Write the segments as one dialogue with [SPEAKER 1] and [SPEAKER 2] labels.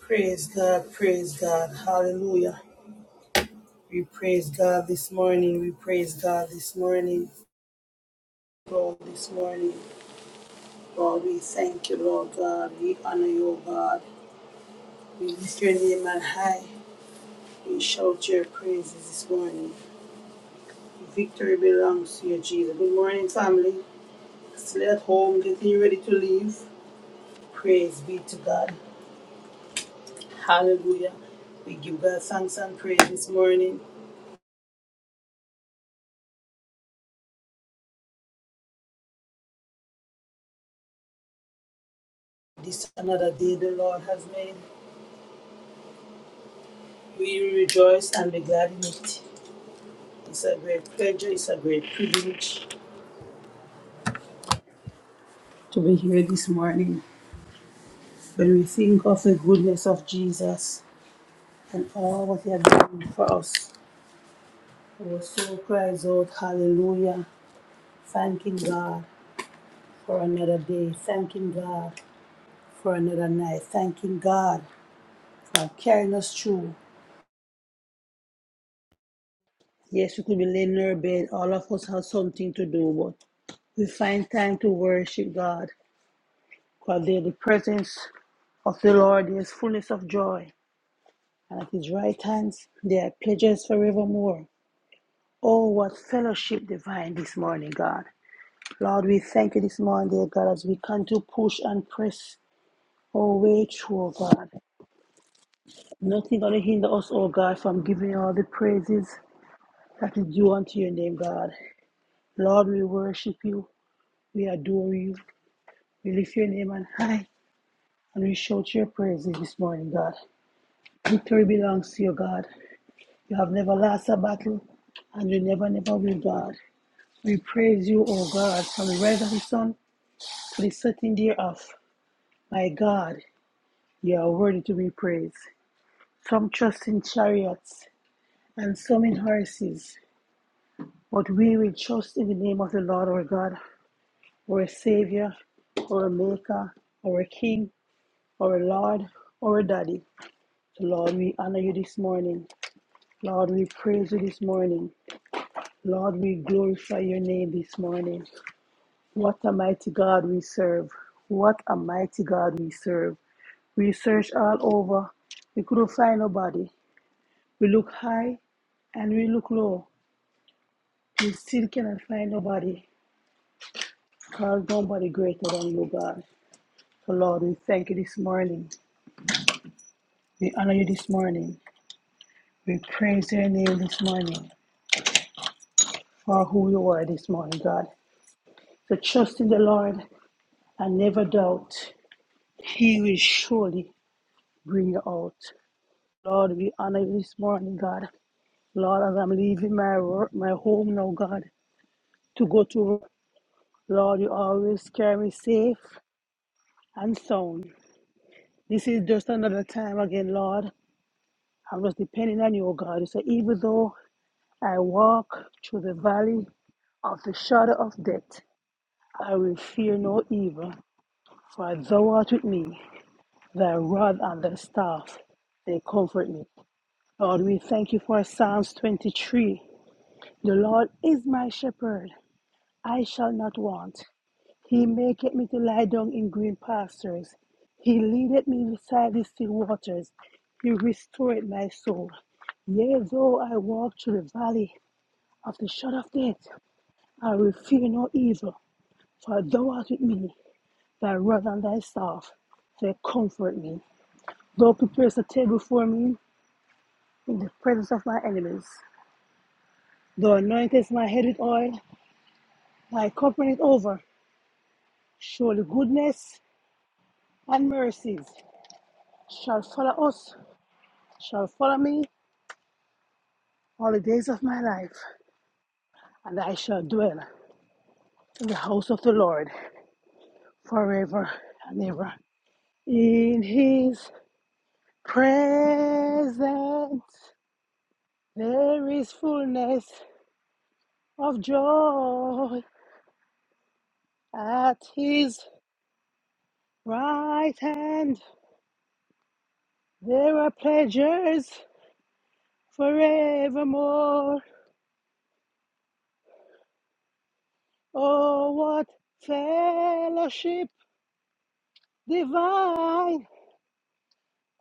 [SPEAKER 1] Praise God, praise God, hallelujah. We praise God this morning, we praise God this morning, Lord, this morning. Lord, we thank you, Lord God, we honor you, O God. We lift your name on high, we shout your praises this morning. Victory belongs to you, Jesus. Good morning, family. Still at home, getting ready to leave. Praise be to God, hallelujah. We give God thanks and praise this morning. This is another day the Lord has made. We rejoice and be glad in it. It's a great pleasure, it's a great privilege to be here this morning. When we think of the goodness of Jesus and all what He has done for us, our soul cries out, Hallelujah, thanking God for another day, thanking God for another night, thanking God for carrying us through. Yes, we could be laying in our bed, all of us have something to do, but we find time to worship God, because there the presence Of the Lord there is fullness of joy, and at his right hand there are pledges forevermore. Oh, what fellowship divine this morning, God. Lord, we thank you this morning, dear God, as we come to push and press our way through, oh God. Nothing going to hinder us, oh God, from giving all the praises that is due unto your name, God. Lord, we worship you, we adore you, we lift your name on high, and we shout your praises this morning, God. Victory belongs to you, God. You have never lost a battle, and you never, never will, God. We praise you, O God, from the rise of the sun to the setting thereof. My God, you are worthy to be praised. Some trust in chariots and some in horses, but we will trust in the name of the Lord our God, our Savior, our Maker, our King, our Lord, our Daddy. So Lord, we honor you this morning. Lord, we praise you this morning. Lord, we glorify your name this morning. What a mighty God we serve. What a mighty God we serve. We searched all over. We couldn't find nobody. We look high and we look low. We still cannot find nobody. Because nobody greater than you, God. So Lord, we thank you this morning. We honor you this morning. We praise your name this morning for who you are this morning, God. So trust in the Lord and never doubt. He will surely bring you out. Lord, we honor you this morning, God. Lord, as I'm leaving my wor- my home now, God, to go to work, Lord, you always carry me safe and sound. This is just another time again, Lord. I'm just depending on you, oh God. So even though I walk through the valley of the shadow of death, I will fear no evil, for thou art with me. Thy rod and thy staff, they comfort me. Lord, we thank you for Psalms 23. The Lord is my shepherd. I shall not want. He maketh me to lie down in green pastures. He leadeth me beside the still waters. He restored my soul. Yea, though I walk through the valley of the shadow of death, I will fear no evil, for thou art with me, thy rod and thy staff, they comfort me. Thou preparest a table before me in the presence of my enemies. Thou anointest my head with oil, my cup runneth over. Surely goodness and mercies shall follow us shall follow me all the days of my life, and I shall dwell in the house of the Lord forever and ever. In his presence there is fullness of joy. At his right hand there are pleasures forevermore. Oh, what fellowship divine!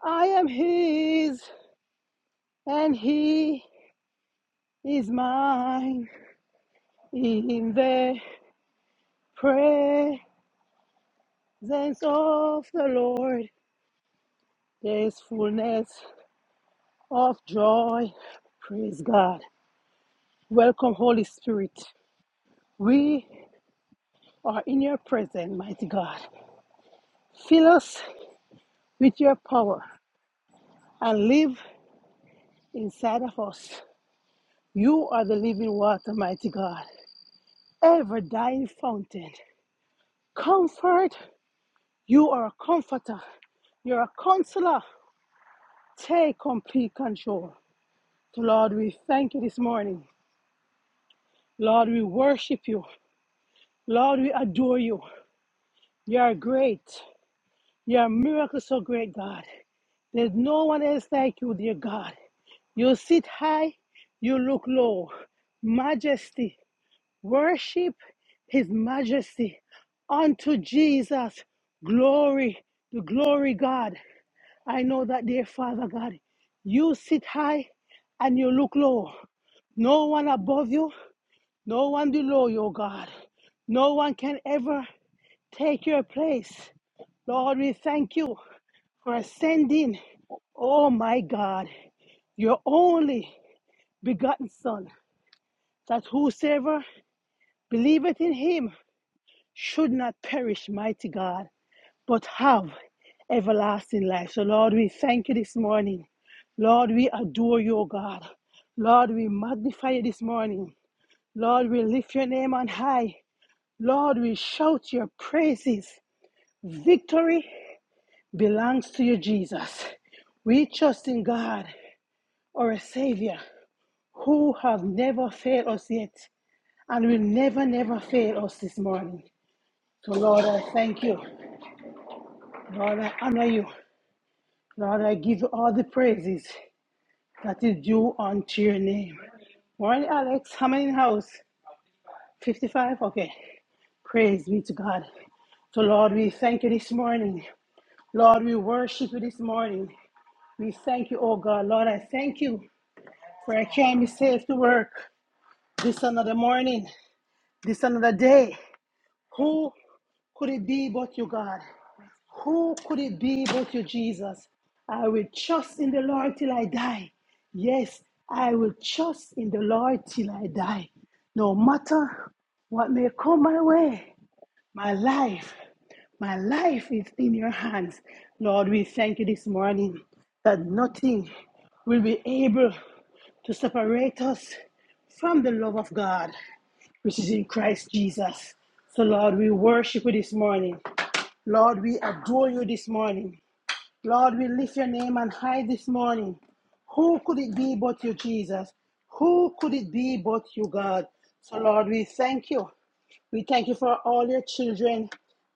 [SPEAKER 1] I am his and he is mine in the presence of the Lord. There is fullness of joy. Praise God. Welcome, Holy Spirit. We are in your presence, mighty God. Fill us with your power and live inside of us. You are the living water, mighty God, ever dying fountain. Comfort, you are a comforter, you're a counselor. Take complete control. So, Lord, we thank you this morning. Lord, we worship you. Lord, we adore you. You are great. You are a miracle so great, God. There's no one else like you, dear God. You sit high, you look low. Majesty, worship his majesty. Unto Jesus, glory, the glory God. I know that, dear Father God, you sit high and you look low. No one above you, no one below you, oh God. No one can ever take your place. Lord, we thank you for sending, oh my God, your only begotten Son, that whosoever believeth in him should not perish, mighty God, but have everlasting life. So, Lord, we thank you this morning. Lord, we adore you, O God. Lord, we magnify you this morning. Lord, we lift your name on high. Lord, we shout your praises. Victory belongs to you, Jesus. We trust in God, our Savior, who have never failed us yet and will never, never fail us this morning. So, Lord, I thank you. Lord, I honor you. Lord, I give you all the praises that is due unto your name. Morning, Alex. How many in house? 55? Okay. Praise be to God. So, Lord, we thank you this morning. Lord, we worship you this morning. We thank you, oh God. Lord, I thank you for I can be safe to work this another morning, this another day. Who could it be but you, God? Who could it be but you, Jesus? I will trust in the Lord till I die. Yes, I will trust in the Lord till I die. No matter what may come my way, my life, my life is in your hands. Lord, we thank you this morning that nothing will be able to separate us from the love of God which is in Christ Jesus. So, Lord, we worship you this morning. Lord, we adore you this morning. Lord, we lift your name on high this morning. Who could it be but you, Jesus? Who could it be but you, God? So, Lord, we thank you. We thank you for all your children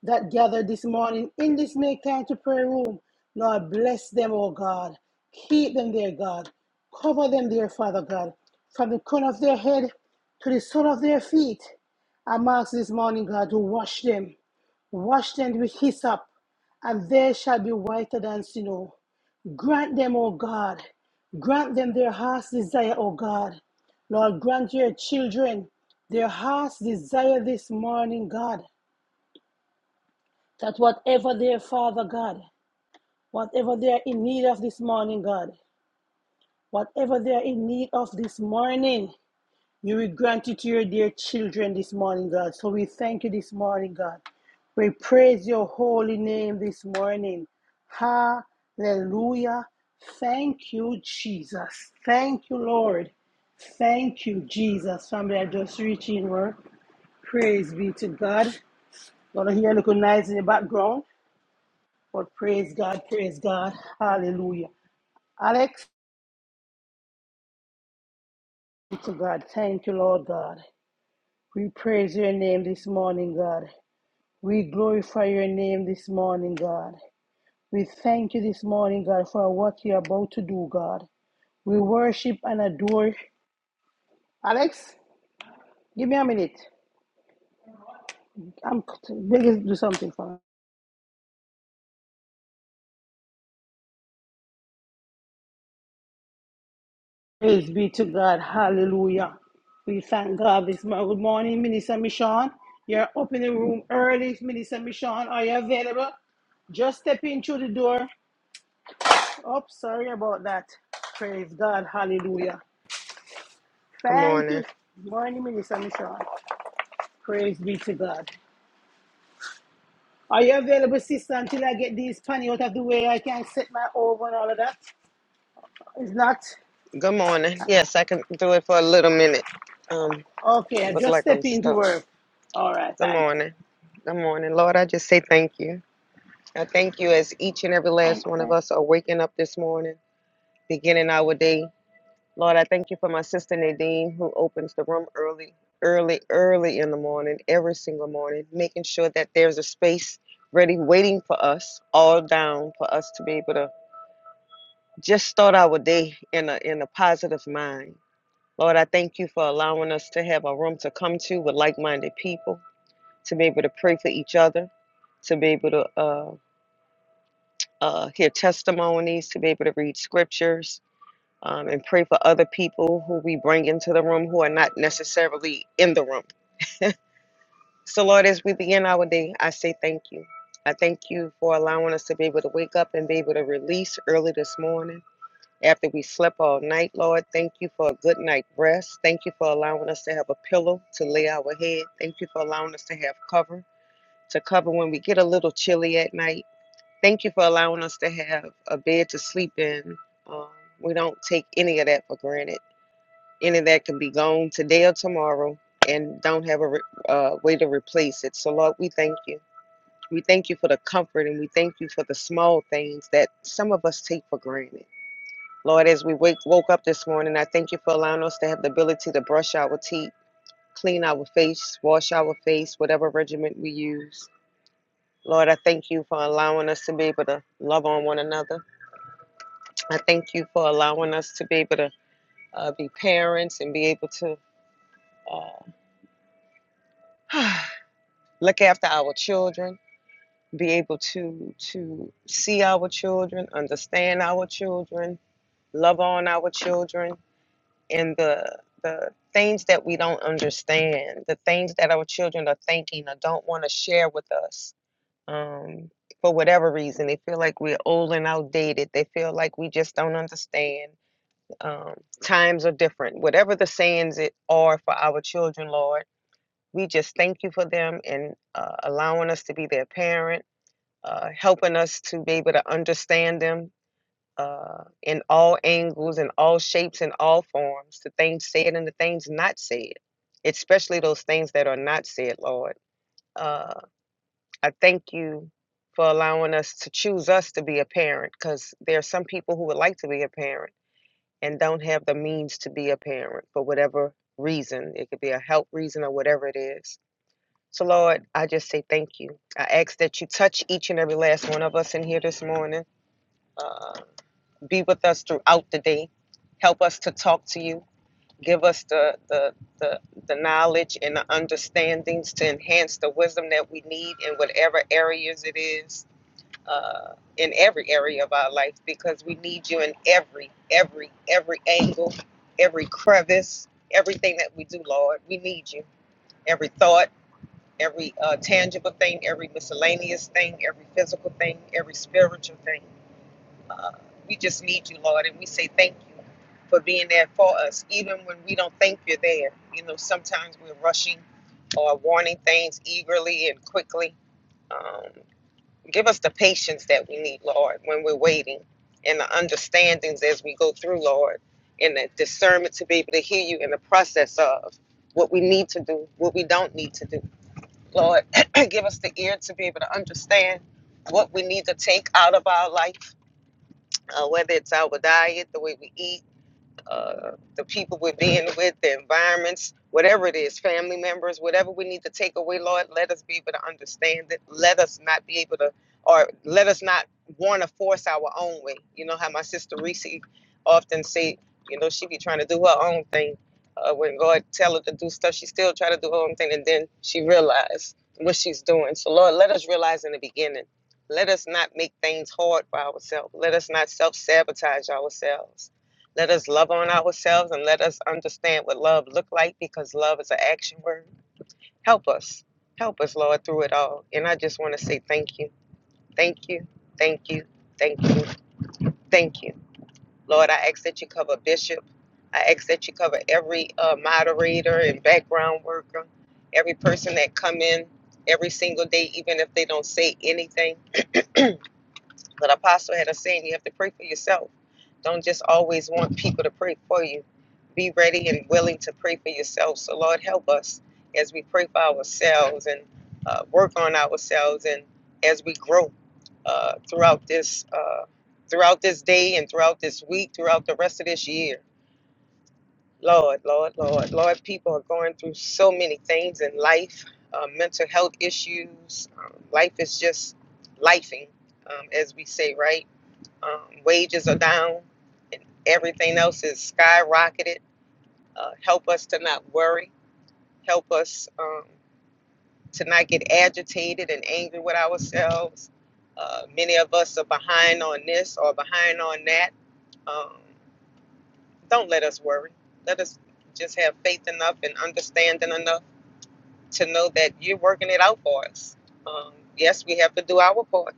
[SPEAKER 1] that gathered this morning in this make time to pray room. Lord, bless them, oh God. Keep them there, God. Cover them there, Father God, from the crown of their head to the sole of their feet. I'm asked this morning, God, to wash them. Wash them with hyssop and they shall be whiter than snow. Grant them, O God, grant them their heart's desire, O God. Lord, grant your children their heart's desire this morning, God, that whatever their Father God, whatever they are in need of this morning, God, whatever they are in need of this morning, You will grant it to your dear children this morning, God. So we thank you this morning, God. We praise your holy name this morning. Hallelujah. Thank you, Jesus. Thank you, Lord. Thank you, Jesus. Family, I just reach in word. Praise be to God. Gonna hear a little noise in the background, but praise God, praise God. Hallelujah. Alex, to God. Thank you, Lord God. We praise your name this morning, God. We glorify your name this morning, God. We thank you this morning, God, for what you're about to do, God. We worship and adore. Alex, give me a minute. I'm begging to do something for me. Praise be to God. Hallelujah. We thank God this morning. Good morning, Minister Michon. You're up in the room early, Minister Michon. Are you available? Just step in through the door. Oh, sorry about that. Praise God. Hallelujah.
[SPEAKER 2] Good
[SPEAKER 1] Thank you.
[SPEAKER 2] morning.
[SPEAKER 1] Good Morning, Minister Michon. Praise be to God. Are you available, sister, until I get these panny out of the way? I can not set my oven and all of that. It's not?
[SPEAKER 2] Good morning. Yes, I can do it for a little minute. Um,
[SPEAKER 1] Okay, I
[SPEAKER 2] look
[SPEAKER 1] just
[SPEAKER 2] like
[SPEAKER 1] step
[SPEAKER 2] I'm
[SPEAKER 1] into
[SPEAKER 2] stuck.
[SPEAKER 1] work. All right,
[SPEAKER 2] Good
[SPEAKER 1] thanks.
[SPEAKER 2] morning. Good morning. Lord, I just say thank you. I thank you as each and every last one of us are waking up this morning, beginning our day. Lord, I thank you for my sister Nadine who opens the room early, early, early in the morning, every single morning, making sure that there's a space ready waiting for us all down for us to be able to just start our day in a in a positive mind. Lord, I thank you for allowing us to have a room to come to with like minded people, to be able to pray for each other, to be able to uh, uh, hear testimonies, to be able to read scriptures, um, and pray for other people who we bring into the room who are not necessarily in the room. So, Lord, as we begin our day, I say thank you. I thank you for allowing us to be able to wake up and be able to release early this morning. after we slept all night, Lord. Thank you for a good night rest. Thank you for allowing us to have a pillow to lay our head. Thank you for allowing us to have cover to cover when we get a little chilly at night. Thank you for allowing us to have a bed to sleep in. Um, we don't take any of that for granted. Any of that can be gone today or tomorrow and don't have a re- uh, way to replace it. So, Lord, we thank you. We thank you for the comfort and we thank you for the small things that some of us take for granted. Lord, as we wake, woke up this morning, I thank you for allowing us to have the ability to brush our teeth, clean our face, wash our face, whatever regimen we use. Lord, I thank you for allowing us to be able to love on one another. I thank you for allowing us to be able to uh, be parents and be able to uh, look after our children, be able to to see our children, understand our children, love on our children and the the things that we don't understand, the things that our children are thinking or don't want to share with us. Um, for whatever reason, they feel like we're old and outdated. They feel like we just don't understand. Um, times are different. Whatever the sayings it are for our children, Lord, we just thank you for them and uh, allowing us to be their parent, uh, helping us to be able to understand them, uh, in all angles in all shapes in all forms, the things said and the things not said, especially those things that are not said, Lord. Uh, I thank you for allowing us to choose us to be a parent because there are some people who would like to be a parent and don't have the means to be a parent for whatever reason. It could be a health reason or whatever it is. So, Lord, I just say thank you. I ask that you touch each and every last one of us in here this morning. Uh, be with us throughout the day. Help us to talk to you. Give us the, the, the, the knowledge and the understandings to enhance the wisdom that we need in whatever areas it is, uh, in every area of our life, because we need you in every, every, every angle, every crevice, everything that we do, Lord. We need you. Every thought, every uh, tangible thing, every miscellaneous thing, every physical thing, every spiritual thing. Uh, we just need you, Lord, and we say thank you for being there for us, even when we don't think you're there. You know, sometimes we're rushing or wanting things eagerly and quickly. Um, give us the patience that we need, Lord, when we're waiting, and the understandings as we go through, Lord, and the discernment to be able to hear you in the process of what we need to do, what we don't need to do. Lord, give us the ear to be able to understand what we need to take out of our life uh, whether it's our diet, the way we eat, uh, the people we're being with, the environments, whatever it is, family members, whatever we need to take away, Lord, let us be able to understand it. Let us not be able to, or let us not want to force our own way. You know how my sister Reese often say, you know, she be trying to do her own thing. Uh, when God tell her to do stuff, she still try to do her own thing, and then she realize what she's doing. So Lord, let us realize in the beginning. Let us not make things hard for ourselves. Let us not self sabotage ourselves let us love on ourselves and let us understand what love look like because love is an action word. Help us. Help us, Lord, through it all. And I just want to say thank you. Thank you. Thank you. Thank you. Thank you. Lord, I ask that you cover Bishop. I ask that you cover every uh, moderator and background worker, every person that come in every single day, even if they don't say anything. But Apostle had a saying, you have to pray for yourself. Don't just always want people to pray for you. Be ready and willing to pray for yourself. So, Lord, help us as we pray for ourselves and uh, work on ourselves, and as we grow uh, throughout this uh, throughout this day and throughout this week, throughout the rest of this year. Lord, Lord, Lord, Lord, people are going through so many things in life, uh, mental health issues. Um, life is just lifing, um, as we say, right? Um, wages are down, and everything else is skyrocketed. Uh, help us to not worry. Help us um, to not get agitated and angry with ourselves. Uh, many of us are behind on this or behind on that. Um, don't let us worry. Let us just have faith enough and understanding enough to know that you're working it out for us. Um, yes, we have to do our part.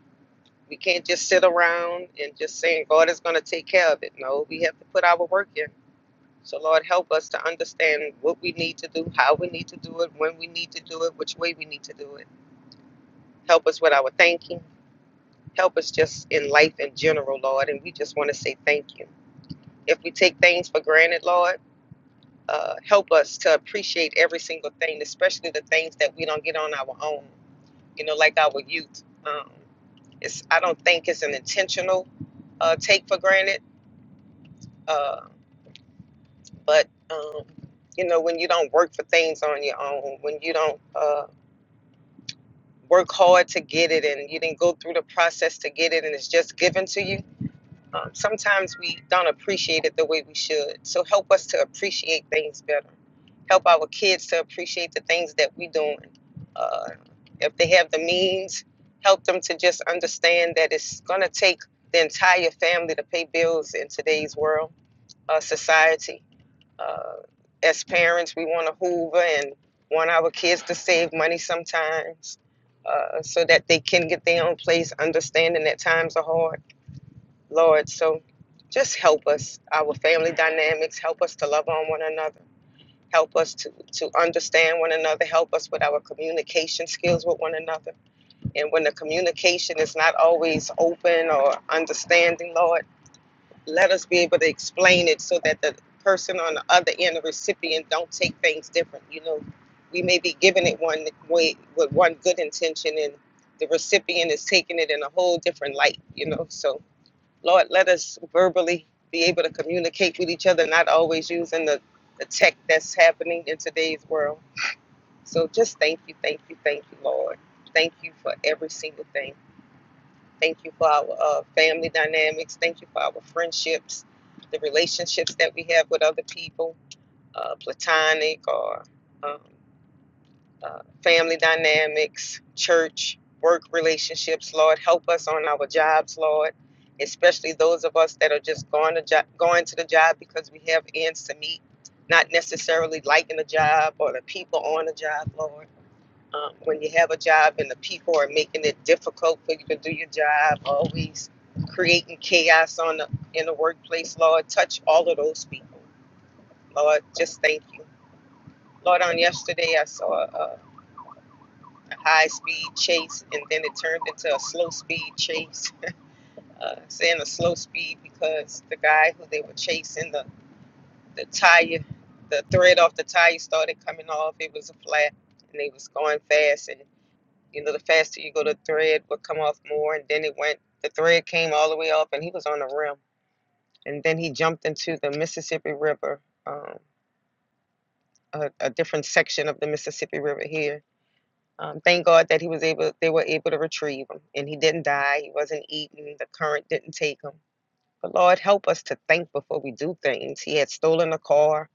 [SPEAKER 2] We can't just sit around and just saying God is going to take care of it. No, we have to put our work in. So, Lord, help us to understand what we need to do, how we need to do it, when we need to do it, which way we need to do it. Help us with our thinking. Help us just in life in general, Lord. And we just want to say thank you. If we take things for granted, Lord, uh, help us to appreciate every single thing, especially the things that we don't get on our own. You know, like our youth. Um, it's I don't think it's an intentional uh, take for granted, uh, but um, you know, when you don't work for things on your own, when you don't. Uh, work hard to get it and you didn't go through the process to get it and it's just given to you. Um, sometimes we don't appreciate it the way we should. So help us to appreciate things better. Help our kids to appreciate the things that we're doing. Uh, if they have the means, help them to just understand that it's going to take the entire family to pay bills in today's world, uh, society. Uh, as parents, we want to hoover and want our kids to save money sometimes uh, so that they can get their own place, understanding that times are hard, Lord. So just help us, our family dynamics, help us to love on one another, help us to, to understand one another, help us with our communication skills with one another. And when the communication is not always open or understanding, Lord, let us be able to explain it so that the person on the other end, the recipient, don't take things different. You know, we may be giving it one way with one good intention, and the recipient is taking it in a whole different light. You know, so Lord, let us verbally be able to communicate with each other, not always using the the tech that's happening in today's world. So just thank you, thank you, thank you, Lord. Thank you for every single thing. Thank you for our uh, family dynamics. Thank you for our friendships, the relationships that we have with other people, uh, platonic or um, uh, family dynamics, church, work relationships. Lord, help us on our jobs, Lord, especially those of us that are just going to jo- going to the job because we have ends to meet, not necessarily liking the job or the people on the job, Lord. Um, when you have a job and the people are making it difficult for you to do your job, always creating chaos on the, in the workplace, Lord, touch all of those people. Lord, just thank you. Lord, on yesterday I saw a, a high speed chase and then it turned into a slow speed chase. Uh, saying a slow speed because the guy who they were chasing, the, the tire, the thread off the tire started coming off. It was a flat and they was going fast and. You know, the faster you go, the thread would come off more, and then it went. The thread came all the way off, and he was on the rim. And then he jumped into the Mississippi River, um, a, a different section of the Mississippi River here. Um, thank God that he was able. They were able to retrieve him, and he didn't die. He wasn't eaten. The current didn't take him. But Lord, help us to think before we do things. He had stolen a car.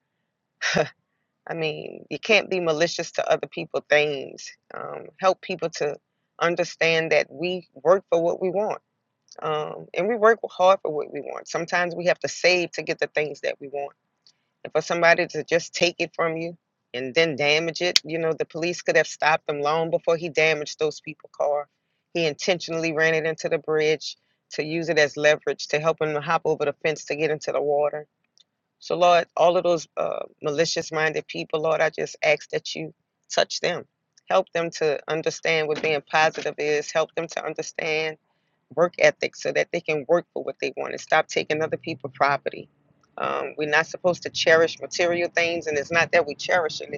[SPEAKER 2] I mean, you can't be malicious to other people things. Um, help people to understand that we work for what we want. um, and we work hard for what we want. Sometimes we have to save to get the things that we want. And for somebody to just take it from you and then damage it, you know, the police could have stopped him long before he damaged those people's car. He intentionally ran it into the bridge to use it as leverage to help him to hop over the fence to get into the water. So, Lord, all of those uh, malicious minded people, Lord, I just ask that you touch them. Help them to understand what being positive is. Help them to understand work ethic so that they can work for what they want and stop taking other people's property. Um, we're not supposed to cherish material things, and it's not that we cherish it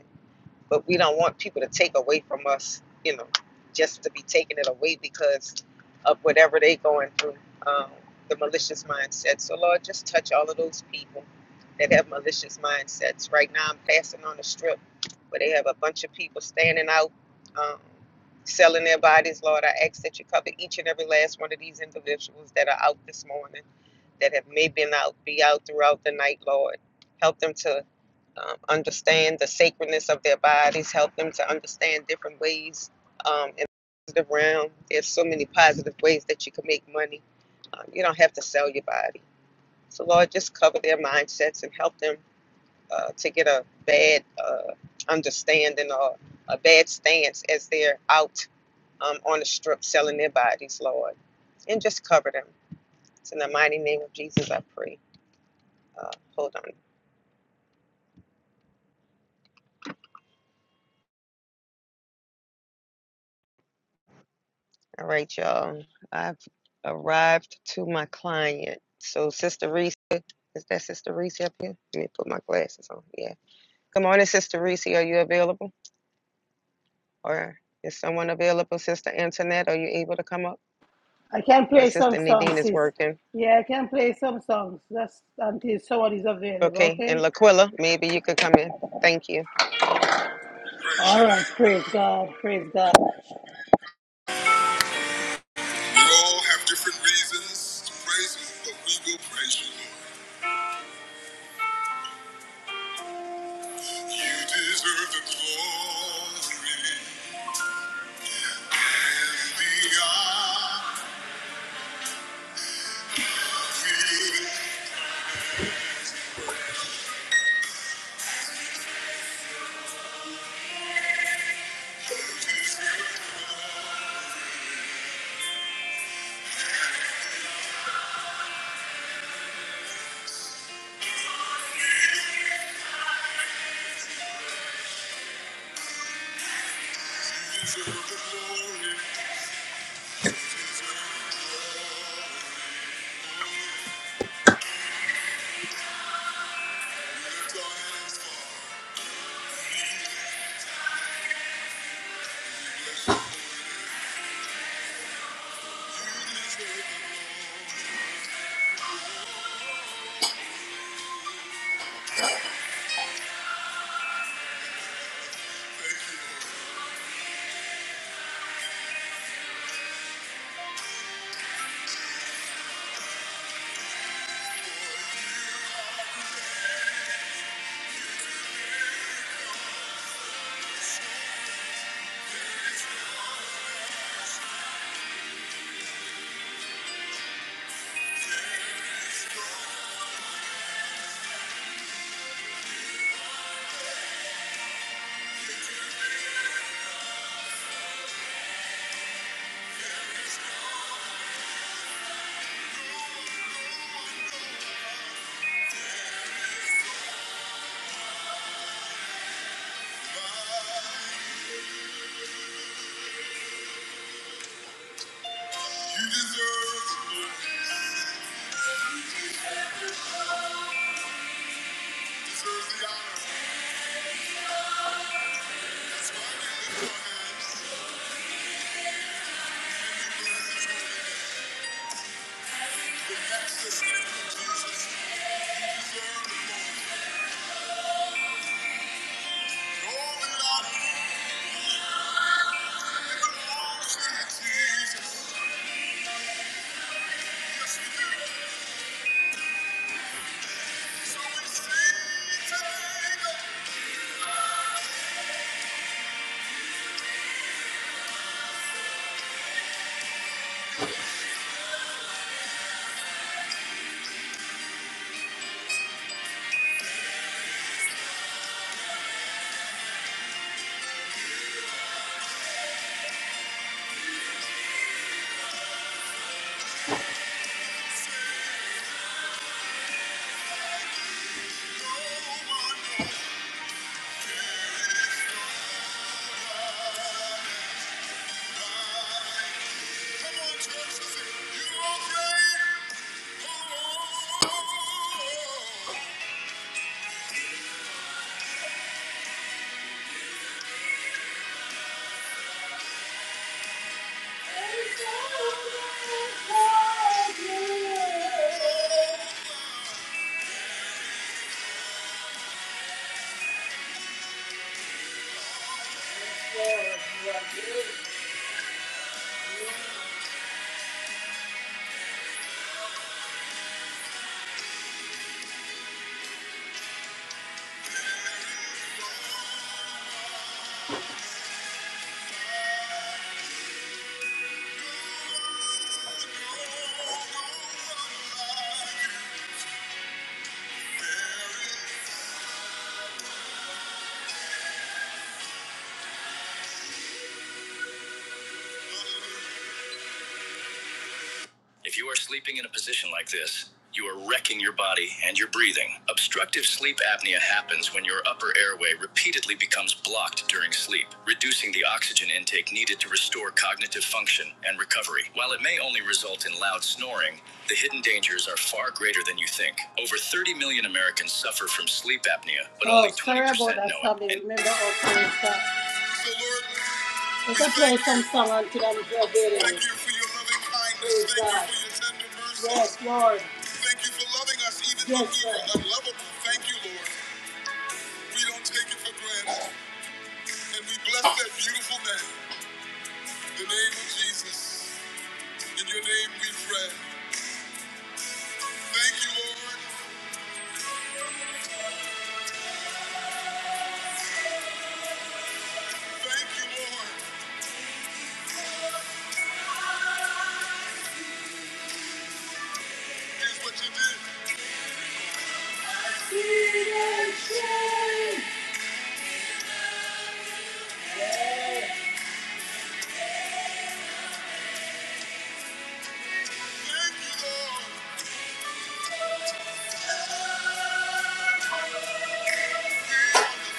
[SPEAKER 2] but we don't want people to take away from us, you know, just to be taking it away because of whatever they are going through, um, the malicious mindset. So, Lord, just touch all of those people that have malicious mindsets. Right now, I'm passing on the strip where they have a bunch of people standing out, um, selling their bodies. Lord, I ask that you cover each and every last one of these individuals that are out this morning that have maybe been out, be out throughout the night, Lord. Help them to um, understand the sacredness of their bodies, help them to understand different ways um, in the positive realm. There's so many positive ways that you can make money. Um, you don't have to sell your body. So, Lord, just cover their mindsets and help them uh, to get a bad uh, understanding or a bad stance as they're out um, on the strip selling their bodies, Lord. And just cover them. It's in the mighty name of Jesus I pray. Uh, hold on. All right, y'all. I've arrived to my client. So, Sister Reese, is that Sister Reese up here? Let me put my glasses on. Yeah. Good morning, Sister Reese. Are you available? Or is someone available, Sister Antoinette? Are you able to come up?
[SPEAKER 1] I can
[SPEAKER 2] My
[SPEAKER 1] play
[SPEAKER 2] sister
[SPEAKER 1] some
[SPEAKER 2] Nadine
[SPEAKER 1] songs,
[SPEAKER 2] is
[SPEAKER 1] sis.
[SPEAKER 2] working.
[SPEAKER 1] Yeah, I can play some songs. Just until someone is available,
[SPEAKER 2] Okay. And
[SPEAKER 1] okay?
[SPEAKER 2] Laquilla, maybe you could come in. Thank you.
[SPEAKER 1] All right, praise God, praise God. We all have different reasons to praise Him, but we will praise You, Lord. You deserve the glory and the honor. Come on, church, you okay? Oh, Thank you. If you are sleeping in a position like this, you are wrecking your body and your breathing. Obstructive sleep apnea happens when your upper airway repeatedly becomes blocked during sleep, reducing the oxygen intake needed to restore cognitive function and recovery. While it may only result in loud snoring, the hidden dangers are far greater than you think. Over 30 million Americans suffer from sleep apnea, but Oh, only 20% know it. Tommy. And Remember our prayer time. so, Lord. We can play some song until I'm graduating. Thank you for your loving kindness. Praise Thank God. you for your tender mercies. Yes, Lord. Thank you for loving us even yes, though we were Lord. unlovable. Thank you, Lord. We don't take it for granted. And we bless that beautiful name, the name of Jesus. In your name we pray. Thank you, Lord. Thank you, Lord. Here's what you did. I see the shame. Thank you, Lord.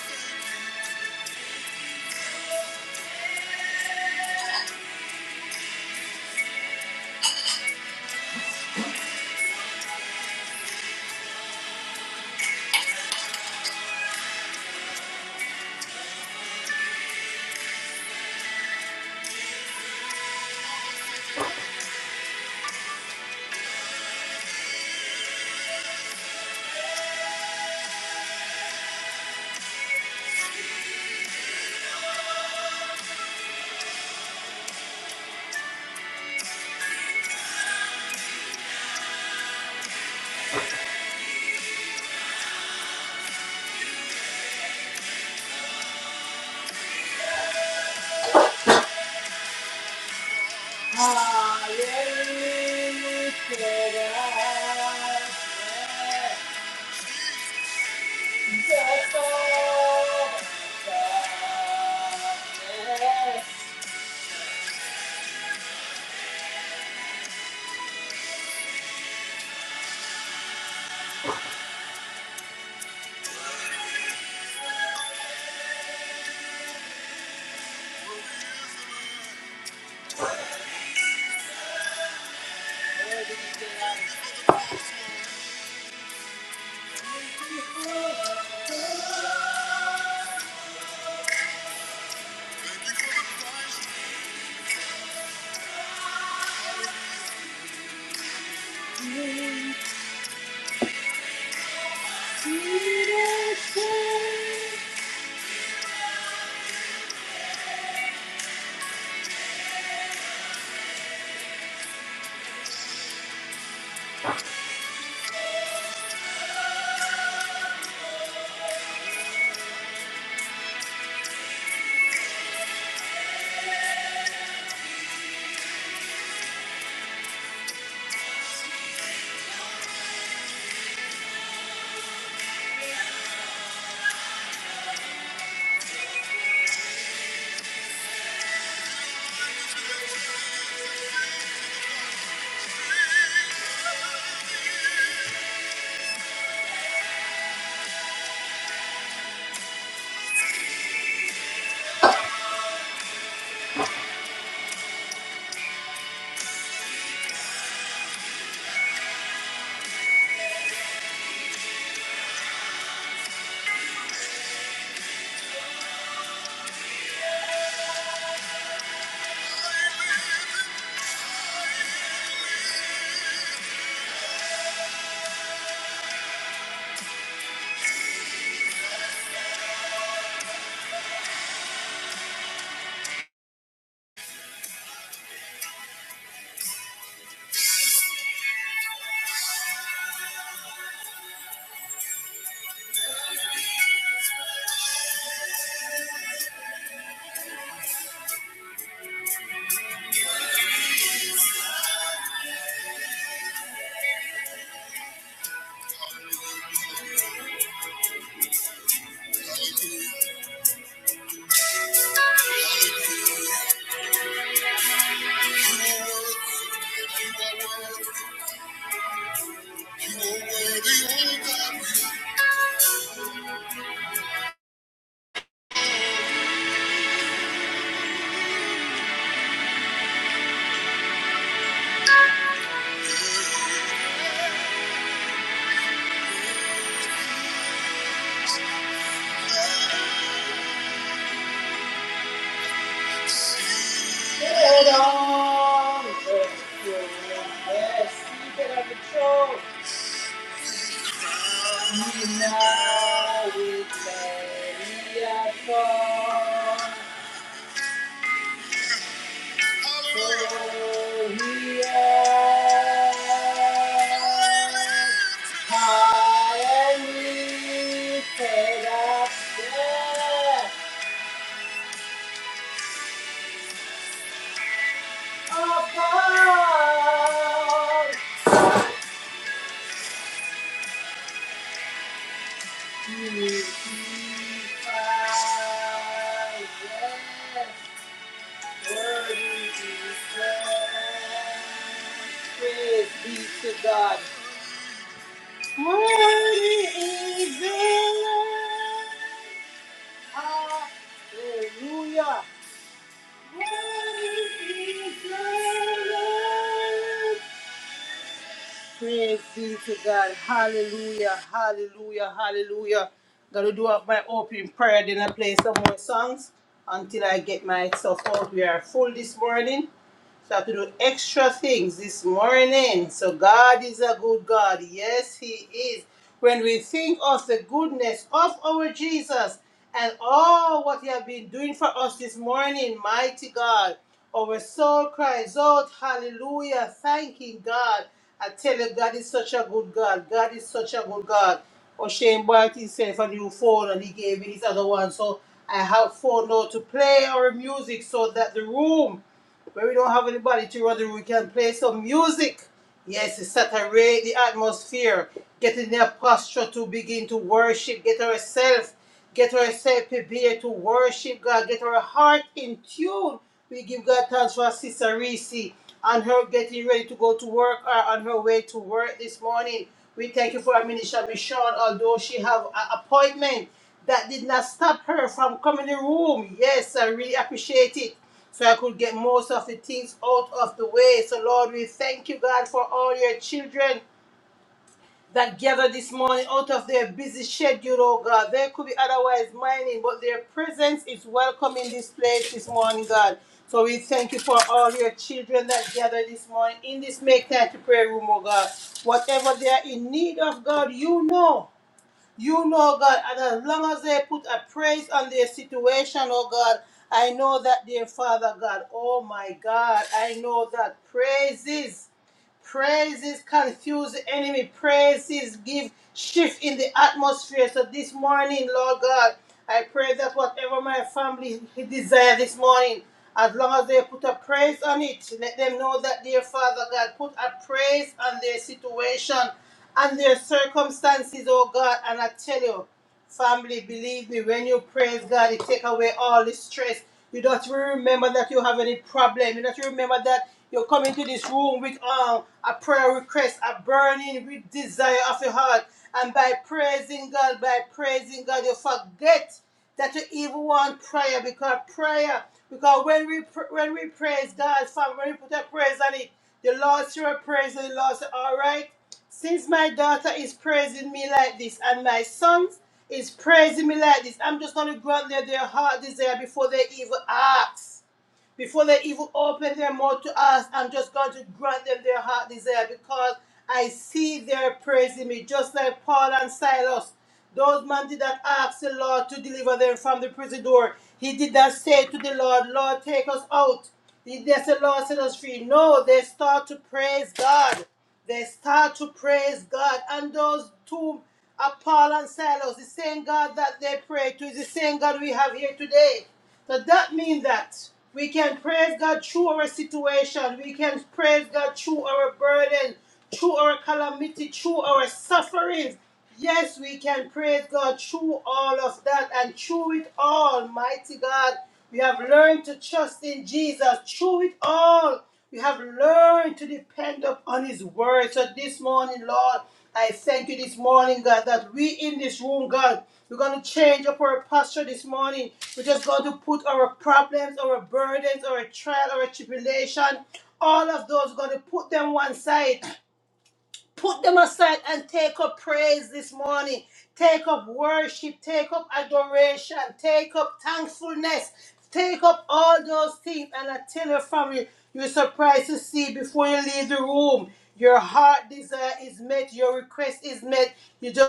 [SPEAKER 1] Head on, let's go. Yes, you can have the show. Now we carry our cross, So we are high and lifted up there above. You see Praise be to God. Worthy is the Lamb. Hallelujah. Praise be to God. Hallelujah. Hallelujah. Hallelujah. Gotta do up my opening prayer, then I play some more songs until I get myself out. We are full this morning. So I have to do extra things this morning. So God is a good God. Yes, He is. When we think of the goodness of our Jesus and all what He has been doing for us this morning, mighty God, our soul cries out, Hallelujah, thanking God. I tell you, God is such a good God. God is such a good God. O'Shane bought himself a new phone and he gave me his other one. So I have phone now to play our music so that the room when we don't have anybody to rather we can play some music. Yes, to saturate the atmosphere. Get in a posture to begin to worship. Get ourselves, get ourselves prepared to worship God. Get our heart in tune. We give God thanks for Sister Reese and her getting ready to go to work or on her way to work this morning. We thank you for our minister Michonne, although she have an appointment that did not stop her from coming in the room. Yes, I really appreciate it so I could get most of the things out of the way. So, Lord, we thank you, God, for all your children that gathered this morning out of their busy schedule, oh God. They could be otherwise minding, but their presence is welcome in this place this morning, God. So we thank you for all your children that gathered this morning in this Make Time to Pray room, oh God. Whatever they are in need of, God, you know. You know, God, and as long as they put a praise on their situation, oh God, I know that, dear Father God, oh my God, I know that praises. Praises confuse the enemy. Praises give shift in the atmosphere. So this morning, Lord God, I pray that whatever my family desire this morning, as long as they put a praise on it, let them know that, dear Father God, put a praise on their situation and their circumstances, oh God. And I tell you. Family, believe me, when you praise God, it take away all the stress. You don't remember that you have any problem. You don't remember that you come into this room with um, a prayer request, a burning with desire of your heart. And by praising God, by praising God, you forget that you even want prayer because prayer, because when we when we praise God, fam, when we put a praise on it, the Lord sure praise and the Lord say, all right. Since my daughter is praising me like this and my sons is praising me like this, I'm just going to grant them their heart desire before they even ask. Before they even open their mouth to us, I'm just going to grant them their heart desire because I see their praising me, just like Paul and Silas. Those men did not ask the Lord to deliver them from the prison door. He did not say to the Lord, Lord, take us out. He did not say, Lord, set us free. No, they start to praise God. They start to praise God. And those two are Paul and Silas, the same God that they prayed to is the same God we have here today. So that means that we can praise God through our situation. We can praise God through our burden, through our calamity, through our sufferings. Yes, we can praise God through all of that and through it all, mighty God. We have learned to trust in Jesus. Through it all, you have learned to depend upon His word. So this morning, Lord, I thank you this morning, God, that we in this room, God, we're going to change up our posture this morning. We're just going to put our problems, our burdens, our trial, our tribulation, all of those, we're going to put them one side Put them aside and take up praise this morning. Take up worship, take up adoration, take up thankfulness, take up all those things. And I tell your family, you're surprised to see before you leave the room. Your heart desire is met, your request is met. You just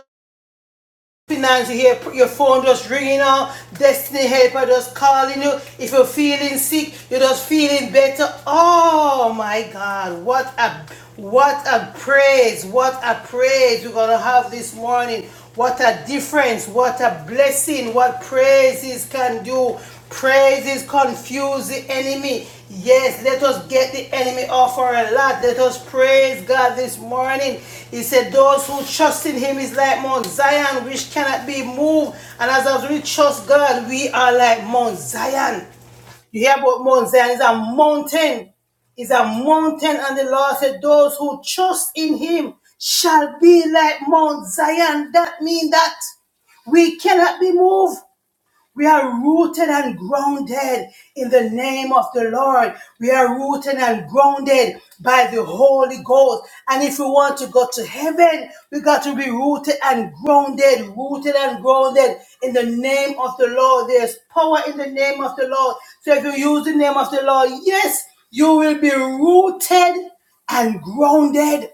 [SPEAKER 1] Nancy here, put your phone just ringing out, destiny helper just calling you. If you're feeling sick, you're just feeling better. Oh my God, what a what a praise, what a praise we're gonna have this morning. What a difference, what a blessing, what praises can do. Praises confuse the enemy. Yes, let us get the enemy off our lot. Let us praise God this morning. He said, Those who trust in him is like Mount Zion, which cannot be moved. And as we trust God, we are like Mount Zion. You hear about Mount Zion? It's a mountain is a mountain, and the Lord said, Those who trust in him shall be like Mount Zion. That means that we cannot be moved. We are rooted and grounded in the name of the Lord. We are rooted and grounded by the Holy Ghost. And if we want to go to heaven, we got to be rooted and grounded, rooted and grounded in the name of the Lord. There's power in the name of the Lord. So if you use the name of the Lord, yes, you will be rooted and grounded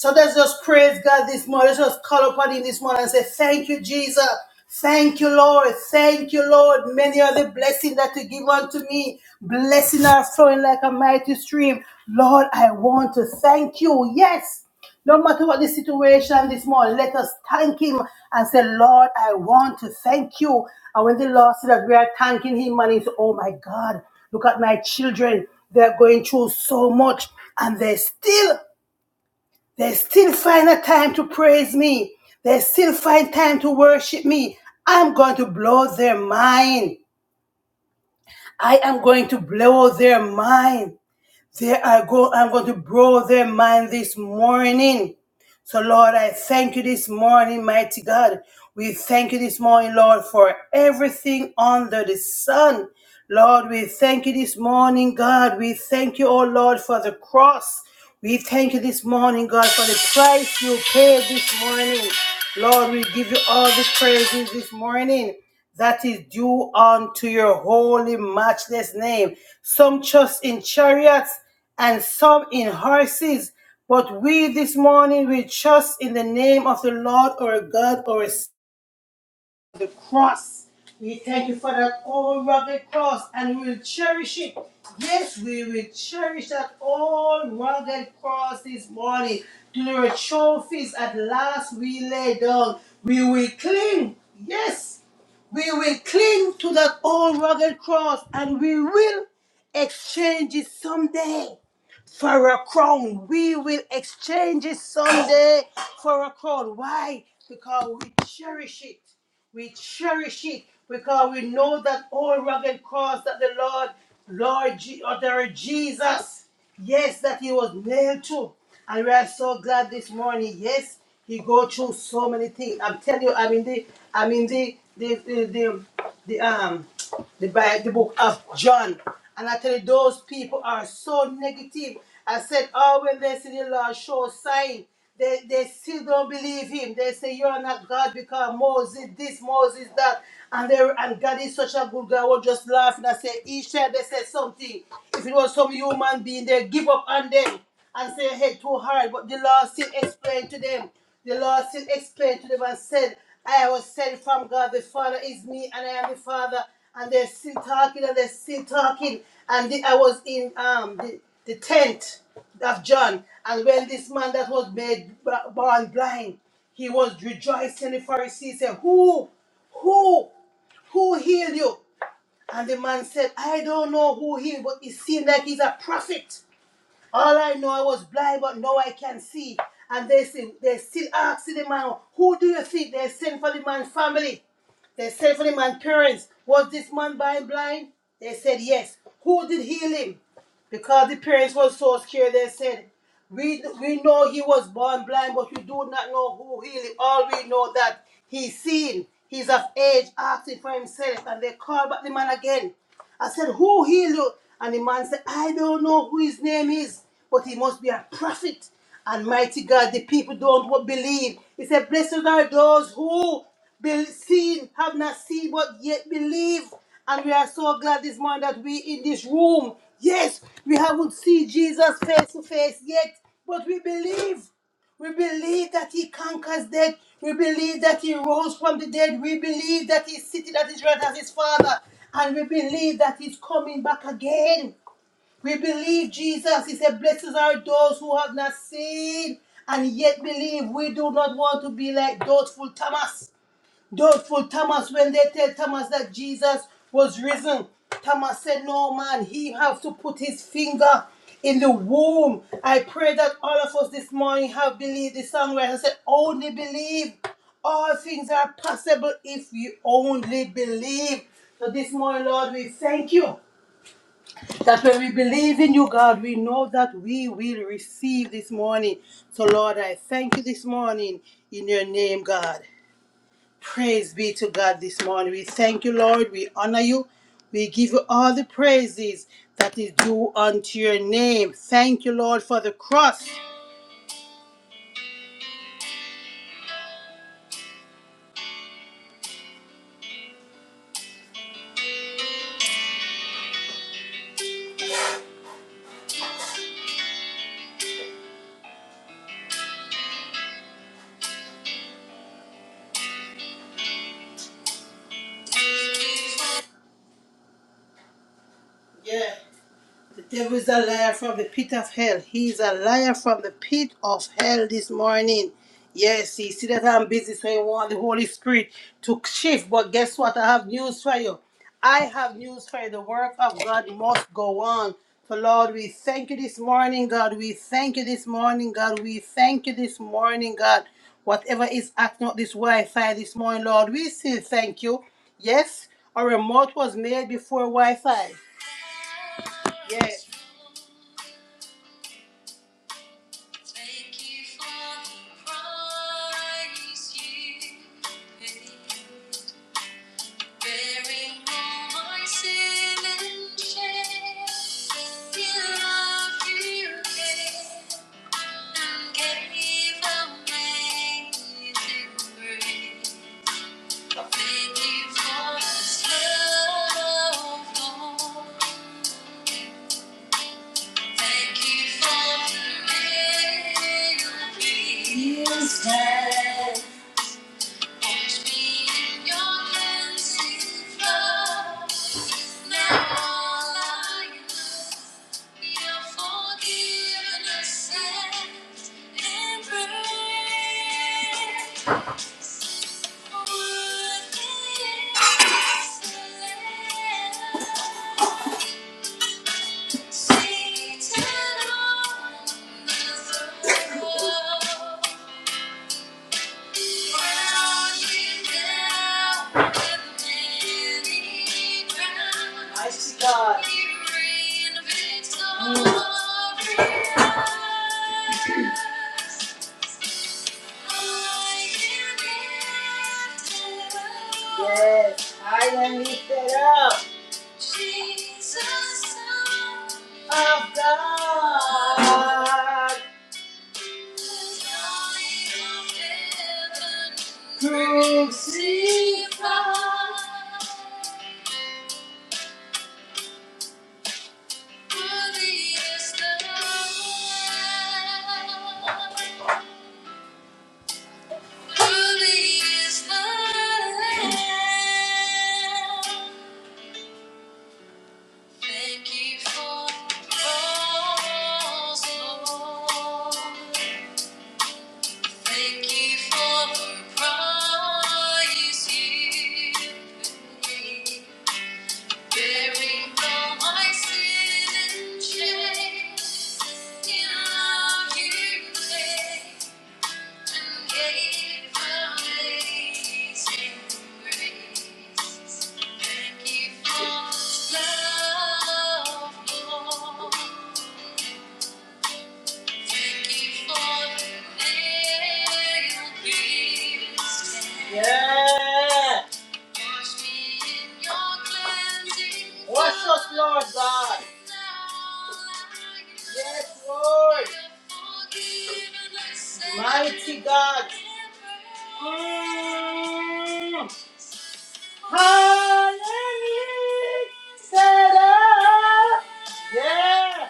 [SPEAKER 1] so let's just praise God this morning. Let's just call upon Him this morning and say, Thank you, Jesus. Thank you, Lord. Thank you, Lord. Many are the blessings that you give unto me. Blessings are flowing like a mighty stream. Lord, I want to thank you. Yes. No matter what the situation this morning, let us thank him and say, Lord, I want to thank you. And when the Lord said that we are thanking him, man, he said, Oh my God, look at my children. They're going through so much and they still they still find a time to praise me. They still find time to worship me. I'm going to blow their mind. I am going to blow their mind. They are go I'm going to blow their mind this morning. So, Lord, I thank you this morning, mighty God. We thank you this morning, Lord, for everything under the sun. Lord, we thank you this morning, God. We thank you, oh Lord, for the cross. We thank you this morning, God, for the price you paid this morning. Lord, we give you all the praises this morning that is due unto your holy, matchless name. Some trust in chariots and some in horses, but we this morning, we trust in the name of the Lord our God, our Savior, the cross. We thank you for that old rugged cross and we will cherish it. Yes, we will cherish that old rugged cross this morning. To the trophies at last we lay down. We will cling. Yes, we will cling to that old rugged cross and we will exchange it someday for a crown. We will exchange it someday for a crown. Why? Because we cherish it. We cherish it because we know that all rugged cross that the Lord, Lord, Je- or the Jesus, yes, that He was nailed to. And we are so glad this morning. Yes, He go through so many things. I'm telling you, I'm in the, I'm in the, the, the, the, the um the Bible, the book of John. And I tell you, those people are so negative. I said, oh, when they see the Lord show sign, they, they still don't believe him. They say, you are not God because Moses this, Moses that. And they and God is such a good God. I was just laughing. I said, each time they said something, if it was some human being, they give up on them and say head too hard, but the Lord still explained to them. The Lord still explained to them and said, I was sent from God, the Father is me, and I am the Father. And they're still talking and they're still talking. And the- I was in um the, the tent of John, and when this man that was made born blind, he was rejoicing. The Pharisees said, Who? Who? Who healed you? And the man said, I don't know who healed, but it seemed like he's a prophet. All I know, I was blind, but now I can see. And they say, they still ask the man, who do you think they sent for the man's family? They said for the man's parents, was this man blind blind? They said yes. Who did heal him? Because the parents were so scared, they said, we, we know he was born blind, but we do not know who healed him. All we know that he's seen, he's of age, asking for himself. And they called back the man again. I said, Who healed you? And the man said, I don't know who his name is, but he must be a prophet. And mighty God, the people don't believe. He said, Blessed are those who been seen, have not seen, but yet believe. And we are so glad this morning that we in this room. Yes, we haven't seen Jesus face to face yet, but we believe. We believe that he conquers death. We believe that he rose from the dead. We believe that he's sitting at his right hand as his father. And we believe that he's coming back again. We believe Jesus. He said, Blessed are those who have not seen and yet believe. We do not want to be like doubtful Thomas. Doubtful Thomas, when they tell Thomas that Jesus was risen, Thomas said, No, man, he have to put his finger in the womb. I pray that all of us this morning have believed the song where I said, Only believe. All things are possible if you only believe. So this morning, Lord, we thank you that when we believe in you, God, we know that we will receive this morning. So, Lord, I thank you this morning in your name, God. Praise be to God this morning. We thank you, Lord. We honor you. We give you all the praises that is due unto your name. Thank you, Lord, for the cross. Yeah. There is a liar from the pit of hell. He is a liar from the pit of hell this morning. Yes, you see that I'm busy, so you want the Holy Spirit to shift. But guess what? I have news for you. I have news for you. The work of God must go on. So, Lord, we thank you this morning, God. We thank you this morning, God. We thank you this morning, God. Whatever is acting up this Wi Fi this morning, Lord, we still thank you. Yes, our remote was made before Wi Fi. Yes. Thank you for the price you paid. Bearing all my sin and shame, you loved you and gave amazing grace. Thank you for this love, Lord. Thank you for the real peace Always be your hands in Now all I know, your forgiveness and embrace. Worthy is the Lamb. Satan on the throne. I see God. Yes, I am lifted up. Jesus, of God. Crucified, worthy is the Lamb. Worthy is the Lamb. Thank you for the cross, Lord. Thank you for the price you paid. Bearing all my sin and shame, in love you came and gave amazing grace. Thank you for love, Lord. Thank you for the nail beating. Yes. Wash us, Lord God. Yes, Lord. Mighty God. Mm. Hallelujah. Set up. Yeah.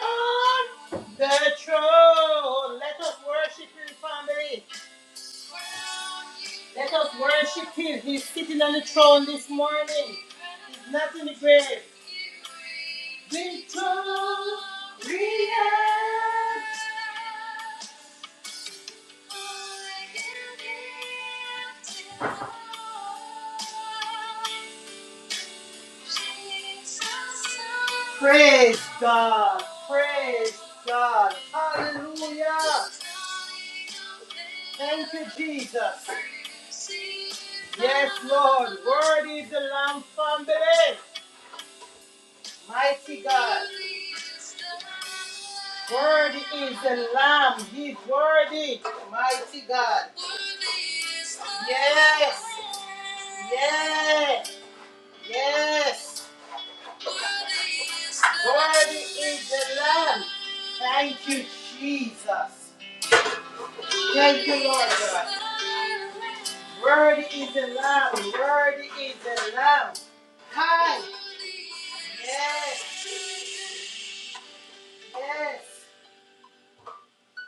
[SPEAKER 1] On the throne. Let us worship Him, family. Let us worship him. He's sitting on the throne this morning. He's not in the grave. Victoria. Praise God. Praise God. Hallelujah. Thank you, Jesus. Yes, Lord. Word is the Lamb from the day. Mighty God. Worthy is the Lamb. He's worthy. Mighty God. Yes. Yes. Yes. Worthy is the Lamb. Thank you, Jesus. Thank you, Lord God. Worthy is the Lamb. Worthy is the Lamb. Hi. Yes, yes.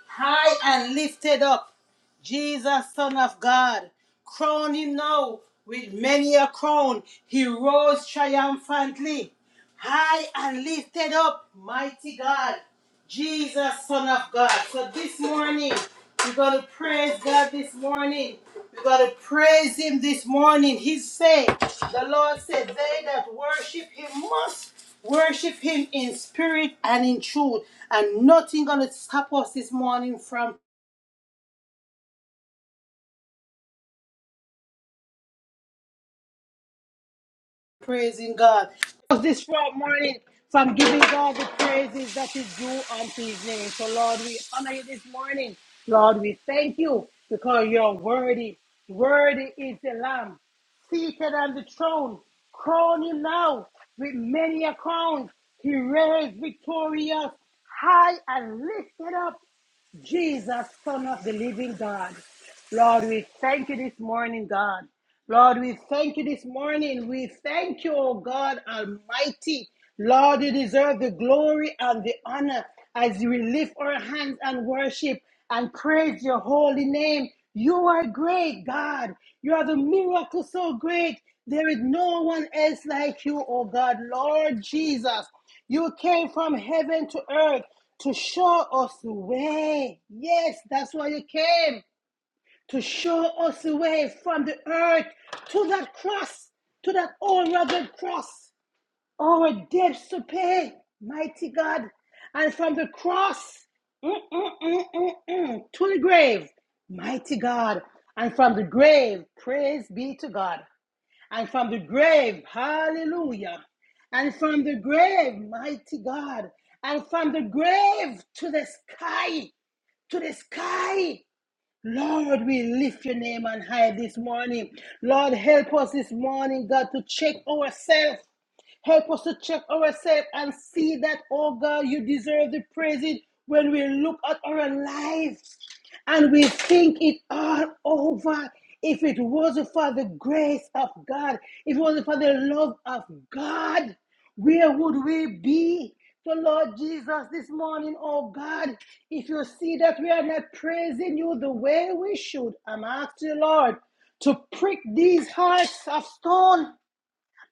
[SPEAKER 1] high and lifted up. Jesus, Son of God, crown him now with many a crown. He rose triumphantly, high and lifted up, mighty God, Jesus, Son of God. So this morning, we're going to praise God this morning. We're going to praise him this morning. He said, the Lord said, they that worship him must Worship Him in spirit and in truth, and nothing gonna stop us this morning from praising God. Us This short morning from giving God the praises that is due unto His name. So, Lord, we honor you this morning. Lord, we thank you because you're worthy. Worthy is the Lamb seated on the throne. Crown him now with many a crown. He reigns victorious, high and lifted up. Jesus, Son of the Living God. Lord, we thank you this morning, God. Lord, we thank you this morning. We thank you, oh God Almighty. Lord, you deserve the glory and the honor as we lift our hands and worship and praise your holy name. You are great, God. You are the miracle so great. There is no one else like you, oh God. Lord Jesus, you came from heaven to earth to show us the way. Yes, that's why you came to show us the way from the earth to that cross, to that old rugged cross, our debts to pay, mighty God. And from the cross mm, mm, mm, mm, mm, to the grave, mighty God. And from the grave, praise be to God and from the grave, hallelujah, and from the grave, mighty God, and from the grave to the sky, to the sky. Lord, we lift your name on high this morning. Lord, help us this morning, God, to check ourselves. Help us to check ourselves and see that, oh God, you deserve the praise when we look at our life and we think it all over. If it wasn't for the grace of God, if it wasn't for the love of God, where would we be? So, Lord Jesus, this morning, oh God, if you see that we are not praising you the way we should, I'm asking you, Lord, to prick these hearts of stone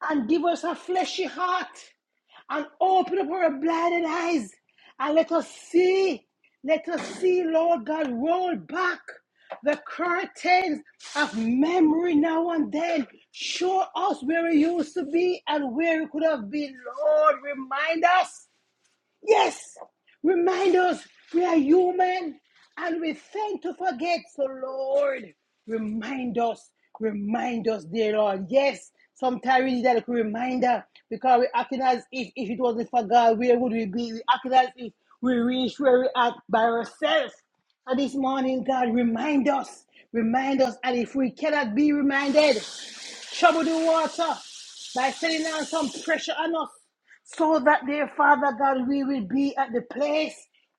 [SPEAKER 1] and give us a fleshy heart and open up our blinded eyes and let us see. Let us see, Lord God, roll back the curtains of memory now and then. Show us where we used to be and where we could have been. Lord, remind us Yes. Remind us we are human and we tend to forget. So, Lord, remind us, remind us, dear Lord. Yes, sometimes we need that little reminder because we're acting as if if it wasn't for God, where would we be? We're acting as if we reach where we're at by ourselves. And this morning, God, remind us, remind us. And if we cannot be reminded, trouble the water by sending down some pressure on us so that dear Father God, we will be at the place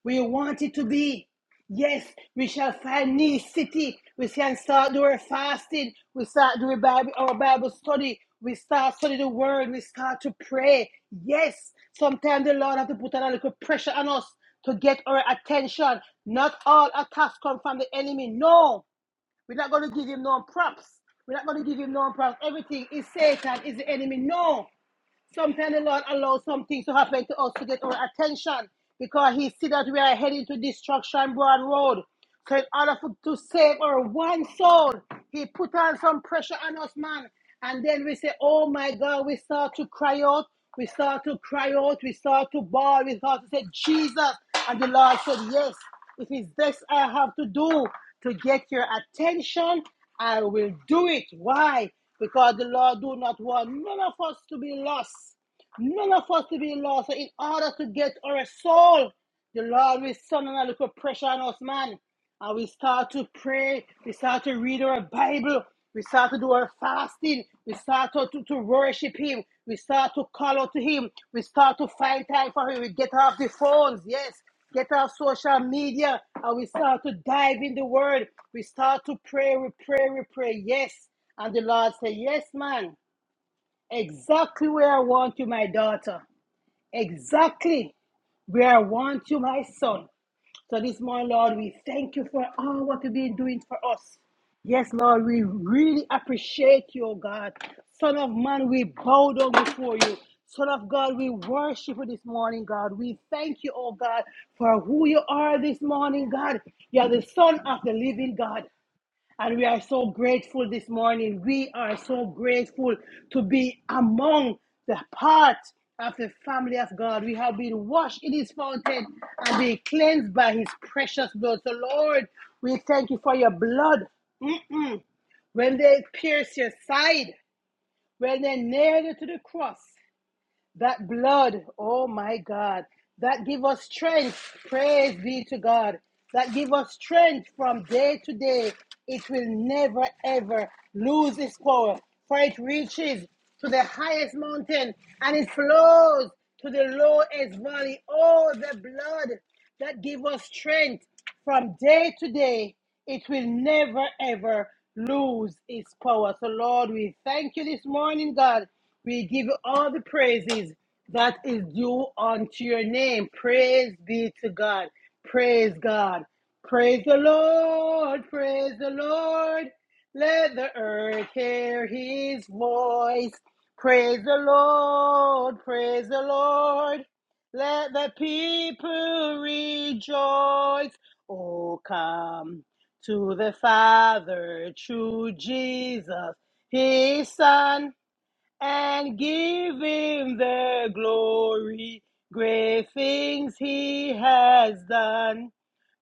[SPEAKER 1] we wanted to be. Yes, we shall find new city. We can start doing fasting. We start doing Bible, our Bible study. We start studying the word. We start to pray. Yes, sometimes the Lord has to put a little pressure on us to get our attention. Not all attacks come from the enemy. No, we're not going to give him no props. We're not going to give him no props. Everything is Satan, is the enemy. No, Sometimes the Lord allows some things to happen to us to get our attention because He see that we are heading to destruction, broad road. So in order for, to save our one soul, he put on some pressure on us, man. And then we say, oh my God, we start to cry out. We start to cry out. We start to bawl. We start to say, Jesus. And the Lord said, yes, it is this I have to do to get your attention. I will do it. Why? Because the Lord do not want none of us to be lost. None of us to be lost. So in order to get our soul, the Lord will send a little pressure on us, man and we start to pray, we start to read our Bible, we start to do our fasting, we start to, to, to worship Him, we start to call out to Him, we start to find time for Him, we get off the phones, yes, get off social media, and we start to dive in the Word, we start to pray, we pray, we pray, yes. And the Lord said, Yes, man, exactly where I want you, my daughter, exactly where I want you, my son. So this morning, Lord, we thank you for all what you've been doing for us. Yes, Lord, we really appreciate you, oh God. Son of man, we bow down before you. Son of God, we worship you this morning, God. We thank you, oh God, for who you are this morning, God. You are the Son of the living God. And we are so grateful this morning. We are so grateful to be among the part of the family of God. We have been washed in His fountain and been cleansed by His precious blood. So, Lord, we thank you for your blood. Mm-mm. When they pierced your side, when they nailed you to the cross, that blood, oh my God, that give us strength. Praise be to God. That give us strength from day to day. It will never ever lose its power, for it reaches to the highest mountain and it flows to the lowest valley. Oh, the blood that give us strength from day to day. It will never ever lose its power. So, Lord, we thank you this morning, God. We give you all the praises that is due unto your name. Praise be to God. Praise God. Praise the Lord. Praise the Lord. Let the earth hear his voice. Praise the Lord. Praise the Lord. Let the people rejoice. Oh, come to the Father, true Jesus, his Son and give him the glory. Great things he has done.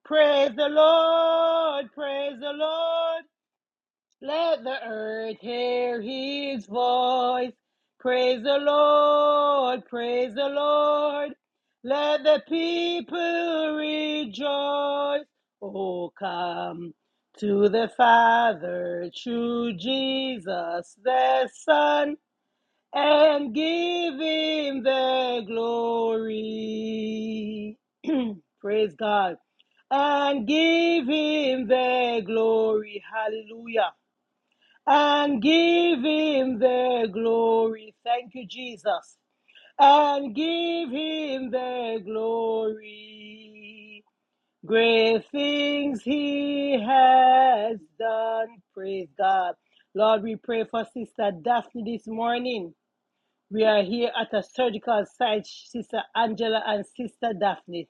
[SPEAKER 1] Praise the Lord, praise the Lord. Let the earth hear his voice. Praise the Lord, praise the Lord. Let the people rejoice. Oh, come to the Father, through Jesus the Son and give him the glory. Praise God. And give him the glory. Hallelujah. And give him the glory. Thank you, Jesus. And give him the glory. Great things he has done. Praise God. Lord, we pray for Sister Daphne this morning. We are here at a surgical site, Sister Angela and Sister Daphne.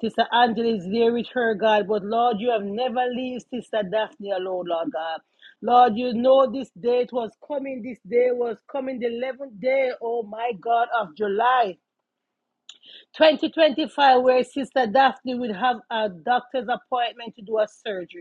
[SPEAKER 1] Sister Angela is there with her, God, but Lord, you have never leave Sister Daphne alone, Lord God. Lord, you know this date was coming. This day was coming, the 11th day, oh my God, of July 2025, where Sister Daphne would have a doctor's appointment to do a surgery.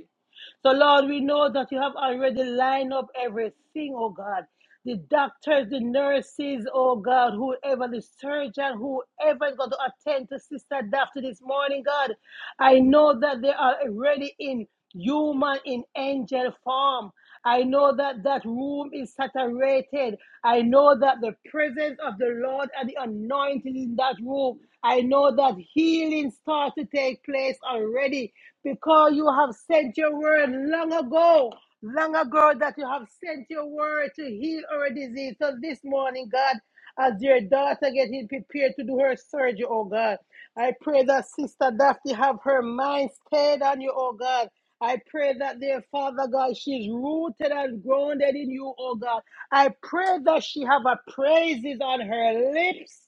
[SPEAKER 1] So, Lord, we know that you have already lined up everything, oh God. The doctors, the nurses, oh God, whoever, the surgeon, whoever is going to attend to Sister Daphne this morning, God, I know that they are already in human, in angel form. I know that that room is saturated. I know that the presence of the Lord and the anointing in that room. I know that healing starts to take place already because you have sent your word long ago, long ago that you have sent your word to heal our disease. So this morning, God, as your daughter getting prepared to do her surgery, oh God, I pray that Sister Daphne have her mind stayed on you, oh God. I pray that dear Father God, she's rooted and grounded in you, oh God. I pray that she have a praises on her lips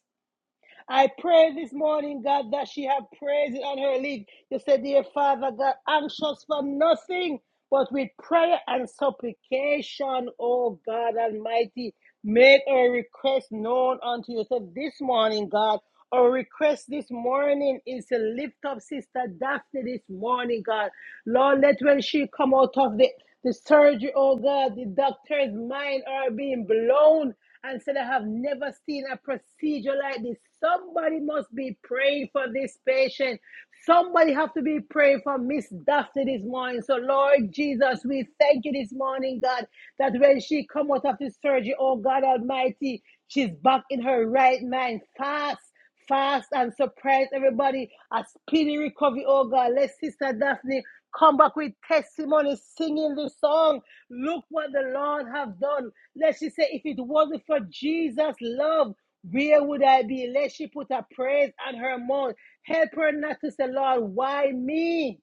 [SPEAKER 1] I pray this morning, God, that she have praises on her lips. You said, dear Father, God, anxious for nothing, but with prayer and supplication, oh God Almighty, make our request known unto you. So this morning, God, our request this morning is to lift up Sister Daphne this morning, God. Lord, let when she come out of the the surgery, oh God, the doctor's mind are being blown and said, I have never seen a procedure like this. Somebody must be praying for this patient. Somebody have to be praying for Miss Daphne this morning. So, Lord Jesus, we thank you this morning, God, that when she come out of the surgery, oh God Almighty, she's back in her right mind. Fast, fast, and surprise everybody. A speedy recovery, oh God. Let Sister Daphne come back with testimony, singing the song. Look what the Lord has done. Let's just say, if it wasn't for Jesus' love, where would I be? Let she put her praise on her mouth. Help her not to say, Lord, why me?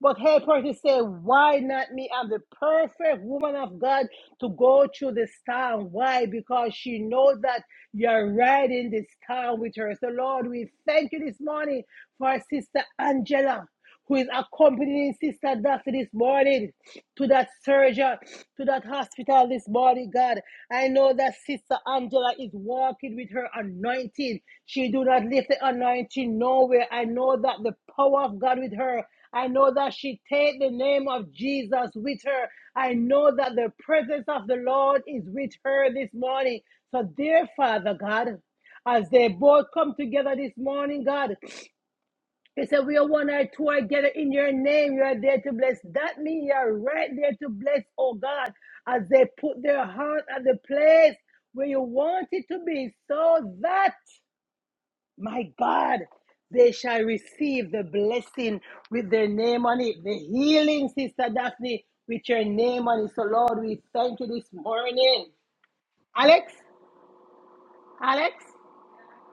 [SPEAKER 1] But her person said, Why not me? I'm the perfect woman of God to go through this town. Why? Because she knows that you're riding this town with her. So, Lord, we thank you this morning for our sister Angela. Who is accompanying Sister Daphne this morning to that surgeon, to that hospital this morning, God? I know that Sister Angela is walking with her anointing. She do not lift the anointing nowhere. I know that the power of God with her I know that she take the name of Jesus with her. I know that the presence of the Lord is with her this morning. So, dear Father God, as they both come together this morning, God, they said, We are one or two are gathered in your name. You are there to bless. That means you are right there to bless, oh God, as they put their heart at the place where you want it to be, so that my God, they shall receive the blessing with their name on it. The healing, Sister Daphne, with your name on it. So, Lord, we thank you this morning. Alex, Alex,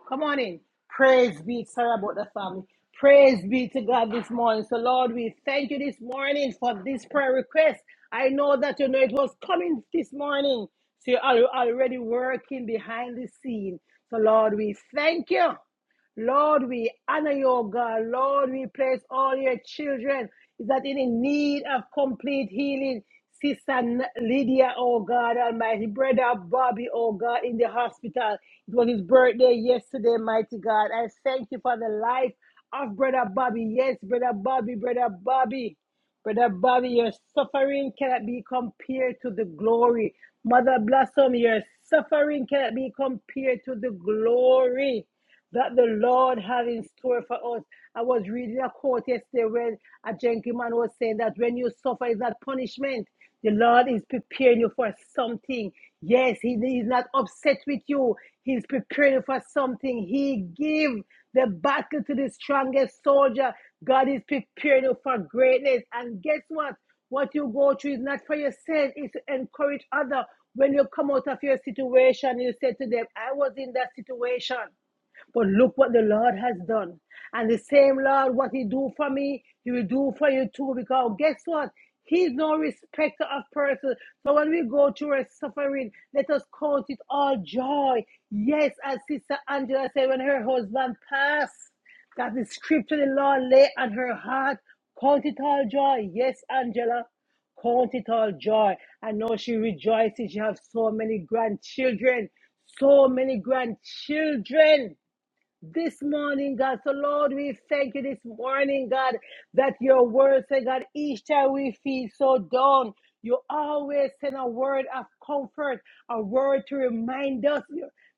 [SPEAKER 1] come on in. Praise be. Sorry about the family. Praise be to God this morning. So, Lord, we thank you this morning for this prayer request. I know that you know it was coming this morning. So, you're al- already working behind the scene. So, Lord, we thank you. Lord, we honor your God. Lord, we place all your children that in the need of complete healing. Sister Lydia, oh God Almighty, brother Bobby, oh God, in the hospital. It was his birthday yesterday, mighty God. I thank you for the life of brother Bobby. Yes, brother Bobby, brother Bobby. Brother Bobby, your suffering cannot be compared to the glory. Mother Blossom, your suffering cannot be compared to the glory that the Lord has in store for us. I was reading a quote yesterday where a gentleman was saying that when you suffer, it's not punishment. The Lord is preparing you for something. Yes, He is not upset with you. He's preparing you for something. He give the battle to the strongest soldier. God is preparing you for greatness. And guess what? What you go through is not for yourself, it's to encourage others. When you come out of your situation, you say to them, I was in that situation. But look what the Lord has done. And the same Lord, what He do for me, He will do for you too. Because guess what? He's no respecter of persons. So when we go through a suffering, let us count it all joy. Yes, as Sister Angela said, when her husband passed, that the scripture the Lord lay on her heart, count it all joy. Yes, Angela count it all joy. I know she rejoices. She has so many grandchildren, so many grandchildren this morning, God. So, Lord, we thank you this morning, God, that your word said, God, each time we feel so down, you always send a word of comfort, a word to remind us.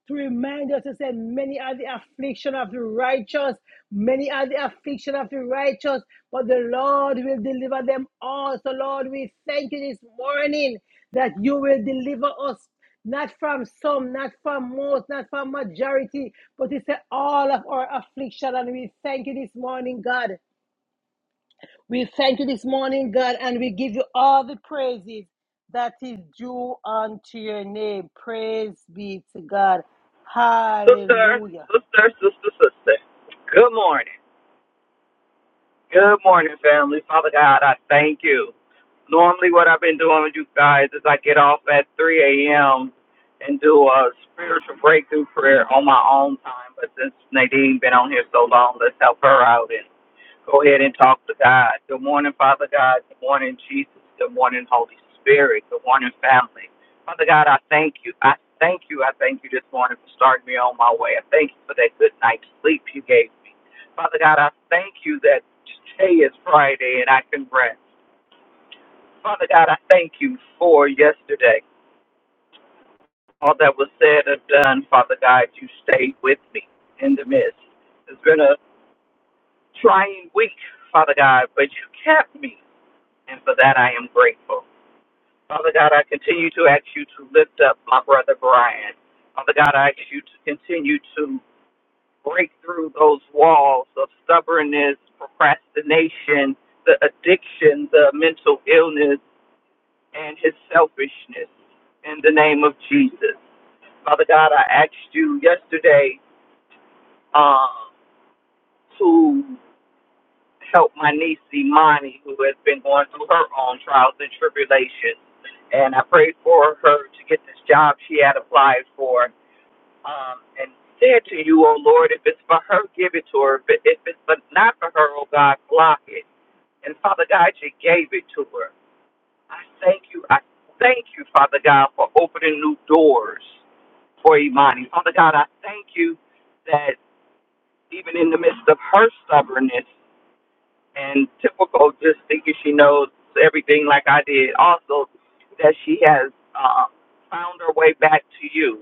[SPEAKER 1] To remind us to say, many are the affliction of the righteous, many are the affliction of the righteous, but the Lord will deliver them all. So, Lord, we thank you this morning that you will deliver us not from some, not from most, not from majority, but it's all of our affliction. And we thank you this morning, God. We thank you this morning, God, and we give you all the praises that is due unto your name. Praise be to God.
[SPEAKER 3] Sister,
[SPEAKER 1] Hallelujah.
[SPEAKER 3] sister, sister, sister. Good morning. Good morning, family. Father God, I thank you. Normally, what I've been doing with you guys is I get off at 3 a.m. and do a spiritual breakthrough prayer on my own time. But since Nadine been on here so long, let's help her out and. Go ahead and talk to God. Good morning, Father God. Good morning, Jesus. Good morning, Holy Spirit. Good morning, family. Father God, I thank you. I thank you. I thank you this morning for starting me on my way. I thank you for that good night's sleep you gave me. Father God, I thank you that today is Friday and I can rest. Father God, I thank you for yesterday. All that was said and done, Father God, you stayed with me in the midst. It's been a trying week, Father God, but you kept me. and for that I am grateful. Father God, I continue to ask you to lift up my brother Brian. Father God, I ask you to continue to break through those walls of stubbornness, procrastination, the addiction, the mental illness, and his selfishness in the name of Jesus. Father God, I asked you yesterday uh, to. help my niece Imani, who has been going through her own trials and tribulations. And I prayed for her to get this job she had applied for. Um, and said to you, oh Lord, if it's for her, give it to her. But if it's but not for her, oh God, block it. And Father God, you gave it to her. I thank you. I thank you, Father God, for opening new doors for Imani. Father God, I thank you that even in the midst of her stubbornness, and typical, just thinking she knows everything like I did. Also, that she has uh, found her way back to you.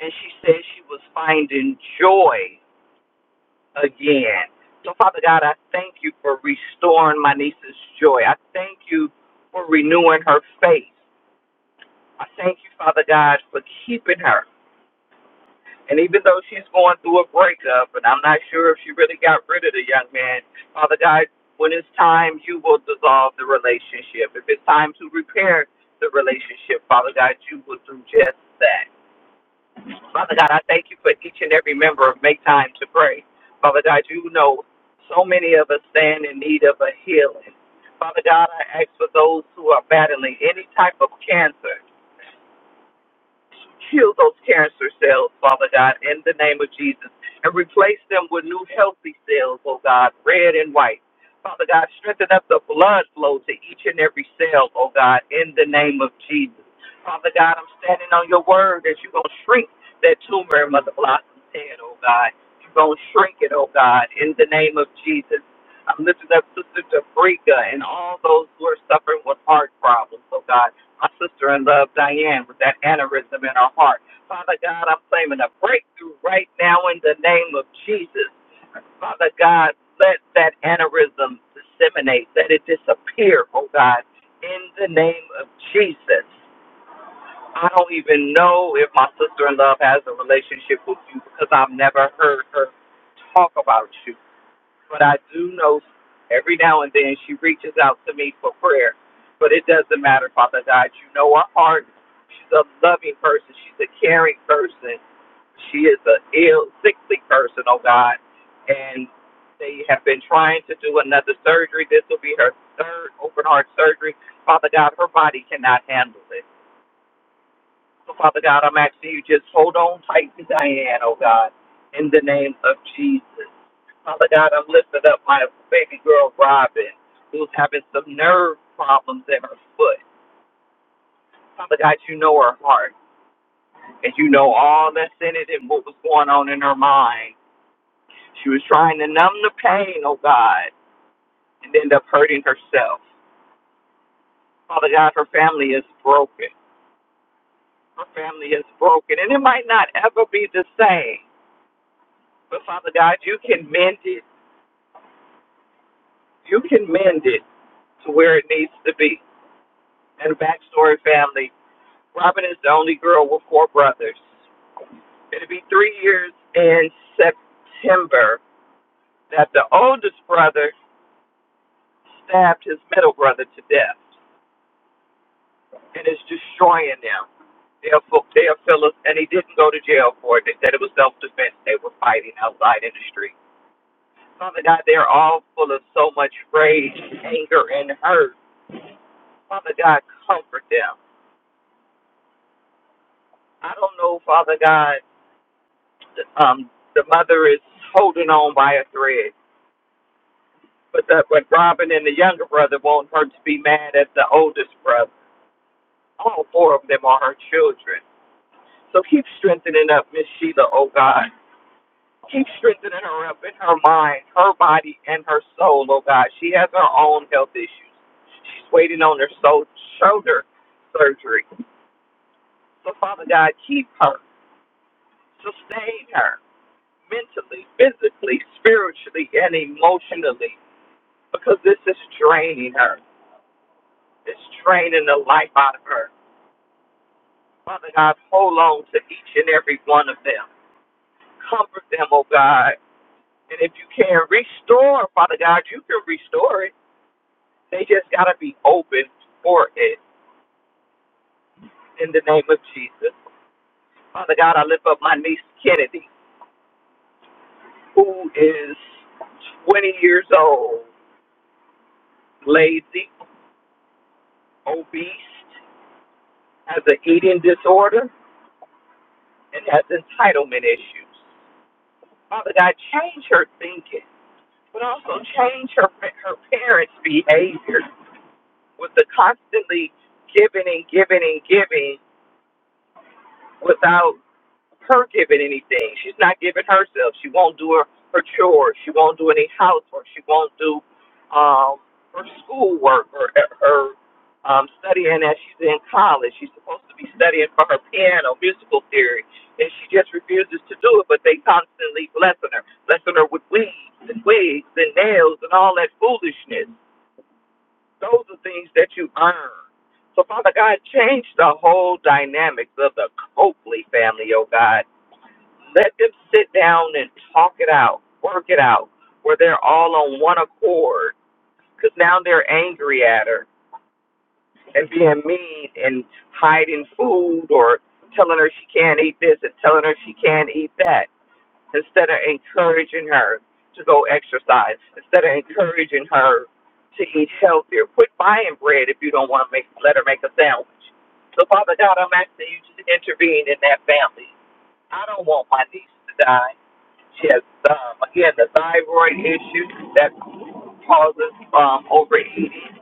[SPEAKER 3] And she said she was finding joy again. So, Father God, I thank you for restoring my niece's joy. I thank you for renewing her faith. I thank you, Father God, for keeping her. And even though she's going through a breakup, and I'm not sure if she really got rid of the young man, Father God, when it's time, you will dissolve the relationship. If it's time to repair the relationship, Father God, you will do just that. Father God, I thank you for each and every member of Make Time to Pray. Father God, you know so many of us stand in need of a healing. Father God, I ask for those who are battling any type of cancer. Heal those cancer cells, Father God, in the name of Jesus, and replace them with new healthy cells, oh God, red and white. Father God, strengthen up the blood flow to each and every cell, oh God, in the name of Jesus. Father God, I'm standing on your word that you're going to shrink that tumor in Mother Blossom's head, oh God. You're going to shrink it, oh God, in the name of Jesus. I'm lifting up Sister Dabrika and all those who are suffering with heart problems, oh God my sister in love, Diane, with that aneurysm in her heart. Father God, I'm claiming a breakthrough right now in the name of Jesus. Father God, let that aneurysm disseminate, let it disappear, oh God, in the name of Jesus. I don't even know if my sister in love has a relationship with you because I've never heard her talk about you but I do know every now and then she reaches out to me for prayer. But it doesn't matter, Father God. You know her heart. She's a loving person. She's a caring person. She is a ill, sickly person, oh God. And they have been trying to do another surgery. This will be her third open heart surgery. Father God, her body cannot handle it. So, Father God, I'm asking you just hold on tight to Diane, oh God, in the name of Jesus. Father God, I'm lifting up my baby girl, Robin, who's having some nerve problems in her foot. Father God, you know her heart, and you know all that's in it and what was going on in her mind. She was trying to numb the pain, oh God, and end up hurting herself. Father God, her family is broken. Her family is broken, and it might not ever be the same. But Father God, you can mend it You can mend it to where it needs to be. And backstory family, Robin is the only girl with four brothers. It'll be three years in September that the oldest brother stabbed his middle brother to death and is destroying them. They'll, fu- they'll fill us, and he didn't go to jail for it. They said it was self defense. They were fighting outside in the street. Father God, they're all full of so much rage, anger, and hurt. Father God, comfort them. I don't know, Father God, um, the mother is holding on by a thread. But the, but Robin and the younger brother want her to be mad at the oldest brother. All four of them are her children. So keep strengthening up Miss Sheila, oh God. Keep strengthening her up in her mind, her body, and her soul, oh God. She has her own health issues. She's waiting on her so- shoulder surgery. So Father God, keep her, sustain her mentally, physically, spiritually, and emotionally. because this is draining her. It's draining the life out of her. Father God, hold on to each and every one of them. Comfort them, oh God. And if you can restore, Father God, you can restore it. They just got to be open for it in the name of Jesus. Father God, I lift up my niece Kennedy, who is 20 years old, lazy, obese, has an eating disorder, and has entitlement issues. Father God, change her thinking, but also change her her parents' behavior with the constantly giving and giving and giving without her giving anything. She's not giving herself. She won't do her, her chores. She won't do any housework. She won't do um, her schoolwork or uh, her um, studying as she's in college. She's supposed to be studying for her piano musical theory, and she just refuses to do it. But they constantly blessing her, blessing her with weeds and wigs and nails and all that foolishness. Those are things that you earn. So, Father God, change the whole dynamics of the Coakley family, oh God let them sit down and talk it out, work it out, where they're all on one accord. Because now they're angry at her and being mean and hiding food or telling her she can't eat this and telling her she can't eat that instead of encouraging her to go exercise, instead of encouraging her to eat healthier. Quit buying bread if you don't want to make let her make a sandwich. So Father God, I'm asking you to intervene in that family. I don't want my niece to die. She has um, again the thyroid issue that causes um, overeating.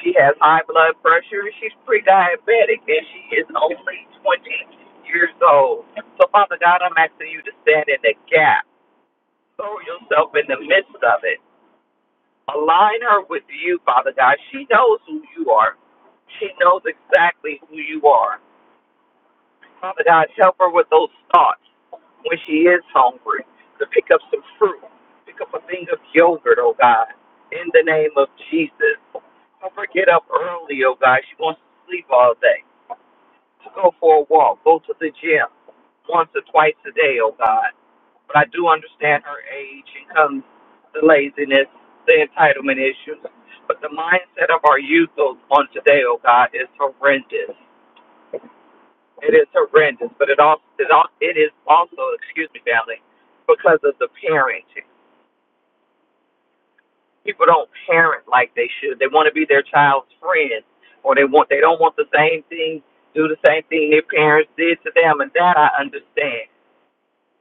[SPEAKER 3] She has high blood pressure. She's pre-diabetic, and she is only 20 years old. So, Father God, I'm asking you to stand in the gap. Throw yourself in the midst of it. Align her with you, Father God. She knows who you are. She knows exactly who you are. Father God, help her with those thoughts when she is hungry to pick up some fruit, pick up a thing of yogurt, oh God, in the name of Jesus. Help her get up early, oh God. She wants to sleep all day. Go for a walk, go to the gym once or twice a day, oh God. But I do understand her age and comes the laziness, the entitlement issues. But the mindset of our youth oh- on today, oh God, is horrendous. It is horrendous, but it also it al- it is also excuse me, family, because of the parenting. People don't parent like they should. They want to be their child's friend, or they want they don't want the same thing, do the same thing their parents did to them, and that I understand.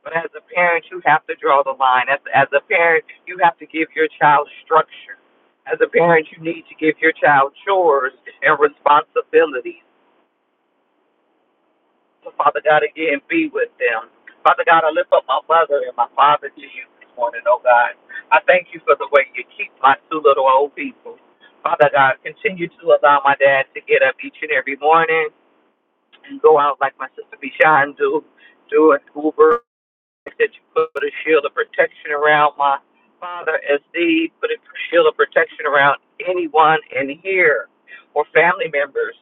[SPEAKER 3] But as a parent, you have to draw the line. As as a parent, you have to give your child structure. As a parent, you need to give your child chores and responsibilities So, Father God, again, be with them. Father God, I lift up my mother and my father to you this morning, oh God. I thank you for the way you keep my two little old people. Father God, continue to allow my dad to get up each and every morning and go out like my sister Bishan do, do an Uber that you put a shield of protection around my father as thee, put a shield of protection around anyone in here or family members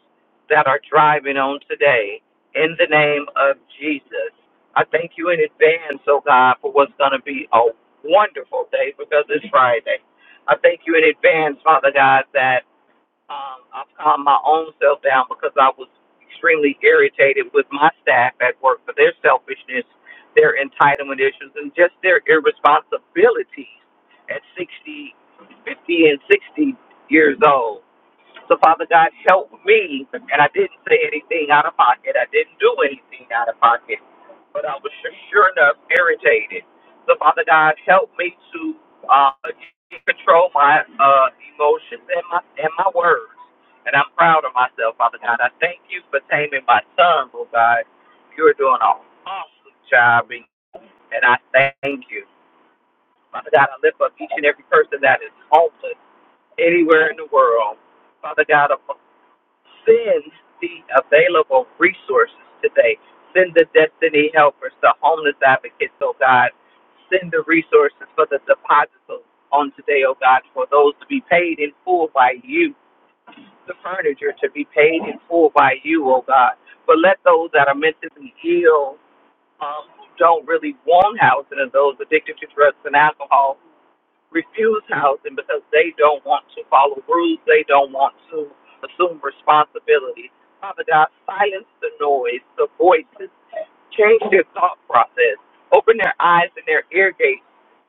[SPEAKER 3] that are driving on today. In the name of Jesus, I thank you in advance, oh God, for what's going to be a wonderful day because it's Friday. I thank you in advance, Father God, that. Um, I've calmed my own self down because I was extremely irritated with my staff at work for their selfishness, their entitlement issues, and just their irresponsibilities at 60, 50, and 60 years old. So, Father God, help me. And I didn't say anything out of pocket. I didn't do anything out of pocket. But I was sure, sure enough irritated. So, Father God, help me to uh, control my uh, emotions and my, and my words. And I'm proud of myself, Father God. I thank you for taming my son, Lord God. You're doing an awesome job, and and I thank you. Father God, I lift up each and every person that is homeless anywhere in the world. Father God, Send the available resources today. Send the destiny helpers, the homeless advocates, oh God. Send the resources for the deposits on today, oh God, for those to be paid in full by you, the furniture to be paid in full by you, oh God. But let those that are mentally ill, um, who don't really want housing, and those addicted to drugs and alcohol, refuse housing because they don't want to follow rules. They don't want to assume responsibility. Father God, silence the noise, the voices, change their thought process, open their eyes and their ear gates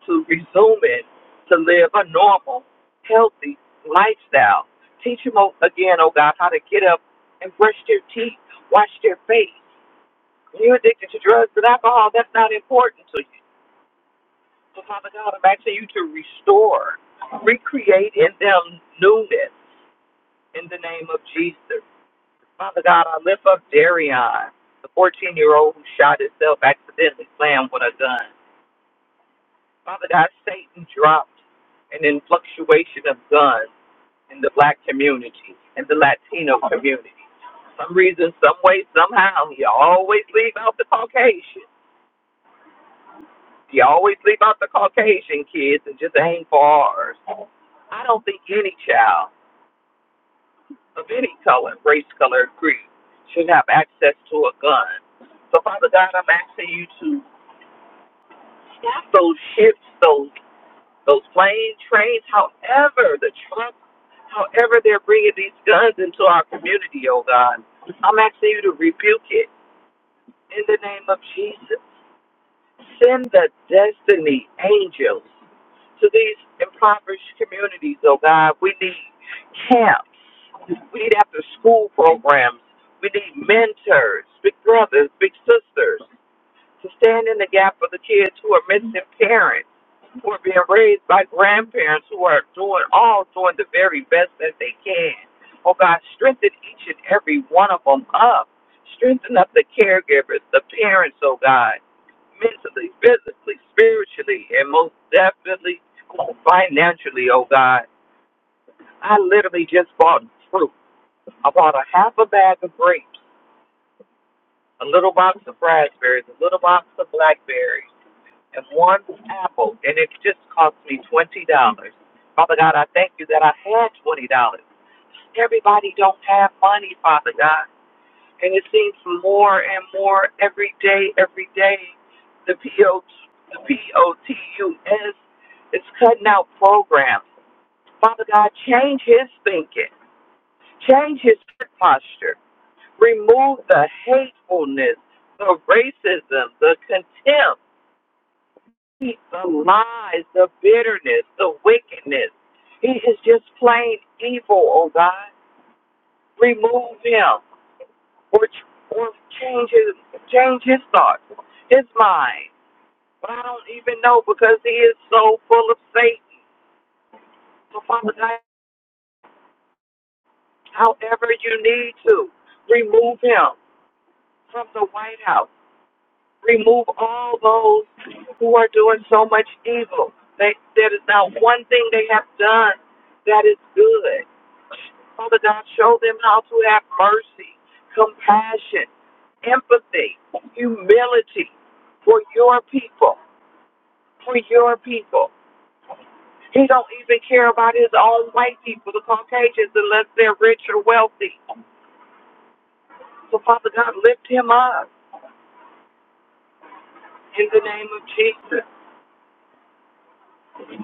[SPEAKER 3] to resuming to live a normal, healthy lifestyle. Teach them oh, again, oh God, how to get up and brush their teeth, wash their face. You're addicted to drugs and alcohol. That's not important to you. So, Father God, I'm asking you to restore, recreate in them newness in the name of Jesus. Father God, I lift up Darion, the 14 year old who shot himself accidentally slammed with a gun. Father God, Satan dropped an influxuation of guns in the black community, in the Latino community. For some reason, some way, somehow, he always leave out the Caucasian. She always leave out the Caucasian kids and just aim for ours. I don't think any child of any color, race, color, creed should have access to a gun. So, Father God, I'm asking you to stop those ships, those those planes, trains, however the trucks, however they're bringing these guns into our community, oh God. I'm asking you to rebuke it in the name of Jesus. Send the destiny angels to these impoverished communities, oh God. We need camps. We need after school programs. We need mentors, big brothers, big sisters to stand in the gap for the kids who are missing parents were being raised by grandparents who are doing all doing the very best that they can. Oh God, strengthen each and every one of them up. Strengthen up the caregivers, the parents, oh God, mentally, physically, spiritually, and most definitely oh, financially, oh God. I literally just bought fruit. I bought a half a bag of grapes, a little box of raspberries, a little box of blackberries. and one apple, and it just cost me twenty dollars. Father God, I thank you that I had twenty dollars. Everybody don't have money, Father God, and it seems more and more every day, every day. The P O T, the P O T U S is cutting out programs. Father God, change his thinking, change his posture, remove the hatefulness, the racism, the contempt. defeat the lies, the bitterness, the wickedness. He is just plain evil, oh God. Remove him or ch- or change his change his thoughts, his mind. But I don't even know because he is so full of Satan. So Father God, however you need to, remove him from the White House. remove all those who are doing so much evil. They, there is not one thing they have done that is good. Father God, show them how to have mercy, compassion, empathy, humility for your people, for your people. He don't even care about his own white people, the Caucasians, unless they're rich or wealthy. So Father God, lift him up in the name of Jesus.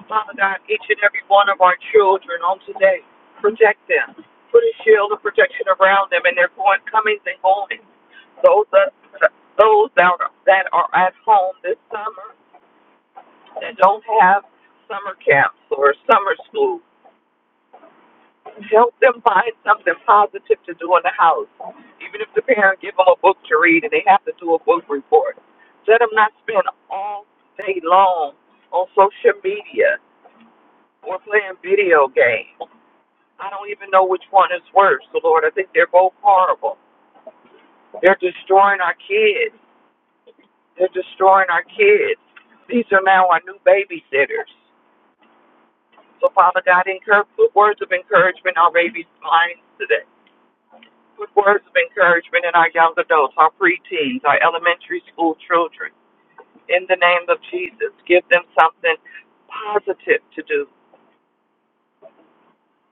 [SPEAKER 3] Father God, each and every one of our children on today, protect them. Put a shield of protection around them and their going comings and goings. Those that those that are, that are at home this summer that don't have summer camps or summer school, help them find something positive to do in the house. Even if the parent give them a book to read and they have to do a book report, let them not spend all day long on social media or playing video games I don't even know which one is worse. So Lord, I think they're both horrible. They're destroying our kids. They're destroying our kids. These are now our new babysitters. So Father God, encourage, put words of encouragement in our babies' minds today. Put words of encouragement in our young adults, our preteens, our elementary school children. In the name of Jesus, give them something positive to do.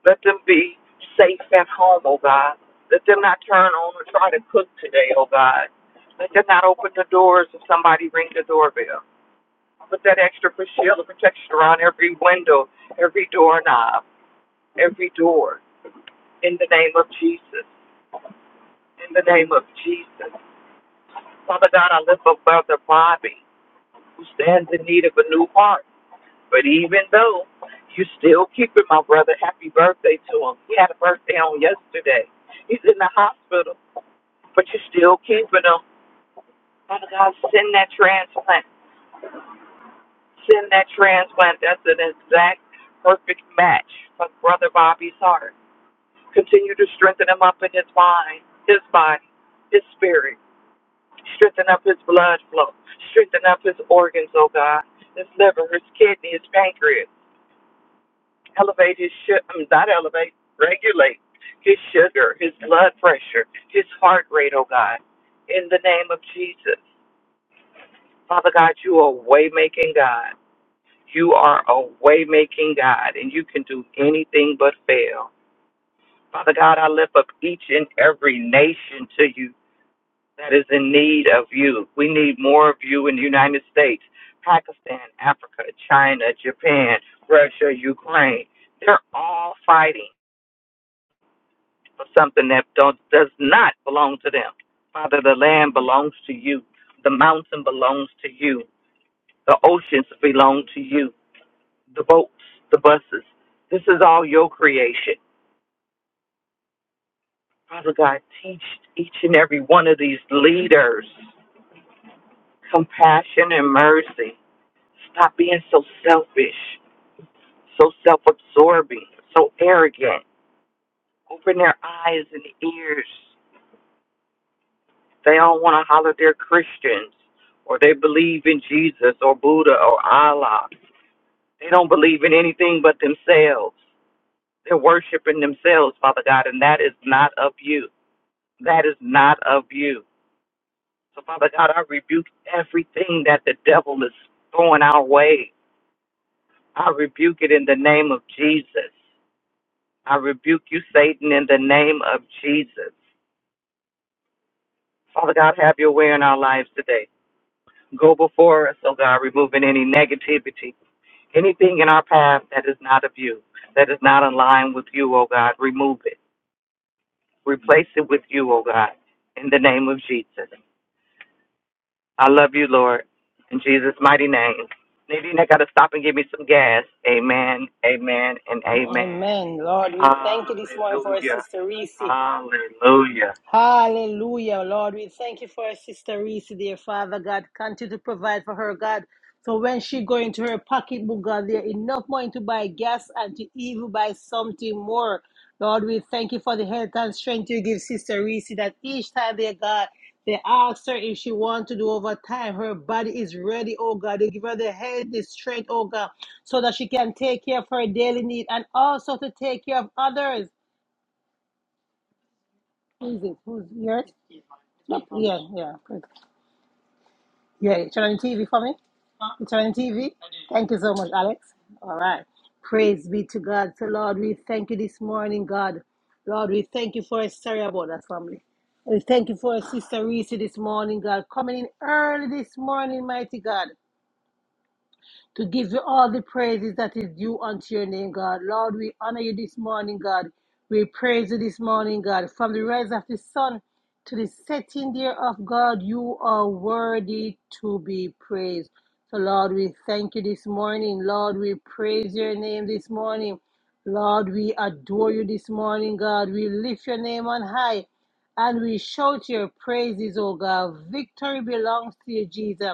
[SPEAKER 3] Let them be safe at home, oh God. Let them not turn on and try to cook today, oh God. Let them not open the doors if somebody ring the doorbell. Put that extra shield of protection around every window, every doorknob, every door. In the name of Jesus. In the name of Jesus. Father God, I lift up Brother Bobby, who stands in need of a new heart. But even though you still keep it, my brother, happy birthday to him. He had a birthday on yesterday. He's in the hospital but you're still keeping them. Father God, send that transplant. Send that transplant. That's an exact perfect match for Brother Bobby's heart. Continue to strengthen him up in his mind, his body, his spirit. Strengthen up his blood flow. Strengthen up his organs, oh God. His liver, his kidney, his pancreas. Elevate his sugar, not elevate, regulate his sugar, his blood pressure, his heart rate, oh God. In the name of Jesus. Father God, you are a way making God. You are a way making God, and you can do anything but fail. Father God, I lift up each and every nation to you that is in need of you. We need more of you in the United States, Pakistan, Africa, China, Japan, Russia, Ukraine. They're all fighting for something that don't, does not belong to them. Father, the land belongs to you. The mountain belongs to you. The oceans belong to you. the boats, the buses. This is all your creation. Father God, teach each and every one of these leaders compassion and mercy. Stop being so selfish, so self absorbing, so arrogant. Open their eyes and ears. They don't want to holler they're Christians or they believe in Jesus or Buddha or Allah. They don't believe in anything but themselves. They're worshiping themselves, Father God, and that is not of you. that is not of you. So, Father God, I rebuke everything that the devil is throwing our way. I rebuke it in the name of Jesus. I rebuke you, Satan, in the name of Jesus. Father God, have your way in our lives today. Go before us, oh God, removing any negativity, anything in our path that is not of you, that is not in line with you, oh God. Remove it. Replace it with you, oh God, in the name of Jesus. I love you, Lord. In Jesus' mighty name. Nadine, I got to stop and give me some gas. Amen, amen, and amen.
[SPEAKER 1] Amen. Lord, we thank you this morning for our
[SPEAKER 3] Hallelujah.
[SPEAKER 1] sister Reese.
[SPEAKER 3] Hallelujah.
[SPEAKER 1] Hallelujah, Lord. We thank you for our sister Reese, dear Father God. Continue to provide for her, God. So when she go into her pocketbook, God, there enough money to buy gas and to even buy something more. Lord, we thank you for the health and strength you give Sister Reese that each time, dear God, they ask her if she want to do overtime. Her body is ready, oh God. They give her the health, the strength, oh God, so that she can take care of her daily need and also to take care of others. Who is it? Who's yours? Yeah, yeah. Yeah, you turn on the TV for me. Huh? You turn on the TV. Thank you so much, Alex. All right. Praise be to God. So, Lord, we thank you this morning, God. Lord, we thank you for a story about that family. We thank you for a Sister Reese this morning, God, coming in early this morning, mighty God to give you all the praises that is due unto your name, God. Lord, we honor you this morning, God. We praise you this morning, God. From the rise of the sun to the setting there of God, you are worthy to be praised. So, Lord, we thank you this morning. Lord, we praise your name this morning. Lord, we adore you this morning, God. We lift your name on high and we shout your praises, O God. Victory belongs to you, Jesus.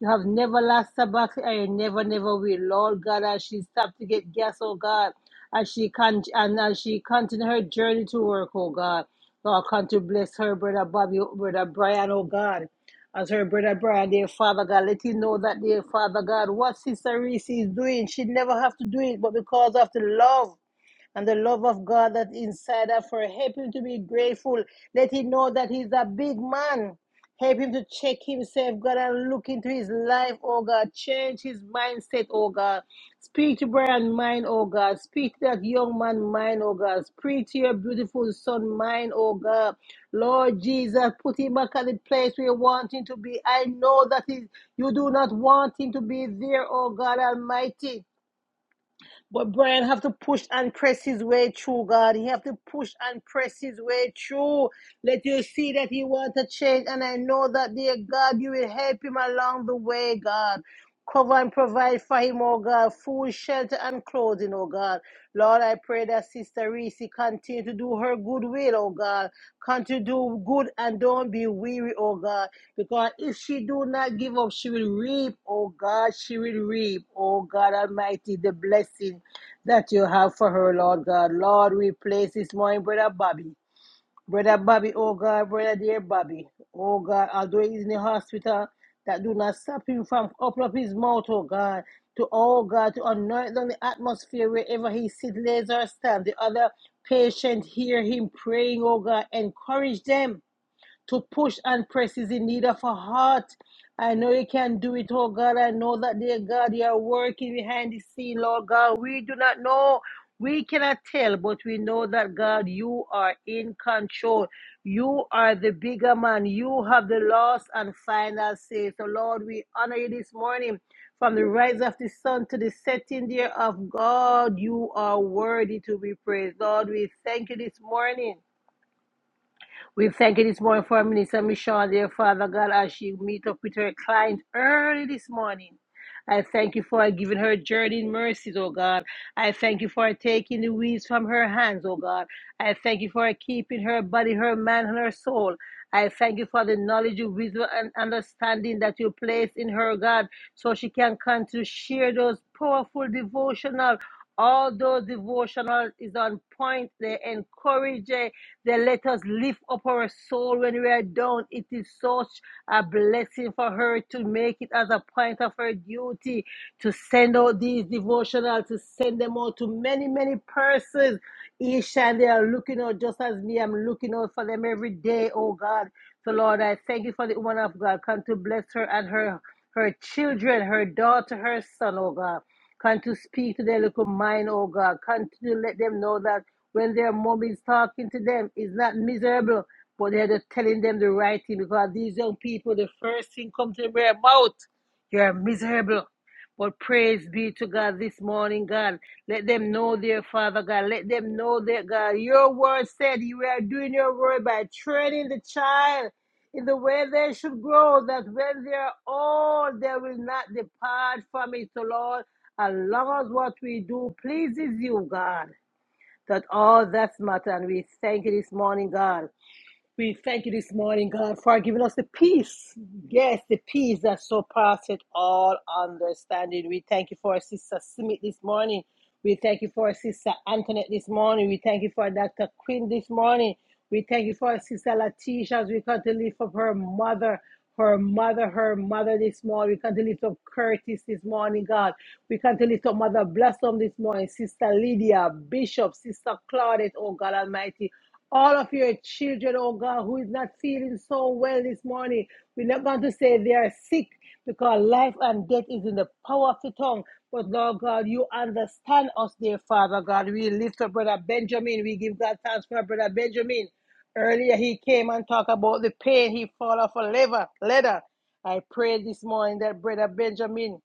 [SPEAKER 1] You have never lost her battle, and you never, never will. Lord God, as she stopped to get gas, oh God, as she con- and as she continue her journey to work, oh God. Lord, come to bless her, brother Bobby, brother Brian, oh God. As her brother Brian, dear Father God, let him know that, dear Father God, what Sister Reese is doing, she never have to do it, but because of the love and the love of God that's inside of her. Help him to be grateful. Let him know that he's a big man. Help him to check himself, God, and look into his life, oh God. Change his mindset, oh God. Speak to Brian's mind, oh God. Speak to that young man's mind, oh God. Speak to your beautiful son mind, oh God. Lord Jesus, put him back at the place where you want him to be. I know that he, you do not want him to be there, oh God Almighty. But Brian have to push and press his way through, God. He have to push and press his way through. Let you see that he want to change. And I know that, dear God, you will help him along the way, God. Cover and provide for him, oh God. Food, shelter, and clothing, oh God. Lord, I pray that Sister Reese continue to do her good will, oh God. Continue to do good and don't be weary, oh God. Because if she do not give up, she will reap, oh God. She will reap, oh God Almighty, the blessing that you have for her, Lord God. Lord, we place this morning, Brother Bobby. Brother Bobby, oh God, Brother dear Bobby. Oh God, although he's in the hospital, that do not stop him from opening up his mouth, oh God. To oh God, to anoint on the atmosphere wherever he sits, lays or stand. The other patient hear him praying, oh God. Encourage them to push and press is in need of a heart. I know you can do it, oh God. I know that, dear God, you are working behind the scene, Lord God. We do not know. We cannot tell, but we know that, God, you are in control. You are the bigger man. You have the last and final say. So, Lord, we honor you this morning. From the rise of the sun to the setting there of God, you are worthy to be praised. Lord, we thank you this morning we thank you this morning for Minister Michelle, dear Father God, as she meet up with her client early this morning. I thank you for giving her journey in mercies, oh God. I thank you for taking the weeds from her hands, oh God. I thank you for keeping her body, her mind, and her soul. I thank you for the knowledge, wisdom, and understanding that you place in her, God, so she can come to share those powerful devotional. All those devotional is on point. They encourage, they let us lift up our soul when we are down. It is such a blessing for her to make it as a point of her duty to send out these devotionals, to send them out to many, many persons. Each time they are looking out, just as me, I'm looking out for them every day, oh God. So, Lord, I thank you for the woman of God. Come to bless her and her her children, her daughter, her son, oh God. Can to speak to their little mind, oh God. Can to let them know that when their mom is talking to them, it's not miserable, but they're just telling them the right thing because these young people, the first thing comes to their mouth, you're miserable. But praise be to God this morning, God. Let them know, dear Father God. Let them know that, God, your word said you are doing your word by training the child in the way they should grow, that when they are old, they will not depart from it, So Lord. As long as what we do pleases you, God, that all that's matter. And we thank you this morning, God. We thank you this morning, God, for giving us the peace. Yes, the peace that surpasses all understanding. We thank you for our sister Smith this morning. We thank you for our sister Antoinette this morning. We thank you for Dr. Quinn this morning. We thank you for our sister Latisha as we come to lift up her mother, her mother, her mother this morning. We come to lift up Curtis this morning, God. We come to lift up Mother Blossom this morning, Sister Lydia, Bishop, Sister Claudette, oh God Almighty all of your children, oh God, who is not feeling so well this morning. We're not going to say they are sick because life and death is in the power of the tongue. But Lord God, you understand us, dear Father God. We lift up Brother Benjamin. We give God thanks for Brother Benjamin. Earlier he came and talked about the pain he fall off a lever, ladder. I pray this morning that Brother Benjamin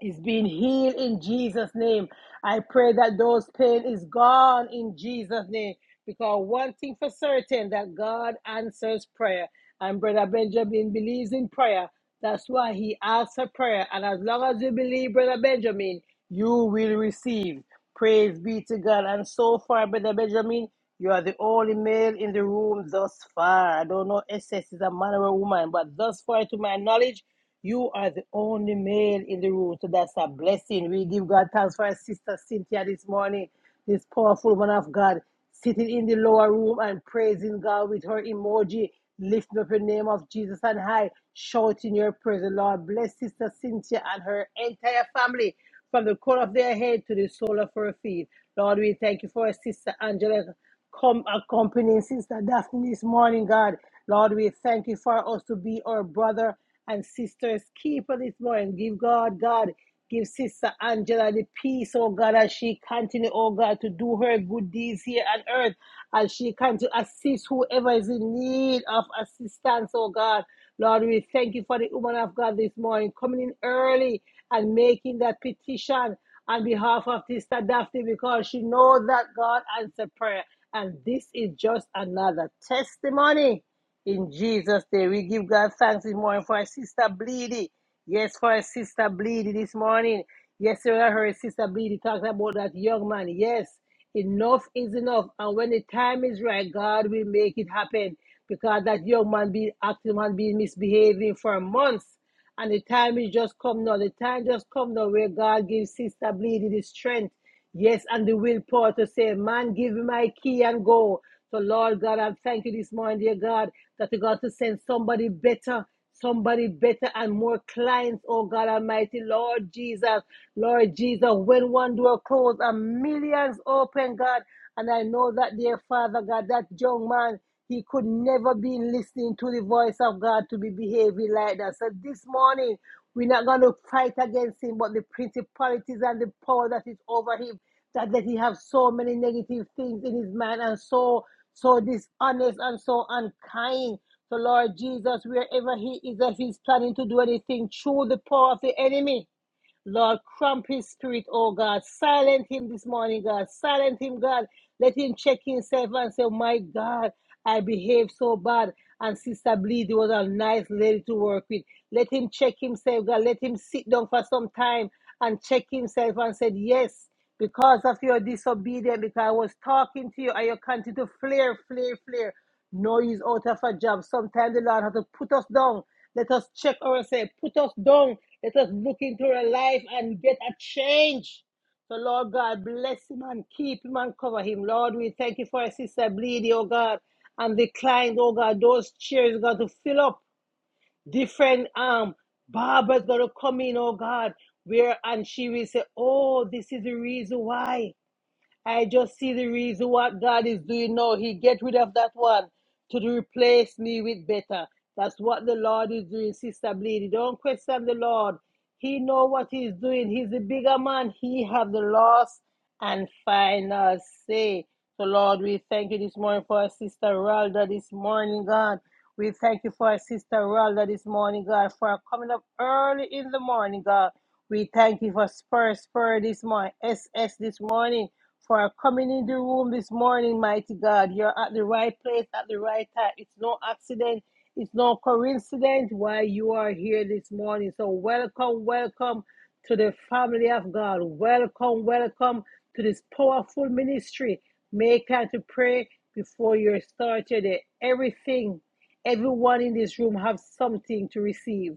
[SPEAKER 1] is being healed in Jesus' name. I pray that those pain is gone in Jesus' name. Because one thing for certain that God answers prayer. And Brother Benjamin believes in prayer. That's why he asks for prayer. And as long as you believe, Brother Benjamin, you will receive. Praise be to God. And so far, Brother Benjamin, you are the only male in the room thus far. I don't know SS is a man or a woman, but thus far, to my knowledge, you are the only male in the room, so that's a blessing. We give God thanks for our sister Cynthia this morning, this powerful woman of God, sitting in the lower room and praising God with her emoji, lifting up the name of Jesus and high, shouting your praise. The Lord bless sister Cynthia and her entire family from the crown of their head to the sole of her feet. Lord, we thank you for sister Angela come accompanying Sister Daphne this morning, God. Lord, we thank you for us to be our brother and sisters keeper this morning. Give God, God, give Sister Angela the peace, oh God, as she continue, oh God, to do her good deeds here on earth, as she can to assist whoever is in need of assistance, oh God. Lord, we thank you for the woman of God this morning coming in early and making that petition on behalf of Sister Daphne because she knows that God answered prayer. And this is just another testimony in Jesus' name, we give God thanks this morning for our sister Bleedy. Yes, for our sister Bleedy this morning. Yes, sir, I heard sister Bleedy talking about that young man. Yes, enough is enough. And when the time is right, God will make it happen. Because that young man been acting and been misbehaving for months. And the time is just come now. The time just come now where God gives Sister Bleedy the strength. Yes, and the willpower to say, Man, give me my key and go. So, Lord God, I thank you this morning, dear God, that you got to send somebody better, somebody better and more clients, oh God Almighty, Lord Jesus, Lord Jesus, when one door closed and millions open, God, and I know that, dear Father God, that young man, he could never be listening to the voice of God to be behaving like that. So this morning, we're not going to fight against him, but the principalities and the power that is over him, that, that he has so many negative things in his mind and so so dishonest and so unkind. So, Lord Jesus, wherever He is, that He's planning to do anything through the power of the enemy. Lord, cramp his spirit, oh God. Silent him this morning, God. Silent him, God. Let him check himself and say, My God, I behaved so bad. And Sister Bleedy was a nice lady to work with. Let him check himself, God. Let him sit down for some time and check himself and said, Yes, because of your disobedience, because I was talking to you, and you continue to flare, flare, flare. No use out of a job. Sometimes the Lord has to put us down. Let us check ourselves. Put us down. Let us look into our life and get a change. So, Lord God, bless him and keep him and cover him. Lord, we thank you for our sister Bleedy, oh God, and the client, oh God. Those chairs, got to fill up different um barbers got to come in, oh God, where and she will say, Oh, this is the reason why. I just see the reason what God is doing now. He get rid of that one to replace me with better. That's what the Lord is doing, Sister Bleedy. Don't question the Lord. He know what he's doing. He's the bigger man. He have the last and final say. So Lord, we thank you this morning for our sister Ralda this morning, God. We thank you for our sister Ralda this morning, God, for coming up early in the morning, God. We thank you for Spur Spur this morning, S S this morning for coming in the room this morning, mighty God. You're at the right place at the right time. It's no accident, it's no coincidence why you are here this morning. So, welcome, welcome to the family of God. Welcome, welcome to this powerful ministry. Make time to pray before you start your day. Everything, everyone in this room have something to receive.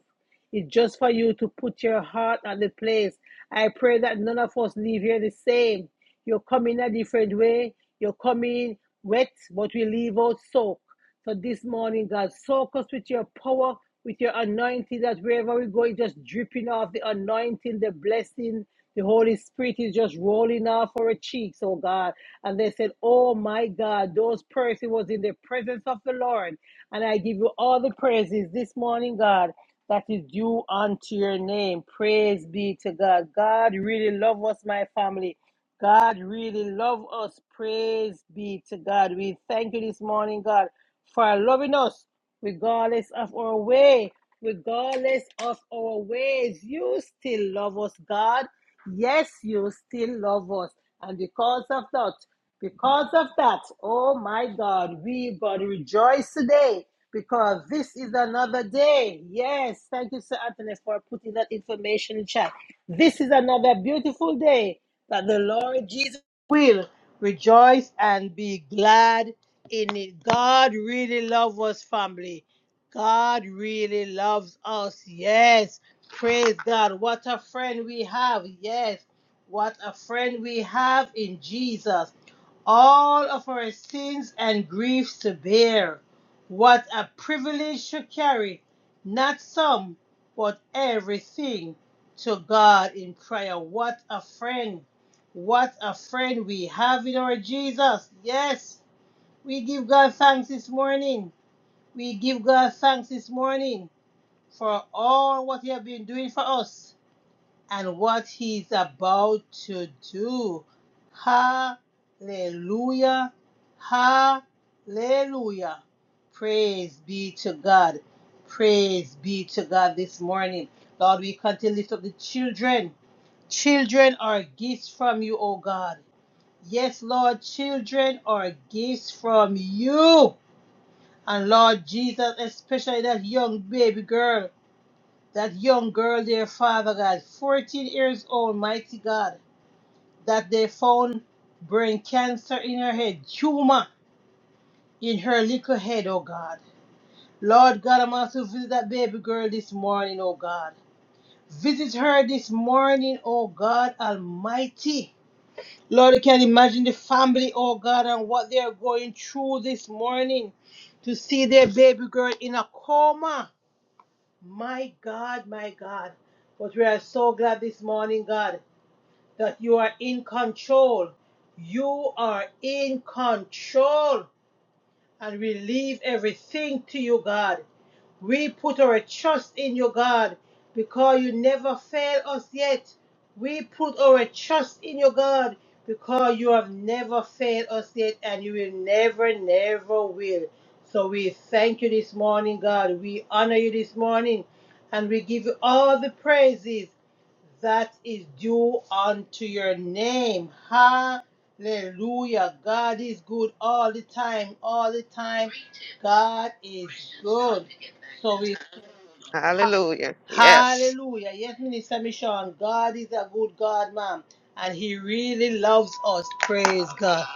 [SPEAKER 1] It's just for you to put your heart at the place. I pray that none of us leave here the same. You come in a different way. You come in wet, but we leave out soaked. So this morning, God, soak us with your power, with your anointing, that wherever we go, it's just dripping off the anointing, the blessing. The Holy Spirit is just rolling off our cheeks, oh God. And they said, Oh my God, those person was in the presence of the Lord. And I give you all the praises this morning, God that is due unto your name. Praise be to God. God really love us, my family. God really love us. Praise be to God. We thank you this morning, God, for loving us regardless of our way, regardless of our ways. You still love us, God. Yes, you still love us. And because of that, because of that, oh my God, we got to rejoice today because this is another day. Yes, thank you, Sir Anthony, for putting that information in chat. This is another beautiful day that the Lord Jesus will rejoice and be glad in it. God really loves us, family. God really loves us. Yes. Praise God. What a friend we have. Yes. What a friend we have in Jesus. All of our sins and griefs to bear. What a privilege to carry. Not some, but everything to God in prayer. What a friend. What a friend we have in our Jesus. Yes, we give God thanks this morning. We give God thanks this morning for all what He has been doing for us and what He's about to do. Hallelujah. Hallelujah. Praise be to God. Praise be to God this morning. Lord, we continue to lift up the children. Children are gifts from you, O God. Yes, Lord, children are gifts from you. And Lord Jesus, especially that young baby girl, that young girl there, Father God, 14 years old, mighty God, that they found brain cancer in her head, tumor in her little head, oh God. Lord God, I'm also visit that baby girl this morning, oh God. Visit her this morning, oh God Almighty. Lord, you can imagine the family, oh God, and what they are going through this morning to see their baby girl in a coma. My God, my God. But we are so glad this morning, God, that you are in control. You are in control and we leave everything to you, God. We put our trust in you, God, because you never fail us yet. We put our trust in you, God, because you have never failed us yet, and you will never, never will. So we thank you this morning, God. We honor you this morning, and we give you all the praises that is due unto your name. Hallelujah. God is good all the time, all the time. God is good. So we
[SPEAKER 2] Hallelujah. Yes.
[SPEAKER 1] Hallelujah. Yes, Minister Michon, God is a good God, ma'am. And He really loves us. Praise God.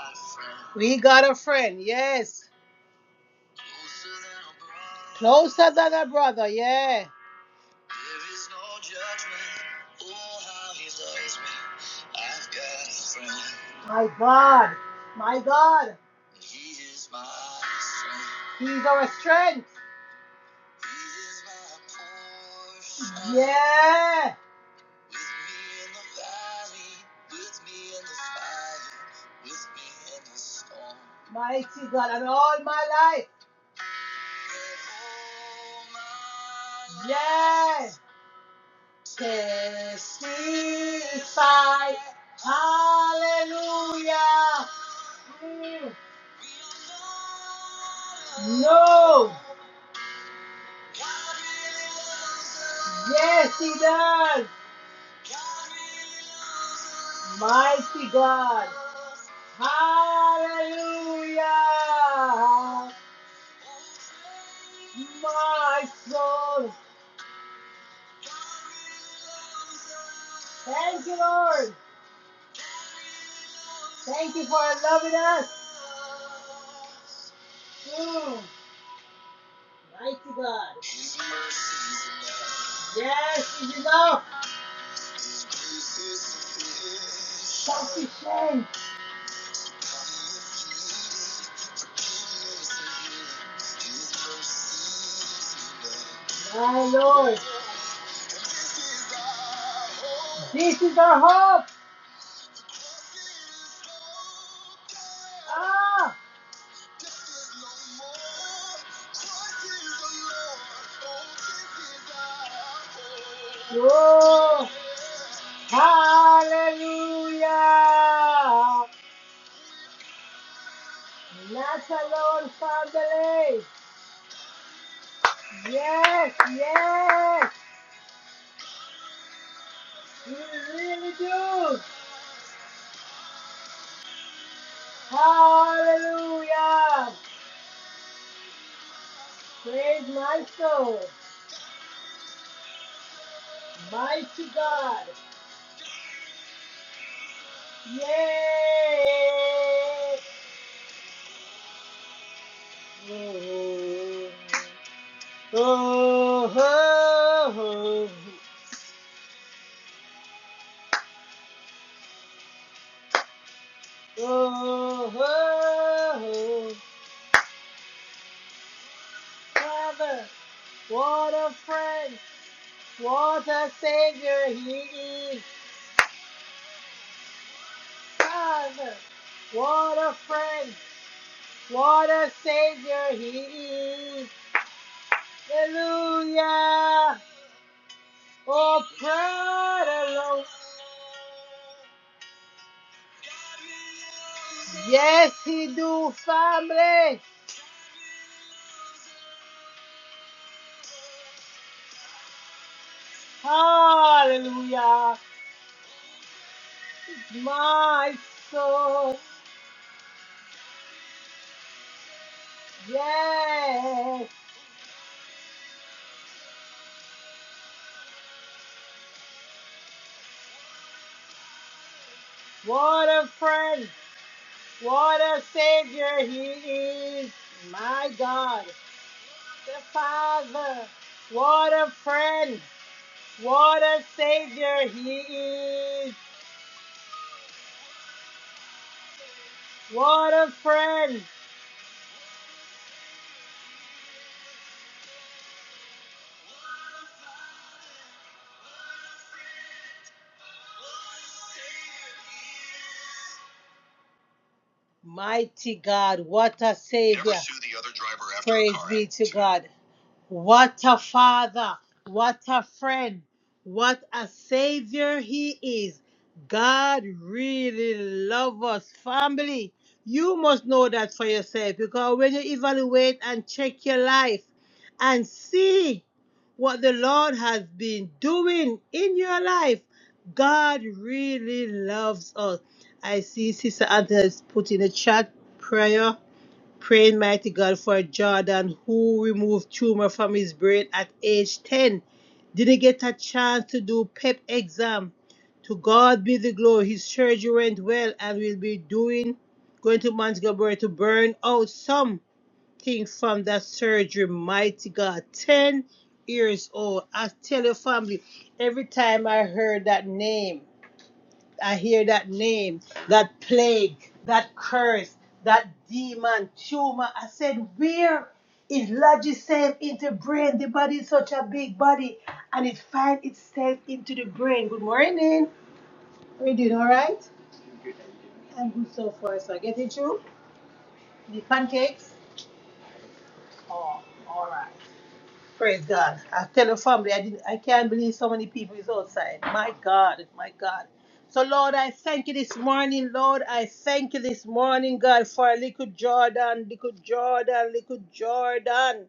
[SPEAKER 1] We got a friend, yes. Closer than a brother, yeah. There is no judgment. Oh, how he loves me. I've got a friend. My God. My God. He is my strength. He's our strength. He is my portion. Yeah. With me in the valley. With me in the fire. With me in the storm. Mighty God, and all my life. Yes. Testify. Hallelujah. Mm. No. Yes, he does. Mighty God. Hallelujah. My soul. Thank you, Lord. Thank you for loving us. Mm, mighty God. Yes, is enough. Sufficient. My Lord. This is our hope. Ah. Whoa! Hallelujah! That's the family! Yes, yes! You really do! Hallelujah! Praise my soul! Mighty God! Yay! Yay. Oh, oh, oh, oh, oh, Father, what a friend, what a savior he is. Father, what a friend, what a savior he is. Hallelujah. Oh, praise the Lord. Yes, he do, family. Hallelujah. My soul. Yes! What a friend! What a savior he is! My God, the Father! What a friend! What a savior he is! What a friend! Mighty God, what a savior! Praise be to God. What a father, what a friend, what a savior he is. God really loves us, family. You must know that for yourself because when you evaluate and check your life and see what the Lord has been doing in your life, God really loves us. I see Sister Anthony has put in the chat prayer. Praying mighty God for Jordan who removed tumor from his brain at age 10. Didn't get a chance to do PEP exam. To God be the glory. His surgery went well and will be doing going to Montgomery to burn out something from that surgery. Mighty God. 10 years old. I tell your family, every time I heard that name. I hear that name, that plague, that curse, that demon, tumor. I said, where it lodges itself into the brain? The body is such a big body, and it finds itself into the brain. Good morning. Are you doing all right? I'm good so far. So I get it through. The pancakes. Oh, all right. Praise God. I tell the family, I, didn't, I can't believe so many people is outside. My God, my God. So, Lord, I thank you this morning, Lord. I thank you this morning, God, for little Jordan, little Jordan, little Jordan.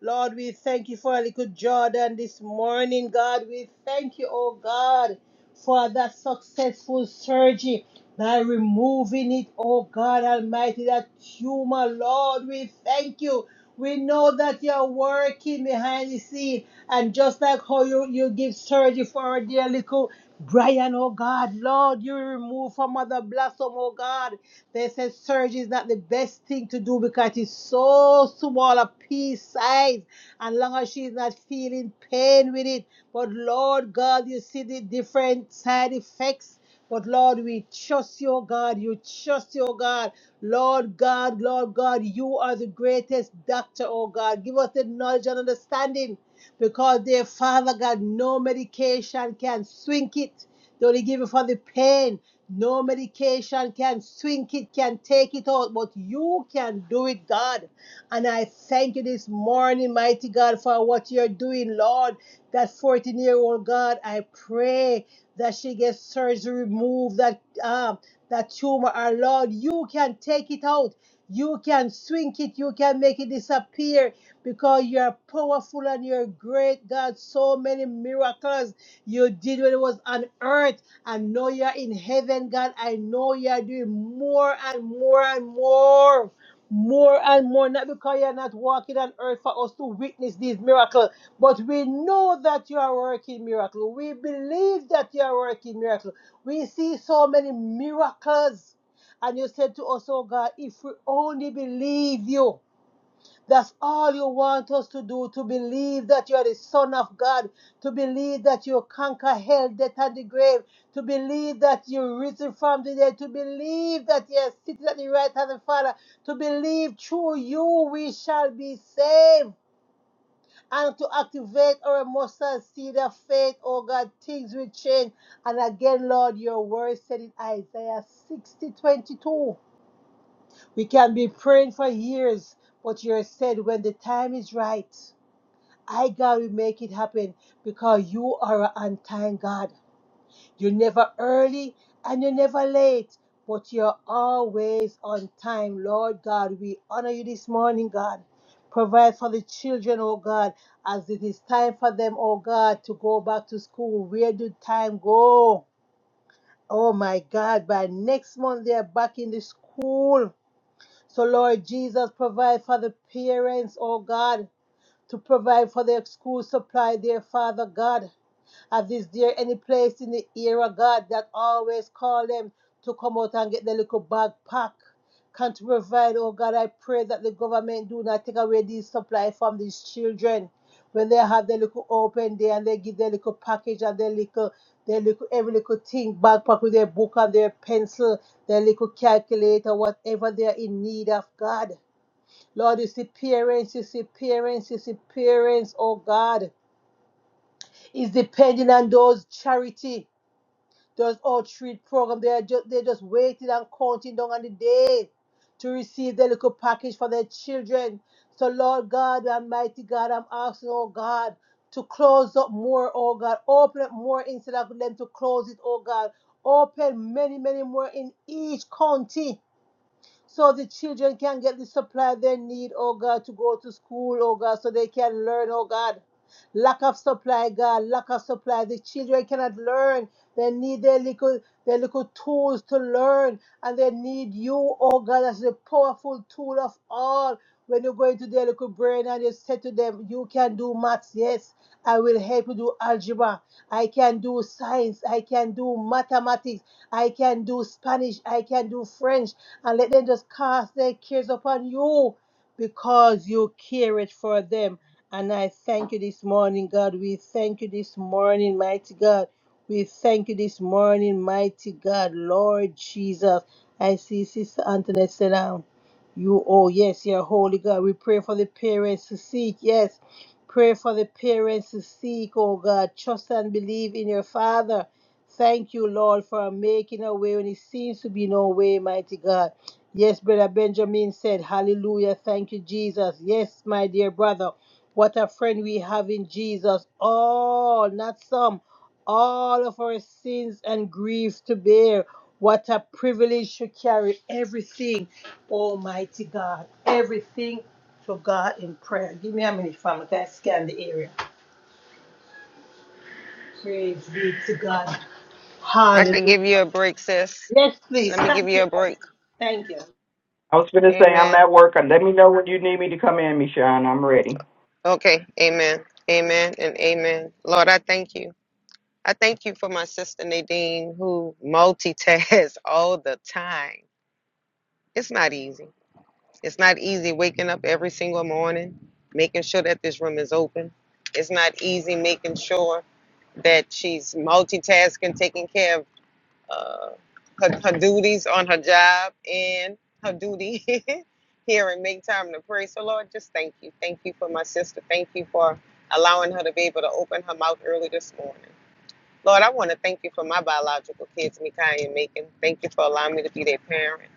[SPEAKER 1] Lord, we thank you for little Jordan this morning, God. We thank you, oh God, for that successful surgery by removing it, oh God Almighty, that tumor, Lord. We thank you. We know that you're working behind the scene, and just like how you, you give surgery for our dear little Brian, oh God, Lord, you remove from Mother Blossom, oh God. They said surgery is not the best thing to do because it's so small a piece size. And long as she's not feeling pain with it. But Lord God, you see the different side effects. But Lord, we trust you, God. You trust you, God. Lord God, Lord God, you are the greatest doctor, oh God. Give us the knowledge and understanding. Because dear Father God, no medication can swing it. They only give you for the pain. No medication can swing it, can take it out, but you can do it, God. And I thank you this morning, mighty God, for what you're doing, Lord. That 14 year old God, I pray that she gets surgery remove that, um, that tumor, and Lord, you can take it out. You can swing it, you can make it disappear because you're powerful and you're great, God. So many miracles you did when it was on earth. I know you're in heaven, God. I know you're doing more and more and more. More and more, not because you're not walking on earth for us to witness these miracles, but we know that you are working miracles. We believe that you are working miracles. We see so many miracles. And you said to us, oh God, if we only believe you. That's all you want us to do to believe that you are the Son of God, to believe that you conquer hell, death, and the grave, to believe that you're risen from the dead, to believe that you are seated at the right hand of the Father, to believe through you we shall be saved. And to activate our mustard seed of faith, oh God, things will change. And again, Lord, your word said in Isaiah 60 twenty-two, We can be praying for years, but you said when the time is right. I, God, will make it happen because you are an on time God. You're never early and you're never late, but you're always on time. Lord God, we honor you this morning, God. Provide for the children, oh God, as it is time for them, oh God, to go back to school. Where did time go? Oh my God, by next month they are back in the school. So, Lord Jesus, provide for the parents, oh God to provide for their school supply, dear Father God. As is there any place in the era, God, that always call them to come out and get their little bag pack? Can't provide, oh God, I pray that the government do not take away these supply from these children. When they have their little open day and they give their little package and their little, their little, every little thing, backpack with their book and their pencil, their little calculator, whatever they are in need of, God. Lord, his appearance, his appearance, his appearance, you oh God, is depending on those charity, those outreach program. They are just they are just waiting and counting down on the day to receive their little package for their children. So Lord God, Almighty God, I'm asking, oh God, to close up more, oh God, open up more instead of them to close it, oh God. Open many, many more in each county so the children can get the supply they need, oh God, to go to school, oh God, so they can learn, oh God. Lack of supply, God, lack of supply. The children cannot learn. They need their little, their little tools to learn, and they need you, oh God, as the powerful tool of all. When you go into their little brain and you say to them, You can do maths, yes, I will help you do algebra. I can do science. I can do mathematics. I can do Spanish. I can do French and let them just cast their cares upon you because you care it for them. And I thank you this morning, God. We thank you this morning, mighty God. We thank you this morning, mighty God, Lord Jesus. I see Sister Antoinette sit down. You, oh yes, you're holy God. We pray for the parents to seek, yes. Pray for the parents to seek, oh God. Trust and believe in your Father. Thank you, Lord, for making a way when it seems to be no way, mighty God. Yes, Brother Benjamin said, Hallelujah. Thank you, Jesus. Yes, my dear brother. What a friend we have in Jesus. All, not some, all of our sins and grief to bear. What a privilege to carry everything, Almighty God. Everything to God in prayer. Give me a minute, family. Can I scan the area? Praise be to God.
[SPEAKER 2] I can
[SPEAKER 1] Hallelujah.
[SPEAKER 2] give you a break, sis.
[SPEAKER 1] Yes, please.
[SPEAKER 2] Let me give
[SPEAKER 1] Thank
[SPEAKER 2] you
[SPEAKER 1] you,
[SPEAKER 2] a
[SPEAKER 1] my
[SPEAKER 2] break.
[SPEAKER 1] sister. Thank you.
[SPEAKER 3] I was going to say I'm
[SPEAKER 2] Amen.
[SPEAKER 3] at work. And Let me know when you need me to come in, Michonne. I'm ready.
[SPEAKER 2] Okay. Amen. Amen and amen. Lord, I thank you. I thank you for my sister Nadine who multitasks all the time. It's not easy. It's not easy waking up every single morning, making sure that this room is open. It's not easy making sure that she's multitasking, taking care of uh, her, her duties on her job and her duty here and make time to pray. So, Lord, just thank you. Thank you for my sister. Thank you for allowing her to be able to open her mouth early this morning. Lord, I want to thank you for my biological kids, Mikai and Macon. Thank you for allowing me to be their parent.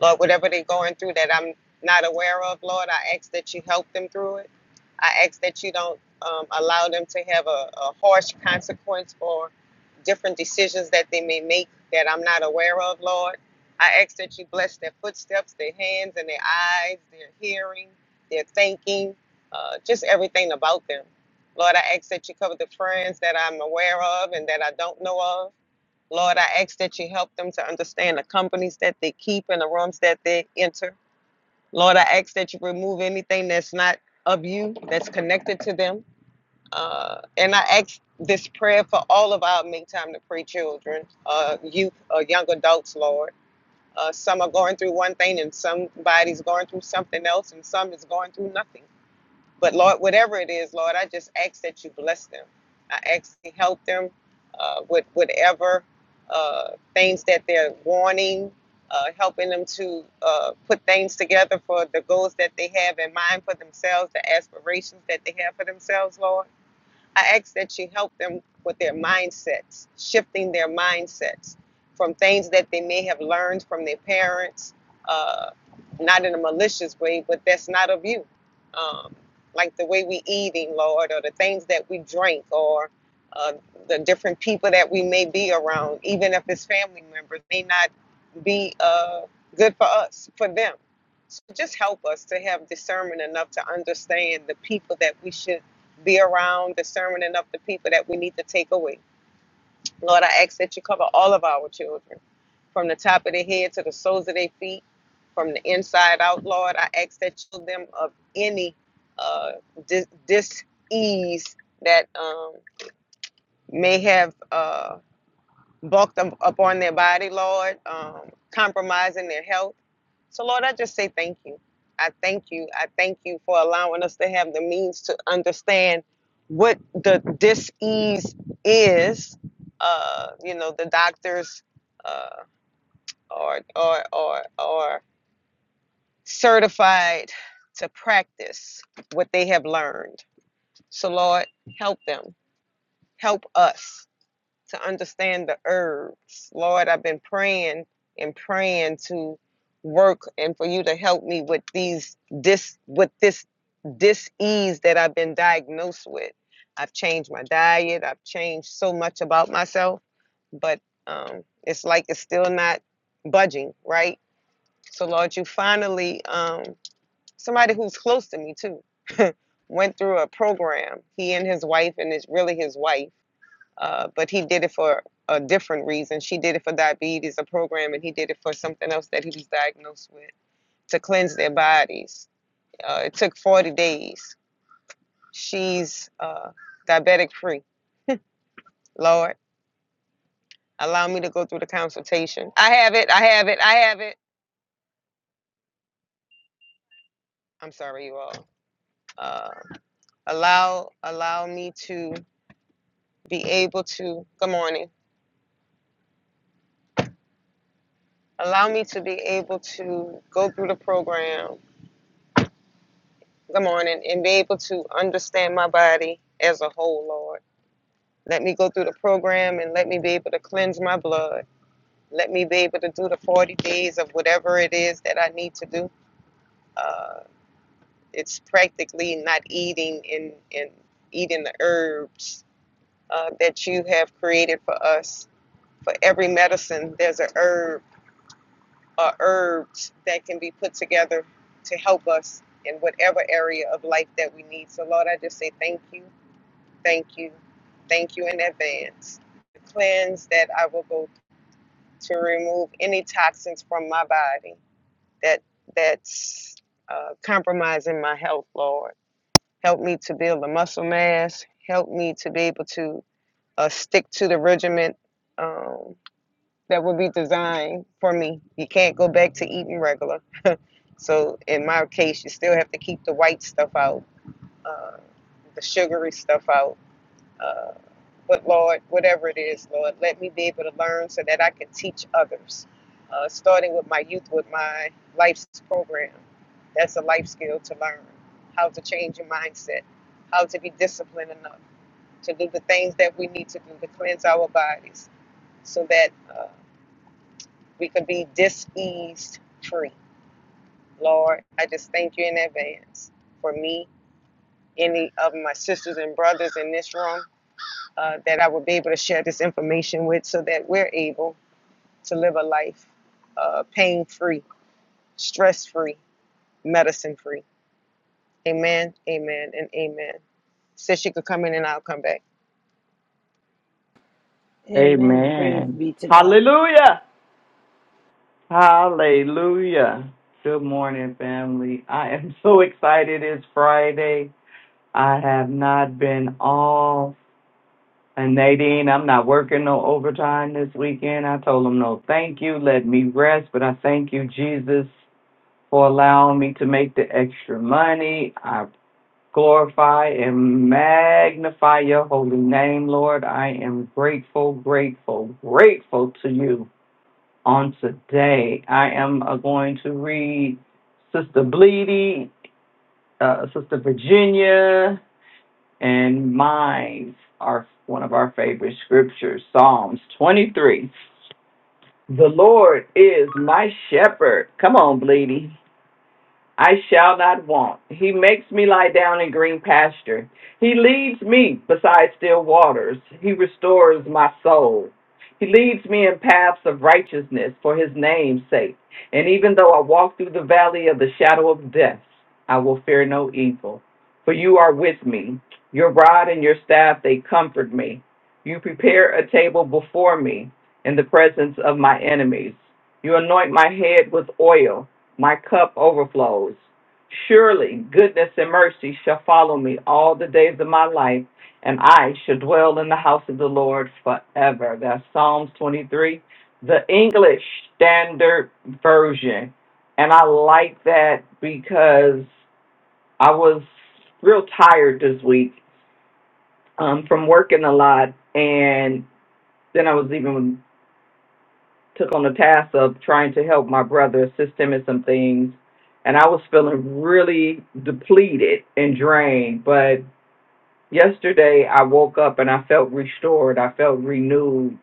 [SPEAKER 2] Lord, whatever they're going through that I'm not aware of, Lord, I ask that you help them through it. I ask that you don't um, allow them to have a, a harsh consequence for different decisions that they may make that I'm not aware of, Lord. I ask that you bless their footsteps, their hands, and their eyes, their hearing, their thinking, uh, just everything about them. Lord, I ask that you cover the friends that I'm aware of and that I don't know of. Lord, I ask that you help them to understand the companies that they keep and the rooms that they enter. Lord, I ask that you remove anything that's not of you, that's connected to them. Uh, and I ask this prayer for all of our Make Time to Pray children, uh, youth, uh, young adults, Lord. Uh, some are going through one thing and somebody's going through something else and some is going through nothing. But Lord, whatever it is, Lord, I just ask that you bless them. I ask you help them uh, with whatever uh, things that they're wanting, uh, helping them to uh, put things together for the goals that they have in mind for themselves, the aspirations that they have for themselves, Lord. I ask that you help them with their mindsets, shifting their mindsets from things that they may have learned from their parents, uh, not in a malicious way, but that's not of you. Um, like the way we eating, Lord, or the things that we drink, or uh, the different people that we may be around, even if it's family members, may not be uh, good for us, for them. So just help us to have discernment enough to understand the people that we should be around discerning enough the people that we need to take away. Lord, I ask that you cover all of our children, from the top of their head to the soles of their feet, from the inside out, Lord. I ask that you heal them of any uh, dis- dis-ease that um, may have uh, bulked up on their body, Lord, um, compromising their health. So, Lord, I just say thank you. I thank you. I thank you for allowing us to have the means to understand what the dis-ease is. Uh, you know, the doctors uh, are, are, are, are certified to practice what they have learned. So, Lord, help them. Help us. to understand the herbs. Lord, I've been praying and praying to work and for you to help me with these this with this dis-ease that I've been diagnosed with. I've changed my diet, I've changed so much about myself, but um it's like it's still not budging, right? So Lord, you finally um somebody who's close to me too went through a program. He and his wife and it's really his wife uh, but he did it for a different reason. She did it for diabetes, a program, and he did it for something else that he was diagnosed with to cleanse their bodies. Uh, it took 40 days. She's uh, diabetic free. Lord, allow me to go through the consultation. I have it. I have it. I have it. I'm sorry, you all. Uh, allow allow me to be able to. Good morning. Allow me to be able to go through the program Good morning, and be able to understand my body as a whole, Lord. Let me go through the program and let me be able to cleanse my blood. Let me be able to do the 40 days of whatever it is that I need to do. Uh, it's practically not eating and, and eating the herbs uh, that you have created for us. For every medicine, there's a herb or herbs that can be put together to help us in whatever area of life that we need. So, Lord, I just say thank you. Thank you. Thank you in advance. Cleanse that I will go to remove any toxins from my body that that's uh, compromising my health, Lord. Help me to build a muscle mass. Help me to be able to uh, stick to the regiment um, that will be designed for me. You can't go back to eating regular. So in my case, you still have to keep the white stuff out, uh, the sugary stuff out. uh, But Lord, whatever it is, Lord, let me be able to learn so that I can teach others, uh, starting with my youth, with my life's program. That's a life skill to learn how to change your mindset, how to be disciplined enough to do the things that we need to do to cleanse our bodies so that uh, we can be diseased free. Lord, I just thank you in advance for me, any of my sisters and brothers in this room. uh, that I would be able to share this information with so that we're able to live a life uh, pain free, stress free, medicine free. Amen, amen, and amen. Said she could come in and I'll come back.
[SPEAKER 1] Amen. Praise
[SPEAKER 3] Amen.
[SPEAKER 1] be to God.
[SPEAKER 3] Hallelujah. Hallelujah. Good morning, family. I am so excited. It's Friday. I have not been all And Nadine, I'm not working no overtime this weekend. I told him no, thank you. Let me rest. But I thank you, Jesus, for allowing me to make the extra money. I glorify and magnify your holy name, Lord. I am grateful, grateful, grateful to you on today. I am uh, going to read Sister Bleedy, uh, Sister Virginia. And mine are one of our favorite scriptures, Psalms 23. The Lord is my shepherd. Come on, Bleedy. I shall not want. He makes me lie down in green pasture. He leads me beside still waters. He restores my soul. He leads me in paths of righteousness for his name's sake. And even though I walk through the valley of the shadow of death, I will fear no evil. For you are with me. Your rod and your staff, they comfort me. You prepare a table before me in the presence of my enemies. You anoint my head with oil my cup overflows. Surely goodness and mercy shall follow me all the days of my life, and I shall house of the Lord forever. That's Psalm 3, the English Standard Version. And I like that because I was really um, a lot, and then I was even took on the task of trying to help my brother assist him in some things, and I was feeling really depleted and drained, But yesterday I woke up and I felt restored. I felt renewed.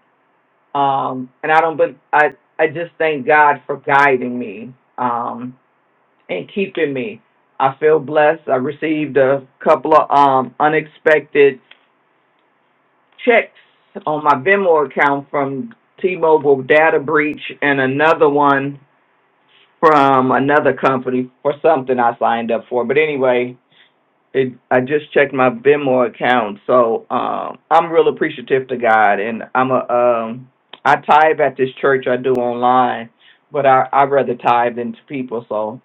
[SPEAKER 3] Um, and I don't, but I, I just thank God for guiding me, um, and keeping me. I feel blessed. I received a couple of, um, unexpected checks on my Venmo account from T-Mobile data breach and another one from another company for something I signed up for. But anyway, It, I just checked my Venmo account, so um, I'm real appreciative to God, and I'm a um, I tithe at this church I do online, but I I rather tithe than to people, so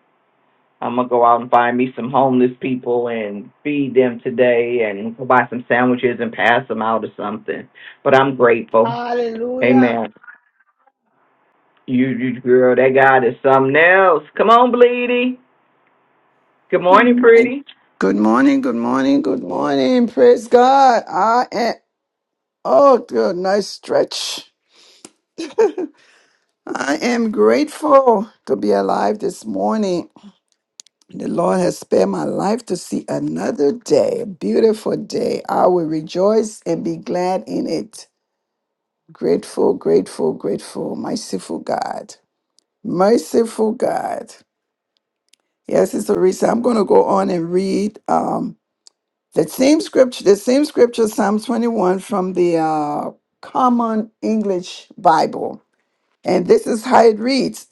[SPEAKER 3] I'm gonna go out and find me some homeless people and feed them today, and go buy some sandwiches and pass them out or something. But I'm grateful,
[SPEAKER 1] Hallelujah.
[SPEAKER 3] Amen. You you girl, that God is something else. Come on, Bleedy. Good morning, pretty.
[SPEAKER 4] Good morning, good morning, good morning. Praise God. I am, oh, good, nice stretch. I am grateful to be alive this morning. The Lord has spared my life to see another day, a beautiful day. I will rejoice and be glad in it. Grateful, grateful, grateful. Merciful God. Merciful God. Yes, it's a reason. I'm going to go on and read. Um. The same scripture, the same scripture, Psalm 21 from the uh, Common English Bible. And this is how it reads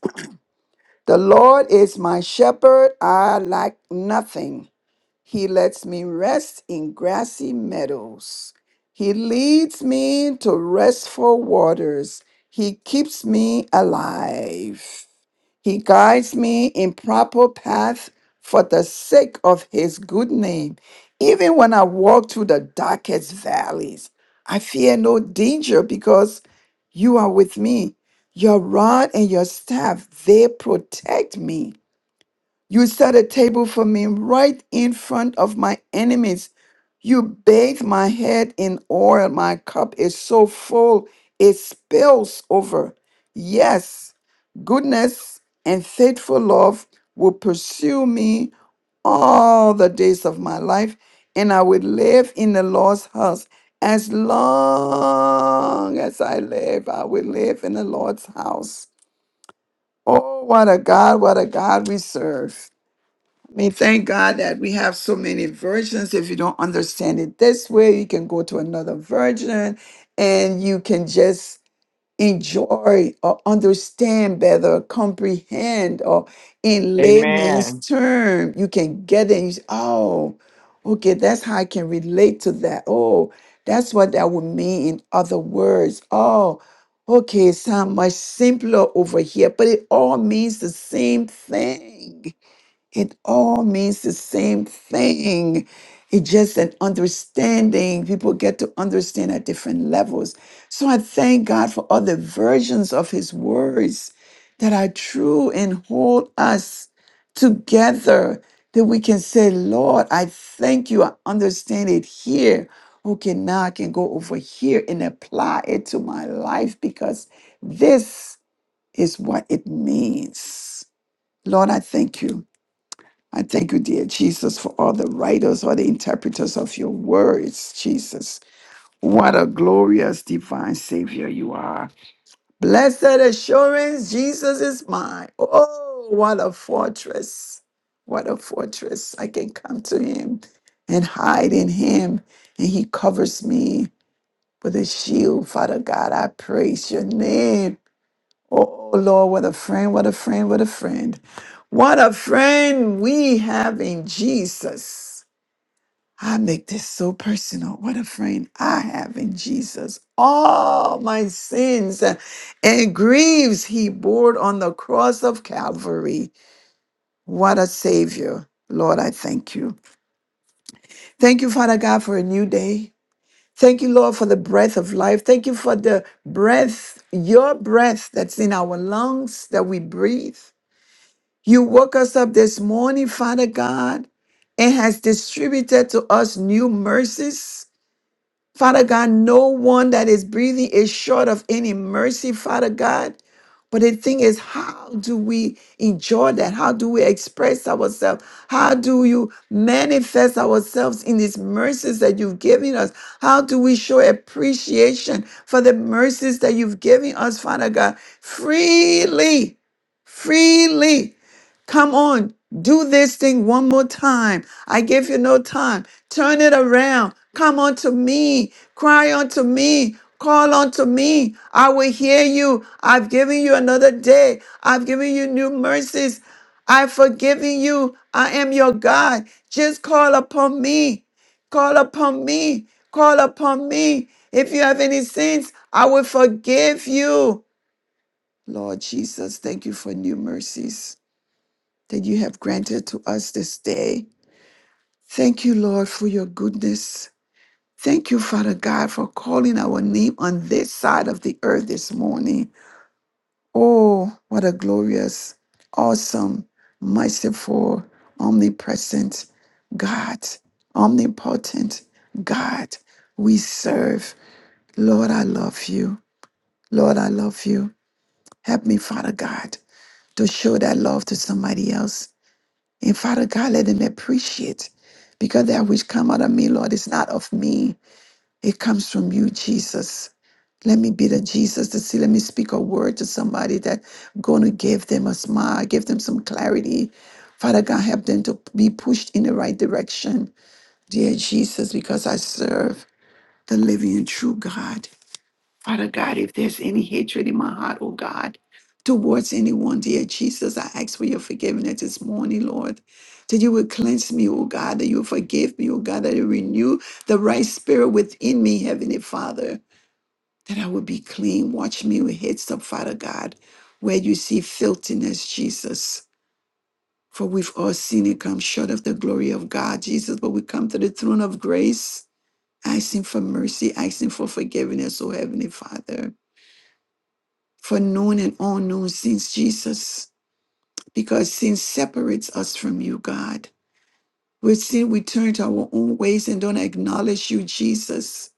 [SPEAKER 4] The Lord is my shepherd, I lack nothing. He lets me rest in grassy meadows. He leads me to restful waters. He keeps me alive. He guides me in proper paths for the sake of his good name. Even when I walk through the darkest valleys, I fear no danger because you are with me. Your rod and your staff, they protect me. You set a table for me right in front of my enemies. You bathe my head in oil. My cup is so full, it spills over. Yes, goodness and faithful love will pursue me all the days of my life, and I will live in the Lord's house. As long as I live, I will live in the Lord's house. Oh, what a God, what a God we serve. I mean, thank God that we have so many versions. If you don't understand it this way, you can go to another version and you can just enjoy or understand better, comprehend, or in layman's
[SPEAKER 3] Amen.
[SPEAKER 4] term, you can get it. You say, oh, okay, that's how I can relate to that. Oh, that's what that would mean in other words. Oh, okay, it sounds much simpler over here, but it all means the same thing. It all means the same thing. It's just an understanding. People get to understand at different levels. So I thank God for other versions of his words that are true and hold us together that we can say, Lord, I thank you. I understand it here. Okay, now I can go over here and apply it to my life because this is what it means. Lord, I thank you. I thank you, dear Jesus, for all the writers, all the interpreters of your words, Jesus. What a glorious divine Savior you are. Blessed assurance, Jesus is mine. Oh, what a fortress. What a fortress. I can come to him and hide in him, and he covers me with a shield. Father God, I praise your name. Oh Lord, what a friend, what a friend, what a friend. What a friend we have in Jesus. I make this so personal. What a friend I have in Jesus. All my sins and griefs he bore on the cross of Calvary. What a Savior. Lord, I thank you. Thank you, Father God, for a new day. Thank you, Lord, for the breath of life. Thank you for the breath, your breath that's in our lungs that we breathe. You woke us up this morning, Father God, and has distributed to us new mercies. Father God, no one that is breathing is short of any mercy, Father God. But the thing is, how do we enjoy that? How do we express ourselves? How do you manifest ourselves in these mercies that you've given us? How do we show appreciation for the mercies that you've given us, Father God? Freely, freely. Come on, do this thing one more time. I give you no time. Turn it around. Come unto me. Cry unto me. Call unto me. I will hear you. I've given you another day. I've given you new mercies. I've forgiven you. I am your God. Just call upon me. Call upon me. Call upon me. If you have any sins, I will forgive you. Lord Jesus, thank you for new mercies that you have granted to us this day. Thank you, Lord, for your goodness. Thank you, Father God, for calling our name on this side of the earth this morning. Oh, what a glorious, awesome, merciful, omnipresent God, omnipotent God we serve. Lord, I love you. Lord, I love you. Help me, Father God, to show that love to somebody else And Father God, let them appreciate because that which come out of me, Lord, is not of me. It comes from you, Jesus. Let me be the Jesus to see. Let me speak a word to somebody that gonna give them a smile, give them some clarity. Father God, help them to be pushed in the right direction. Dear Jesus, because I serve the living and true God. Father God, if there's any hatred in my heart, oh God, towards anyone, dear Jesus, I ask for your forgiveness this morning, Lord. That you will cleanse me, oh God, that you will forgive me, oh God, that you renew the right spirit within me, Heavenly Father, that I will be clean. Watch me with heads up, Father God, where you see filthiness, Jesus. For we've all seen it come short of the glory of God, Jesus. But we come to the throne of grace, asking for mercy, asking for forgiveness, oh Heavenly Father. for known and unknown sins, Jesus, because sin separates us from you, God. With sin, we turn to our own ways and don't acknowledge you, Jesus.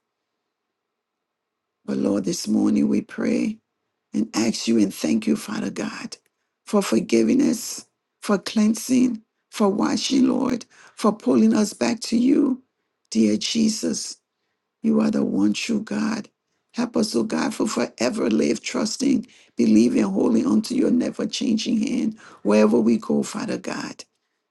[SPEAKER 4] But Lord, this morning we pray and ask you and thank you, Father God, for forgiving us, for cleansing, for washing, Lord, for pulling us back to you, dear Jesus. You are the one true God. Help us, O God, for forever live trusting, believing wholly unto your never changing hand wherever we go, Father God,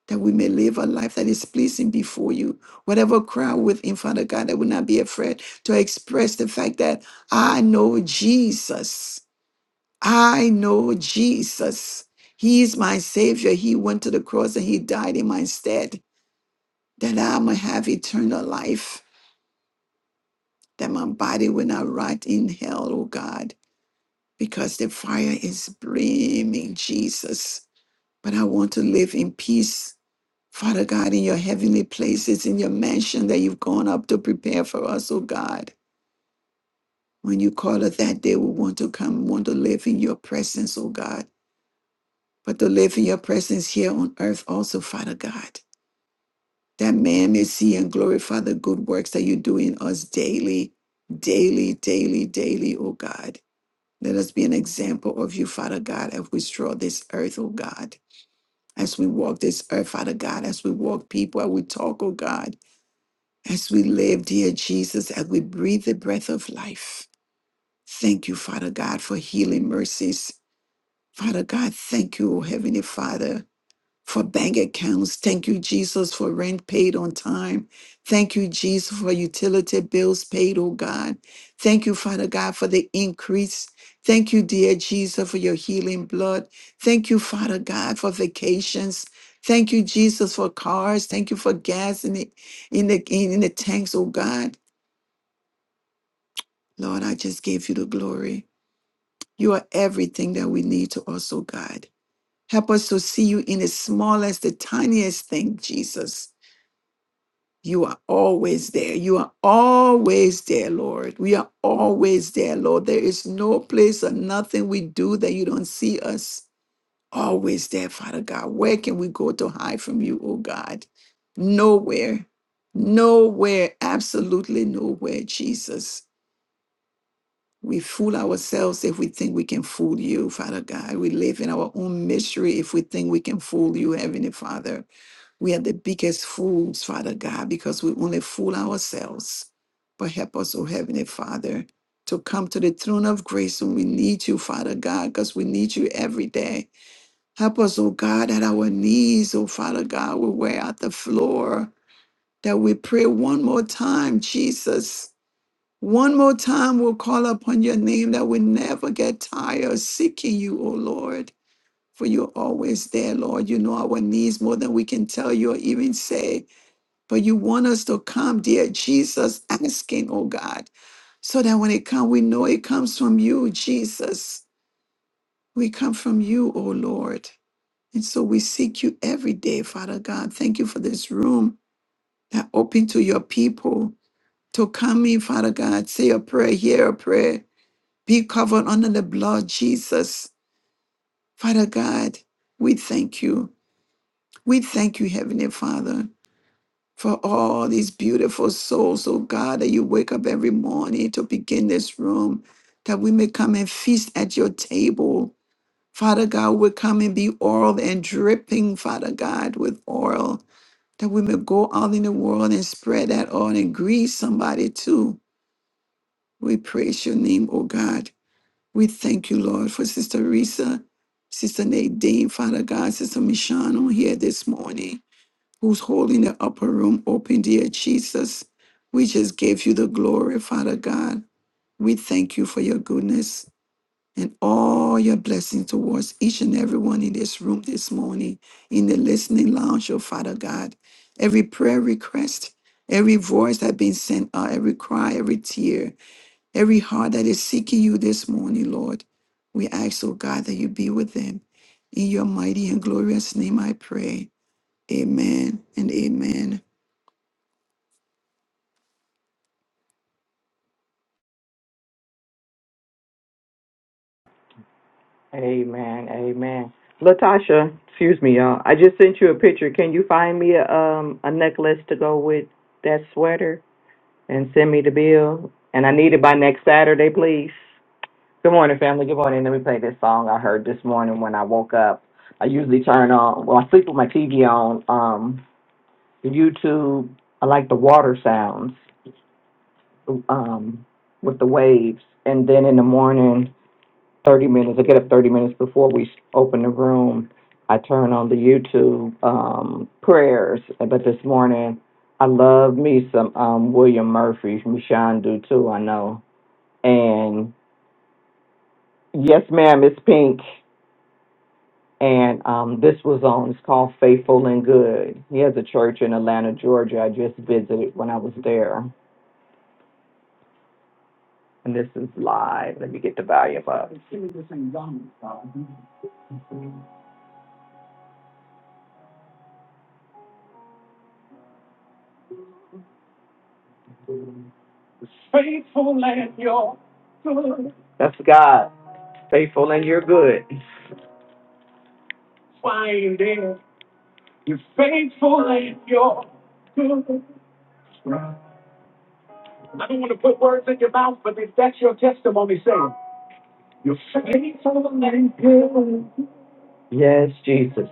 [SPEAKER 4] that we may live a life that is pleasing before you. Whatever crowd within, Father God, that will not be afraid to express the fact that I know Jesus. I know Jesus. He is my Savior. He went to the cross and He died in my stead that I might have eternal life. that my body will not rot in hell, oh God, because the fire is blaming Jesus. But I want to live in peace, Father God, in your heavenly places, in your mansion that you've gone up to prepare for us, oh God. When you call us that day, we want to come, want to live in your presence, oh God. But to live in your presence here on earth also, Father God, that man may see and glorify the good works that you do in us daily, daily, daily, daily, oh God. Let us be an example of you, Father God, as we stroll this earth, oh God, as we walk this earth, Father God, as we walk people, as we talk, oh God, as we live, dear Jesus, as we breathe the breath of life. Thank you, Father God, for healing mercies. Father God, thank you, oh Heavenly Father for bank accounts. Thank you, Jesus, for rent paid on time. Thank you, Jesus, for utility bills paid, oh God. Thank you, Father God, for the increase. Thank you, dear Jesus, for your healing blood. Thank you, Father God, for vacations. Thank you, Jesus, for cars. Thank you for gas in the in the in the tanks, oh God. Lord, I just gave you the glory. You are everything that we need to us, oh God. Help us to see you in the smallest, the tiniest thing, Jesus. You are always there. You are always there, Lord. We are always there, Lord. There is no place or nothing we do that you don't see us. Always there, Father God. Where can we go to hide from you, oh God? Nowhere. Nowhere. Absolutely nowhere, Jesus. We fool ourselves if we think we can fool you, Father God. We live in our own misery if we think we can fool you, Heavenly Father. We are the biggest fools, Father God, because we only fool ourselves. But help us, O Heavenly Father, to come to the throne of grace when we need you, Father God, because we need you every day. Help us, O God, that our knees, O Father God, will wear out the floor, that we pray one more time, Jesus. One more time, we'll call upon your name that we never get tired seeking you, O Lord. For you're always there, Lord. You know our needs more than we can tell you or even say. But you want us to come, dear Jesus, asking, oh God, so that when it comes, we know it comes from you, Jesus. We come from you, oh Lord. And so we seek you every day, Father God. Thank you for this room that open to your people to come in, Father God. Say a prayer, hear a prayer. Be covered under the blood, Jesus. Father God, we thank you. We thank you, Heavenly Father. for all these beautiful souls, oh God, that you wake up every morning to begin this room, that we may come and feast at your table. Father God, we come and be oiled and dripping, Father God, with oil, that we may go out in the world and spread that oil and grease somebody too. We praise your name, oh God. We thank you, Lord, for Sister Risa, Sister Nadine, Father God, Sister Michonne on here this morning who's holding the upper room open, dear Jesus. We just give you the glory, Father God. We thank you for your goodness and all your blessings towards each and everyone in this room this morning, in the listening lounge, oh Father God. Every prayer request, every voice that been sent out, every cry, every tear, every heart that is seeking you this morning, Lord. We ask, oh God, that you be with them. In your mighty and glorious name I pray. Amen and amen.
[SPEAKER 3] Amen. Amen. Latasha, excuse me, y'all. I just sent you a picture. Can you find me a um a necklace to go with that sweater and send me the bill? And I need it by next Saturday, please. Good morning, family. Good morning. Let me play this song I heard this morning when I woke up. I usually turn on well, I sleep with my TV on, um, YouTube. I like the water sounds, um, with the waves. And then in the morning 30 minutes, I get up 30 minutes before we open the room. I turn on the YouTube um, prayers. But this morning, I love me some um, William Murphy. Michonne do too, I know. And yes, ma'am, it's pink. And um, this was on, it's called Faithful and Good. He has a church in Atlanta, Georgia. I just visited when I was there. And this is live. Let me get the volume up. That's God, faithful and you're good. Yes, Jesus.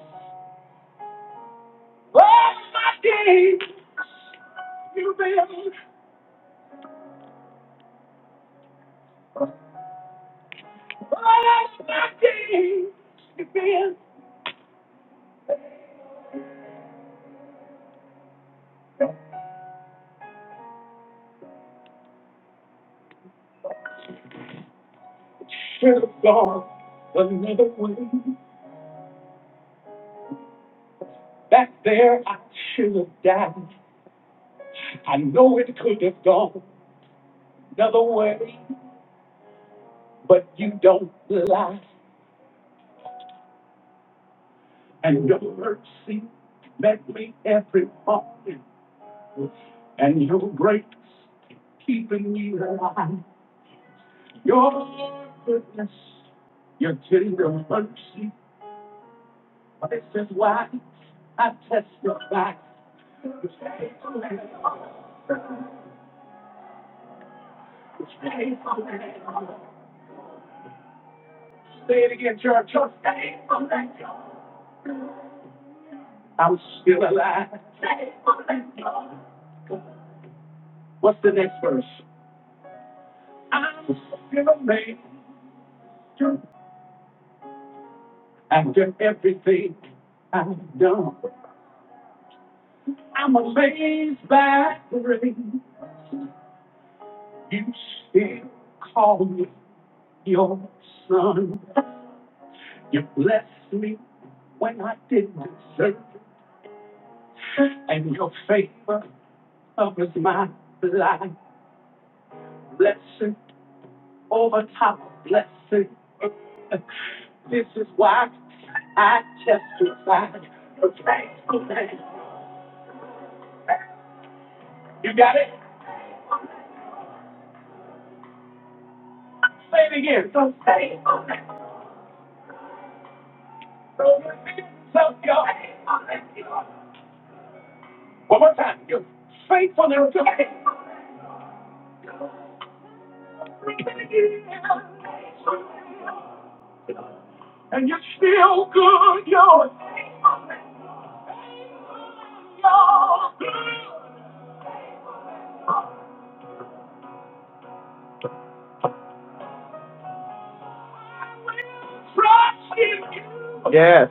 [SPEAKER 3] Yes.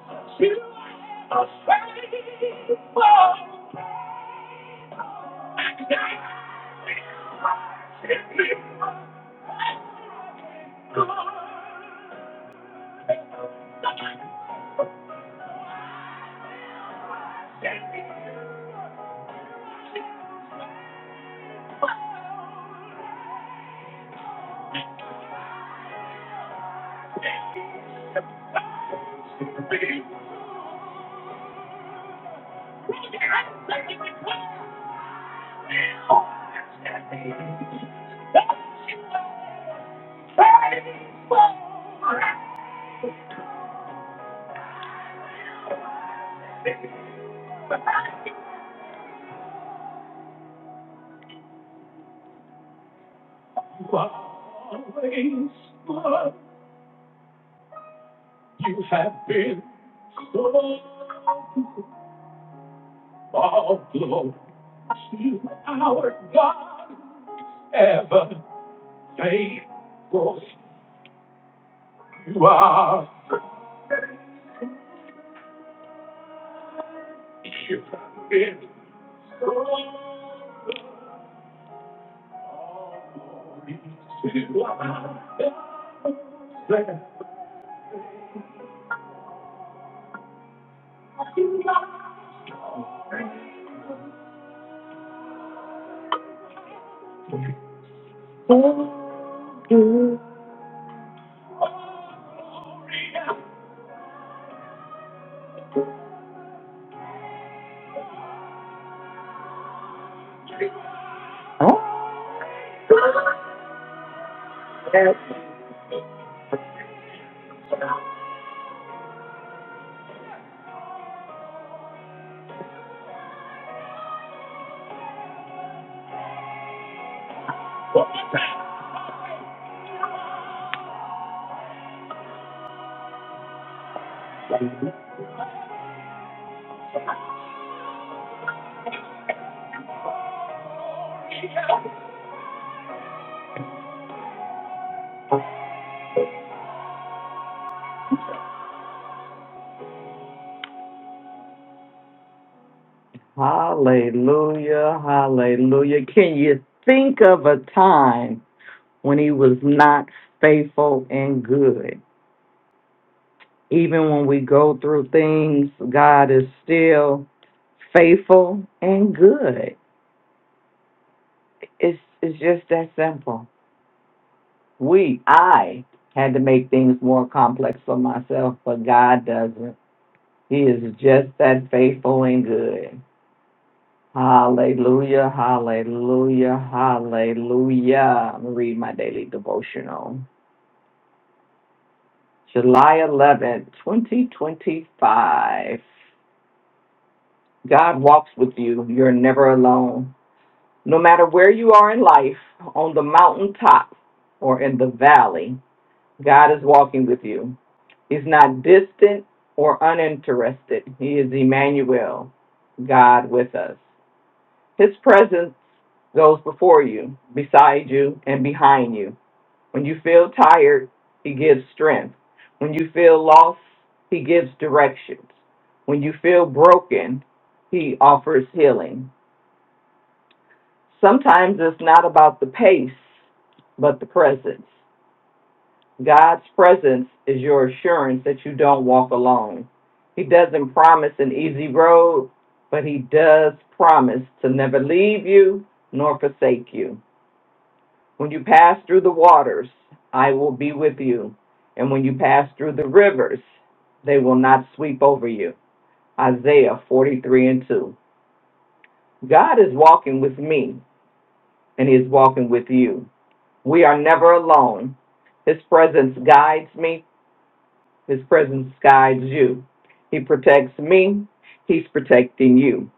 [SPEAKER 3] Oh, Yes. hallelujah, hallelujah. Can you think of a time when he was not faithful and good? Even when we go through things, God is still faithful and good. It's it's just that simple. We I had to make things more complex for myself, but God doesn't. He is just that faithful and good. Hallelujah, hallelujah, hallelujah. I'm gonna read my daily devotional. July eleventh, 2025. God walks with you. You're never alone. No matter where you are in life, on the mountaintop or in the valley, God is walking with you. He's not distant or uninterested. He is Emmanuel, God with us. His presence goes before you, beside you, and behind you. When you feel tired, He gives strength. When you feel lost, He gives directions. When you feel broken, He offers healing. Sometimes it's not about the pace, but the presence. God's presence is your assurance that you don't walk alone. He doesn't promise an easy road, but He does promise to never leave you nor forsake you. When you pass through the waters, I will be with you. And when you pass through the rivers, they will not sweep over you. Isaiah 43 and 2. God is walking with me, and He is walking with you. We are never alone. His presence guides me, His presence guides you. He protects me, He's protecting you,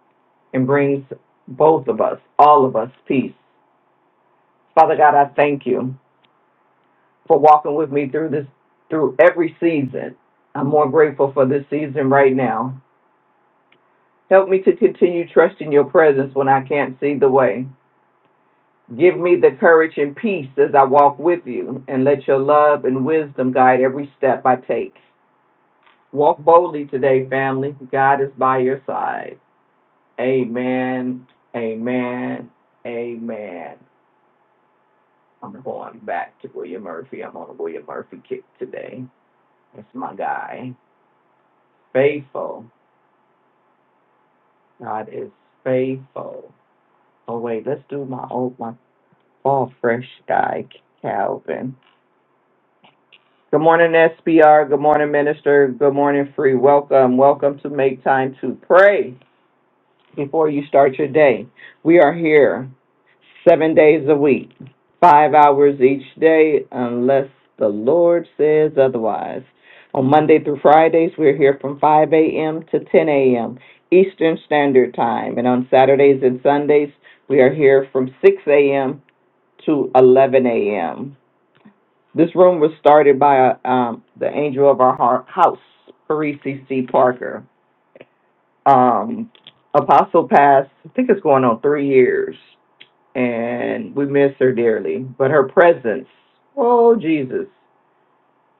[SPEAKER 3] and brings both of us, all of us, peace. Father God, I thank you. for walking with me through this, through every season. I'm more grateful for this season right now. Help me to continue trusting your presence when I can't see the way. Give me the courage and peace as I walk with you, and let your love and wisdom guide every step I take. Walk boldly today, family. God is by your side. Amen. Amen. Amen. I'm going back to William Murphy. I'm on a William Murphy kick today. That's my guy. Faithful. God is faithful. Oh wait, let's do my old my fall fresh guy, Calvin. Good morning, SBR. Good morning, Minister. Good morning, Free. Welcome, welcome to Make Time to Pray. before you start your day. We are here seven days a week, five hours each day, unless the Lord says otherwise. On Monday through Fridays, we're here from 5 a.m. to 10 a.m. Eastern Standard Time. And on Saturdays and Sundays, we are here from 6 a.m. to 11 a.m. This room was started by uh, um, the angel of our heart, house, Parisi C. Parker um apostle passed i think it's going on three years and we miss her dearly but her presence oh jesus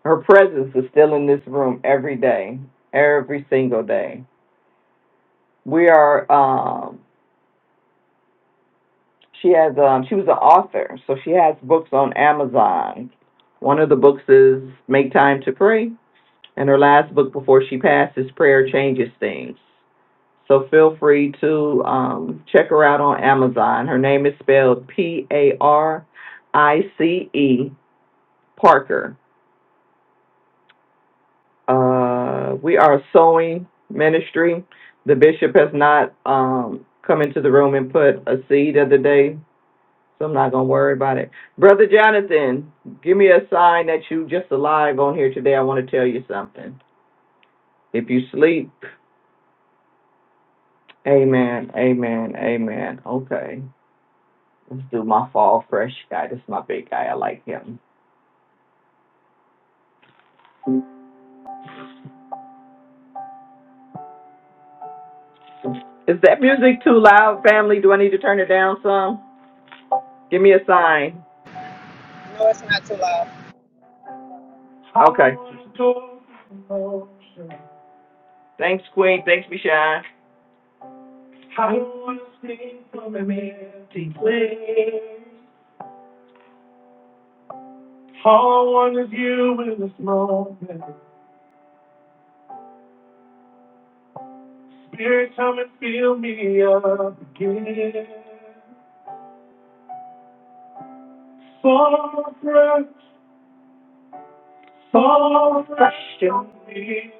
[SPEAKER 3] her presence is still in this room every day every single day we are um she has um she was an author so she has books on amazon one of the books is make time to pray and her last book before she passed is prayer changes things So feel free to um, check her out on Amazon. Her name is spelled P A R I C E Parker. Uh, we are a sewing ministry. The bishop has not um, come into the room and put a seed of the day, so I'm not going to worry about it. Brother Jonathan, give me a sign that you just alive on here today. I want to tell you something. If you sleep, amen, amen, amen. Okay. Let's do my fall fresh guy. This is my big guy. I like him. Is that music too loud, family? Do I need to turn it down some? Give me a sign.
[SPEAKER 2] No, it's not too loud.
[SPEAKER 3] Okay. Thanks, Queen. Thanks, Michelle. Fall fresh. on me.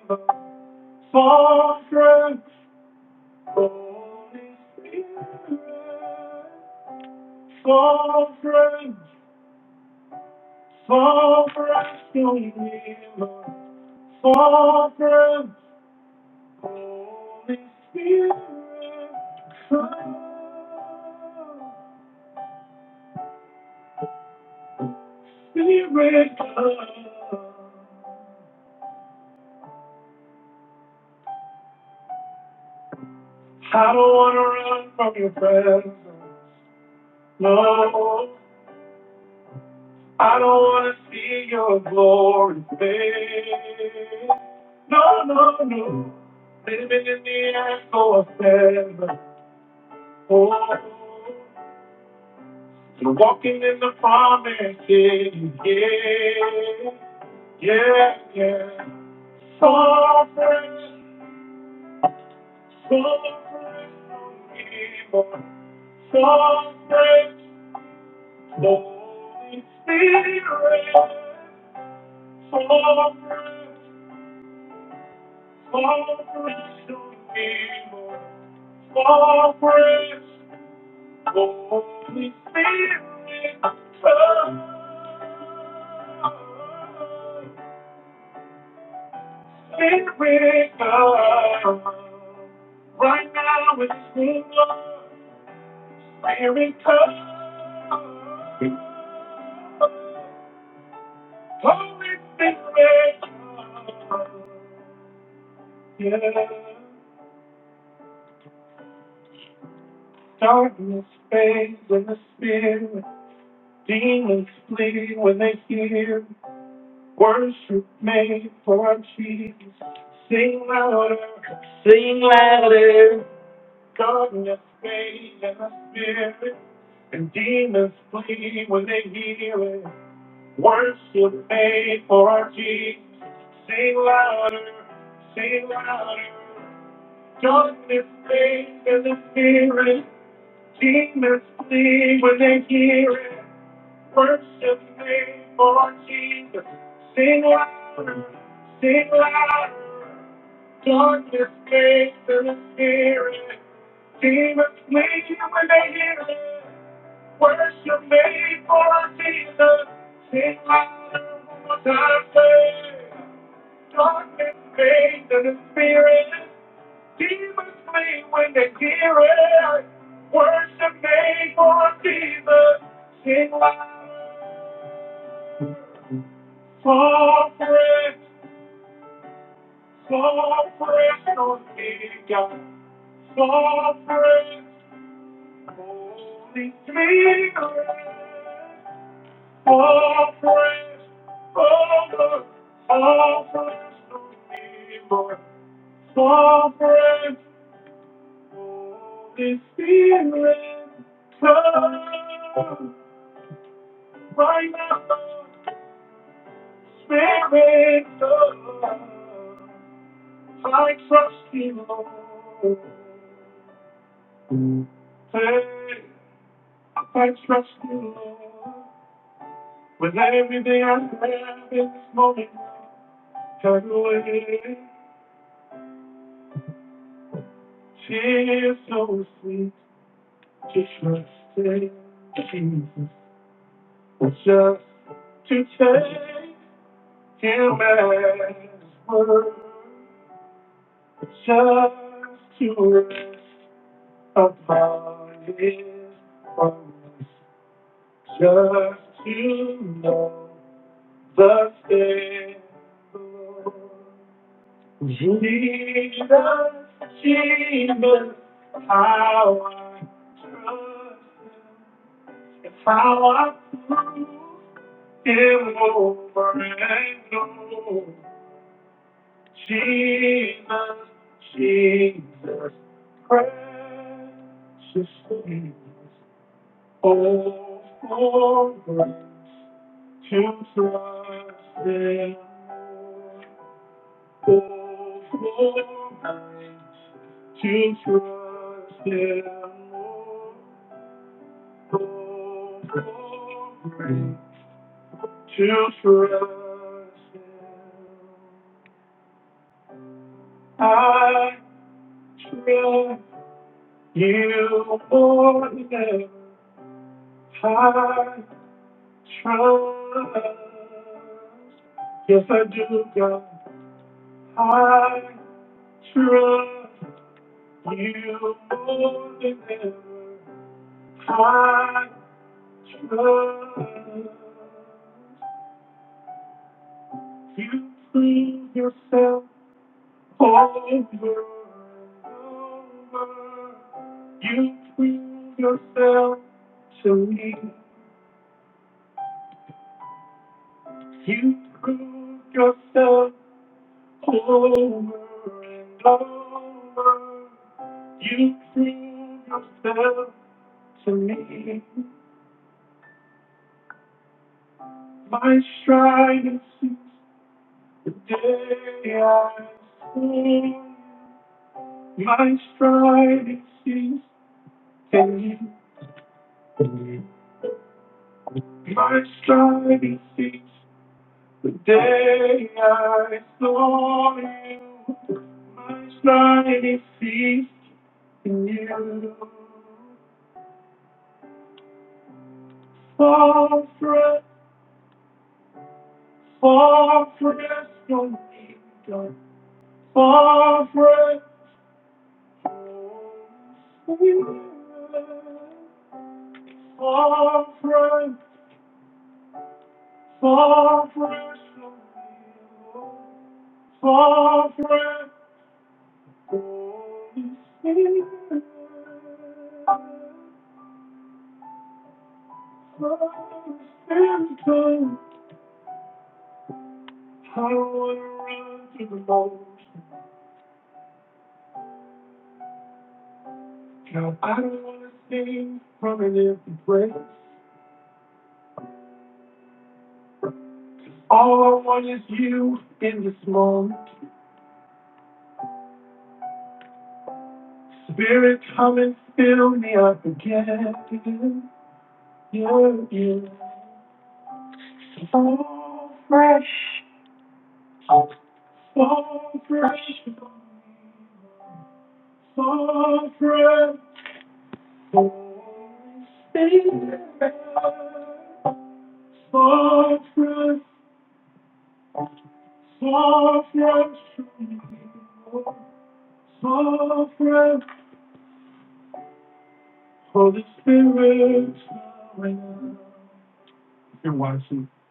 [SPEAKER 3] Sing louder.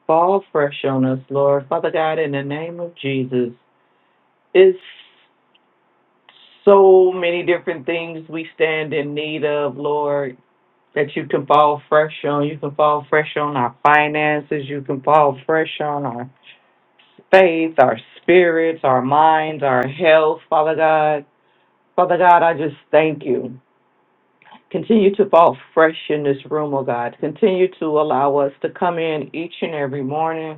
[SPEAKER 3] Fall fresh on us, Lord. Father God, in the name of Jesus. It's so many different things we stand in need of, Lord. that you can fall fresh on. You can fall fresh on our finances. You can fall fresh on our faith, our spirits, our minds, our health, Father God. Father God, I just thank you. Continue to fall fresh in this room, oh God. Continue to allow us to come in each and every morning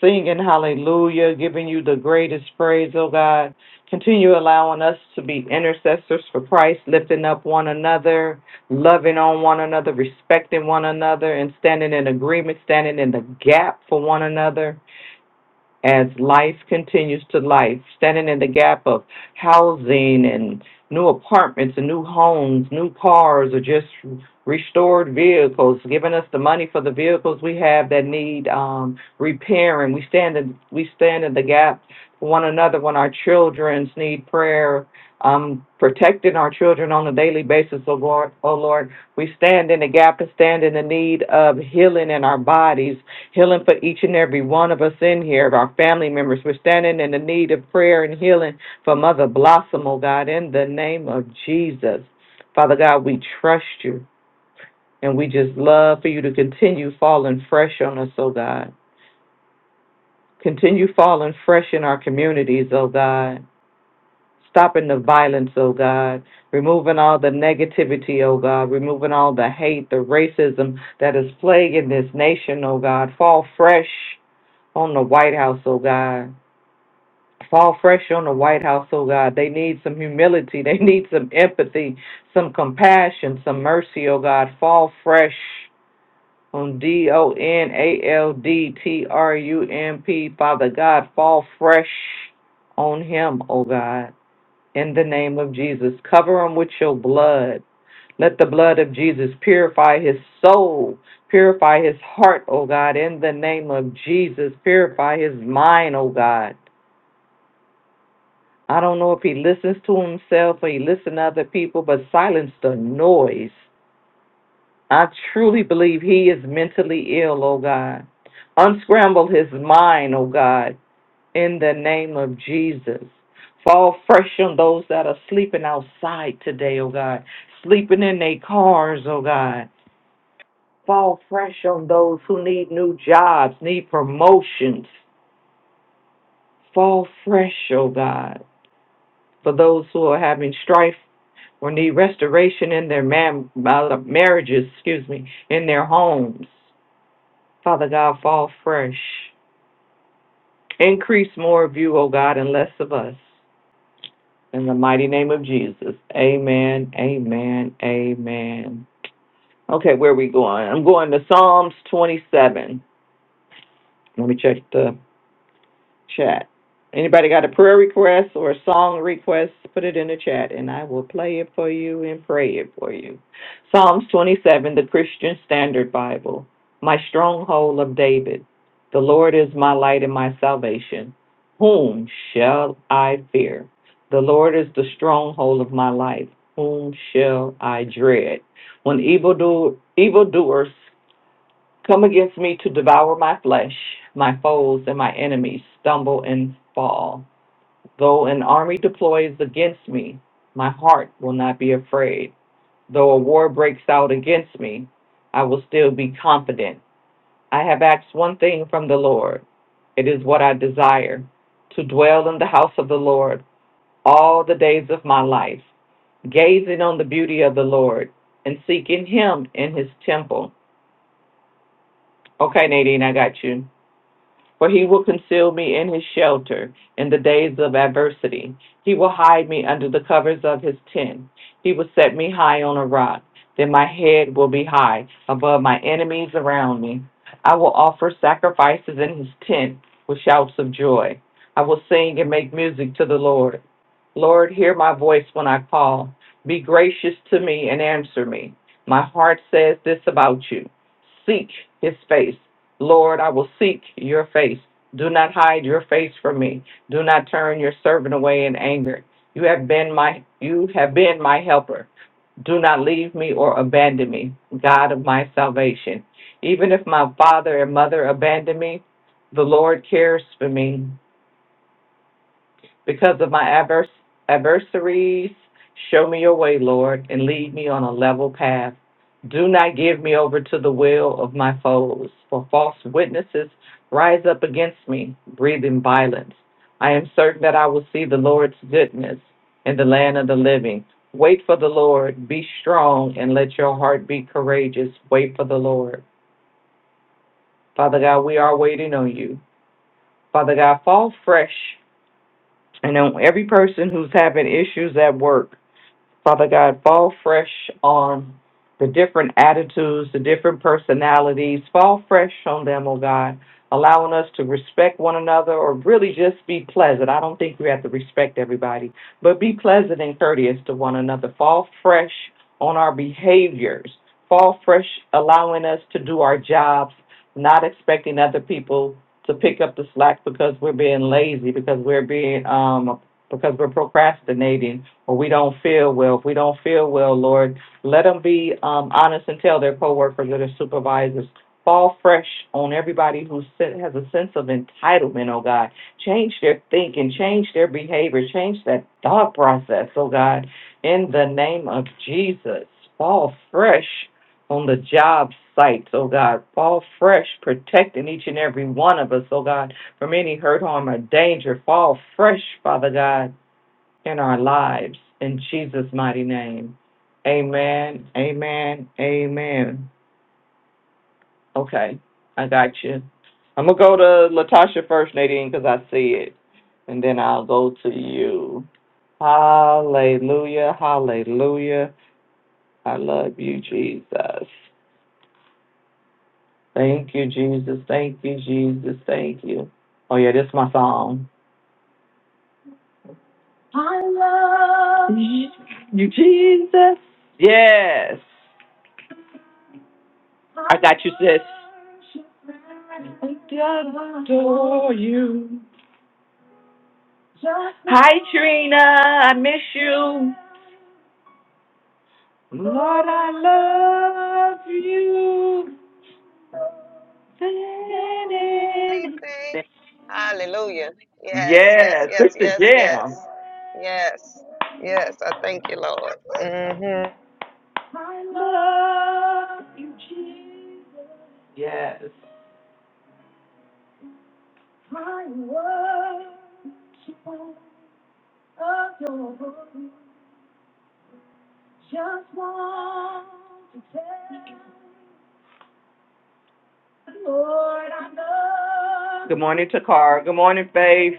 [SPEAKER 3] singing hallelujah, giving you the greatest praise, oh God. Continue allowing us to be intercessors for Christ, lifting up one another, loving on one another, respecting one another, and standing in agreement, standing in the gap for one another as life continues to life, standing in the gap of housing and new apartments and new homes, new cars, or just restored vehicles, giving us the money for the vehicles we have that need um, repairing. We stand in we stand in the gap for one another when our childrens need prayer. Um, protecting our children on a daily basis, oh Lord, oh Lord, we stand in the gap and stand in the need of healing in our bodies, healing for each and every one of us in here, our family members. We're standing in the need of prayer and healing for Mother Blossom, oh God, in the name of Jesus. Father God, we trust you and we just love for you to continue falling fresh on us, oh God. Continue falling fresh in our communities, oh God. Stopping the violence, oh God. Removing all the negativity, oh God. Removing all the hate, the racism that is plaguing this nation, oh God. Fall fresh on the White House, oh God. Fall fresh on the White House, oh God. They need some humility. They need some empathy, some compassion, some mercy, oh God. Fall fresh on D O N A L D T R U M P, Father God. Fall fresh on him, oh God. In the name of Jesus. Cover him with your blood. Let the blood of Jesus purify his soul, purify his heart, oh God, in the name of Jesus. Purify his mind, oh God. I don't know if he listens to himself or he listens to other people, but silence the noise. I truly believe he is mentally ill, oh God. Unscramble his mind, oh God, in the name of Jesus. Fall fresh on those that are sleeping outside today, oh God. Sleeping in their cars, oh God Fall fresh on those who need new jobs, need promotions. Fall fresh, oh God, for those who are having strife or need restoration in their mam- uh, marriages, excuse me, in their homes. Father God, fall fresh. Increase more of you, O God, and less of us. In the mighty name of Jesus. Amen, amen, amen. Okay, where are we going? I'm going to Psalms 27. Let me check the chat. Anybody got a prayer request or a song request, put it in the chat and I will play it for you and pray it for you. Psalms 27, the Christian Standard Bible. My stronghold of David. The Lord is my light and my salvation. Whom shall I fear? The Lord is the stronghold of my life. Whom shall I dread? When evildo- evildoers Come against me to devour my flesh. My foes and my enemies stumble and fall. Though an army deploys against me, my heart will not be afraid. Though a war breaks out against me, I will still be confident. I have asked one thing from the Lord. It is what I desire to dwell in the house of the Lord all the days of my life, gazing on the beauty of the Lord and seeking Him in His temple. Okay, Nadine, I got you. For he will conceal me in his shelter in the days of adversity. He will hide me under the covers of his tent. He will set me high on a rock. Then my head will be high above my enemies around me. I will offer sacrifices in his tent with shouts of joy. I will sing and make music to the Lord. Lord, hear my voice when I call. Be gracious to me and answer me. My heart says this about you Seek his face Lord, I will seek your face. Do not hide your face from me. Do not turn your servant away in anger. You have been my you have been my helper. Do not leave me or abandon me, God of my salvation. Even if my father and mother abandon me, the Lord cares for me because of my advers- adversaries. Show me your way, Lord, and lead me on a level path. Do not give me over to the will of my foes, for false witnesses rise up against me, breathing violence. I am certain that I will see the Lord's goodness in the land of the living. Wait for the Lord, be strong, and let your heart be courageous. Wait for the Lord. Father God, we are waiting on you. Father God, fall fresh and on every person who's having issues at work. Father God, fall fresh on the different attitudes, the different personalities. Fall fresh on them, oh God, allowing us to respect one another or really just be pleasant. I don't think we have to respect everybody, but be pleasant and courteous to one another. Fall fresh on our behaviors. Fall fresh, allowing us to do our jobs, not expecting other people to pick up the slack because we're being lazy, because we're being um, because we're procrastinating or we don't feel well. If we don't feel well, Lord, let them be um, honest and tell their coworkers or their supervisors. Fall fresh on everybody who has a sense of entitlement, oh God. Change their thinking, change their behavior, change that thought process, oh God. In the name of Jesus, fall fresh on the job sites, oh God. Fall fresh, protecting each and every one of us, oh God, from any hurt, harm, or danger. Fall fresh, Father God in our lives. In Jesus' mighty name. Amen. Amen. Amen. Okay. I got you. I'm going to go to Latasha first, Nadine, because I see it. And then I'll go to you. Hallelujah. Hallelujah. I love you, Jesus. Thank you, Jesus. Thank you, Jesus. Thank you. Oh, yeah, this is my song. I love you, Jesus. Yes. I got you, sis. adore you. Hi, Trina. I miss you. Lord, I love you.
[SPEAKER 2] Anything. Hallelujah. Yes, yes,
[SPEAKER 3] Yes,
[SPEAKER 2] yes,
[SPEAKER 3] Sister
[SPEAKER 2] yes,
[SPEAKER 3] Jam.
[SPEAKER 2] yes. Yes, yes. I thank you, Lord. hmm
[SPEAKER 3] Yes. Lord, I love Good morning, Takara. Good morning, Faith.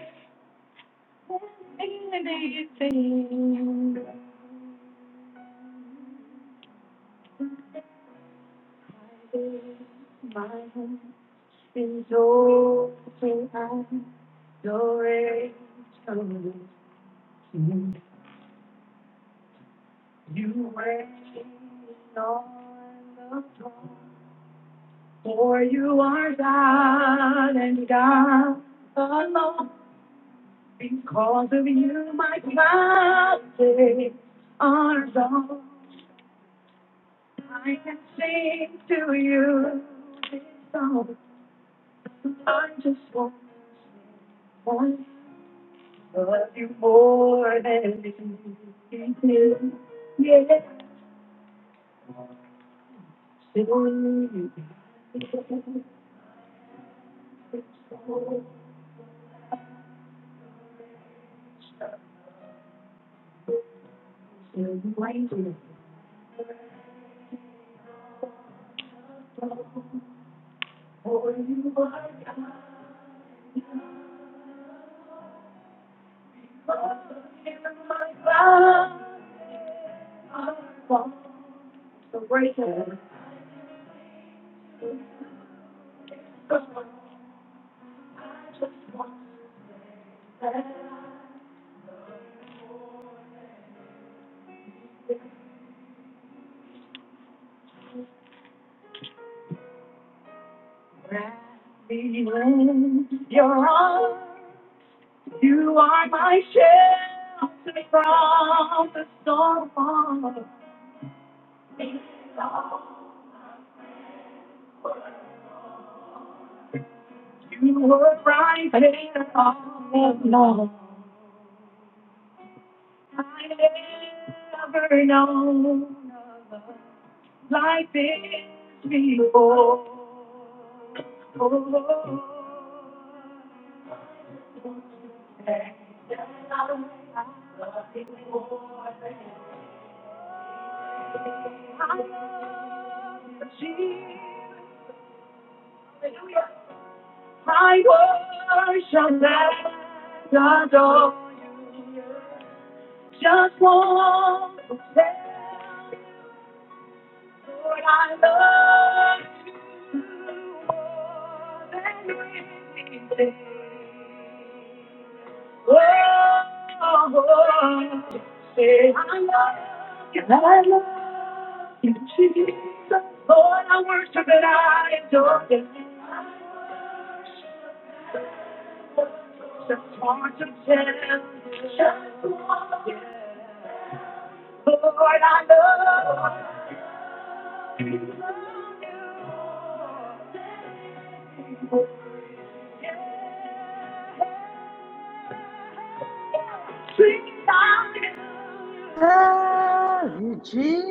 [SPEAKER 1] Love you, Jesus.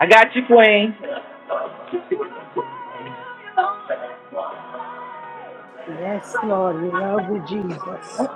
[SPEAKER 3] I got you, Queen.
[SPEAKER 1] Yes, Lord, we love you, Jesus.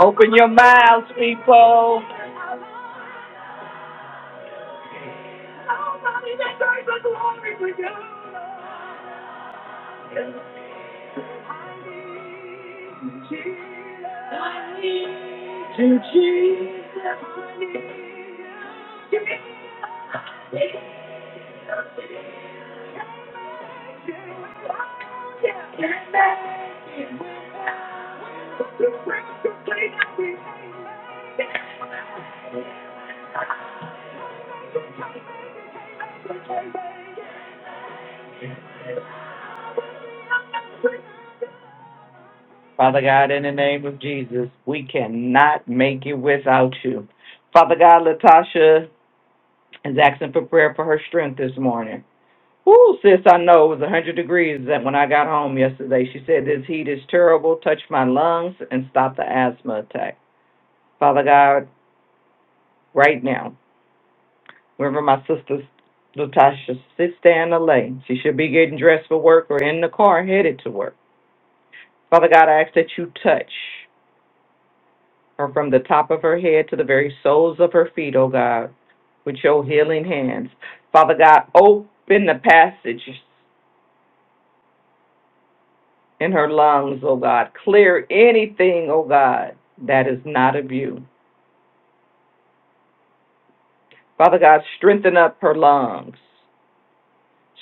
[SPEAKER 3] Open your mouths, people. Father God, in the name of Jesus, we cannot make it without you. Father God, Latasha is asking for prayer for her strength this morning. Woo, sis, I know it was 100 degrees that when I got home yesterday. She said, This heat is terrible. Touch my lungs and stop the asthma attack. Father God, right now, wherever my sister Latasha sits there in the lane, she should be getting dressed for work or in the car headed to work. Father God, I ask that you touch. her from the top of her head to the very soles of her feet, O God, with your healing hands. Father God, open the passage in her lungs, O God. Clear anything, O God, that is not of you. Father God, strengthen up her lungs,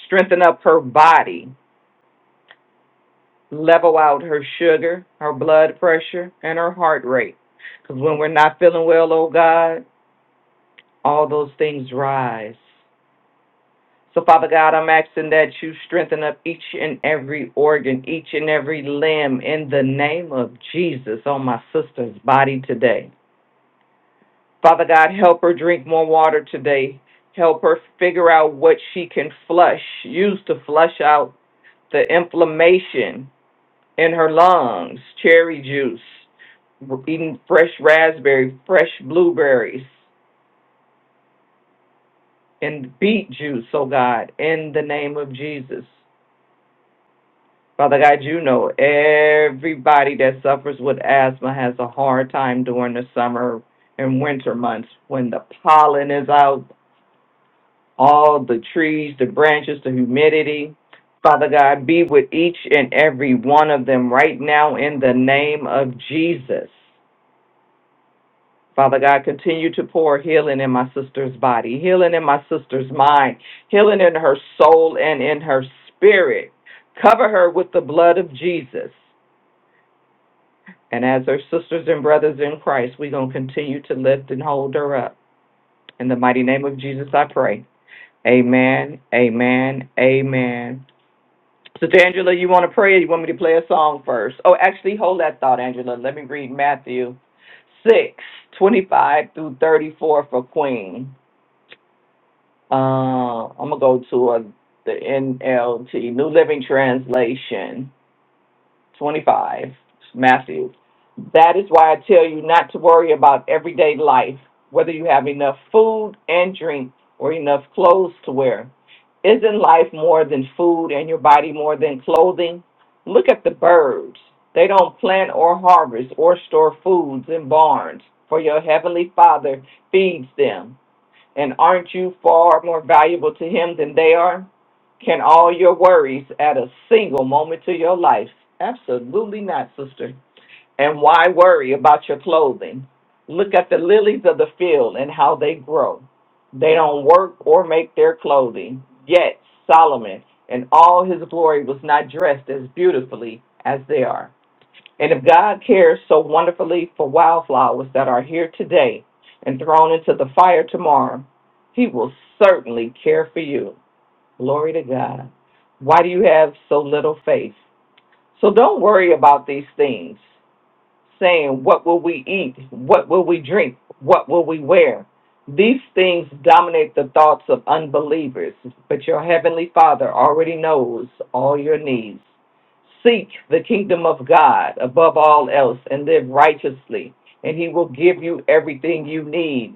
[SPEAKER 3] strengthen up her body, level out her sugar, her blood pressure, and her heart rate. Because when we're not feeling well, O God, all those things rise. So, Father God, I'm asking that you strengthen up each and every organ, each and every limb in the name of Jesus on my sister's body today. Father God, help her drink more water today. Help her figure out what she can flush, use to flush out the inflammation in her lungs, cherry juice, eating fresh raspberry, fresh blueberries, and beet juice, oh God, in the name of Jesus. Father God, you know everybody that suffers with asthma has a hard time during the summer and winter months when the pollen is out, all the trees, the branches, the humidity. Father God, be with each and every one of them right now in the name of Jesus. Father God, continue to pour healing in my sister's body, healing in my sister's mind, healing in her soul and in her spirit. Cover her with the blood of Jesus. And as her sisters and brothers in Christ, we're going to continue to lift and hold her up. In the mighty name of Jesus, I pray. Amen, amen, amen. Sister Angela, you want to pray or you want me to play a song first? Oh, actually, hold that thought, Angela. Let me read Matthew 6 25 through 34 for Queen. Uh, I'm going to go to a, the NLT, New Living Translation. 25, Matthew. That is why I tell you not to worry about everyday life, whether you have enough food and drink or enough clothes to wear. Isn't life more than food and your body more than clothing? Look at the birds. They don't plant or harvest or store foods in barns, for your heavenly Father feeds them. And aren't you far more valuable to him than they are? Can all your worries add a single moment to your life? Absolutely not, sister. And why worry about your clothing? Look at the lilies of the field and how they grow. They don't work or make their clothing. Yet Solomon in all his glory was not dressed as beautifully as they are. And if God cares so wonderfully for wildflowers that are here today and thrown into the fire tomorrow, He will certainly care for you. Glory to God. Why do you have so little faith? So don't worry about these things saying, What will we eat? What will we drink? What will we wear? These things dominate the thoughts of unbelievers, but your heavenly Father already knows all your needs. Seek the kingdom of God above all else and live righteously, and he will give you everything you need.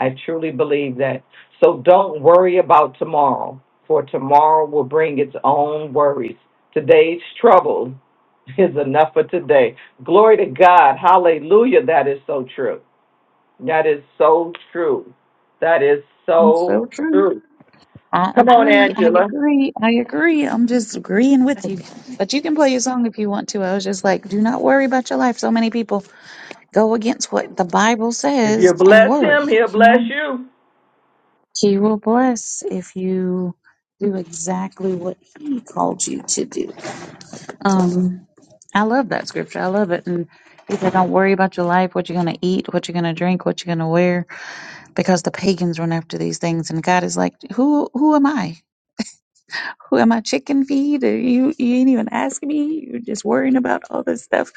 [SPEAKER 3] I truly believe that. So don't worry about tomorrow, for tomorrow will bring its own worries. Today's trouble is enough for today. Glory to God. Hallelujah. That is so true. That is so true. That is
[SPEAKER 5] That's so
[SPEAKER 3] so
[SPEAKER 5] true.
[SPEAKER 3] true.
[SPEAKER 5] I
[SPEAKER 3] Come on,
[SPEAKER 5] agree. I
[SPEAKER 3] Angela.
[SPEAKER 5] agree. I agree. I'm just agreeing with you. But you can play your song if you want to. I was just like, do not worry about your life. So many people go against what the Bible
[SPEAKER 3] If
[SPEAKER 5] says
[SPEAKER 3] you
[SPEAKER 5] and
[SPEAKER 3] bless him,
[SPEAKER 5] worry.
[SPEAKER 3] he'll
[SPEAKER 5] You
[SPEAKER 3] bless
[SPEAKER 5] know,
[SPEAKER 3] you.
[SPEAKER 5] He will bless if you do exactly what He called you to do. Um, I love that scripture. I love it. And he said, don't worry about your life, what you're going to eat, what you're going to drink, what you're going to wear, because the pagans run after these things. And God is like, who, who am I? Who am I chicken feed? Or you you ain't even asking me. You're just worrying about all this stuff.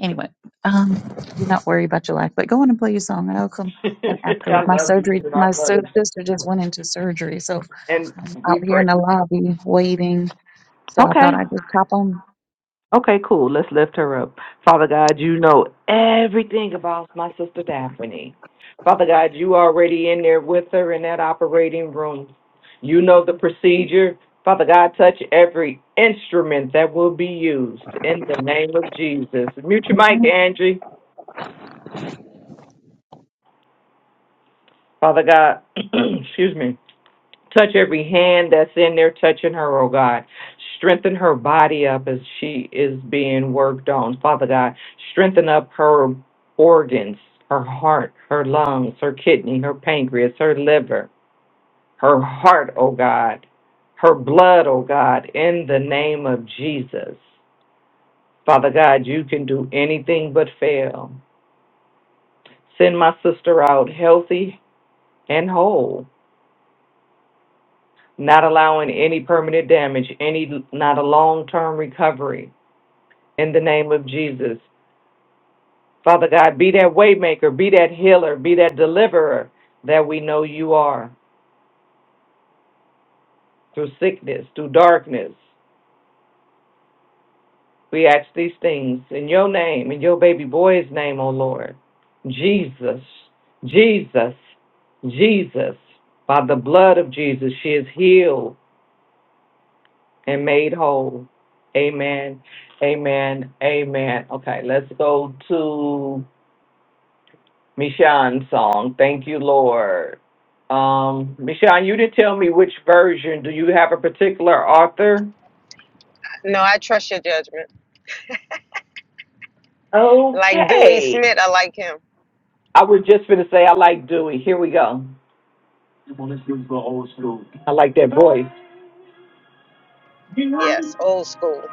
[SPEAKER 5] Anyway, um, do not worry about your life, but go on and play your song, and I'll come. And
[SPEAKER 3] I
[SPEAKER 5] afterward, my
[SPEAKER 3] love you.
[SPEAKER 5] surgery,
[SPEAKER 3] Jen.
[SPEAKER 5] my
[SPEAKER 3] I love
[SPEAKER 5] sur-
[SPEAKER 3] you.
[SPEAKER 5] sister just went into surgery, so
[SPEAKER 3] And
[SPEAKER 5] I'm out
[SPEAKER 3] we
[SPEAKER 5] here
[SPEAKER 3] pray.
[SPEAKER 5] in the lobby waiting. So I
[SPEAKER 3] Okay.
[SPEAKER 5] thought I'd just pop on.
[SPEAKER 3] Okay, cool. Let's lift her up. Father God, you know everything about my sister Daphne. Father God, you already in there with her in that operating room. You know the procedure. Father God, touch every instrument that will be used in the name of Jesus. Mute your mic, Angie. Father God, excuse me. Touch every hand that's in there touching her, oh God. Strengthen her body up as she is being worked on. Father God, strengthen up her organs, her heart, her lungs, her kidney, her pancreas, her liver, her heart, oh God, her blood, oh God, in the name of Jesus. Father God, you can do anything but fail. Send my sister out healthy and whole not allowing any permanent damage, any not a long term recovery. In the name of Jesus, Father God, be that waymaker, be that healer, be that deliverer that we know you are through sickness, through darkness. We ask these things in your name, in your baby boy's name, O Lord. Jesus, Jesus, Jesus, by the blood of Jesus, she is healed. and made whole. Amen. Amen. Amen. Okay, let's go to Mishan's song. Thank you, Lord. Um, Mishan, you didn't tell me which version. Do you have a particular author?
[SPEAKER 2] No, I trust your judgment. Like Dewey
[SPEAKER 3] Okay.
[SPEAKER 2] Smith, I like him.
[SPEAKER 3] I was just going to say I like Dewey. Here we go. I like that voice.
[SPEAKER 2] Yes, old school.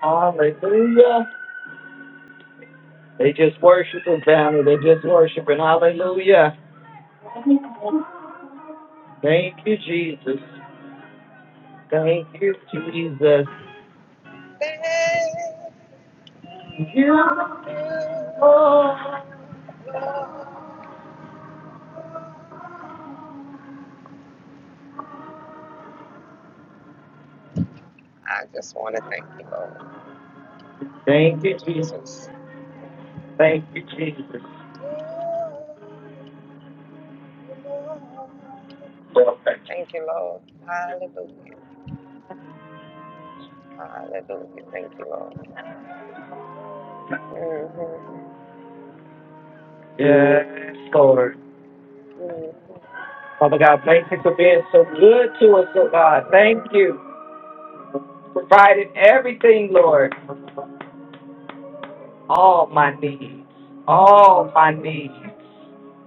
[SPEAKER 3] Hallelujah. They just worshiping, family. They just worshiping. Hallelujah. Thank you, Jesus. Thank you, Jesus.
[SPEAKER 2] Hey.
[SPEAKER 3] You.
[SPEAKER 2] I just want to thank you, Lord. Thank
[SPEAKER 3] Thank
[SPEAKER 2] you,
[SPEAKER 3] you, Jesus.
[SPEAKER 2] Jesus.
[SPEAKER 3] Thank you, Jesus.
[SPEAKER 2] Thank you, Lord. Hallelujah. Hallelujah. Thank you, Lord. hmm
[SPEAKER 3] Yes, Lord.
[SPEAKER 2] hmm
[SPEAKER 3] Father God, thank you for being so good to us, oh God. Thank you. for providing everything, Lord. All my needs. All my needs.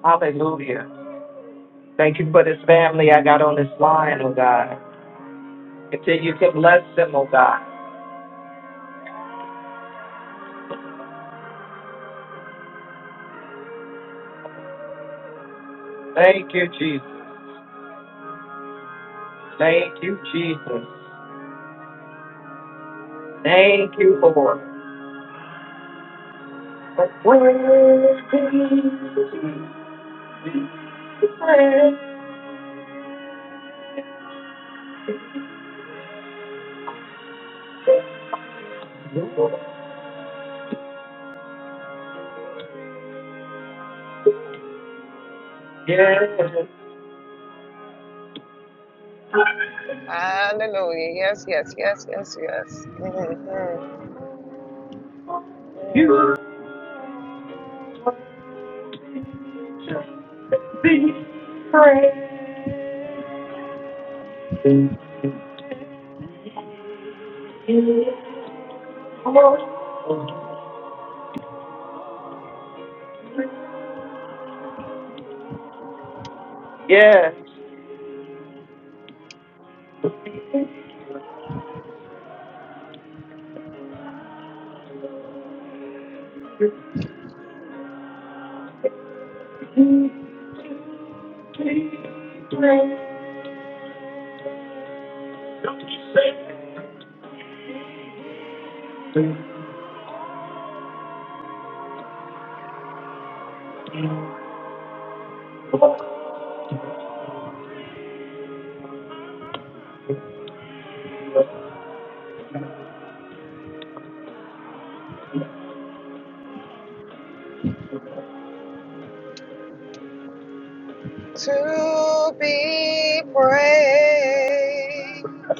[SPEAKER 3] Hallelujah. Thank you for this family I got on this line, oh God. Continue to bless them, oh God. Thank you, Jesus. Thank you, Jesus. Thank you, Lord. Yes.
[SPEAKER 2] Hallelujah. Yes, yes, yes, yes, yes. hmm
[SPEAKER 3] You. Yes.
[SPEAKER 2] to be praised.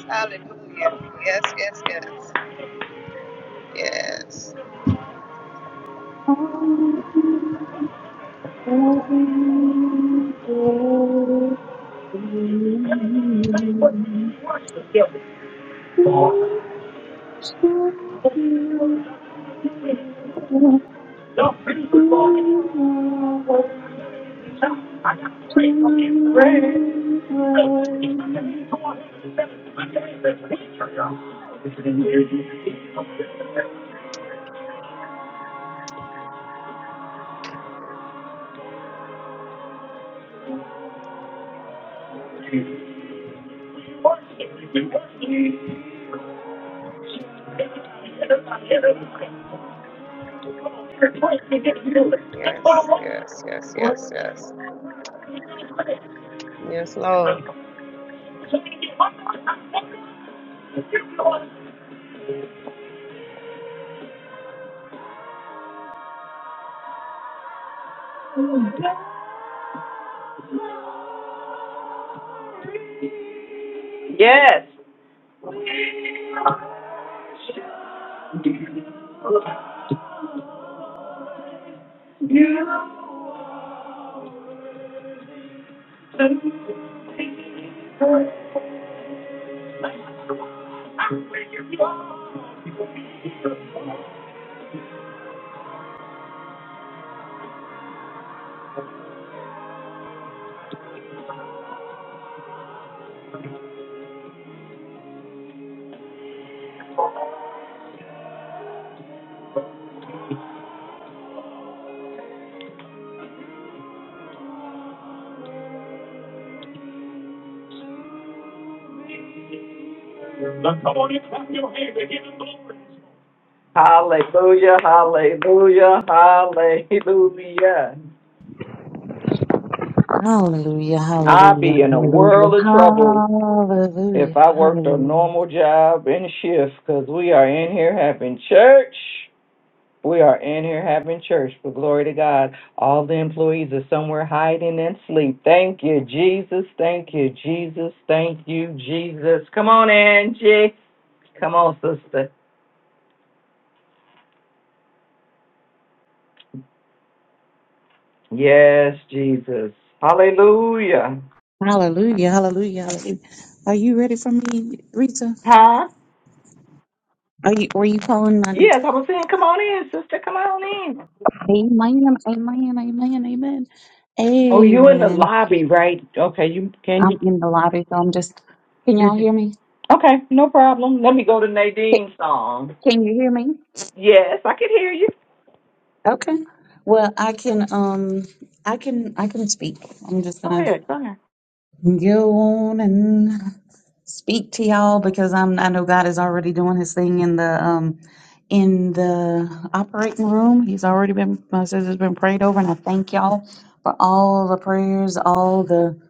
[SPEAKER 2] Hallelujah. Yes, yes, yes. Yes,
[SPEAKER 5] Hallelujah,
[SPEAKER 2] yes, yes, yes, yes, yes. Yes, Lord.
[SPEAKER 3] Yes. Hallelujah, hallelujah, hallelujah.
[SPEAKER 5] hallelujah, hallelujah, hallelujah,
[SPEAKER 3] I'd be in a
[SPEAKER 5] hallelujah,
[SPEAKER 3] world of trouble if
[SPEAKER 5] hallelujah,
[SPEAKER 3] I worked a normal job and shift because we are in here having church. We are in here having church, but glory to God. All the employees are somewhere hiding and sleep. Thank you, Jesus. Thank you, Jesus. Thank you, Jesus. Come on, Angie. Come on, sister. Yes, Jesus. Hallelujah.
[SPEAKER 5] hallelujah, hallelujah. Are you ready for me, Rita?
[SPEAKER 3] Huh?
[SPEAKER 5] Are you, were you calling my name?
[SPEAKER 3] Yes, I was saying, come on in, sister. Come on in.
[SPEAKER 5] Amen, amen, amen, amen,
[SPEAKER 3] Oh, you in the
[SPEAKER 5] amen.
[SPEAKER 3] lobby, right? Okay, you can be.
[SPEAKER 5] I'm in the lobby, so I'm just, can
[SPEAKER 3] You,
[SPEAKER 5] y'all
[SPEAKER 3] you-
[SPEAKER 5] hear me?
[SPEAKER 3] okay, no problem. Let me go to Nadine's song.
[SPEAKER 5] Can you hear me?
[SPEAKER 3] Yes, I can hear you.
[SPEAKER 5] Okay. Well, I can um I can I can speak. I'm just
[SPEAKER 3] Go
[SPEAKER 5] gonna
[SPEAKER 3] ahead. Go ahead.
[SPEAKER 5] go on and speak to y'all because I'm I know God is already doing his thing in the um in the operating room. He's already been my sister's been prayed over and I thank y'all for all the prayers, all the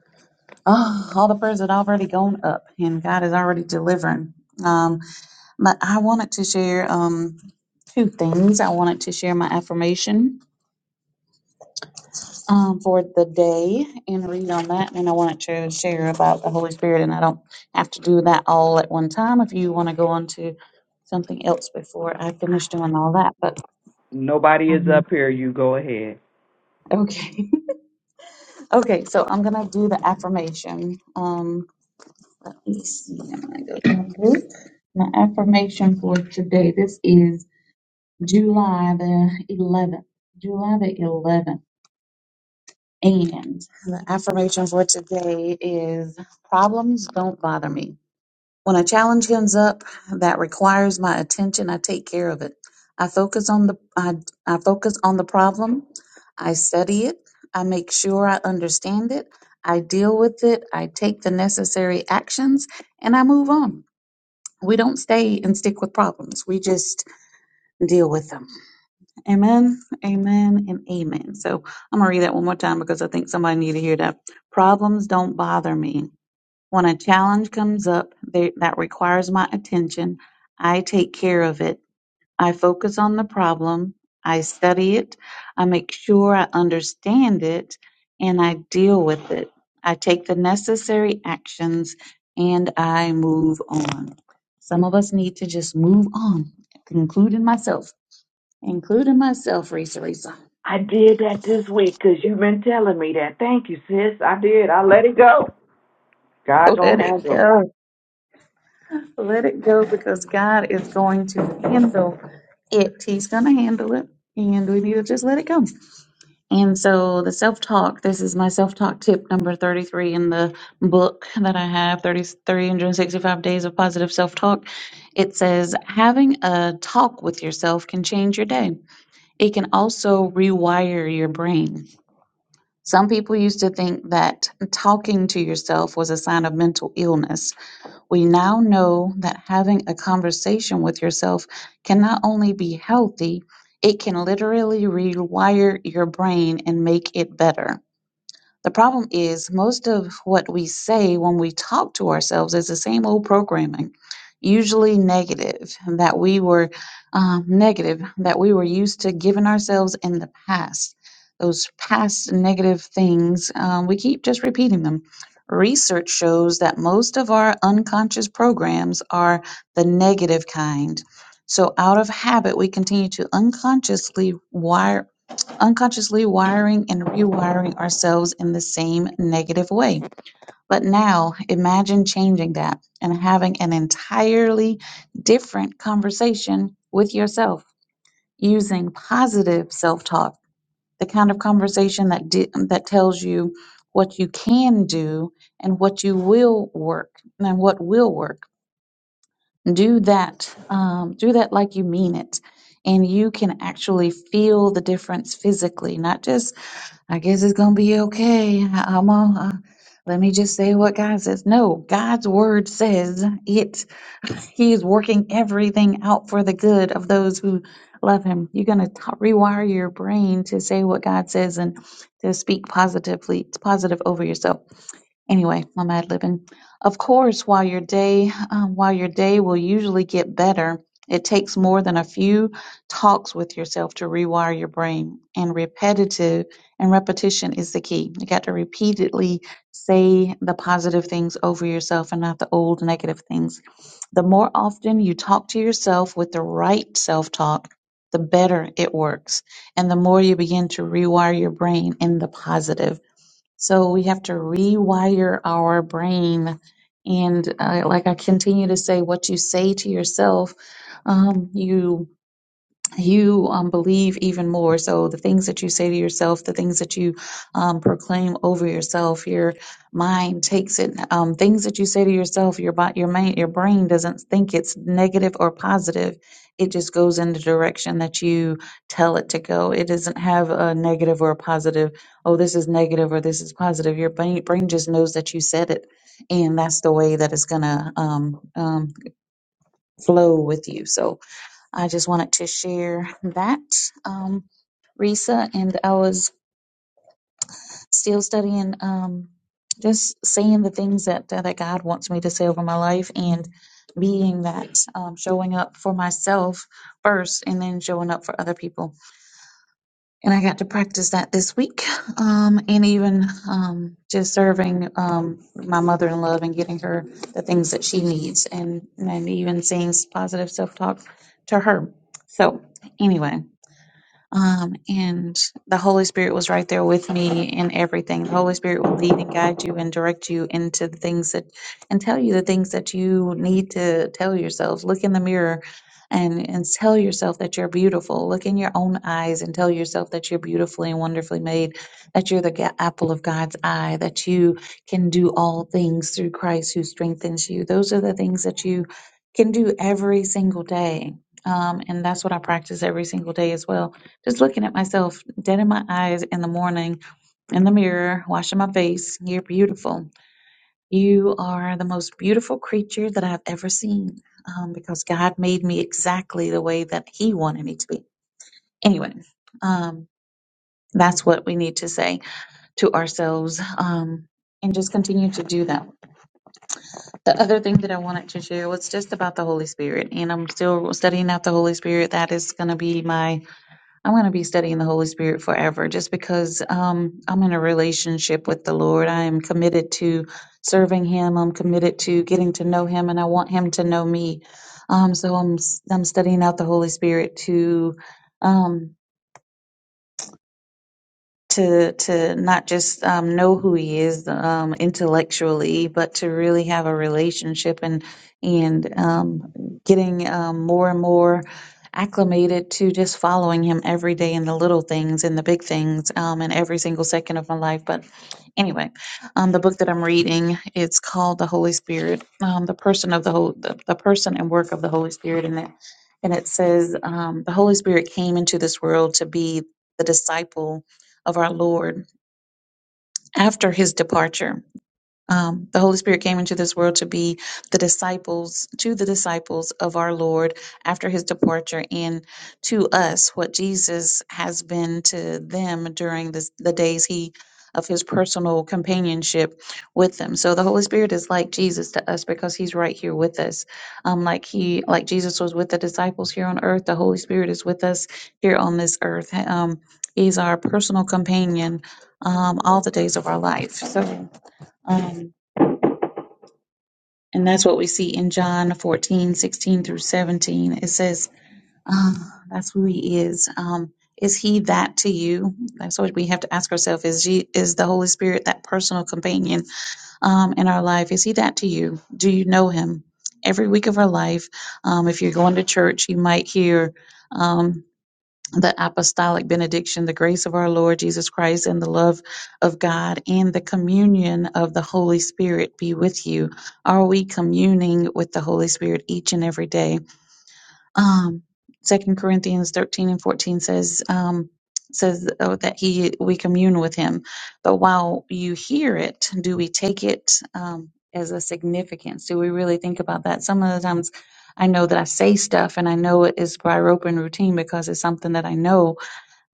[SPEAKER 5] oh, all the prayers that already gone up and God is already delivering. Um but I wanted to share um two things. I wanted to share my affirmation um, for the day and read on that. And I wanted to share about the Holy Spirit, and I don't have to do that all at one time if you want to go on to something else before I finish doing all that. But
[SPEAKER 3] Nobody is
[SPEAKER 5] um,
[SPEAKER 3] up here. You go ahead.
[SPEAKER 5] okay, okay, so I'm gonna do the affirmation. Um, let me see, I'm gonna go to my My affirmation for today this is July the 11th. July the 11th. And the affirmation for today is problems don't bother me When a challenge comes up that requires my attention, I take care of it. I focus on the I, I focus on the problem. I study it. I make sure I understand it. I deal with it. I take the necessary actions and I move on. We don't stay and stick with problems. We just deal with them. Amen. Amen and amen. So I'm gonna read that one more time because I think somebody need to hear that. Problems don't bother me. When a challenge comes up they- that requires my attention, I take care of it. I focus on the problem, I study it, I make sure I understand it, and I deal with it. I take the necessary actions and I move on. Some of us need to just move on, including myself, including myself, Risa Risa.
[SPEAKER 3] I did that this week 'cause you've been telling me that. Thank you, sis. I did. I let it go. God
[SPEAKER 5] Let
[SPEAKER 3] gonna
[SPEAKER 5] it
[SPEAKER 3] handle it
[SPEAKER 5] go. Let it go because God is going to handle it. He's going to handle it. And we need to just let it go. And so the self talk, this is my self talk tip number 33 in the book that I have thirty-three hundred sixty-five Days of Positive Self Talk. It says, having a talk with yourself can change your day. It can also rewire your brain. Some people used to think that talking to yourself was a sign of mental illness we now know that having a conversation with yourself can not only be healthy, it can literally rewire your brain and make it better. The problem is most of what we say when we talk to ourselves is the same old programming, usually negative, that we were um, negative, that we were used to giving ourselves in the past. Those past negative things, um, we keep just repeating them. Research shows that most of our unconscious programs are the negative kind. So, out of habit, we continue to unconsciously wire unconsciously wiring and rewiring ourselves in the same negative way. But now imagine changing that and having an entirely different conversation with yourself using positive self talk, the kind of conversation that, di- that tells you what you can do and what you will work and what will work. Do that. Um, do that like you mean it. And you can actually feel the difference physically, not just I guess it's gonna be okay. I- I'm on. Uh, let me just say what God says. No, God's word says it. He is working everything out for the good of those who love Him. You're gonna t- rewire your brain to say what God says and to speak positively, positive over yourself. Anyway, I'm ad libbing. Of course, while your day, um, while your day will usually get better, it takes more than a few talks with yourself to rewire your brain. And repetitive and repetition is the key. You got to repeatedly say the positive things over yourself and not the old negative things. The more often you talk to yourself with the right self talk, the better it works. And the more you begin to rewire your brain in the positive. So we have to rewire our brain. And uh, like I continue to say, what you say to yourself, um, you you um, believe even more. So the things that you say to yourself, the things that you um, proclaim over yourself, your mind takes it. Um, things that you say to yourself, your bo- your mind, your brain doesn't think it's negative or positive. It just goes in the direction that you tell it to go. It doesn't have a negative or a positive. Oh, this is negative or this is positive. Your brain, brain just knows that you said it, and that's the way that it's gonna um, um, flow with you. So I just wanted to share that, um, Risa, and I was still studying, um, just saying the things that, that that God wants me to say over my life and being that, um, showing up for myself first and then showing up for other people. And I got to practice that this week, um, and even, um, just serving, um, my mother in love and getting her the things that she needs and, and even saying positive self-talk to her. So anyway, Um, and the Holy Spirit was right there with me in everything. The Holy Spirit will lead and guide you and direct you into the things that, and tell you the things that you need to tell yourself. Look in the mirror and, and tell yourself that you're beautiful. Look in your own eyes and tell yourself that you're beautifully and wonderfully made, that you're the ga- apple of God's eye, that you can do all things through Christ who strengthens you. Those are the things that you can do every single day. Um, and that's what I practice every single day as well just looking at myself, dead in my eyes in the morning, in the mirror, washing my face. You're beautiful. You are the most beautiful creature that I've ever seen um, because God made me exactly the way that He wanted me to be. Anyway, um, that's what we need to say to ourselves um, and just continue to do that. The other thing that I wanted to share was just about the Holy Spirit, and I'm still studying out the Holy Spirit. That is going to be my I'm going to be studying the Holy Spirit forever just because um, I'm in a relationship with the Lord. I am committed to serving Him. I'm committed to getting to know Him, and I want Him to know me. Um, so I'm, s- I'm studying out the Holy Spirit to. Um, to to not just um, know who he is um, intellectually, but to really have a relationship and and um, getting um, more and more acclimated to just following him every day in the little things and the big things um, in every single second of my life. But anyway, um, the book that I'm reading it's called The Holy Spirit, um, the person of the whole the, the person and work of the Holy Spirit, and it and it says um, the Holy Spirit came into this world to be the disciple of our Lord after his departure. Um, the Holy Spirit came into this world to be the disciples, to the disciples of our Lord after his departure, and to us what Jesus has been to them during this, the days he of his personal companionship with them. So the Holy Spirit is like Jesus to us because he's right here with us. Um, like he, like Jesus was with the disciples here on earth, the Holy Spirit is with us here on this earth. Um, he's our personal companion um, all the days of our life. So. Um, and that's what we see in John 14 16 through 17. It says, um, that's who he is. Um, is he that to you? That's what we have to ask ourselves. Is he, is the Holy Spirit that personal companion um, in our life? Is he that to you? Do you know him? Every week of our life, um, if you're going to church, you might hear. um, the apostolic benediction, the grace of our Lord Jesus Christ, and the love of God, and the communion of the Holy Spirit be with you. Are we communing with the Holy Spirit each and every day? Um, Second Corinthians thirteen and fourteen says. Um, says oh, that he we commune with him but while you hear it do we take it um, as a significance do we really think about that some of the times i know that i say stuff and i know it is by rote and routine because it's something that i know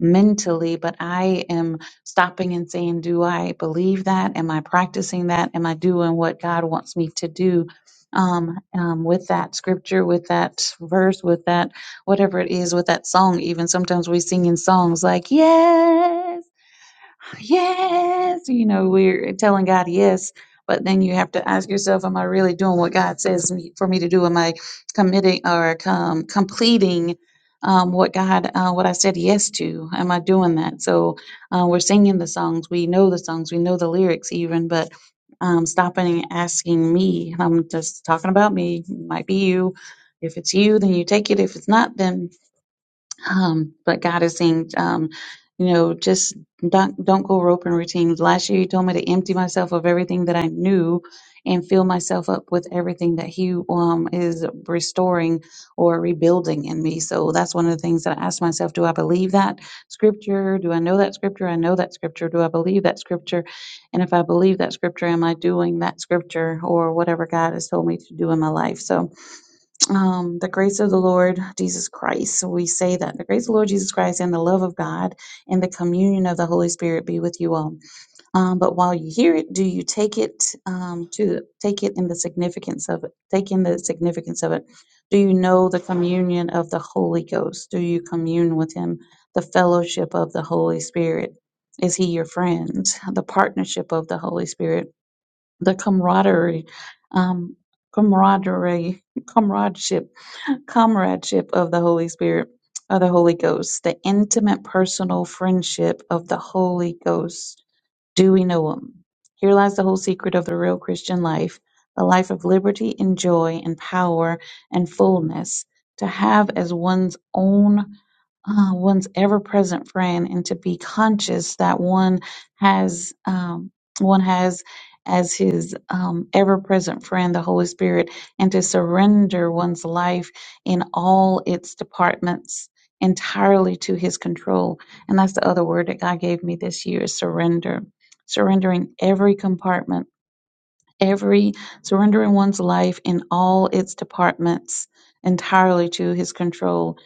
[SPEAKER 5] mentally, but I am stopping and saying, Do I believe that? Am I practicing that? Am I doing what God wants me to do? Um, um, with that scripture, with that verse, with that whatever it is, with that song, even sometimes we sing in songs like, Yes yes, you know, we're telling God yes, but then you have to ask yourself, am I really doing what God says me, for me to do? Am I committing or com- completing um, what God, uh, what I said yes to? Am I doing that? So uh, we're singing the songs, we know the songs, we know the lyrics even, but um, stopping and asking me, I'm just talking about me, might be you. If it's you, then you take it. If it's not, then um, but God is saying, um, you know, just don't don't go rope and routines. Last year, He told me to empty myself of everything that I knew and fill myself up with everything that He um, is restoring or rebuilding in me. So that's one of the things that I ask myself: Do I believe that scripture? Do I know that scripture? I know that scripture. Do I believe that scripture? And if I believe that scripture, am I doing that scripture or whatever God has told me to do in my life? So um, the grace of the Lord Jesus Christ. So we say that the grace of the Lord Jesus Christ and the love of God and the communion of the Holy Spirit be with you all. Um, but while you hear it, do you take it um, to take it in the significance of it? Take in the significance of it. Do you know the communion of the Holy Ghost? Do you commune with Him? The fellowship of the Holy Spirit. Is He your friend? The partnership of the Holy Spirit. The camaraderie. Um, camaraderie, comradeship comradeship of the Holy Spirit, of the Holy Ghost, the intimate personal friendship of the Holy Ghost do we know Him? Here lies the whole secret of the real Christian life the life of liberty and joy and power and fullness, to have as one's own uh, one's ever present friend and to be conscious that one has um, one has as his um, ever present friend the Holy Spirit and to surrender one's life in all its departments entirely to his control. And that's the other word that God gave me this year is surrender surrendering every compartment, every surrendering one's life in all its departments entirely to his control.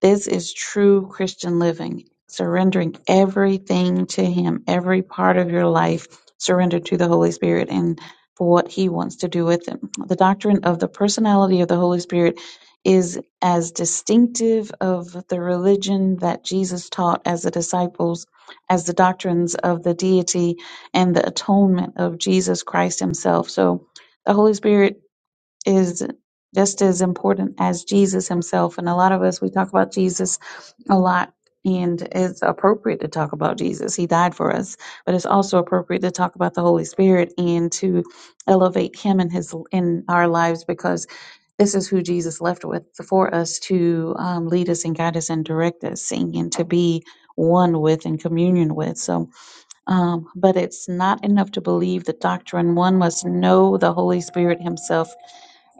[SPEAKER 5] This is true Christian living, surrendering everything to him, every part of your life surrendered to the Holy Spirit and for what he wants to do with it. The doctrine of the personality of the Holy Spirit is as distinctive of the religion that Jesus taught as the disciples as the doctrines of the deity and the atonement of Jesus Christ himself. So the Holy Spirit is just as important as Jesus himself. And a lot of us, we talk about Jesus a lot. And it's appropriate to talk about Jesus. He died for us, but it's also appropriate to talk about the Holy Spirit and to elevate Him in His in our lives because this is who Jesus left with for us to um, lead us and guide us and direct us, and to be one with and communion with. So um, but it's not enough to believe the doctrine. One must know the Holy Spirit Himself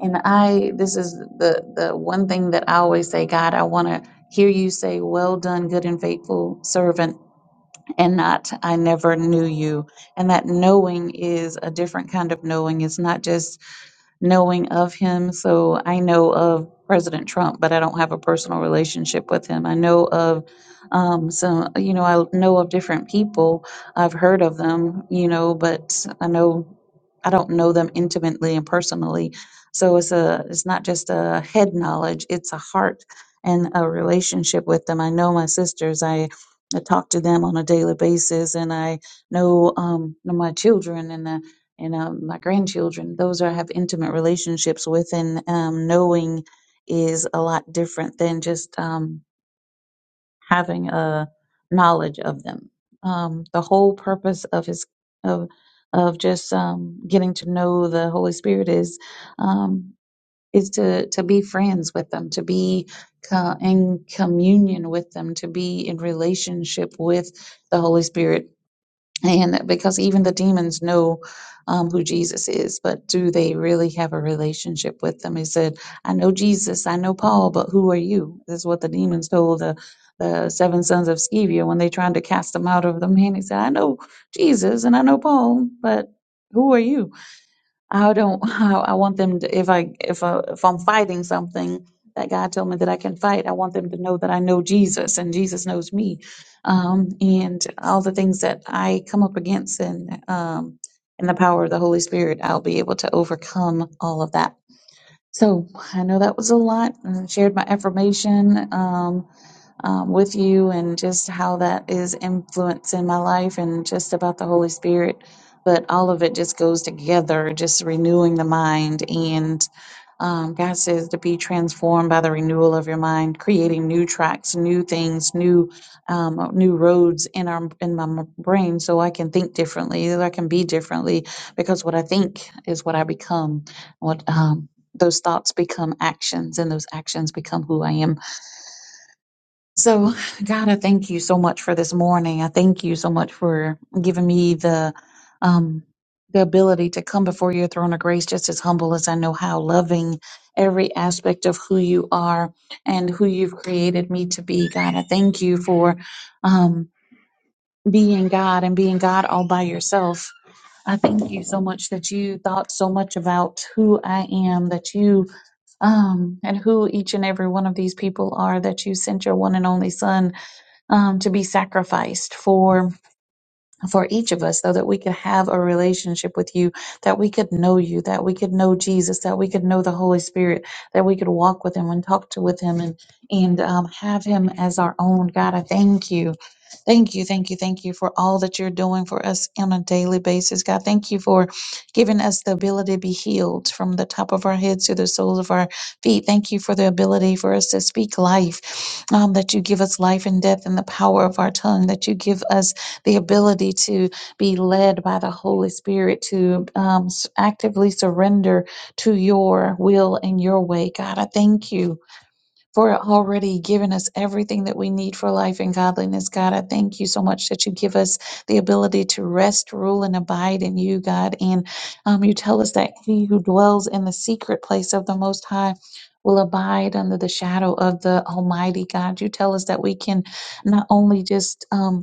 [SPEAKER 5] and I, this is the the one thing that I always say, God, I want to hear you say, "Well done, good and faithful servant," and not, "I never knew you." And that knowing is a different kind of knowing. It's not just knowing of him. So I know of President Trump, but I don't have a personal relationship with him. I know of um, some, you know, I know of different people. I've heard of them, you know, but I know I don't know them intimately and personally. So it's a, it's not just a head knowledge; it's a heart and a relationship with them. I know my sisters. I, I talk to them on a daily basis, and I know um, my children, and and um, my grandchildren, those I have intimate relationships with, and um, knowing is a lot different than just um, having a knowledge of them. Um, the whole purpose of his of of just um, getting to know the Holy Spirit is um, is to to be friends with them, to be co- in communion with them, to be in relationship with the Holy Spirit and because even the demons know um, who Jesus is, but do they really have a relationship with them? He said, I know Jesus, I know Paul, but who are you? This is what the demons told the, the seven sons of Scevia when they tried to cast them out of the man. He said, I know Jesus and I know Paul, but who are you? I don't. I, I want them to. If I if I, if I'm fighting something that God told me that I can fight, I want them to know that I know Jesus and Jesus knows me, um, and all the things that I come up against and um, and the power of the Holy Spirit, I'll be able to overcome all of that. So I know that was a lot. I shared my affirmation. Um, um, with you and just how that is influencing my life and just about the Holy Spirit. But all of it just goes together, just renewing the mind. And um, God says to be transformed by the renewal of your mind, creating new tracks, new things, new um, new roads in our in my m- brain, so I can think differently, that I can be differently, because what I think is what I become. What um, those thoughts become actions, and those actions become who I am. So, God, I thank you so much for this morning. I thank you so much for giving me the um, the ability to come before your throne of grace, just as humble as I know how, loving every aspect of who you are and who you've created me to be. God, I thank you for um, being God and being God all by yourself. I thank you so much that you thought so much about who I am, that you um, and who each and every one of these people are, that you sent your one and only Son um, to be sacrificed for for each of us so that we could have a relationship with you, that we could know you, that we could know Jesus, that we could know the Holy Spirit, that we could walk with him and talk to with him and, and um, have him as our own God. I thank you. Thank you, thank you, thank you for all that you're doing for us on a daily basis, God. Thank you for giving us the ability to be healed from the top of our heads to the soles of our feet. Thank you for the ability for us to speak life, um, that you give us life and death and the power of our tongue, that you give us the ability to be led by the Holy Spirit to um, s- actively surrender to your will and your way. God, I thank you for already giving us everything that we need for life and godliness. God, I thank you so much that you give us the ability to rest, rule, and abide in you, God. And um, you tell us that he who dwells in the secret place of the Most High. Will abide under the shadow of the Almighty God. You tell us that we can not only just um,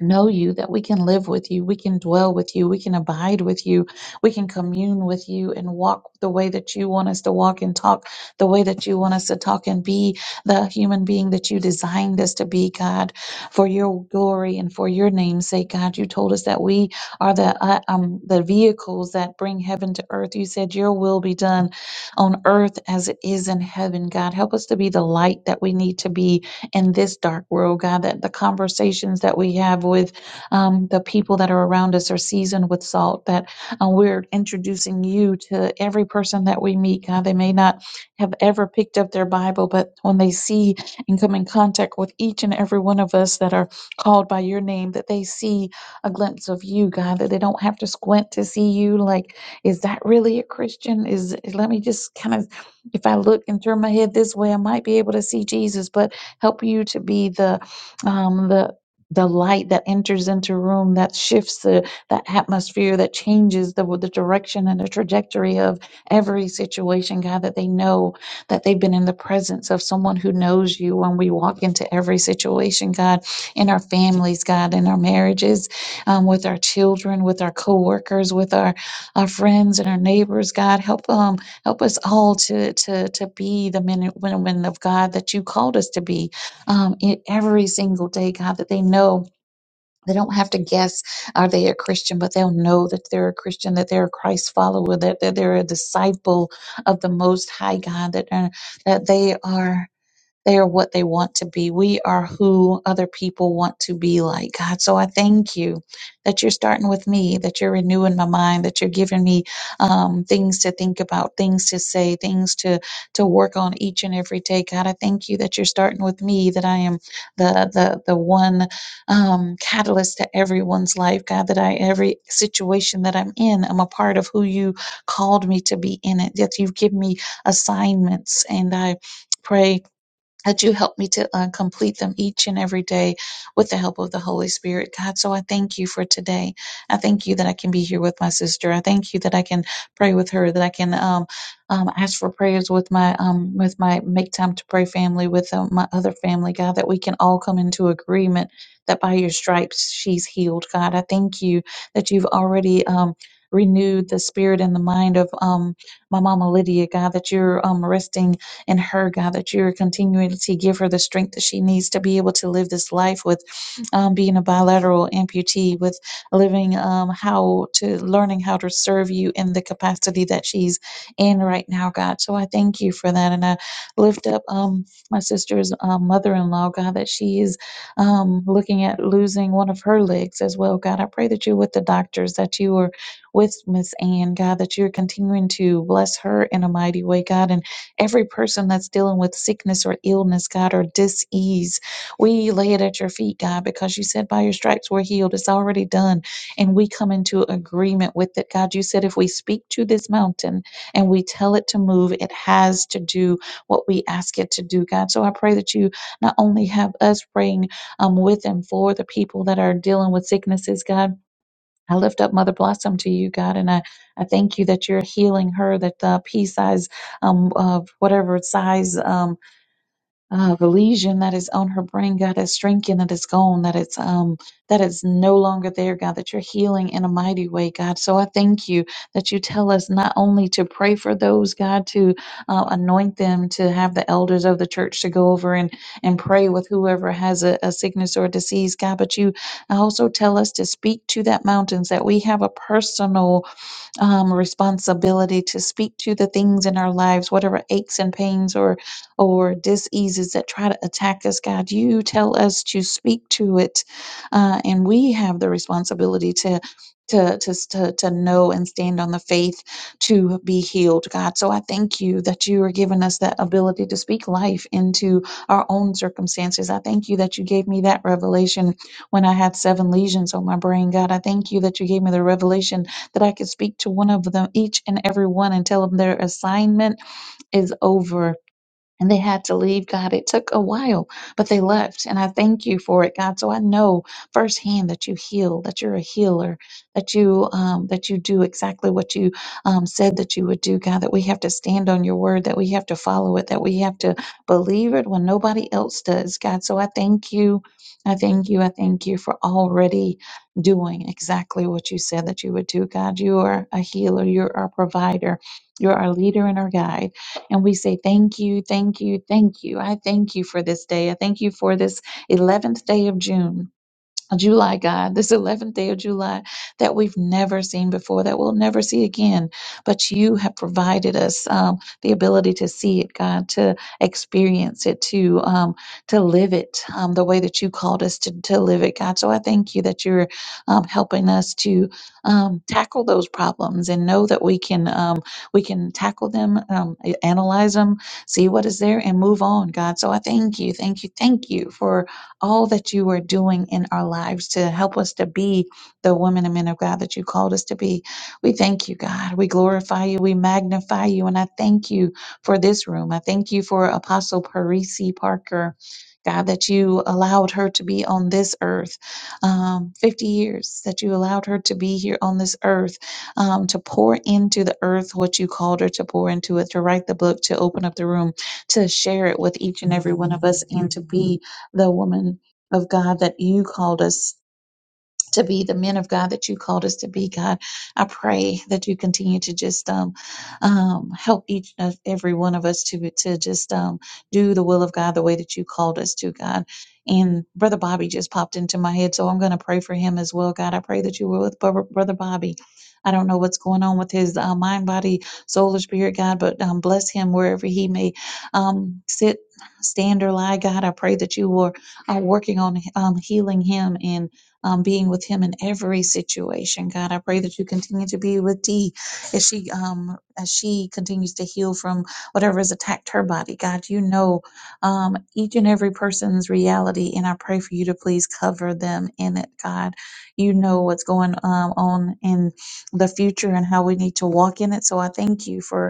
[SPEAKER 5] know you, that we can live with you, we can dwell with you, we can abide with you, we can commune with you and walk the way that you want us to walk and talk the way that you want us to talk and be the human being that you designed us to be, God, for your glory and for your name's sake, God. You told us that we are the uh, um the vehicles that bring heaven to earth. You said your will be done on earth as it is in heaven, God. Help us to be the light that we need to be in this dark world, God, that the conversations that we have with um, the people that are around us are seasoned with salt, that uh, we're introducing you to every person that we meet, God. They may not have ever picked up their Bible, but when they see and come in contact with each and every one of us that are called by your name, that they see a glimpse of you, God, that they don't have to squint to see you. Like, is that really a Christian? Is let me just kind of if I look and turn my head this way, I might be able to see Jesus. But Help you to be the um, the the light that enters into a room that shifts the, the atmosphere that changes the, the direction and the trajectory of every situation god that they know that they've been in the presence of someone who knows you when we walk into every situation god in our families god in our marriages um, with our children with our coworkers with our, our friends and our neighbors god help um help us all to to to be the men and women of god that you called us to be um, it, every single day, God, that they know they don't have to guess are they a Christian, but they'll know that they're a Christian, that they're a Christ follower, that, that they're a disciple of the Most High God, that uh, that they are. They are what they want to be. We are who other people want to be like, God. So I thank you that you're starting with me, that you're renewing my mind, that you're giving me um, things to think about, things to say, things to to work on each and every day. God, I thank you that you're starting with me, that I am the the the one um, catalyst to everyone's life, God. That I every situation that I'm in, I'm a part of who you called me to be in it. That you've given me assignments, and I pray that you help me to uh, complete them each and every day with the help of the Holy Spirit, God. So I thank you for today. I thank you that I can be here with my sister. I thank you that I can pray with her, that I can um, um, ask for prayers with my um, with my make time to pray family, with uh, my other family, God. That we can all come into agreement that by your stripes she's healed, God. I thank you that you've already. Um, renewed the spirit and the mind of um, my mama lydia god that you're um, resting in her, God, that you're continuing to give her the strength that she needs to be able to live this life with um, being a bilateral amputee, with living um, how to learning how to serve you in the capacity that she's in right now, God. So I thank you for that. And I lift up um, my sister's um, mother in law, God, that she is um, looking at losing one of her legs as well, God. I pray that you're with the doctors, that you are with Miss Ann, God, that you're continuing to bless her in a mighty way, God. And Every person that's dealing with sickness or illness, God, or dis-ease, we lay it at your feet, God, because you said by your stripes we're healed. It's already done. And we come into agreement with it. God, you said if we speak to this mountain and we tell it to move, it has to do what we ask it to do, God. So I pray that you not only have us praying um, with and for the people that are dealing with sicknesses, God I lift up Mother Blossom to you, God, and I, I thank you that you're healing her, that the pea size, um, of whatever size, um uh, The lesion that is on her brain, God, that shrinking that is gone, that it's um that it's no longer there, God, that you're healing in a mighty way, God. So I thank you that you tell us not only to pray for those, God, to uh, anoint them, to have the elders of the church to go over and and pray with whoever has a, a sickness or a disease, God, but you also tell us to speak to that mountains, that we have a personal um, responsibility to speak to the things in our lives, whatever aches and pains or or diseases that try to attack us. God, you tell us to speak to it, uh, and we have the responsibility to. To, to, to, to know and stand on the faith to be healed, God. So I thank you that you are giving us that ability to speak life into our own circumstances. I thank you that you gave me that revelation when I had seven lesions on my brain, God. I thank you that you gave me the revelation that I could speak to one of them, each and every one, and tell them their assignment is over and they had to leave, God. It took a while, but they left. And I thank you for it, God. So I know firsthand that you heal, that you're a healer, that you um, that you do exactly what you um, said that you would do, God. That we have to stand on your word, that we have to follow it, that we have to believe it when nobody else does, God. So I thank you. I thank you. I thank you for already doing exactly what you said that you would do, God. You are a healer. You're our provider. You're our leader and our guide. And we say, Thank you, thank you, thank you. I thank you for this day. I thank you for this 11th day of June. July, God, this 11th day of July that we've never seen before, that we'll never see again. But you have provided us um, the ability to see it, God, to experience it, to um, to live it um, the way that you called us to, to live it, God. So I thank you that you're um, helping us to um, tackle those problems and know that we can um, we can tackle them, um, analyze them, see what is there, and move on, God. So I thank you, thank you, thank you for all that you are doing in our lives to help us to be the women and men of God that you called us to be. We thank you, God. We glorify you. We magnify you. And I thank you for this room. I thank you for Apostle Parisi Parker. God, that you allowed her to be on this earth um, 50 years, that you allowed her to be here on this earth um, to pour into the earth what you called her to pour into it, to write the book, to open up the room, to share it with each and every one of us, and to be the woman of God that you called us to be the men of God that you called us to be, God. I pray that you continue to just um, um, help each of every one of us to to just um, do the will of God the way that you called us to, God. And Brother Bobby just popped into my head, so I'm going to pray for him as well, God. I pray that you were with Bro- Brother Bobby. I don't know what's going on with his uh, mind, body, soul, or spirit, God, but um, bless him wherever he may um, sit, stand, or lie, God. I pray that you were uh, working on um, healing him and um, being with him in every situation. God, I pray that you continue to be with Dee as she um, as she continues to heal from whatever has attacked her body. God, you know um, each and every person's reality, and I pray for you to please cover them in it. God, you know what's going um, on in the future and how we need to walk in it. So I thank you for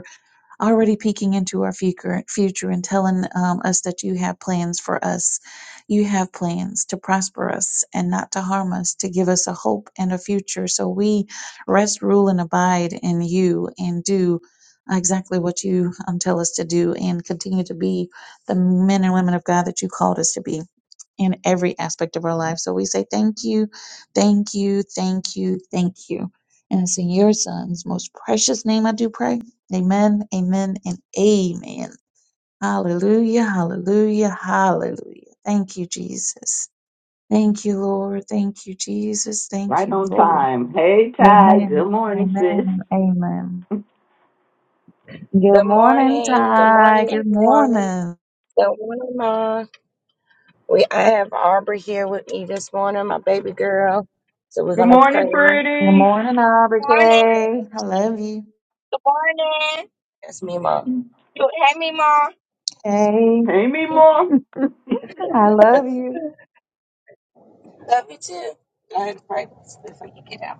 [SPEAKER 5] already peeking into our future, future and telling um, us that you have plans for us. You have plans to prosper us and not to harm us, to give us a hope and a future. So we rest, rule, and abide in you and do exactly what you um, tell us to do and continue to be the men and women of God that you called us to be in every aspect of our life. So we say thank you, thank you, thank you, thank you. And it's in your son's most precious name I do pray. Amen, amen, and amen. Hallelujah, hallelujah, hallelujah. Thank you, Jesus. Thank you, Lord. Thank you, Jesus. Thank
[SPEAKER 3] right
[SPEAKER 5] you,
[SPEAKER 3] on
[SPEAKER 5] Lord.
[SPEAKER 3] time. Hey, Ty. Good
[SPEAKER 5] Amen,
[SPEAKER 3] morning,
[SPEAKER 5] amen,
[SPEAKER 3] sis.
[SPEAKER 5] and amen. Good
[SPEAKER 6] Good
[SPEAKER 5] morning,
[SPEAKER 6] morning. Good
[SPEAKER 5] Ty.
[SPEAKER 6] morning,
[SPEAKER 5] Good
[SPEAKER 6] everyone.
[SPEAKER 5] morning.
[SPEAKER 6] Good morning, Mom. We I have Aubrey here with me this morning, my baby girl. So we're
[SPEAKER 3] Good
[SPEAKER 6] gonna pray.
[SPEAKER 3] morning,
[SPEAKER 5] Good
[SPEAKER 3] pretty.
[SPEAKER 5] morning, Aubrey
[SPEAKER 6] Morning.
[SPEAKER 5] K. I love you.
[SPEAKER 6] That's me, Mom. You are.
[SPEAKER 5] Hey,
[SPEAKER 3] Hey, me more.
[SPEAKER 5] I love you.
[SPEAKER 6] Love you too. Go ahead and pray before you get out.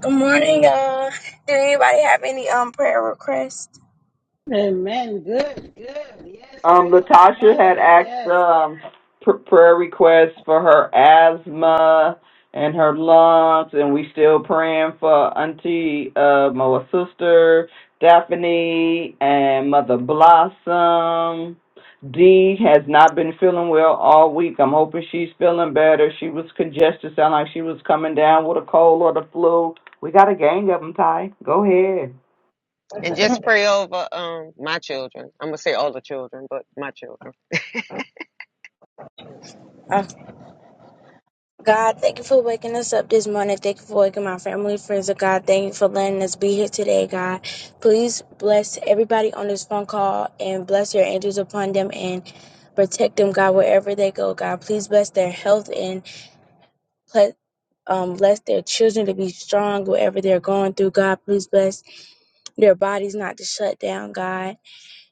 [SPEAKER 6] Good morning, y'all. Did anybody have any um prayer requests?
[SPEAKER 1] Amen. Good, good. Yes,
[SPEAKER 3] Um,
[SPEAKER 1] pray for my
[SPEAKER 3] Latasha had
[SPEAKER 1] mother.
[SPEAKER 3] asked
[SPEAKER 1] Yes.
[SPEAKER 3] um, pr- prayer requests for her asthma and her lungs, and we still praying for Auntie, uh, my sister Daphne, and Mother Blossom. Dee has not been feeling well all week. I'm hoping she's feeling better. She was congested, sound like she was coming down with a cold or the flu. We got a gang of them, Ty. Go ahead.
[SPEAKER 2] And just pray over um my children. I'm gonna say all the children, but my children.
[SPEAKER 6] God, thank you for waking us up this morning. Thank you for waking my family, friends, and God. Thank you for letting us be here today, God. Please bless everybody on this phone call and bless your angels upon them and protect them, God, wherever they go, God. Please bless their health and ple- um, bless their children to be strong wherever they're going through, God. Please bless their bodies not to shut down, God.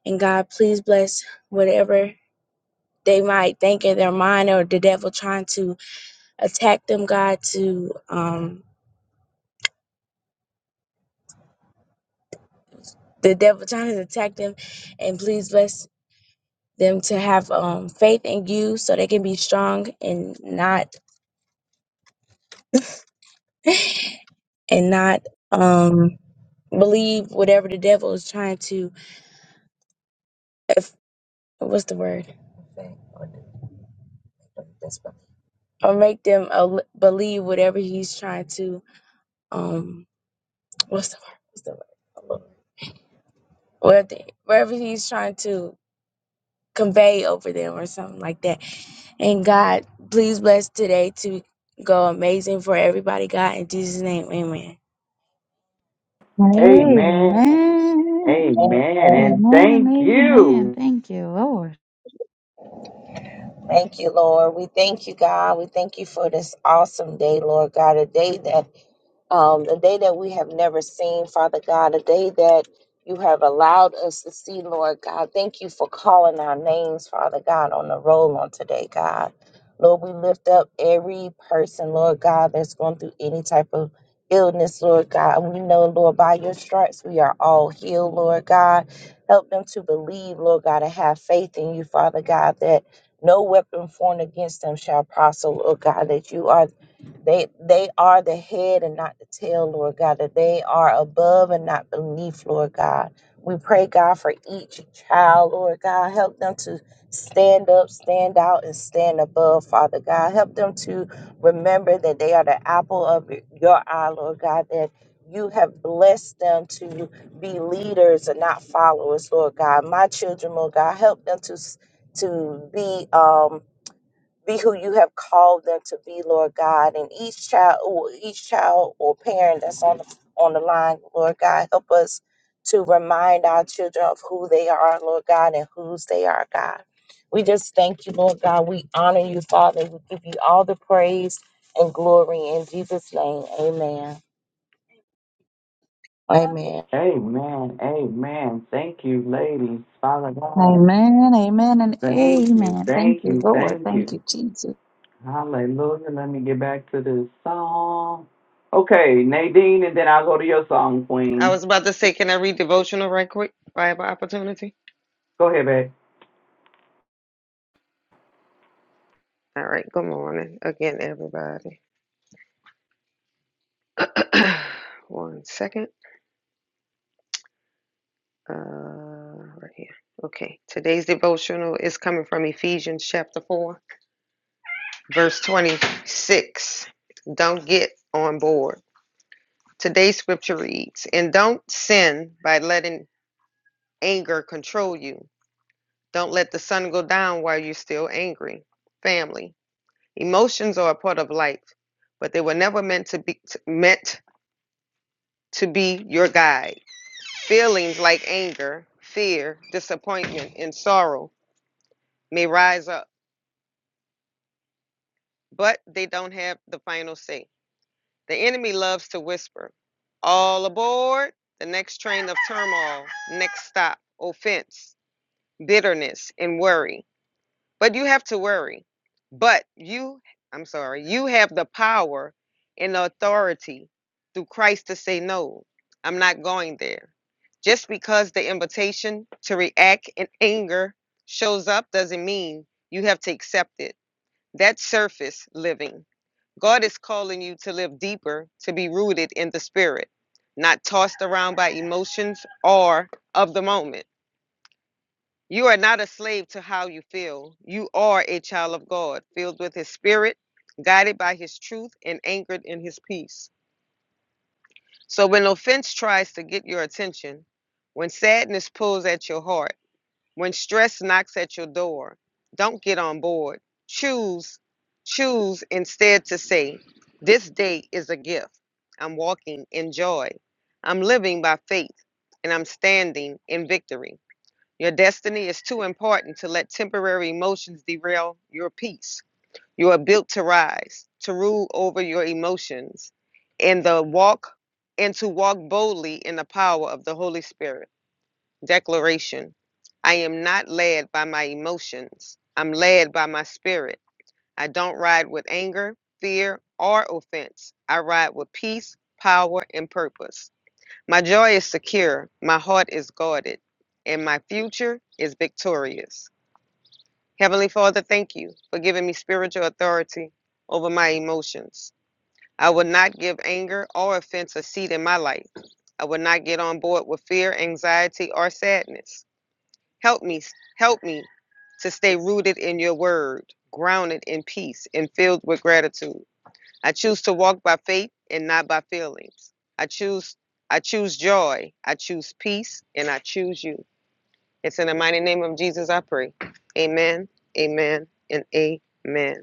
[SPEAKER 6] And God, please bless whatever they might think in their mind or the devil trying to attack them, God, to um, the devil trying to attack them, and please bless them to have um, faith in you so they can be strong and not and not um, believe whatever the devil is trying to. If, what's the word? Or make them uh, believe whatever he's trying to. Um, what's the word? What's the word? Whatever, wherever he's trying to convey over them or something like that And God, please bless today to go amazing for everybody, God. In Jesus' name, amen.
[SPEAKER 3] Amen.
[SPEAKER 5] Amen.
[SPEAKER 3] Amen. And
[SPEAKER 5] Amen and
[SPEAKER 3] thank
[SPEAKER 5] amen.
[SPEAKER 3] you.
[SPEAKER 5] Thank you, Lord.
[SPEAKER 6] Thank you, Lord. We thank you, God. We thank you for this awesome day, Lord God. A day that, um, a day that we have never seen, Father God. A day that you have allowed us to see, Lord God. Thank you for calling our names, Father God, on the roll on today, God. Lord, up, Lord, come through. Lord, by your stripes, we are all healed, Lord God. Help them to believe, Lord God, and have faith in you, Father God, that no weapon formed against them shall prosper, Lord God, that you are they they are the head and not the tail, Lord God, that they are above and not beneath, Lord God. We pray, God, for each child, Lord God. Help them to stand up, stand out, and stand above, Father God. Help them to remember that they are the apple of y- your eye, Lord God, that you have blessed them to be leaders and not followers, Lord God. My children, Lord God, help them to s- to be um be who you have called them to be, Lord God. And each child, or each child or parent that's on the on the line, Lord God, help us to remind our children of who they are, Lord God, and whose they are, God. We just thank you, Lord God. We honor you, Father. We give you all the praise and glory in Jesus' name. Amen. Amen.
[SPEAKER 3] Amen. Amen. Thank you, ladies. Father God.
[SPEAKER 5] Amen, amen, and
[SPEAKER 3] Thank you.
[SPEAKER 5] amen. Thank
[SPEAKER 3] Thank
[SPEAKER 5] you,
[SPEAKER 3] you.
[SPEAKER 5] Lord.
[SPEAKER 3] Thank
[SPEAKER 5] Thank
[SPEAKER 3] you.
[SPEAKER 5] you, Jesus.
[SPEAKER 3] Hallelujah. Let me get back to this song. Okay, Nadine, and then I'll go to your song,
[SPEAKER 2] I
[SPEAKER 3] Queen.
[SPEAKER 2] was about to say, can I read devotional right quick? Bible opportunity.
[SPEAKER 3] Go ahead, babe.
[SPEAKER 2] All right, good morning again, everybody. One second. Uh right here. Okay. Today's devotional is coming from Ephesians chapter four. verse 26. Don't get on board. Today's scripture reads, And don't sin by letting anger control you. Don't let the sun go down while you're still angry. Family. Emotions are a part of life, but they were never meant to be meant to be your guide. Feelings like anger, fear, disappointment, and sorrow may rise up, but they don't have the final say. The enemy loves to whisper, all aboard, the next train of turmoil, next stop, offense, bitterness, and worry. But you have to worry. But you, I'm sorry, you have the power and the authority through Christ to say, no, I'm not going there. Just because the invitation to react in anger shows up doesn't mean you have to accept it. That's surface living. God is calling you to live deeper, to be rooted in the spirit, not tossed around by emotions or of the moment. You are not a slave to how you feel. You are a child of God, filled with his spirit, guided by his truth, and anchored in his peace. So when offense tries to get your attention, when sadness pulls at your heart, when stress knocks at your door, don't get on board. Choose, choose instead to say, This day is a gift. I'm walking in joy. I'm living by faith, and I'm standing in victory. Your destiny is too important to let temporary emotions derail your peace. You are built to rise, to rule over your emotions, and the walk and to walk boldly in the power of the Holy Spirit. Declaration I am not led by my emotions. I'm led by my spirit. I don't ride with anger, fear, or offense. I ride with peace, power, and purpose. My joy is secure. My heart is guarded. And my future is victorious. Heavenly Father, thank you for giving me spiritual authority over my emotions. I will not give anger or offense a seat in my life. I will not get on board with fear, anxiety, or sadness. Help me, help me to stay rooted in your word, grounded in peace, and filled with gratitude. I choose to walk by faith and not by feelings. I choose I choose joy, I choose peace, and I choose you. It's in the mighty name of Jesus I pray. Amen. Amen. And amen.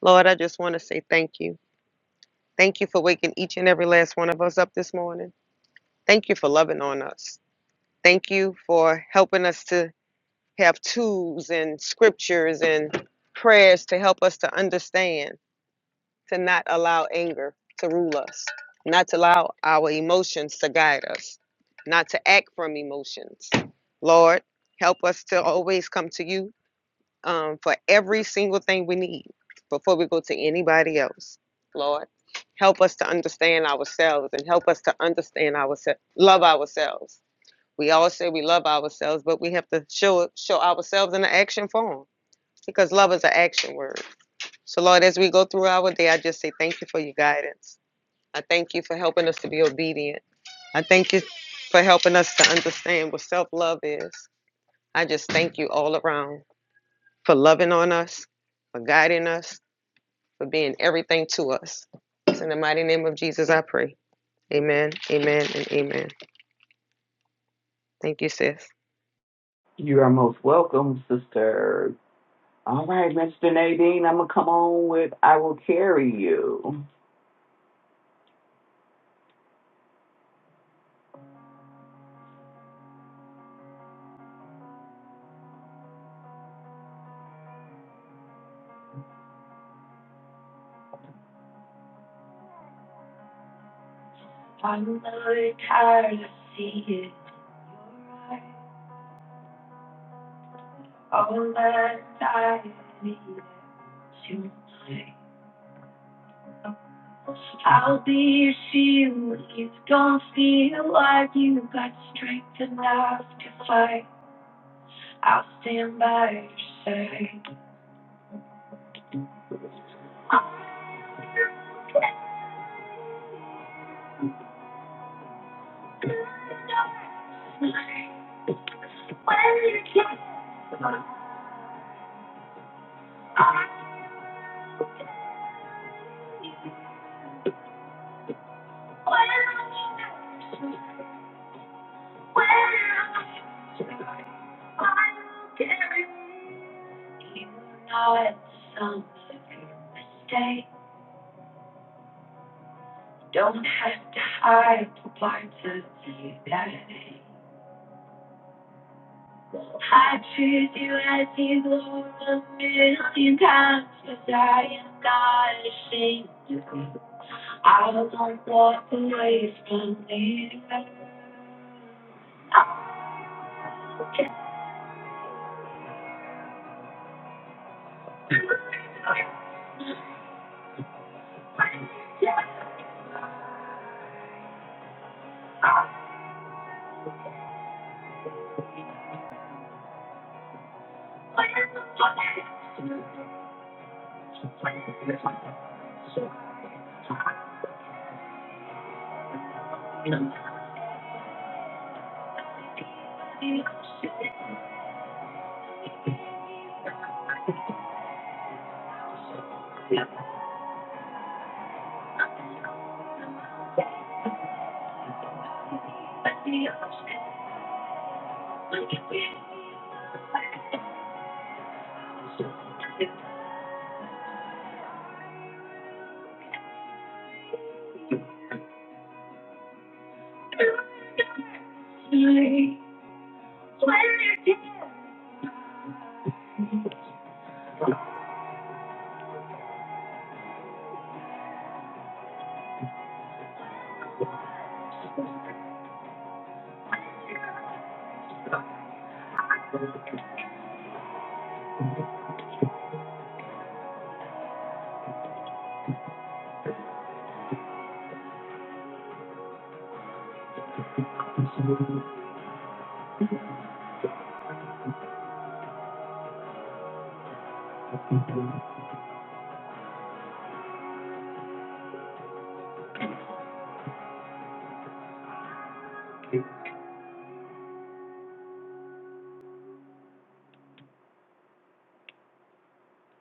[SPEAKER 2] Lord, I just want to say thank you. Thank you for waking each and every last one of us up this morning. Thank you for loving on us. Thank you for helping us to have tools and scriptures and prayers to help us to understand, to not allow anger to rule us, not to allow our emotions to guide us, not to act from emotions. Lord, help us to always come to you um, for every single thing we need before we go to anybody else. Lord, help us to understand ourselves and help us to understand ourselves, love ourselves we always say we love ourselves, but we have to show show ourselves in the action form because love is an action word. So, Lord, as we go through our day, I just say thank you for your guidance. I thank you for helping us to be obedient. I thank you for helping us to understand what self love is. I just thank you all around for loving on us, for guiding us, for being everything to us. It's in the mighty name of Jesus I pray. Amen, amen, and amen. Thank you, sis.
[SPEAKER 3] You are most welcome, sister. All right, Mr. Nadine, I'm going to come on with I Will Carry You.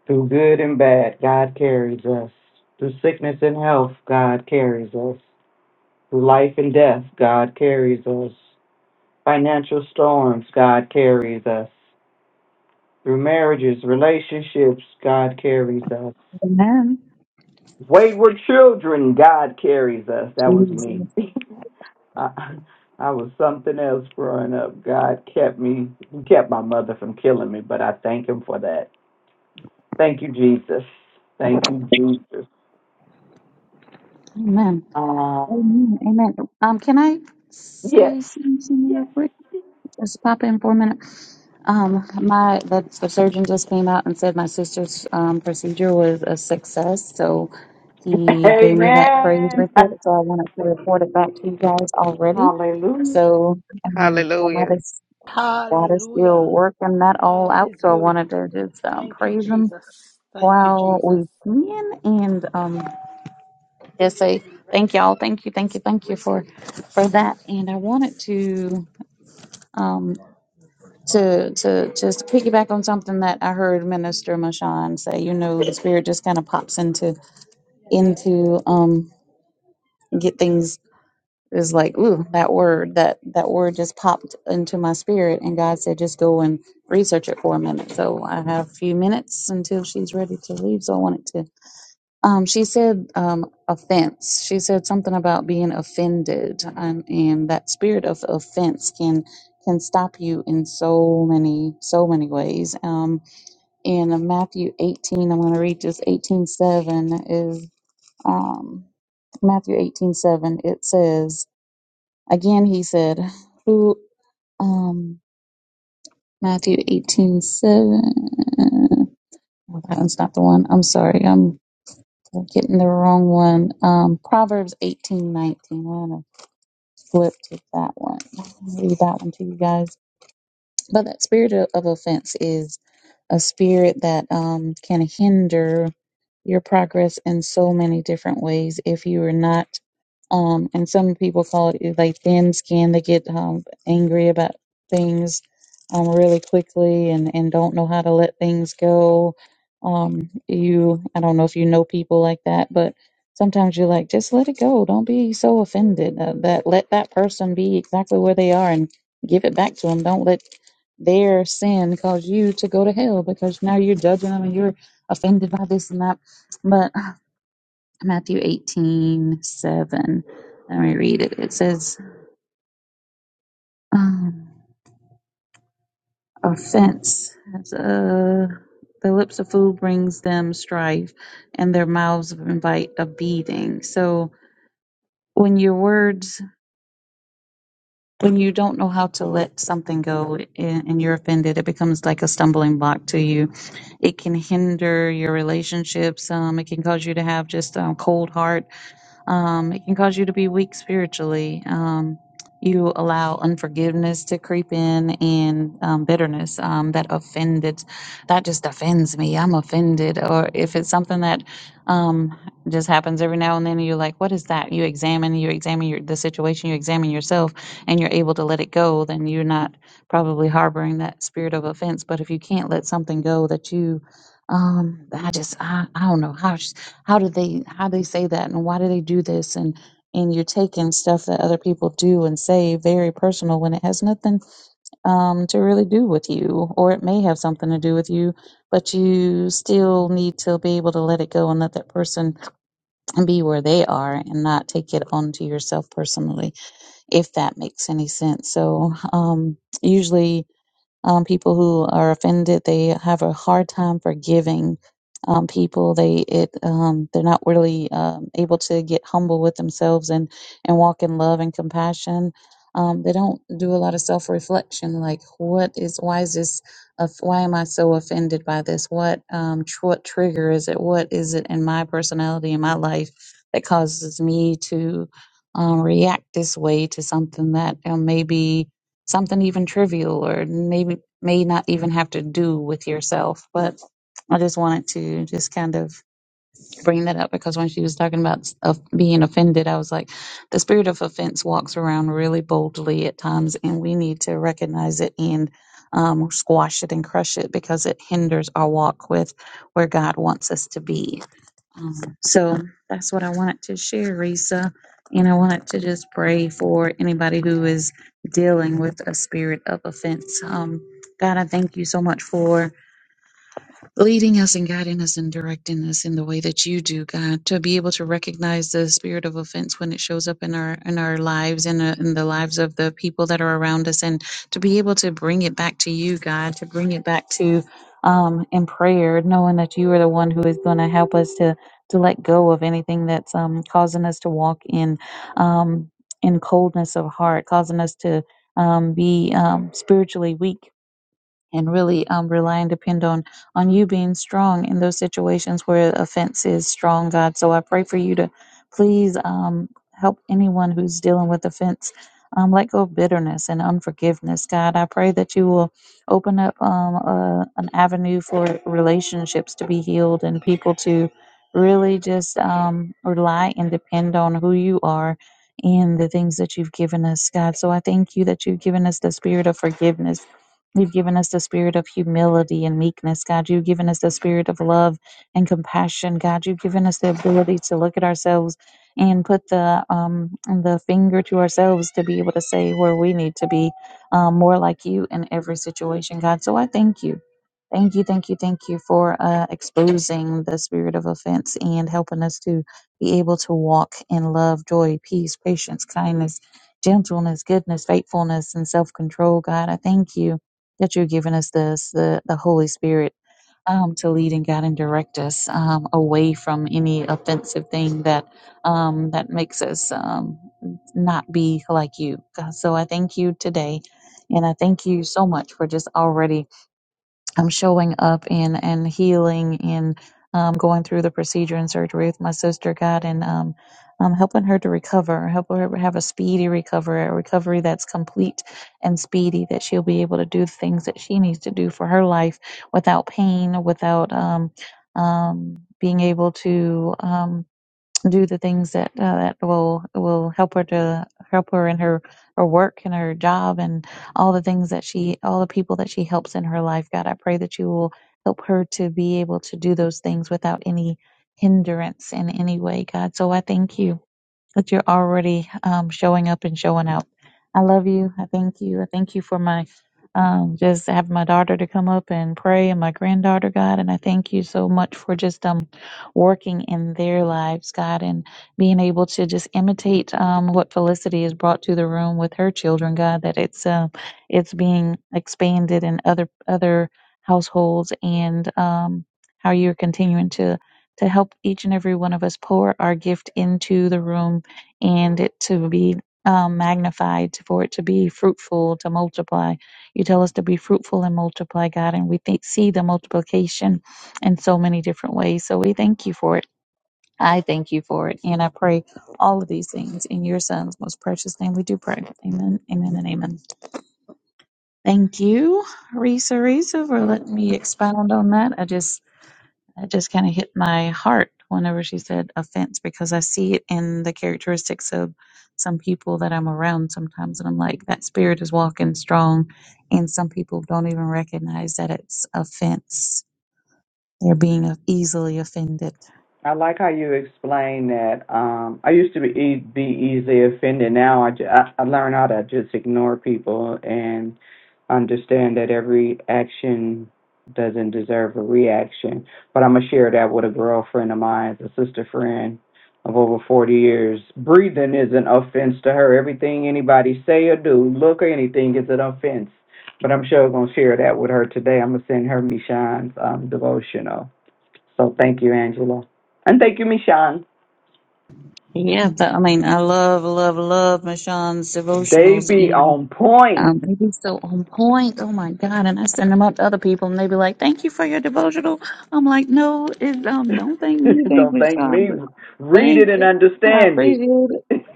[SPEAKER 3] Through good and bad, God carries us. Through sickness and health, God carries us. Through life and death, God carries us. Financial storms, God carries us. Through marriages, relationships, God carries us.
[SPEAKER 5] Amen.
[SPEAKER 3] Wayward children, God carries us. That was
[SPEAKER 5] Jesus.
[SPEAKER 3] me. I, I was something else growing up. God kept me, He kept my mother from killing me, but I thank Him for that. Thank you, Jesus. Thank you, Jesus.
[SPEAKER 5] Amen.
[SPEAKER 3] Um,
[SPEAKER 5] Amen. Amen. Um, can I
[SPEAKER 3] yes.
[SPEAKER 5] say something real quick? Just pop in for a minute. Um, my the, the surgeon just came out and said my sister's um, procedure was a success, so he gave me that praise
[SPEAKER 3] Amen.
[SPEAKER 5] report. So I wanted to report it back to you guys already.
[SPEAKER 3] Hallelujah.
[SPEAKER 5] So um, God
[SPEAKER 2] Hallelujah.
[SPEAKER 5] is God is still
[SPEAKER 1] Hallelujah.
[SPEAKER 5] working that all
[SPEAKER 1] God
[SPEAKER 5] out.
[SPEAKER 1] is
[SPEAKER 5] So I
[SPEAKER 1] good.
[SPEAKER 5] wanted to just um,
[SPEAKER 1] Thank you,
[SPEAKER 5] praise Him
[SPEAKER 1] Jesus. Thank you,
[SPEAKER 5] while
[SPEAKER 1] Jesus.
[SPEAKER 5] we can, and um, just say thank y'all, thank you, thank you, thank you for for that. And I wanted to. Um, to to just piggyback on something that I heard Minister Mashan say, you know, the spirit just kind of pops into into um get things is like, ooh, that word that that word just popped into my spirit, and God said, just go and research it for a minute. So I have a few minutes until she's ready to leave. So I wanted to um, she said um, offense. She said something about being offended, um, and that spirit of offense can can stop you in so many so many ways. Um, in Matthew eighteen, I'm going to read just eighteen seven is um, Matthew eighteen seven. It says again. He said, "Who?" Um, Matthew eighteen seven. Well, that's not the one. I'm sorry. I'm getting the wrong one. Um, Proverbs 18:19. i I'm going to flip to that one. I'll read that one to you guys. But that spirit of, of offense is a spirit that um, can hinder your progress in so many different ways if you are not. Um, and some people call it like thin skin. They get um, angry about things um, really quickly and, and don't know how to let things go. Um, you, I don't know if you know people like that, but sometimes you're like, just let it go. Don't be so offended. Uh, that let that person be exactly where they are and give it back to them. Don't let their sin caused you to go to hell because now you're judging them and you're offended by this and that. But Matthew eighteen seven, let me read it. It says, um, offense. It's, uh, the lips of fool brings them strife and their mouths invite a beating. So when your words when you don't know how to let something go and, and you're offended, it becomes like a stumbling block to you. It can hinder your relationships. Um, it can cause you to have just a cold heart um, it can cause you to be weak spiritually. Um, you allow unforgiveness to creep in and um, bitterness um, that offended, that just offends me. I'm offended. Or if it's something that um, just happens every now and then, you're like, what is that? You examine, you examine your, the situation, you examine yourself, and you're able to let it go, then you're not probably harboring that spirit of offense. But if you can't let something go that you, um, I just, I, I don't know how how do they how they say that and why do they do this and and you're taking stuff that other people do and say very personal when it has nothing um, to really do with you, or it may have something to do with you, but you still need to be able to let it go and let that person be where they are and not take it onto yourself personally, if that makes any sense. So, um, usually um, people who are offended they have a hard time forgiving um, people they it um, they're not really um, able to get humble with themselves and and walk in love and compassion um, they don't do a lot of self-reflection like what is why is this of why am i so offended by this what um tr- what trigger is it what is it in my personality in my life that causes me to um, react this way to something that um, maybe something even trivial or maybe may not even have to do with yourself but i just wanted to just kind of bring that up because when she was talking about of being offended i was like the spirit of offense walks around really boldly at times and we need to recognize it and um, squash it and crush it because it hinders our walk with where god wants us to be um, So that's what I wanted to share, Risa. And I wanted to just pray for anybody who is dealing with a spirit of offense. Um, God, I thank you so much for leading us and guiding us and directing us in the way that you do, God, to be able to recognize the spirit of offense when it shows up in our in our lives and in, in the lives of the people that are around us, and to be able to bring it back to you, God, to bring it back to um in prayer, knowing that you are the one who is going to help us to to let go of anything that's um causing us to walk in um in coldness of heart, causing us to um, be um, spiritually weak and really um, rely and depend on on you being strong in those situations where offense is strong, God. So I pray for you to please um, help anyone who's dealing with offense. Um, let go of bitterness and unforgiveness, God. I pray that you will open up um, a, an avenue for relationships to be healed and people to really just um, rely and depend on who you are and the things that you've given us, God. So I thank you that you've given us the spirit of forgiveness You've given us the spirit of humility and meekness, God. You've given us the spirit of love and compassion, God. You've given us the ability to look at ourselves and put the um, the finger to ourselves to be able to say where we need to be um, more like you in every situation, God. So I thank you. Thank you, thank you, thank you for uh, exposing the spirit of offense and helping us to be able to walk in love, joy, peace, patience, kindness, gentleness, goodness, faithfulness, and self control, God. I thank you that you've given us this, the, the Holy Spirit, um, to lead and guide and direct us um, away from any offensive thing that um, that makes us um, not be like you. God, So I thank you today, and I thank you so much for just already I'm showing up and and healing and um, going through the procedure and surgery with my sister God and um, um, helping her to recover, help her have a speedy recovery, a recovery that's complete and speedy, that she'll be able to do the things that she needs to do for her life without pain, without um, um, being able to. Um, do the things that uh, that will will help her to help her in her her work and her job and all the things that she all the people that she helps in her life god i pray that you will help her to be able to do those things without any hindrance in any way god so i thank you but you're already um, showing up and showing out. I love you. I thank you. I thank you for my um, just having my daughter to come up and pray and my granddaughter, God. And I thank you so much for just um, working in their lives, God, and being able to just imitate um, what Felicity has brought to the room with her children, God. That it's um it's being expanded in other other households and um, how you're continuing to to help each and every one of us pour our gift into the room and it to be um, magnified, for it to be fruitful, to multiply. You tell us to be fruitful and multiply, God, and we think, see the multiplication in so many different ways. So we thank you for it. I thank you for it. And I pray all of these things in your son's most precious name. We do pray. Amen, amen, and amen. Thank you, Risa Risa, for letting me expound on that. I just it just kind of hit my heart whenever she said offense because I see it in the characteristics of some people that I'm around sometimes. And I'm like, that spirit is walking strong. And some people don't even recognize that it's offense you're being easily offended.
[SPEAKER 3] I like how you explain that. Um, I used to be, e- be easily offended. Now I, ju- I, I learn how to just ignore people and understand that every action doesn't deserve a reaction. But I'm going to share that with a girlfriend of mine, a sister friend of over 40 years. Breathing is an offense to her. Everything anybody say or do, look or anything is an offense. But I'm sure I'm going to share that with her today. I'm going to send her Michonne's um, devotional so thank you, Angela. And thank you, Michon.
[SPEAKER 5] Yeah, but I mean, I love, love, love Michonne's
[SPEAKER 3] They
[SPEAKER 5] devotionals,
[SPEAKER 3] be
[SPEAKER 5] and
[SPEAKER 3] on point.
[SPEAKER 5] um, they be so on point. Oh my God! And I send them out to other people, and they be like, "Thank you for your devotional." I'm like, "No, it, um, don't thank me, thank
[SPEAKER 3] Don't thank
[SPEAKER 5] Michonne."
[SPEAKER 3] me. Read it
[SPEAKER 5] Thank
[SPEAKER 3] and
[SPEAKER 5] you. I
[SPEAKER 3] understand it.
[SPEAKER 5] appreciate it.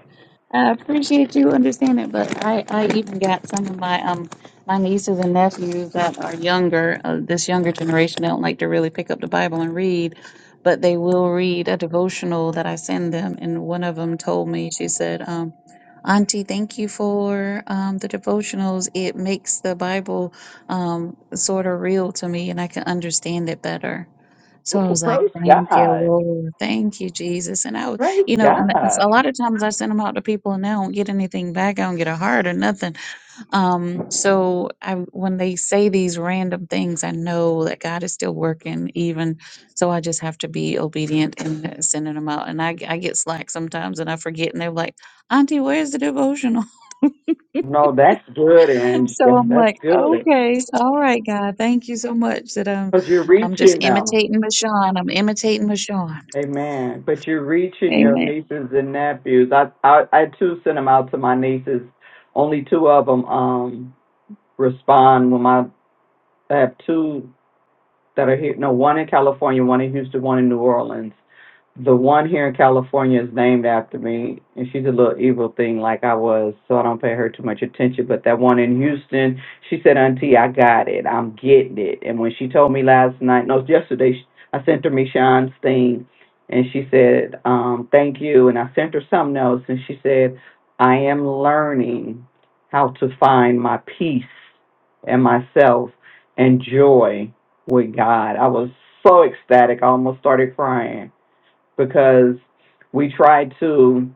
[SPEAKER 5] I appreciate you understanding, but I, I even got some of my um my nieces and nephews that are younger, uh, this younger generation don't like to really pick up the Bible and read, but they will read a devotional that I send them. And one of them told me, she said, um, Auntie, thank you for um, the devotionals. It makes the Bible um, sort of real to me, and I can understand it better. So I
[SPEAKER 3] Oh,
[SPEAKER 5] was like,
[SPEAKER 3] praise
[SPEAKER 5] thank you,
[SPEAKER 3] God.
[SPEAKER 5] Lord. Thank you, Jesus. And I would,
[SPEAKER 3] Praise
[SPEAKER 5] you know, and that's-
[SPEAKER 3] God.
[SPEAKER 5] a lot of times I send them out to people and they don't get anything back. I don't get a heart or nothing. Um, so I, when they say these random things, I know that God is still working even. So I just have to be obedient and sending them out. And I, g- I get slack sometimes and I forget and they're like, auntie, where's the devotional?
[SPEAKER 3] No, that's good,
[SPEAKER 5] So
[SPEAKER 3] Angela.
[SPEAKER 5] I'm
[SPEAKER 3] That's
[SPEAKER 5] like,
[SPEAKER 3] good.
[SPEAKER 5] okay, all right, God, thank you so much that I'm,
[SPEAKER 3] Because you're
[SPEAKER 5] I'm just
[SPEAKER 3] reaching them.
[SPEAKER 5] imitating Michonne. I'm imitating Michonne.
[SPEAKER 3] Amen. But you're reaching your
[SPEAKER 5] Amen.
[SPEAKER 3] nieces and nephews. I, I, I too sent them out to my nieces. Only two of them um, respond when my, I have two that are here. No, one in California, one in Houston, one in New Orleans. The one here in California is named after me, and she's a little evil thing like I was, so I don't pay her too much attention. But that one in Houston, she said, Auntie, I got it. I'm getting it. And when she told me last night, no, yesterday, sh- I sent her Michonne's thing, and she said, um, Thank you. And I sent her something else, and she said, I am learning how to find my peace and myself and joy with God. I was so ecstatic. I almost started crying because we tried to,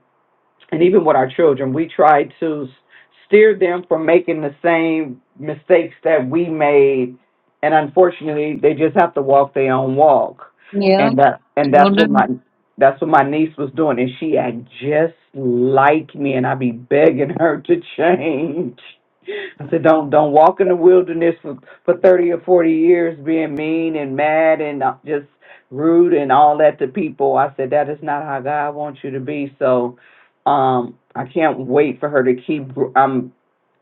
[SPEAKER 3] and even with our children, we tried to s- steer them from making the same mistakes that we made. And unfortunately, they just have to walk their own walk.
[SPEAKER 5] Yeah,
[SPEAKER 3] And that, and that's what
[SPEAKER 5] children.
[SPEAKER 3] my, that's what my niece was doing. And she act just like me. And I be begging her to change. I said, don't don't walk in the wilderness for for thirty or forty years being mean and mad and uh, just rude and all that to people. I said that is not how God wants you to be. So, um, I can't wait for her to keep gr- um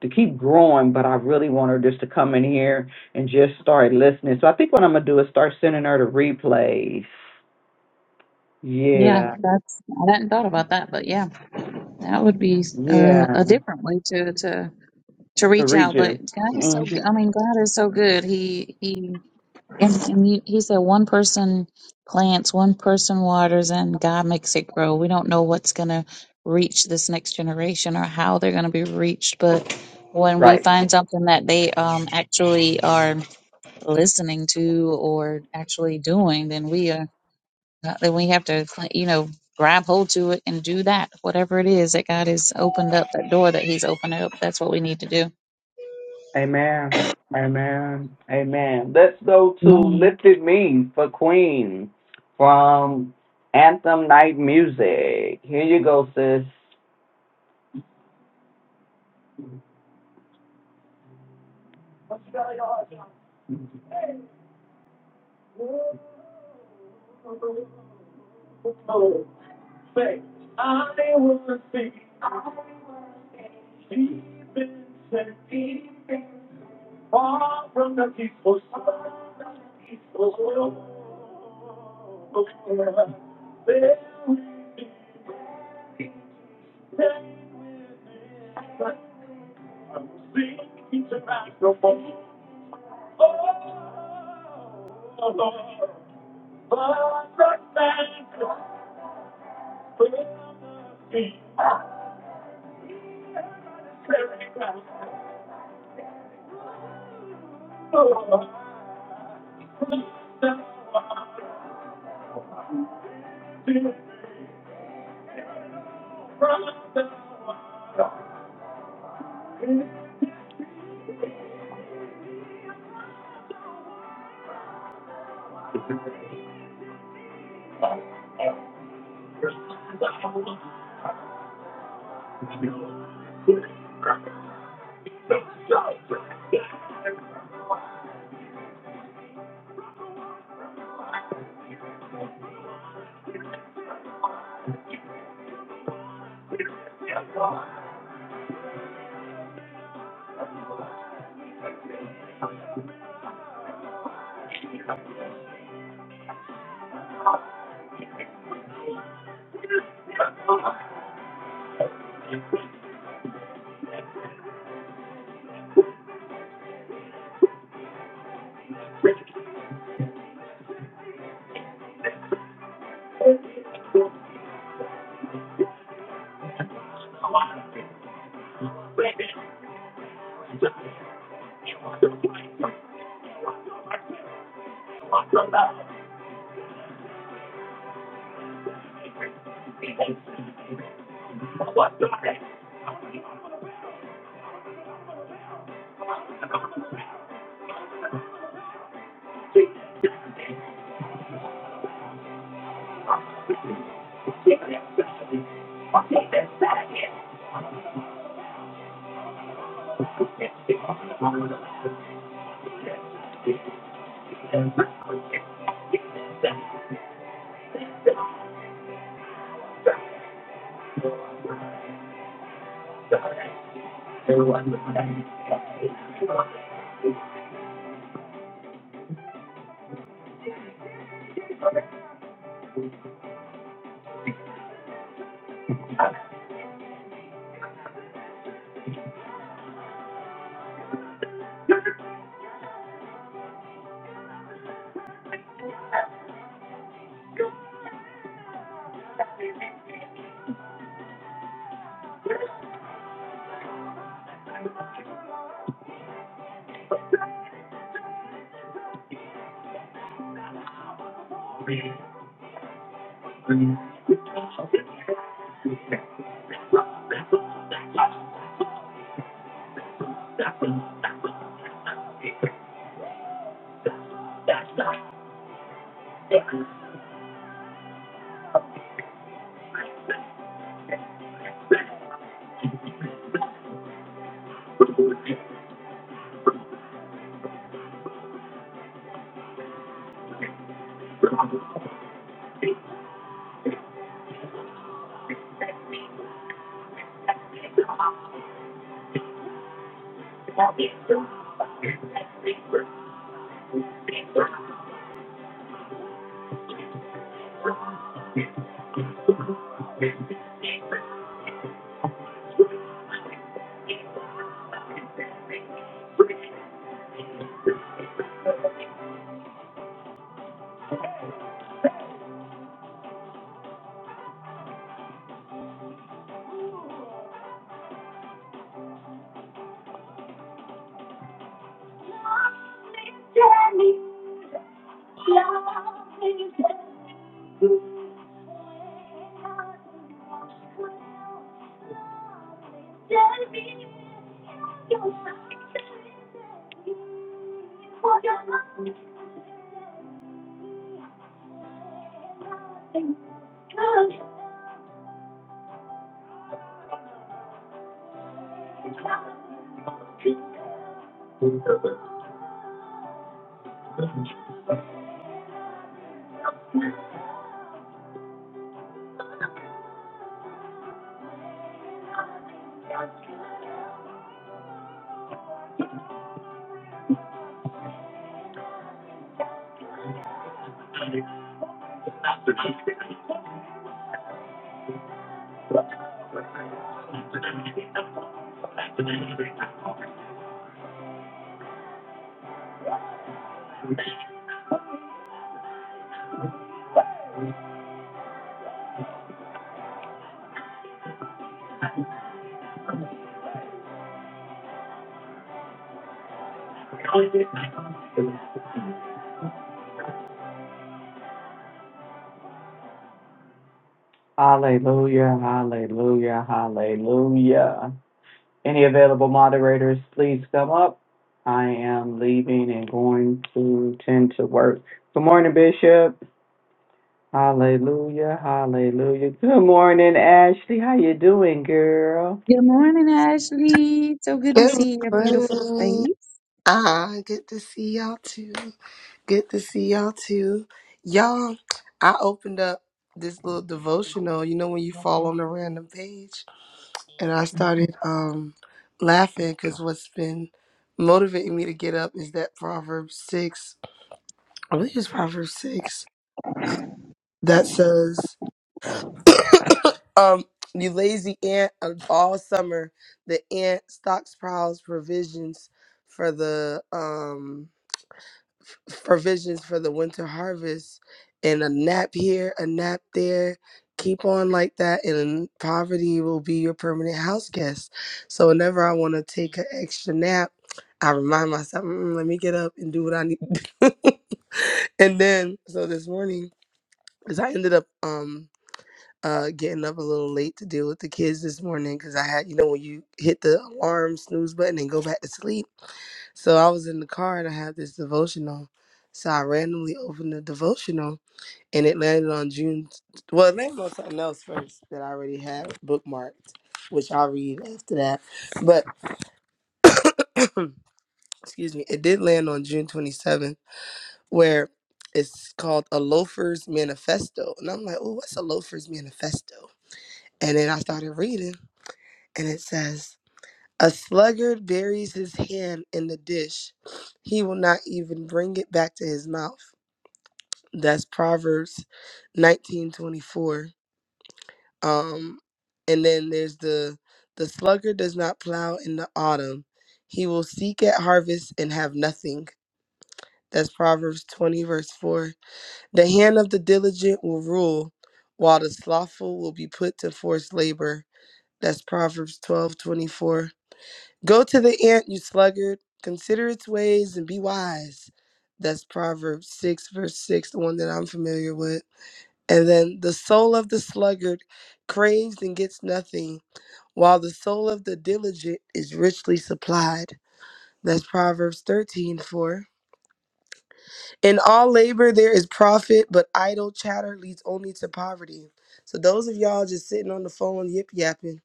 [SPEAKER 3] to keep growing. But I really want her just to come in here and just start listening. So I think what I'm gonna do is start sending her the replays.
[SPEAKER 5] Yeah,
[SPEAKER 3] Yeah,
[SPEAKER 5] that's I hadn't thought about that, but yeah, that would be uh,
[SPEAKER 3] yeah,
[SPEAKER 5] a different way to to to
[SPEAKER 3] to
[SPEAKER 5] reach
[SPEAKER 3] reach
[SPEAKER 5] out. But
[SPEAKER 3] her.
[SPEAKER 5] God is so
[SPEAKER 3] hmm
[SPEAKER 5] good. I mean, God is so good. He he and, and you, he said one person plants, one person waters, and God makes it grow. We don't know what's gonna reach this next generation or how they're gonna be reached, but when we
[SPEAKER 3] Right.
[SPEAKER 5] find something that they um actually are listening to or actually doing, then we are. Not that we have to, cl- you know, grab hold to it and do that. Whatever it is that God has opened up, that door that He's opened up, that's what we need to do.
[SPEAKER 3] Amen. Amen. Amen. Let's go to
[SPEAKER 5] Amen.
[SPEAKER 3] Lifted Me for Queen from Anthem Night Music. Here you go, sis. Hallelujah. Hallelujah. Hallelujah. Any available moderators, please come up. I am leaving and going to tend to work. Good morning, Bishop. Hallelujah. Hallelujah. Good morning, Ashley. How you doing, girl?
[SPEAKER 5] Good morning, Ashley. So good to
[SPEAKER 7] Good
[SPEAKER 5] see your beautiful
[SPEAKER 7] morning.
[SPEAKER 5] face.
[SPEAKER 7] Ah, good to see y'all too. Good to see y'all too. Y'all, I opened up this little devotional, you know, when you fall on a random page. And I started um laughing because what's been motivating me to get up is that Proverbs 6, I believe it's Proverbs 6, uh, that says, Um, you lazy ant of all summer. The ant stocks prowls provisions for the um provisions for the winter harvest and a nap here, a nap there. Keep on like that and poverty will be your permanent house guest. So whenever I want to take an extra nap, I remind myself, "Mm, let me get up and do what I need. to do." and then so this morning, because I ended up um uh, getting up a little late to deal with the kids this morning because I had, you know, when you hit the alarm snooze button and go back to sleep. So I was in the car and I had this devotional. So I randomly opened the devotional and it landed on June. Well, it landed on something else first that I already had bookmarked, which I'll read after that. But excuse me, it did land on June 27th, where it's called A Loafer's Manifesto. And I'm like, oh, what's a Loafer's Manifesto? And then I started reading. and it says, A sluggard buries his hand in the dish. He will not even bring it back to his mouth. That's Proverbs 1924. Um, and then there's the the sluggard does not plow in the autumn. He will seek at harvest and have nothing. That's Proverbs 20, verse 4. The hand of the diligent will rule, while the slothful will be put to forced labor. That's Proverbs 12 24. Go to the ant, you sluggard. Consider its ways and be wise. That's Proverbs 6, verse 6, the one that I'm familiar with. And then the soul of the sluggard craves and gets nothing, while the soul of the diligent is richly supplied. That's Proverbs 13, 4. In all labor there is profit, but idle chatter leads only to poverty. So those of y'all just sitting on the phone yip yapping,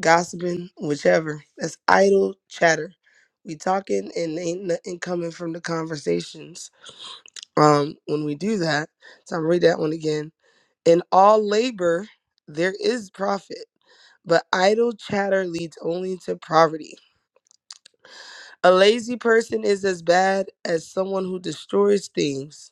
[SPEAKER 7] gossiping, whichever. That's idle chatter. We talking and ain't nothing coming from the conversations. Um, when we do that, so I'm gonna read that one again. In all labor, there is profit, but idle chatter leads only to poverty. A lazy person is as bad as someone who destroys things.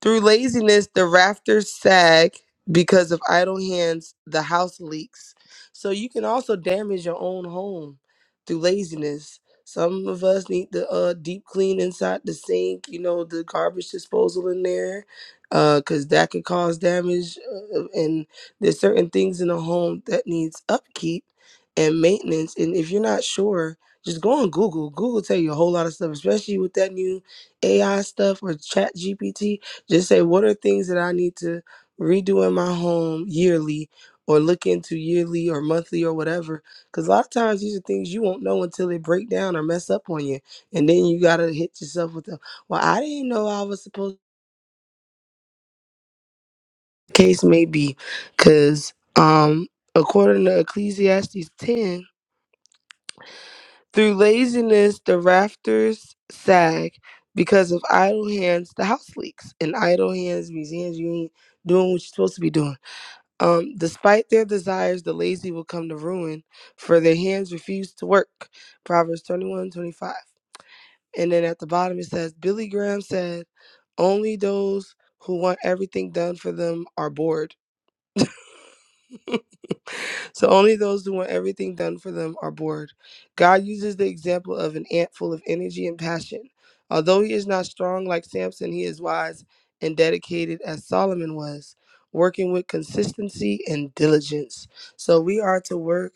[SPEAKER 7] Through laziness, the rafters sag because of idle hands, the house leaks. So you can also damage your own home through laziness. Some of us need the uh, deep clean inside the sink, you know, the garbage disposal in there, because that could cause damage. Uh, and there's certain things in a home that needs upkeep and maintenance. And if you're not sure, just go on Google. Google tell you a whole lot of stuff, especially with that new AI stuff or Chat GPT just say, what are things that I need to redo in my home yearly or look into yearly or monthly or whatever? Because a lot of times these are things you won't know until they break down or mess up on you. And then you got to hit yourself with the, well, I didn't know I was supposed to. Case may be. Because um, according to Ecclesiastes 10, through laziness the rafters sag. Because of idle hands, the house leaks. And idle hands means hands you ain't doing what you're supposed to be doing. Um, despite their desires, the lazy will come to ruin, for their hands refuse to work. Proverbs 21 25. And then at the bottom it says, Billy Graham said, Only those who want everything done for them are bored. so only those who want everything done for them are bored. God uses the example of an ant full of energy and passion. Although he is not strong like Samson, he is wise and dedicated as Solomon was, working with consistency and diligence. So we are to work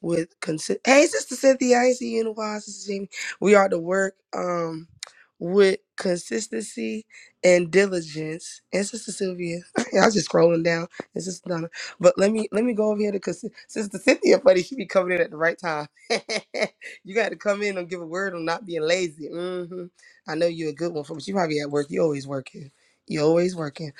[SPEAKER 7] with consist. Hey, Sister Cynthia, I ain't see you in a while, Sister Jamie. We are to work um with consistency and diligence. And Sister Sylvia, I was just scrolling down. It's just but let me let me go over here to because Sister Cynthia, buddy, she be coming in at the right time. you got to come in and give a word on not being lazy. hmm I know you're a good one for, but you probably at work. You always working. You always working.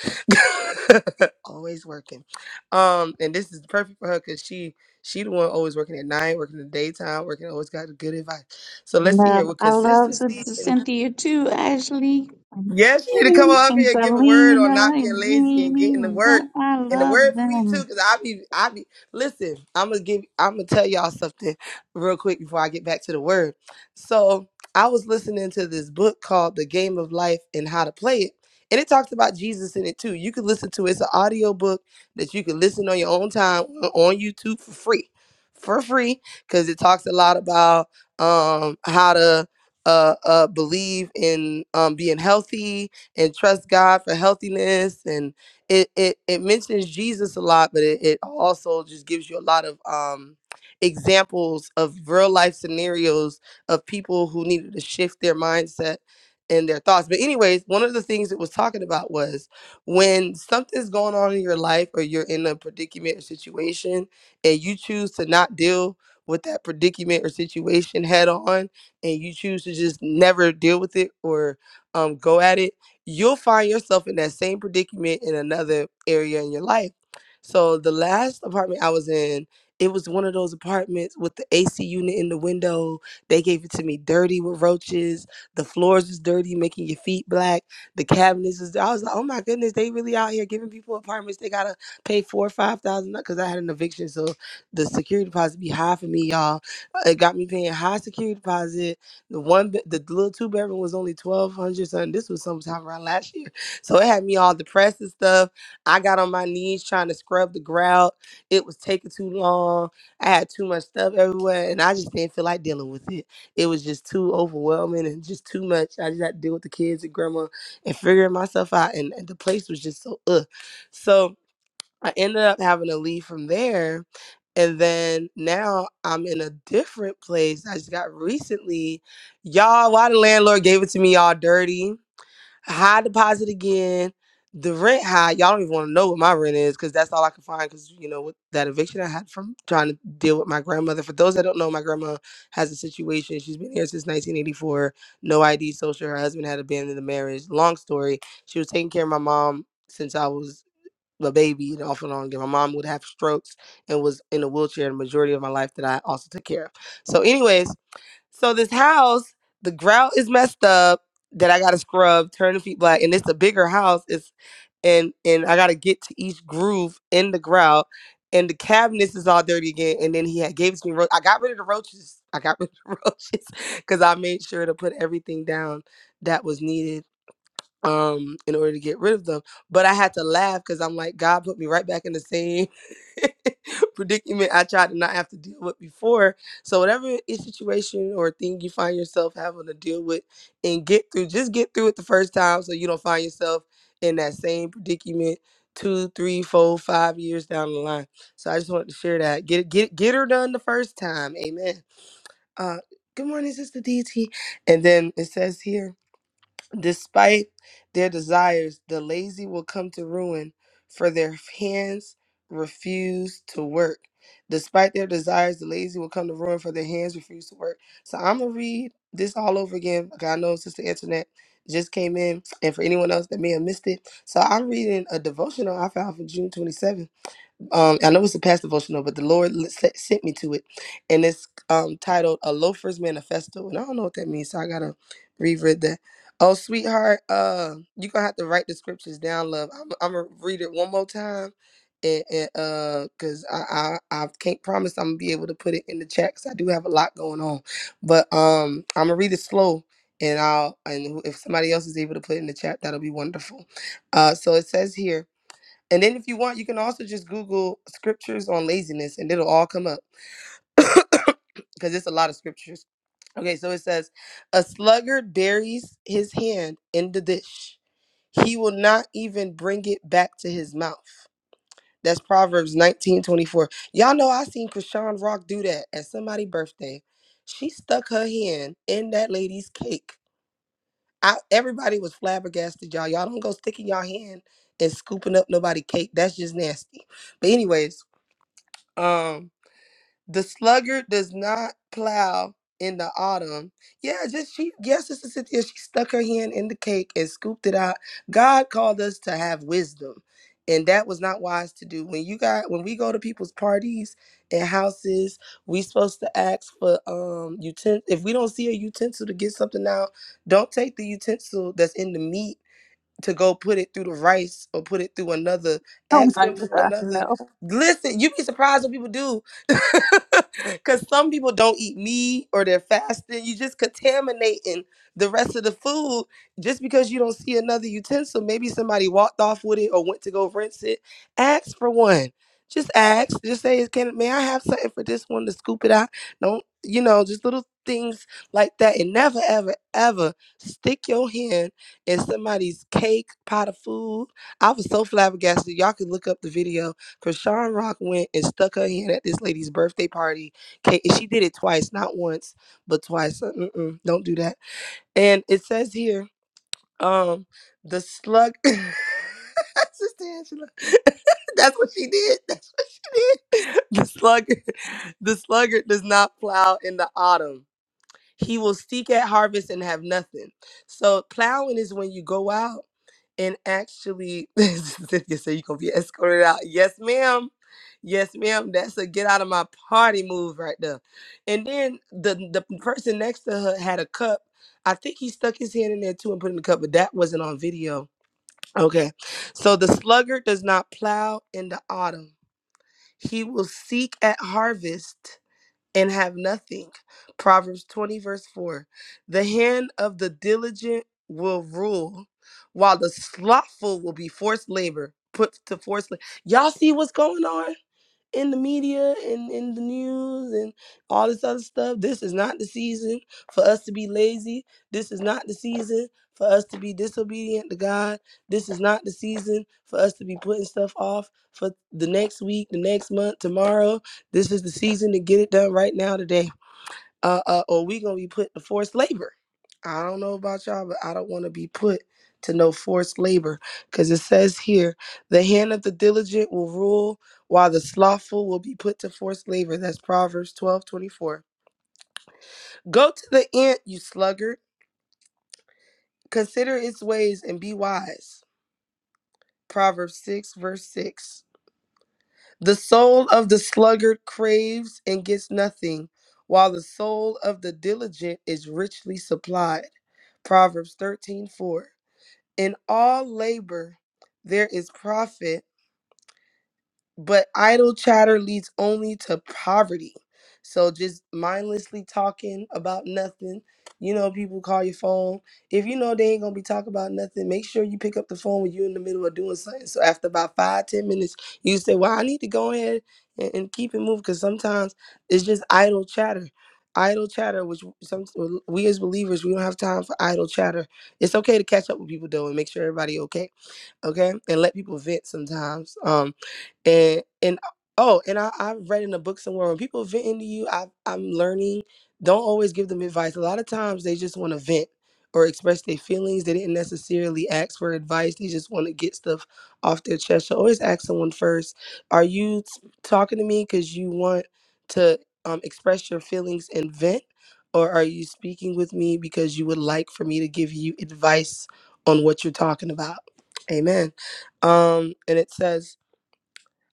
[SPEAKER 7] always working. Um, and this is perfect for her because she she the one always working at night, working in the daytime, working always got good advice. So
[SPEAKER 5] I
[SPEAKER 7] let's see here
[SPEAKER 5] love,
[SPEAKER 7] with
[SPEAKER 5] I love
[SPEAKER 7] consistency
[SPEAKER 5] Sister
[SPEAKER 7] and
[SPEAKER 5] Cynthia too, Ashley.
[SPEAKER 7] Yes, you need to come up
[SPEAKER 5] And
[SPEAKER 7] here and give a word on
[SPEAKER 5] Selena
[SPEAKER 7] not being
[SPEAKER 5] and
[SPEAKER 7] lazy and getting
[SPEAKER 5] Jamie
[SPEAKER 7] the
[SPEAKER 5] and
[SPEAKER 7] work.
[SPEAKER 5] Don- I
[SPEAKER 7] And the
[SPEAKER 5] love
[SPEAKER 7] word for me too,
[SPEAKER 5] them.
[SPEAKER 7] because I be I be listen, I'm gonna give I'm gonna tell y'all something real quick before I get back to the word. So I was listening to this book called The Game of Life and How to Play It. And it talks about Jesus in it too. You can listen to it. It's an audio book that you can listen on your own time on YouTube for free. For free. Cause it talks a lot about um how to uh, uh, believe in um, being healthy and trust God for healthiness. And it, it, it mentions Jesus a lot, but it, it also just gives you a lot of um, examples of real life scenarios of people who needed to shift their mindset and their thoughts. But, anyways, one of the things it was talking about was when something's going on in your life or you're in a predicament or situation and you choose to not deal with that predicament or situation head on and you choose to just never deal with it or um, go at it, you'll find yourself in that same predicament in another area in your life. So the last apartment I was in, it was one of those apartments with the AC unit in the window. They gave it to me dirty with roaches. The floors is dirty, making your feet black. The cabinets is. I was like, oh my goodness, they really out here giving people apartments. They gotta pay four or five thousand because I had an eviction, so the security deposit be high for me, y'all it got me paying high security deposit. The one, be- the little two bedroom was only twelve hundred something. This was sometime around last year, so it had me all depressed and stuff. I got on my knees trying to scrub the grout. It was taking too long. I had too much stuff everywhere, and I just didn't feel like dealing with it. It was just too overwhelming and just too much. I just had to deal with the kids and grandma and figuring myself out, and, and the place was just so ugh. So I ended up having to leave from there. And then now I'm in a different place. I just got recently, y'all, why the landlord gave it to me all dirty. High deposit again. The rent high. Y'all don't even want to know what my rent is because that's all I could find because, you know, with that eviction I had from trying to deal with my grandmother. For those that don't know, my grandma has a situation. She's been here since 1984. No ID social. Her husband had abandoned the marriage. Long story. She was taking care of my mom since I was the baby and off and on again. My mom would have strokes and was in a wheelchair the majority of my life that I also took care of. So, anyways, so this house, the grout is messed up that I gotta scrub, turn the feet black, and it's a bigger house. It's and and I gotta get to each groove in the grout. And the cabinets is all dirty again. And then he had gave it to me. ro- I got rid of the roaches. I got rid of the roaches because I made sure to put everything down that was needed um in order to get rid of them but i had to laugh because i'm like god put me right back in the same predicament i tried to not have to deal with before so whatever i- situation or thing you find yourself having to deal with and get through just get through it the first time so you don't find yourself in that same predicament two three four five years down the line so i just wanted to share that get it- get it- get her done the first time amen uh good morning sister dt and then it says here Despite their desires, the lazy will come to ruin, for their hands refuse to work. Despite their desires, the lazy will come to ruin, for their hands refuse to work. So I'm gonna read this all over again. Like I know Sister Internet just came in, and for anyone else that may have missed it, so I'm reading a devotional I found from June 27th um, I know it's a past devotional, but the Lord l- se- sent me to it, and it's um, titled "A Loafer's Manifesto," and I don't know what that means, so I gotta reread that. Oh, sweetheart, uh, you're gonna have to write the scriptures down, love. I'm, I'm gonna read it one more time, and, and uh, cause I, I I can't promise I'm gonna be able to put it in the chat, cause I do have a lot going on, but um, I'm gonna read it slow. And I'll and if somebody else is able to put it in the chat, that'll be wonderful. Uh, so it says here, and then if you want, you can also just Google scriptures on laziness and it'll all come up because it's a lot of scriptures. Okay, so it says, A sluggard buries his hand in the dish. He will not even bring it back to his mouth. That's Proverbs nineteen twenty-four. Y'all know I seen Krishan Rock do that at somebody's birthday. She stuck her hand in that lady's cake. I, everybody was flabbergasted, y'all. Y'all don't go sticking your hand and scooping up nobody cake. That's just nasty. But anyways, Um, the sluggard does not plow in the autumn. Yeah, just she, yes, Sister Cynthia, she stuck her hand in the cake and scooped it out. God called us to have wisdom, and that was not wise to do. When you got, when we go to people's parties and houses, we supposed to ask for um utensil. If we don't see a utensil to get something out, don't take the utensil that's in the meat to go put it through the rice or put it through another
[SPEAKER 5] Oh
[SPEAKER 7] ask
[SPEAKER 5] my
[SPEAKER 7] them for
[SPEAKER 5] God,
[SPEAKER 7] another
[SPEAKER 5] no.
[SPEAKER 7] listen you'd be surprised what people do because some people don't eat meat or they're fasting you just contaminating the rest of the food just because you don't see another utensil maybe somebody walked off with it or went to go rinse it ask for one just ask just say can may i have something for this one to scoop it out don't you know just little things like that and never ever ever stick your hand and somebody's cake, pot of food. I was so flabbergasted. Y'all can look up the video because Sean Rock went and stuck her hand at this lady's birthday party. Cake. and She did it twice, not once, but twice. Uh, Mm-mm, don't do that. And it says here, um, the slug. Sister Angela. That's what she did. That's what she did. The slug, the sluggard does not plow in the autumn he will seek at harvest and have nothing. So plowing is when you go out and actually Cynthia said you're gonna be escorted out. Yes, ma'am. Yes, ma'am. That's a get out of my party move right there. And then the the person next to her had a cup. I think he stuck his hand in there too and put it in the cup, but that wasn't on video. Okay. So the sluggard does not plow in the autumn. He will seek at harvest and have nothing. Proverbs 20, verse 4. The hand of the diligent will rule, while the slothful will be forced labor, put to forced labor. Y'all see what's going on? in the media and in the news and all this other stuff. This is not the season for us to be lazy. This is not the season for us to be disobedient to God. This is not the season for us to be putting stuff off for the next week, the next month, tomorrow. This is the season to get it done right now today uh, uh, or we gonna be put to forced labor. I don't know about y'all, but I don't want to be put to no forced labor because it says here, the hand of the diligent will rule, while the slothful will be put to forced labor. That's Proverbs twelve twenty four. Go to the end, you sluggard. Consider its ways and be wise. Proverbs 6, verse 6. The soul of the sluggard craves and gets nothing, while the soul of the diligent is richly supplied. Proverbs 13:4. In all labor there is profit but idle chatter leads only to poverty. So just mindlessly talking about nothing. You know, people call your phone. If you know they ain't gonna be talking about nothing, make sure you pick up the phone when you're in the middle of doing something. So after about five, ten minutes, you say, Well, I need to go ahead and, and keep it moving because sometimes it's just idle chatter. Idle chatter, which some well, we as believers, we don't have time for idle chatter. It's okay to catch up with people though and make sure everybody okay. Okay. And let people vent sometimes. Um, and and oh and I, i've read in a book somewhere when people vent into you I, i'm learning don't always give them advice a lot of times they just want to vent or express their feelings they didn't necessarily ask for advice they just want to get stuff off their chest so always ask someone first are you t- talking to me because you want to um, express your feelings and vent or are you speaking with me because you would like for me to give you advice on what you're talking about amen um and it says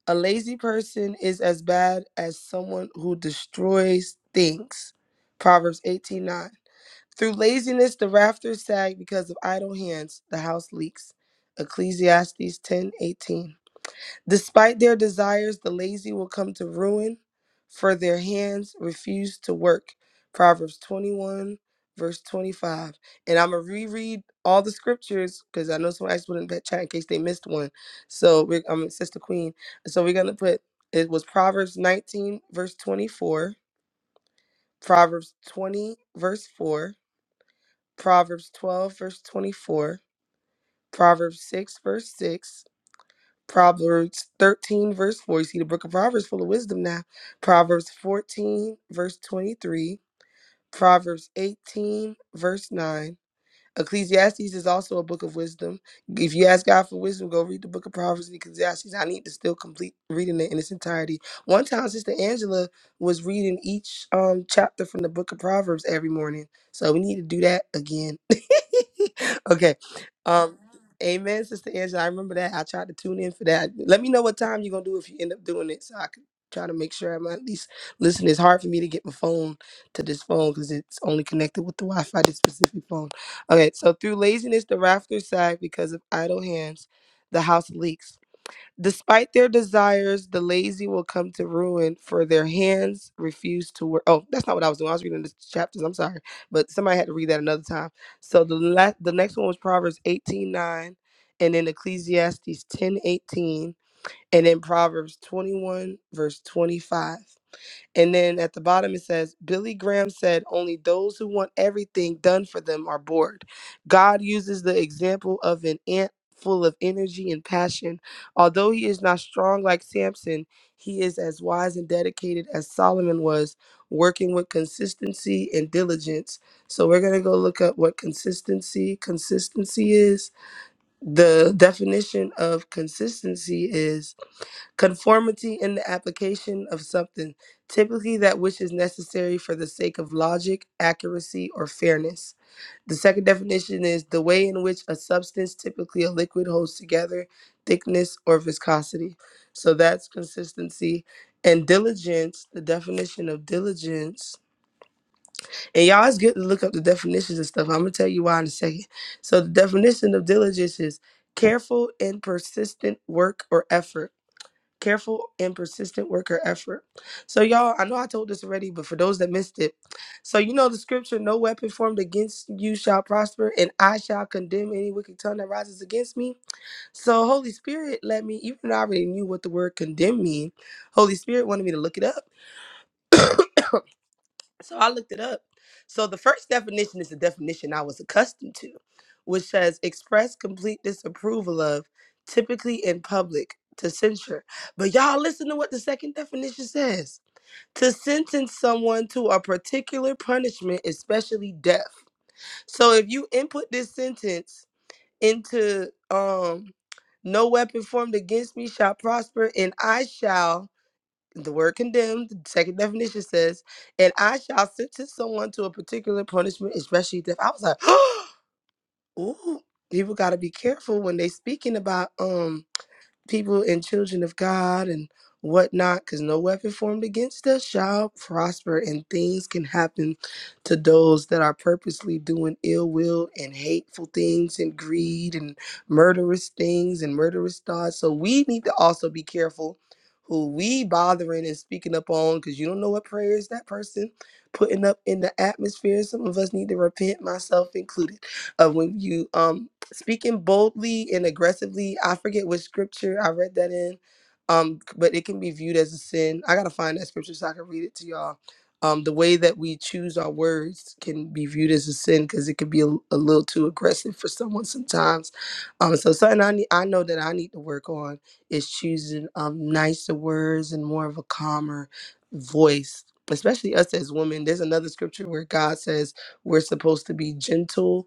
[SPEAKER 7] a lazy person is as bad as someone who destroys things. Proverbs 18 9. Through laziness, the rafters sag because of idle hands, the house leaks. Ecclesiastes ten eighteen. Despite their desires, the lazy will come to ruin, for their hands refuse to work. Proverbs 21, verse 25. And I'm going to reread all the scriptures because I know someone asked put in the chat in case they missed one. So we're, I'm Sister Queen. So we're going to put it was Proverbs 19, verse 24, Proverbs 20, verse 4, Proverbs 12, verse 24, Proverbs 6, verse 6. Proverbs 13, verse 4. You see, the book of Proverbs full of wisdom now. Proverbs 14, verse 23. Proverbs 18, verse 9. Ecclesiastes is also a book of wisdom. If you ask God for wisdom, go read the book of Proverbs and Ecclesiastes. I need to still complete reading it in its entirety. One time, Sister Angela was reading each um chapter from the book of Proverbs every morning. So we need to do that again. okay. Um Amen, Sister Angela. I remember that. I tried to tune in for that. Let me know what time you're gonna do if you end up doing it so I can try to make sure I'm at least listening. It's hard for me to get my phone to this phone because it's only connected with the Wi-Fi, this specific phone. Okay, so through laziness, the rafters sag because of idle hands, the house leaks. Despite their desires, the lazy will come to ruin, for their hands refuse to work. Oh, that's not what I was doing. I was reading the chapters. I'm sorry, but somebody had to read that another time. So the la- the next one was Proverbs 18:9, and then Ecclesiastes 10:18, and then Proverbs 21 verse 25. And then at the bottom it says, Billy Graham said, Only those who want everything done for them are bored. God uses the example of an ant full of energy and passion. Although he is not strong like Samson, he is as wise and dedicated as Solomon was, working with consistency and diligence. So we're going to go look up what consistency consistency is. The definition of consistency is Conformity in the application of something, typically that which is necessary for the sake of logic, accuracy, or fairness. The second definition is the way in which a substance, typically a liquid, holds together, thickness, or viscosity. So that's consistency. And diligence, the definition of diligence. And y'all, it's good to look up the definitions and stuff. I'm going to tell you why in a second. So, the definition of diligence is careful and persistent work or effort careful and persistent work or effort. So, y'all, I know I told this already, but for those that missed it, so you know the scripture, no weapon formed against you shall prosper, and I shall condemn any wicked tongue that rises against me. So, Holy Spirit, let me, even though I already knew what the word condemn mean, Holy Spirit wanted me to look it up. So I looked it up. So the first definition is the definition I was accustomed to, which says express complete disapproval of, typically in public, to censure. But y'all listen to what the second definition says to sentence someone to a particular punishment, especially death. So if you input this sentence into um, no weapon formed against me shall prosper, and I shall the word condemned, the second definition says, and I shall sentence someone to a particular punishment, especially death. I was like, ooh, people gotta be careful when they speaking about um people and children of God and whatnot, because no weapon formed against us shall prosper, and things can happen to those that are purposely doing ill will and hateful things and greed and murderous things and murderous thoughts. So we need to also be careful who we bothering and speaking up on because you don't know what prayers that person putting up in the atmosphere some of us need to repent myself included of when you um speaking boldly and aggressively. I forget which scripture I read that in, um, but it can be viewed as a sin. I gotta find that scripture so I can read it to y'all. Um, the way that we choose our words can be viewed as a sin because it can be a, a little too aggressive for someone sometimes. Um, so something I need, I know that I need to work on is choosing um nicer words and more of a calmer voice, especially us as women. There's another scripture where God says we're supposed to be gentle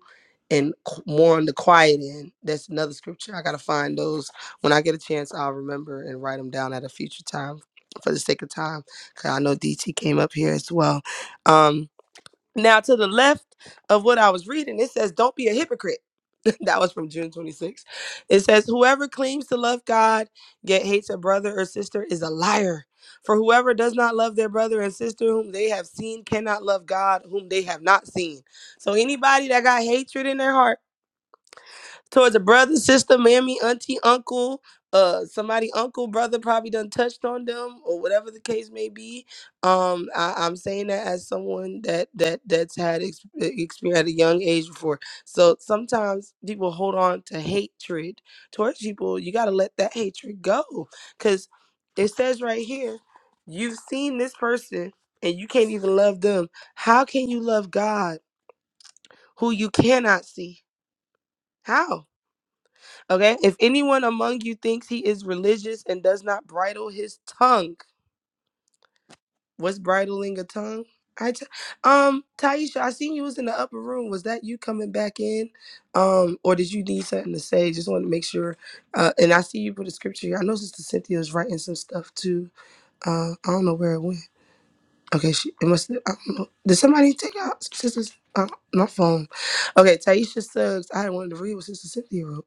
[SPEAKER 7] and qu- more on the quiet end. That's another scripture. I gotta find those when I get a chance. I'll remember and write them down at a future time, for the sake of time, because I know DT came up here as well. Um, now to the left of what I was reading, it says, "Don't be a hypocrite." that was from June 26. It says, "Whoever claims to love God yet hates a brother or sister is a liar." For whoever does not love their brother and sister whom they have seen cannot love God whom they have not seen. So anybody that got hatred in their heart towards a brother, sister, mammy, auntie, uncle, uh, somebody, uncle, brother probably done touched on them or whatever the case may be. Um, I, I'm saying that as someone that that that's had ex- experience at a young age before. So sometimes people hold on to hatred towards people. You got to let that hatred go because it says right here, you've seen this person and you can't even love them. How can you love God who you cannot see? How? Okay. If anyone among you thinks he is religious and does not bridle his tongue, what's bridling a tongue? I t- um Taisha, I seen you was in the upper room. Was that you coming back in, um, or did you need something to say? Just want to make sure. Uh, and I see you put a scripture. here. I know Sister Cynthia was writing some stuff too. Uh, I don't know where it went. Okay, she it must. I don't know. Did somebody take out Sister's uh, my phone? Okay, Taisha Suggs. I wanted to read what Sister Cynthia wrote.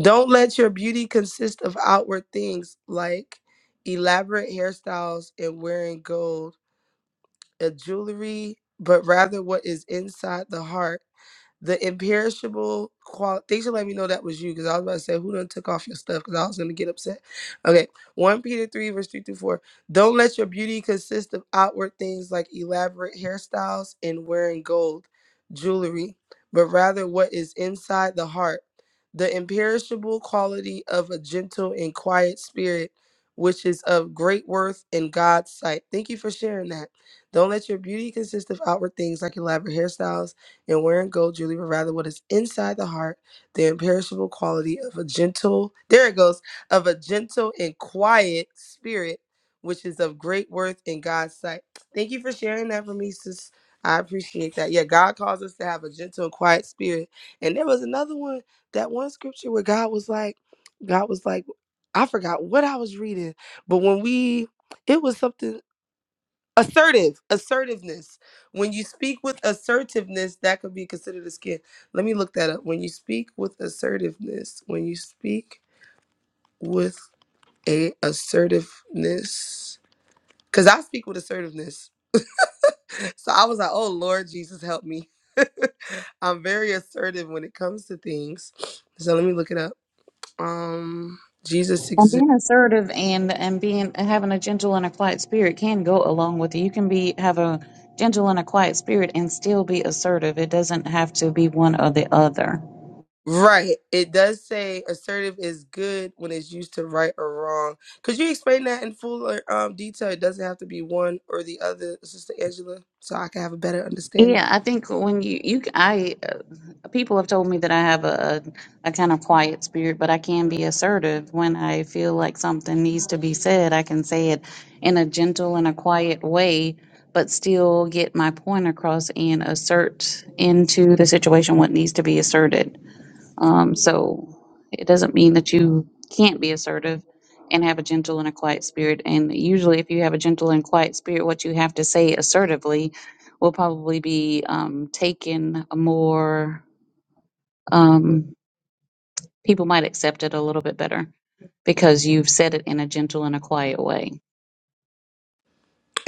[SPEAKER 7] Don't let your beauty consist of outward things like elaborate hairstyles and wearing gold and jewelry, but rather what is inside the heart the imperishable quality. Thanks for letting me know that was you because I was about to say, who done took off your stuff because I was going to get upset. Okay. 1 Peter 3, verse 3 through 4. Don't let your beauty consist of outward things like elaborate hairstyles and wearing gold jewelry, but rather what is inside the heart, the imperishable quality of a gentle and quiet spirit. Which is of great worth in God's sight. Thank you for sharing that. Don't let your beauty consist of outward things like elaborate hairstyles and wearing gold jewelry, but rather what is inside the heart, the imperishable quality of a gentle, there it goes, of a gentle and quiet spirit, which is of great worth in God's sight. Thank you for sharing that for me, sis. I appreciate that. Yeah, God calls us to have a gentle and quiet spirit. And there was another one, that one scripture where God was like, God was like, I forgot what I was reading, but when we, it was something assertive assertiveness when you speak with assertiveness that could be considered a skill let me look that up when you speak with assertiveness when you speak with a assertiveness because i speak with assertiveness so i was like oh lord jesus help me i'm very assertive when it comes to things so let me look it up um jesus
[SPEAKER 5] And being assertive and and being having a gentle and a quiet spirit can go along with it. You can be have a gentle and a quiet spirit and still be assertive. It doesn't have to be one or the other.
[SPEAKER 7] Right. It does say assertive is good when it's used to right or wrong. Could you explain that in fuller um, detail? It doesn't have to be one or the other, Sister Angela, so I can have a better understanding.
[SPEAKER 5] Yeah, I think when you you I uh, people have told me that I have a a kind of quiet spirit, but I can be assertive when I feel like something needs to be said. I can say it in a gentle and a quiet way, but still get my point across and assert into the situation what needs to be asserted. Um, so it doesn't mean that you can't be assertive and have a gentle and a quiet spirit. And usually, if you have a gentle and quiet spirit, what you have to say assertively will probably be um, taken more, um, people might accept it a little bit better because you've said it in a gentle and a quiet way.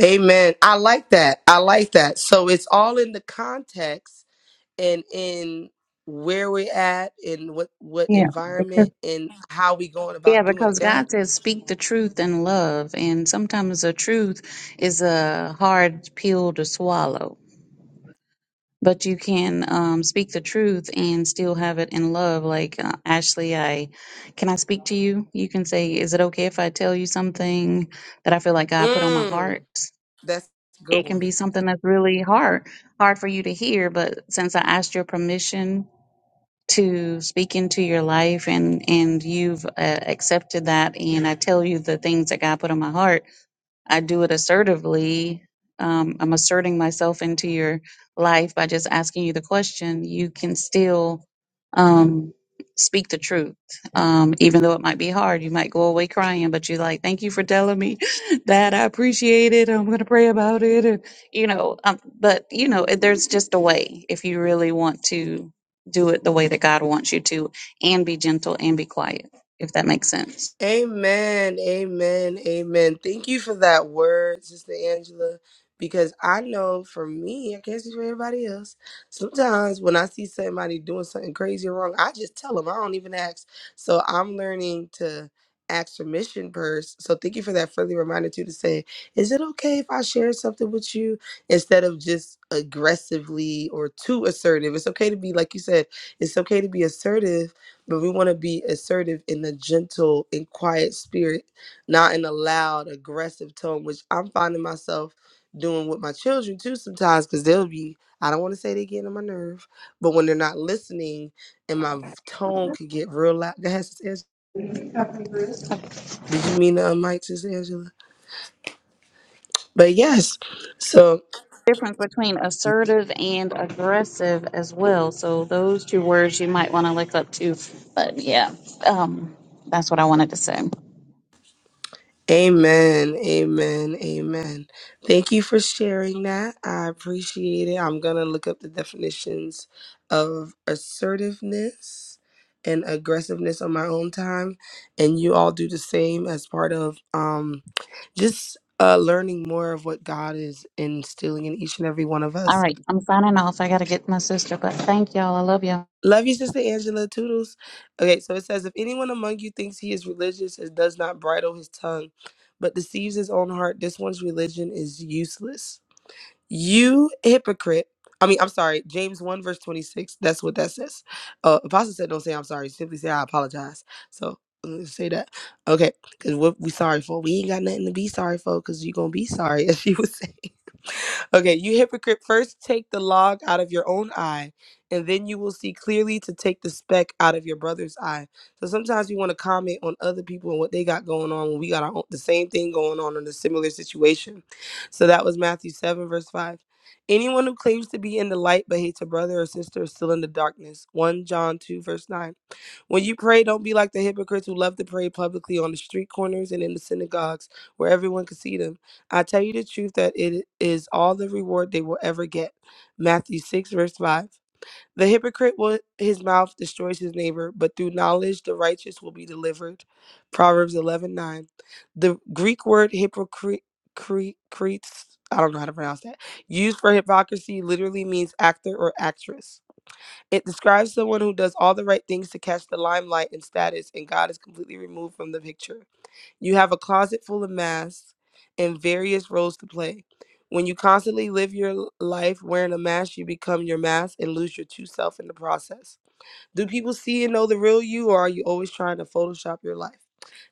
[SPEAKER 7] Amen. I like that. I like that. So it's all in the context and in where we're at and what what
[SPEAKER 5] Yeah,
[SPEAKER 7] environment
[SPEAKER 5] because
[SPEAKER 7] and how we going
[SPEAKER 5] Yeah,
[SPEAKER 7] about doing it.
[SPEAKER 5] because
[SPEAKER 7] Go ahead.
[SPEAKER 5] God says, speak the truth in love. And sometimes the truth is a hard pill to swallow but you can um, speak the truth and still have it in love. Like uh, Ashley, I can I speak to you? You can say, "Is it okay if I tell you something that I feel like God put on my
[SPEAKER 7] Mm,
[SPEAKER 5] heart?"
[SPEAKER 7] that's a good
[SPEAKER 5] It
[SPEAKER 7] one.
[SPEAKER 5] can be something that's really hard, hard for you to hear. But since I asked your permission to speak into your life, and and you've uh, accepted that, and I tell you the things that God put on my heart I do it assertively. Um, I'm asserting myself into your life by just asking you the question. You can still um, speak the truth, um, even though it might be hard. You might go away crying, but you're like, "Thank you for telling me that. I appreciate it. I'm going to pray about it." And, you know, um, but you know, it- there's just a way if you really want to do it the way that God wants you to, and be gentle and be quiet if that makes sense.
[SPEAKER 7] Amen. Amen. Amen. Thank you for that word, Sister Angela, because I know for me, I can't speak for everybody else. Sometimes when I see somebody doing something crazy or wrong, I just tell them. I don't even ask. So I'm learning to ask permission first. So thank you for that friendly reminder too to say, is it okay if I share something with you instead of just aggressively or too assertive? It's okay to be, like you said, it's okay to be assertive but we want to be assertive in a gentle and quiet spirit, not in a loud, aggressive tone, which I'm finding myself doing with my children too sometimes because they'll be, I don't want to say they get on my nerve, but when they're not listening and my v- tone could get real loud. Go ahead, Sis Angela. Did you mean to unmic, Sis Angela? But yes. so.
[SPEAKER 5] Difference between assertive and aggressive as well. So those two words you might want to look up too. But yeah, um, that's what I wanted to say.
[SPEAKER 7] Amen. Amen. Amen. Thank you for sharing that. I appreciate it. I'm going to look up the definitions of assertiveness and aggressiveness on my own time and you all do the same as part of um just uh learning more of what God is instilling in each and every one of
[SPEAKER 5] All
[SPEAKER 7] us.
[SPEAKER 5] right, I'm signing off. I got to get my sister, but thank y'all. I love y'all.
[SPEAKER 7] Love you, Sister Angela. Toodles. Okay, so it says, if anyone among you thinks he is religious and does not bridle his tongue, but deceives his own heart, this one's religion is useless. You hypocrite. I mean, I'm sorry. James 1, verse 26. That's what that says. Uh, Apostle said, don't say I'm sorry. Simply say, I apologize. So uh, say that. Okay. Because what we sorry for, we ain't got nothing to be sorry for because you're going to be sorry, as she was saying. Okay, you hypocrite, first take the log out of your own eye, and then you will see clearly to take the speck out of your brother's eye. So sometimes we want to comment on other people and what they got going on when we got our own, the same thing going on in a similar situation so that was Matthew 7, verse 5. Anyone who claims to be in the light but hates a brother or sister is still in the darkness. 1 John 2, verse 9. When you pray, don't be like the hypocrites who love to pray publicly on the street corners and in the synagogues where everyone can see them. I tell you the truth that it is all the reward they will ever get. Matthew 6, verse 5. The hypocrite will his mouth destroys his neighbor, but through knowledge the righteous will be delivered. Proverbs eleven nine. The Greek word hypocrite, I don't know how to pronounce that, used for hypocrisy literally means actor or actress. It describes someone who does all the right things to catch the limelight and status, and God is completely removed from the picture. You have a closet full of masks and various roles to play. When you constantly live your life wearing a mask, you become your mask and lose your true self in the process. Do people see and know the real you, or are you always trying to Photoshop your life?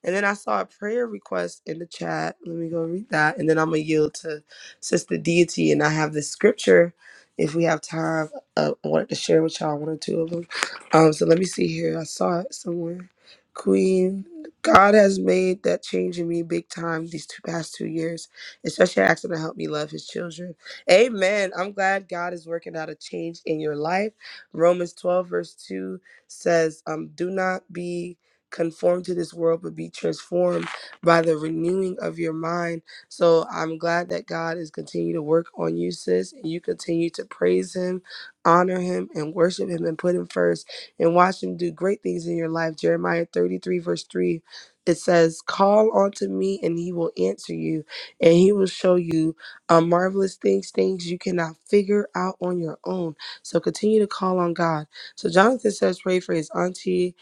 [SPEAKER 7] And then I saw a prayer request in the chat. Let me go read that. And then I'm going to yield to Sister Deity. And I have this scripture, if we have time, uh, I wanted to share with y'all one or two of them. Um, so let me see here. I saw it somewhere. Queen, God has made that change in me big time these two past two years, especially asking to help me love his children. Amen. I'm glad God is working out a change in your life. Romans 12, verse 2 says, um, Do not be conformed to this world, but be transformed by the renewing of your mind. So I'm glad that God is continuing to work on you, sis, and you continue to praise Him, honor Him, and worship Him, and put Him first, and watch Him do great things in your life. Jeremiah 33, verse 3. It says, Call unto me, and he will answer you, and he will show you uh, marvelous things, things you cannot figure out on your own. So continue to call on God. So Jonathan says, pray for his auntie.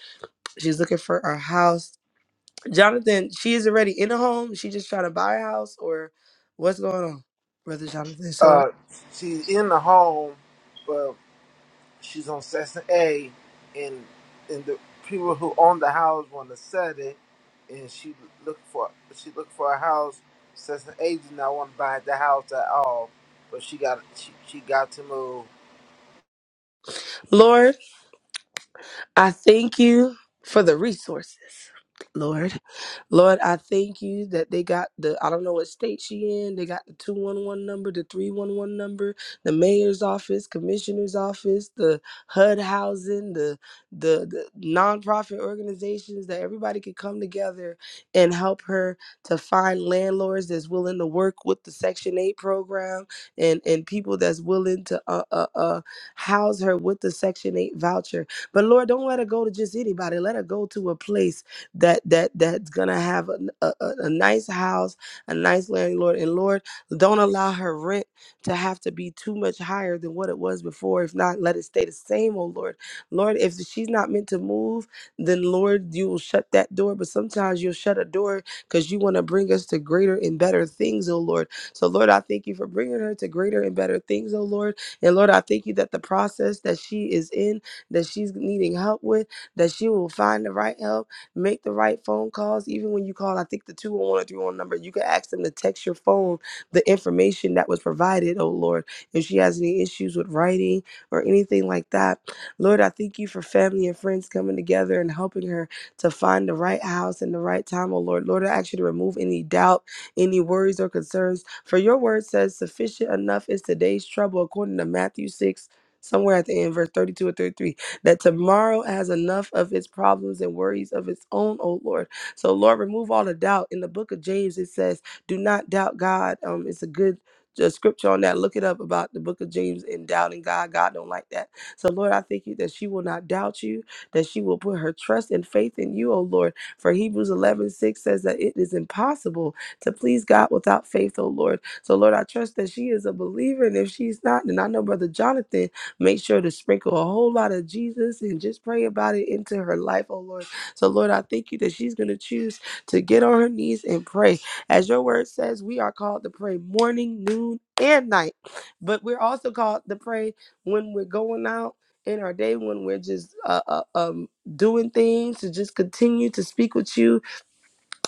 [SPEAKER 7] She's looking for a house. Jonathan, she is already in a home. She just trying to buy a house or what's going on, Brother Jonathan? So,
[SPEAKER 8] Uh, she's in the home, but she's on Section A, and and the people who own the house want to sell it, and she looked for she looked for a house. Section A did not want to buy the house at all, but she got she, she got to move.
[SPEAKER 7] Lord. I thank you for the resources, Lord. Lord, I thank you that they got the, I don't know what state she in, they got the 211 number, the 311 number, the mayor's office, commissioner's office, the HUD housing, the, the, the nonprofit organizations that everybody could come together and help her to find landlords that's willing to work with the Section 8 program and, and people that's willing to uh, uh, uh, house her with the Section 8 voucher but Lord, don't let her go to just anybody. Let her go to a place that that that's gonna have a, a, a- nice house, a nice landlord. And Lord, don't allow her rent to have to be too much higher than what it was before. If not, let it stay the same, oh Lord. Lord, if she's not meant to move, then Lord, you will shut that door. But sometimes you'll shut a door because you want to bring us to greater and better things, oh Lord. So, Lord, I thank you for bringing her to greater and better things, oh Lord. And Lord, I thank you that the process that she is in that she's needing help with, that she will find the right help, make the right phone calls. Even when you call, I think the two one one or 301 number, you can ask them to text your phone the information that was provided, oh Lord. If she has any issues with writing or anything like that, Lord, I thank you for family and friends coming together and helping her to find the right house and the right time, oh Lord. Lord, I ask you to remove any doubt any worries or concerns. For your word says, Sufficient enough is today's trouble, according to Matthew 6, somewhere at the end, verse 32 or 33 that tomorrow has enough of its problems and worries of its own, oh Lord. So, Lord, remove all the doubt. In the book of James, it says, Do not doubt God. Um, it's a good uh, scripture on that. Look it up about the book of James and doubting God. God don't like that. So, Lord, I thank you that she will not doubt you, that she will put her trust and faith in you, oh Lord. For Hebrews 11 6 says that it is impossible to please God without faith, oh Lord. So, Lord, I trust that she is a believer. And if she's not, then I know Brother Jonathan Make sure to sprinkle a whole lot of Jesus and just pray about it into her life, oh Lord. So, Lord, I thank you that she's going to choose to get on her knees and pray. As your word says, we are called to pray morning, noon, and night, but we're also called to pray when we're going out in our day, when we're just uh, uh, um, doing things to just continue to speak with you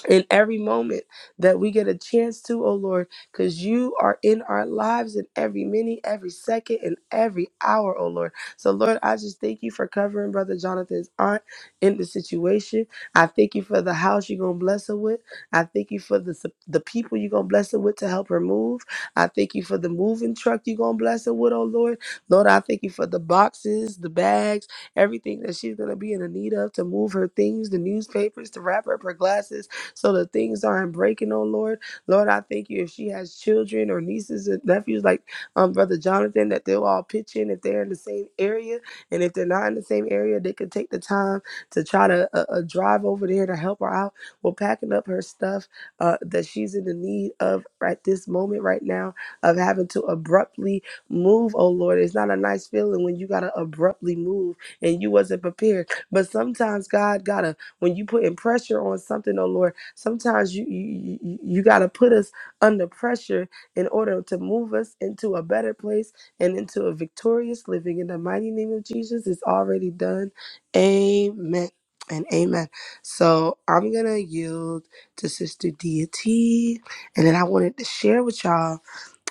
[SPEAKER 7] in every moment that we get a chance to, oh Lord, because you are in our lives in every minute, every second, and every hour, oh Lord. So, Lord, I just thank you for covering Brother Jonathan's aunt in the situation. I thank you for the house you're going to bless her with. I thank you for the, sup- the people you're going to bless her with to help her move. I thank you for the moving truck you're going to bless her with, oh Lord. Lord, I thank you for the boxes, the bags, everything that she's going to be in the need of to move her things, the newspapers, to wrap up her glasses so the things are not breaking, oh Lord. Lord, I thank you if she has children or nieces and nephews like um Brother Jonathan, that they'll all pitch in if they're in the same area. And if they're not in the same area, they can take the time to try to uh, uh, drive over there to help her out. We're packing up her stuff uh, that she's in the need of right this moment, right now, of having to abruptly move, oh Lord. It's not a nice feeling when you got to abruptly move and you wasn't prepared. But sometimes God gotta, when you putting pressure on something, oh Lord, Sometimes you you, you, you got to put us under pressure in order to move us into a better place and into a victorious living. In the mighty name of Jesus, it's already done. Amen and amen. So I'm gonna yield to Sister Deity, and then I wanted to share with y'all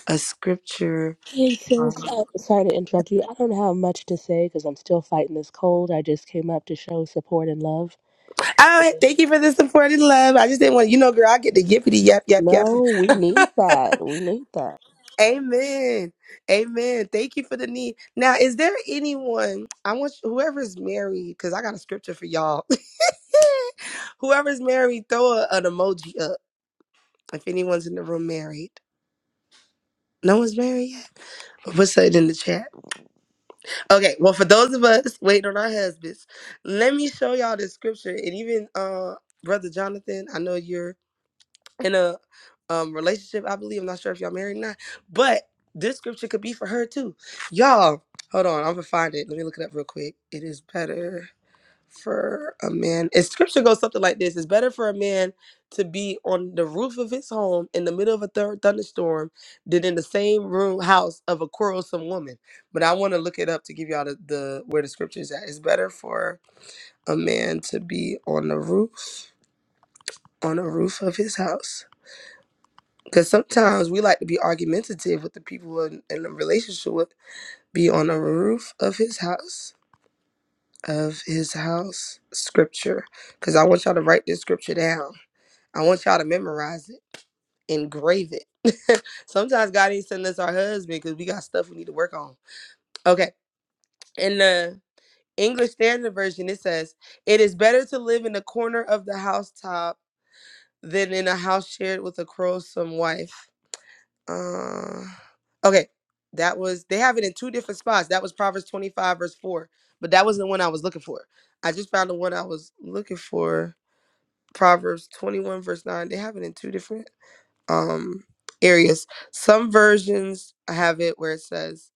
[SPEAKER 7] a scripture.
[SPEAKER 9] Hey sis,
[SPEAKER 7] Um,
[SPEAKER 9] oh, sorry to interrupt you. I don't have much to say because I'm still fighting this cold. I just came up to show support and love.
[SPEAKER 7] all right, thank you for the support and love. I just didn't want you know, girl. I get the yippity yap yap yap.
[SPEAKER 9] No, we need that. We need that.
[SPEAKER 7] Amen. Amen. Thank you for the need. Now, is there anyone, I want you- whoever's married, because I got a scripture for y'all. whoever's married, throw a, an emoji up if anyone's in the room married. No one's married yet? What's it in the chat? Okay, well, for those of us waiting on our husbands, let me show y'all this scripture. And even uh Brother Jonathan, I know you're in a um relationship, I believe. I'm not sure if y'all married or not, but this scripture could be for her too. Y'all, hold on, I'm gonna find it. Let me look it up real quick. It is better for a man. If scripture goes something like this, it's better for a man to be on the roof of his home in the middle of a thir- thunderstorm than in the same room house of a quarrelsome woman. But I want to look it up to give y'all the, the where the scripture is at. It's better for a man to be on the roof on the roof of his house because sometimes we like to be argumentative with the people we're in, in a relationship with, be on the roof of his house, of his house scripture. Because I want y'all to write this scripture down. I want y'all to memorize it, engrave it. sometimes God ain't sending us our husband because we got stuff we need to work on. Okay. In the English Standard Version, it says, It is better to live in the corner of the housetop than in a house shared with a quarrelsome wife. Uh, okay, that was they have it in two different spots. That was Proverbs 25 verse 4, but that wasn't the one I was looking for. I just found the one I was looking for. Proverbs 21 verse 9. They have it in two different um areas. Some versions have it where it says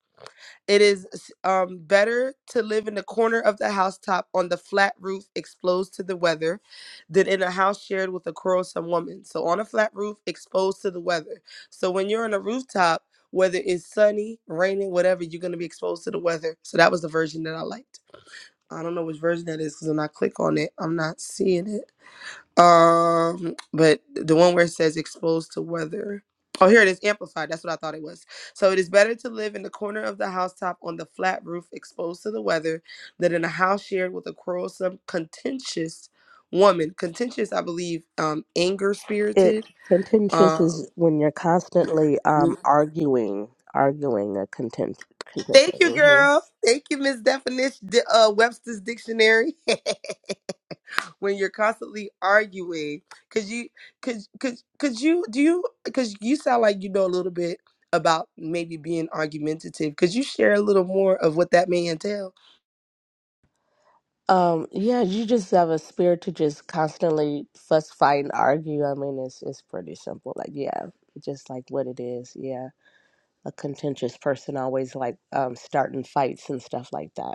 [SPEAKER 7] it is um, better to live in the corner of the housetop on the flat roof exposed to the weather than in a house shared with a quarrelsome woman. So, on a flat roof exposed to the weather. So, when you're on a rooftop, whether it's sunny, raining, whatever, you're going to be exposed to the weather. So, that was the version that I liked. I don't know which version that is because when I click on it, I'm not seeing it. Um, but the one where it says exposed to weather. Oh, here it is, amplified. That's what I thought it was. So it is better to live in the corner of the housetop on the flat roof, exposed to the weather, than in a house shared with a quarrelsome, contentious woman. Contentious, I believe, um, anger
[SPEAKER 9] It
[SPEAKER 7] spirited.
[SPEAKER 9] contentious
[SPEAKER 7] Um,
[SPEAKER 9] is when you're constantly um arguing, arguing a content. content
[SPEAKER 7] thank you,
[SPEAKER 9] hmm
[SPEAKER 7] girl. Thank you, Miss Definition, uh, Webster's Dictionary. when you're constantly arguing because you because because because you do you because you sound like you know a little bit about maybe being argumentative could you share a little more of what that may entail
[SPEAKER 9] Um, yeah, you just have a spirit to just constantly fuss, fight, and argue. I mean, it's it's pretty simple. Like, yeah, it's just like what it is. Yeah, a contentious person always like um starting fights and stuff like that.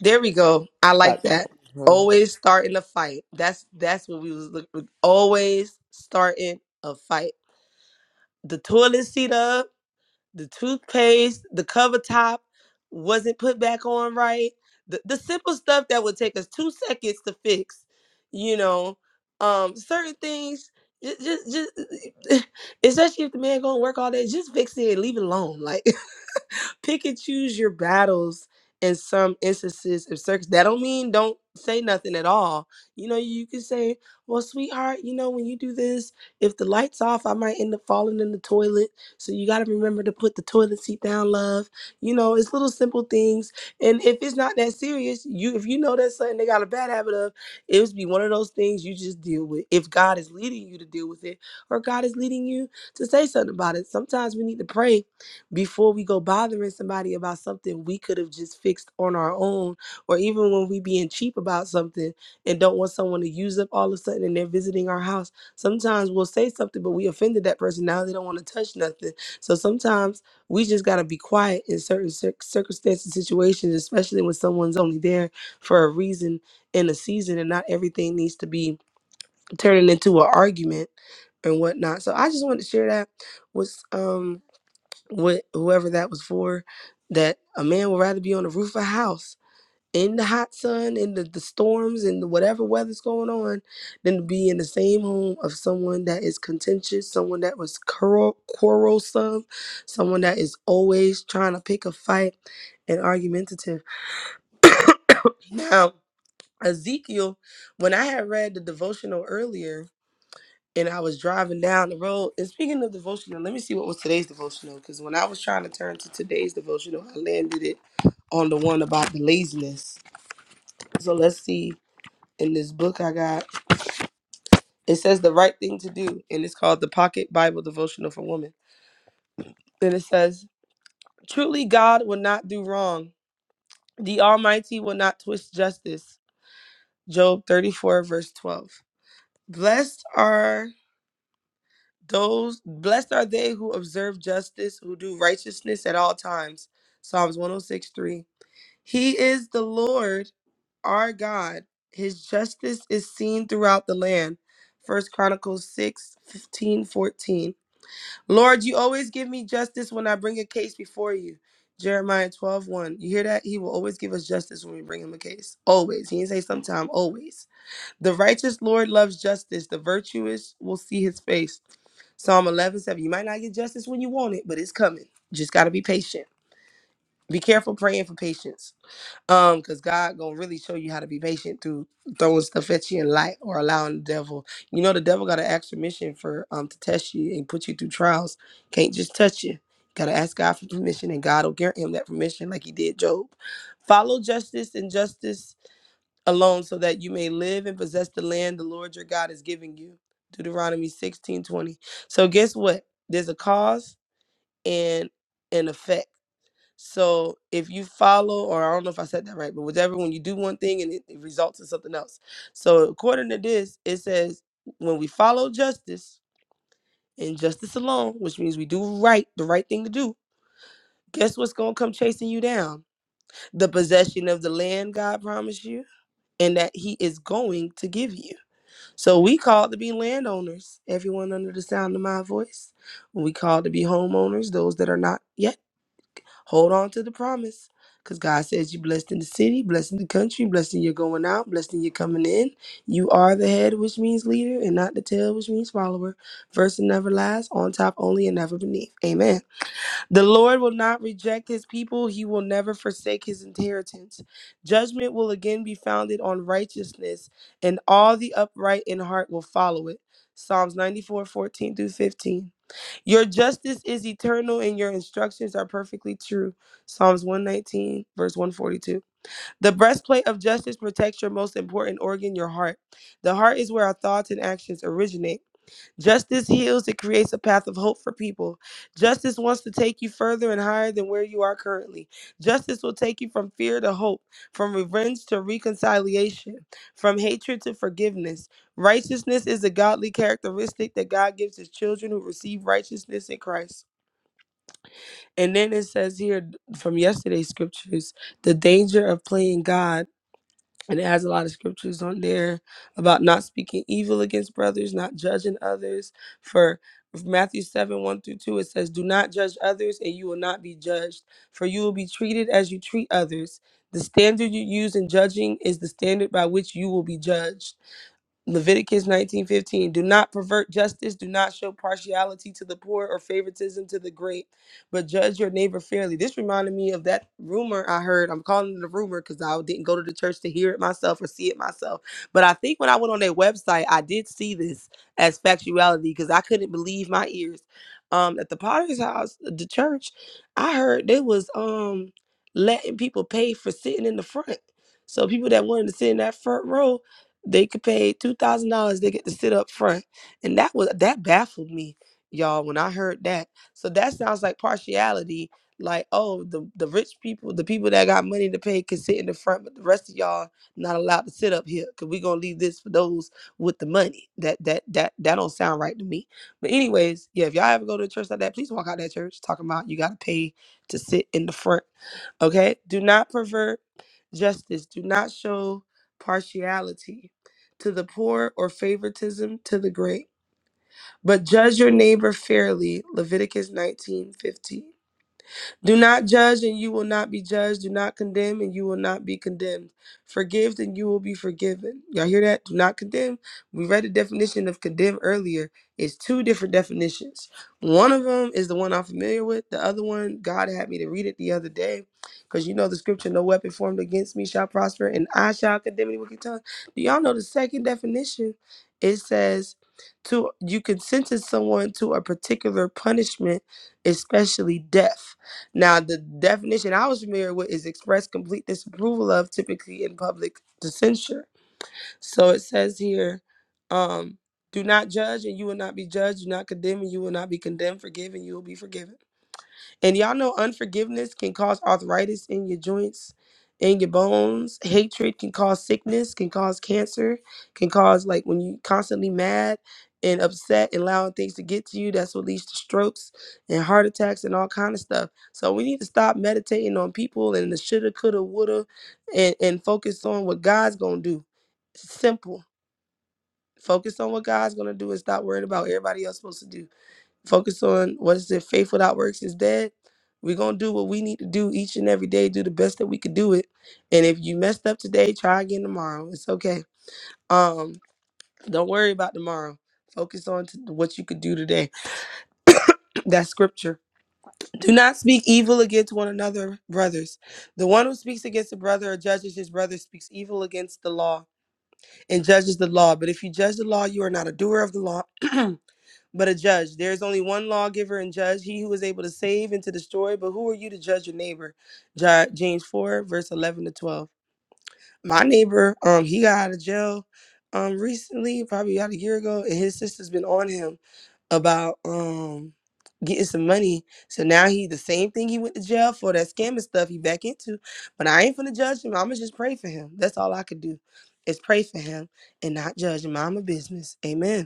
[SPEAKER 7] there we go i like
[SPEAKER 9] Sorry.
[SPEAKER 7] that
[SPEAKER 9] Mhm.
[SPEAKER 7] always starting a fight that's that's what we was looking always starting a fight the toilet seat up the toothpaste, the cover top wasn't put back on right. The, the simple stuff that would take us two seconds to fix, you know, um, certain things. Just, just, just, especially if the man gonna work all day, just fix it and leave it alone. Like, pick and choose your battles in some instances of circus. That don't mean don't say nothing at all. You know, you can say, Well, sweetheart, you know, when you do this, if the light's off, I might end up falling in the toilet. So you gotta remember to put the toilet seat down, love. You know, it's little simple things. And if it's not that serious, you if you know that's something they got a bad habit of, it would be one of those things you just deal with. If God is leading you to deal with it, or God is leading you to say something about it. Sometimes we need to pray before we go bothering somebody about something we could have just fixed on our own or even when we being cheap about something and don't want someone to use up all of a sudden and they're visiting our house sometimes we'll say something but we offended that person now they don't want to touch nothing so sometimes we just got to be quiet in certain cir- circumstances situations especially when someone's only there for a reason and a season and not everything needs to be turning into an argument and whatnot so i just wanted to share that was um what whoever that was for, that a man would rather be on the roof of a house in the hot sun, in the, the storms, in the whatever weather's going on, than to be in the same home of someone that is contentious, someone that was quarrel, quarrelsome, someone that is always trying to pick a fight and argumentative. Now, Ezekiel, when I had read the devotional earlier, and I was driving down the road. And speaking of devotional, let me see what was today's devotional. Because when I was trying to turn to today's devotional, I landed it on the one about the laziness. So let's see. In this book I got, it says the right thing to do, and it's called the Pocket Bible Devotional for Women. And it says, Truly God will not do wrong. The Almighty will not twist justice. Job 34, verse 12. Blessed are Those blessed are they who observe justice, who do righteousness at all times. Psalms 106:3. He is the Lord our God. His justice is seen throughout the land. First Chronicles 6:15,14. Lord, you always give me justice when I bring a case before you. Jeremiah 12 one. You hear that? He will always give us justice when we bring him a case. Always. He didn't say sometime, always. The righteous Lord loves justice. The virtuous will see his face. Psalm 11:7. You might not get justice when you want it, but it's coming. Just got to be patient. Be careful praying for patience. Um, because God gonna really show you how to be patient through throwing stuff at you in light or allowing the devil. You know the devil got an extra mission for um to test you and put you through trials. Can't just touch you. Gotta ask God for permission, and God will grant him that permission, like He did Job. Follow justice and justice alone so that you may live and possess the land the Lord your God is giving you. Deuteronomy 16:20. So guess what? There's a cause and an effect. So if you follow, or I don't know if I said that right, but whatever, when you do one thing and it, it results in something else. So according to this, it says when we follow justice and justice alone, which means we do right, the right thing to do, guess what's gonna come chasing you down? The possession of the land God promised you and that He is going to give you. So we called to be landowners, everyone under the sound of my voice. We called to be homeowners, those that are not yet. Hold on to the promise. Because God says you blessed in the city, blessed in the country, blessed in your going out, blessed in your coming in. You are the head, which means leader, and not the tail, which means follower. First and never last, on top only and never beneath. Amen. The Lord will not reject his people, he will never forsake his inheritance. Judgment will again be founded on righteousness, and all the upright in heart will follow it. Psalms 94 14 through 15. Your justice is eternal, and your instructions are perfectly true. Psalms 119, verse 142. The breastplate of justice protects your most important organ, your heart. The heart is where our thoughts and actions originate. Justice heals, it creates a path of hope for people. Justice wants to take you further and higher than where you are currently. Justice will take you from fear to hope, from revenge to reconciliation, from hatred to forgiveness. Righteousness is a godly characteristic that God gives his children who receive righteousness in Christ. And then it says here from yesterday's scriptures the danger of playing God and it has a lot of scriptures on there about not speaking evil against brothers, not judging others. For Matthew 7 1 through 2, it says, Do not judge others, and you will not be judged, for you will be treated as you treat others. The standard you use in judging is the standard by which you will be judged. Leviticus 19:15 Do not pervert justice, do not show partiality to the poor or favoritism to the great, but judge your neighbor fairly. This reminded me of that rumor I heard. I'm calling it a rumor cuz I didn't go to the church to hear it myself or see it myself. But I think when I went on their website, I did see this as factuality cuz I couldn't believe my ears. Um at the Potter's house, the church, I heard they was um letting people pay for sitting in the front. So people that wanted to sit in that front row they could pay two thousand dollars. They get to sit up front, and that was that baffled me, y'all, when I heard that. So that sounds like partiality. Like, oh, the the rich people, the people that got money to pay, can sit in the front, but the rest of y'all not allowed to sit up here because we gonna leave this for those with the money. That that that that don't sound right to me. But anyways, yeah, if y'all ever go to a church like that, please walk out that church talking about you gotta pay to sit in the front. Okay, do not pervert justice. Do not show partiality to the poor or favoritism to the great, but judge your neighbor fairly. Leviticus 19:15. Do not judge, and you will not be judged. Do not condemn, and you will not be condemned. Forgive, and you will be forgiven. Y'all hear that? Do not condemn. We read the definition of condemn earlier. It's two different definitions. One of them is the one I'm familiar with. The other one, God had me to read it the other day. Because you know the scripture, no weapon formed against me shall prosper, and I shall condemn any wicked tongue. Do y'all know the second definition? It says to you can sentence someone to a particular punishment, especially death. Now, the definition I was familiar with is express complete disapproval of, typically in public to censure. So it says here, um, do not judge and you will not be judged. Do not condemn and you will not be condemned. Forgive and you will be forgiven. And y'all know unforgiveness can cause arthritis in your joints, in your bones. Hatred can cause sickness, can cause cancer, can cause like when you constantly mad and upset and allowing things to get to you, that's what leads to strokes and heart attacks and all kind of stuff. So we need to stop meditating on people and the shoulda, coulda, woulda, and, and focus on what God's gonna do. Simple. Focus on what God's gonna do and stop worrying about what everybody else supposed to do focus on what is it faith without works is dead we're going to do what we need to do each and every day do the best that we could do it and if you messed up today try again tomorrow it's okay um don't worry about tomorrow focus on to what you could do today that's scripture do not speak evil against one another brothers the one who speaks against a brother or judges his brother speaks evil against the law and judges the law but if you judge the law you are not a doer of the law but a judge. There is only one lawgiver and judge, he who is able to save and to destroy. But who are you to judge your neighbor? Ja- James 4, verse 11 to 12. My neighbor, um, he got out of jail um recently, probably about a year ago, and his sister's been on him about um getting some money. So now he the same thing he went to jail for, that scamming stuff he back into. But I ain't finna judge him. I'ma just pray for him. That's all I could do is pray for him and not judge him. I'm a business. Amen.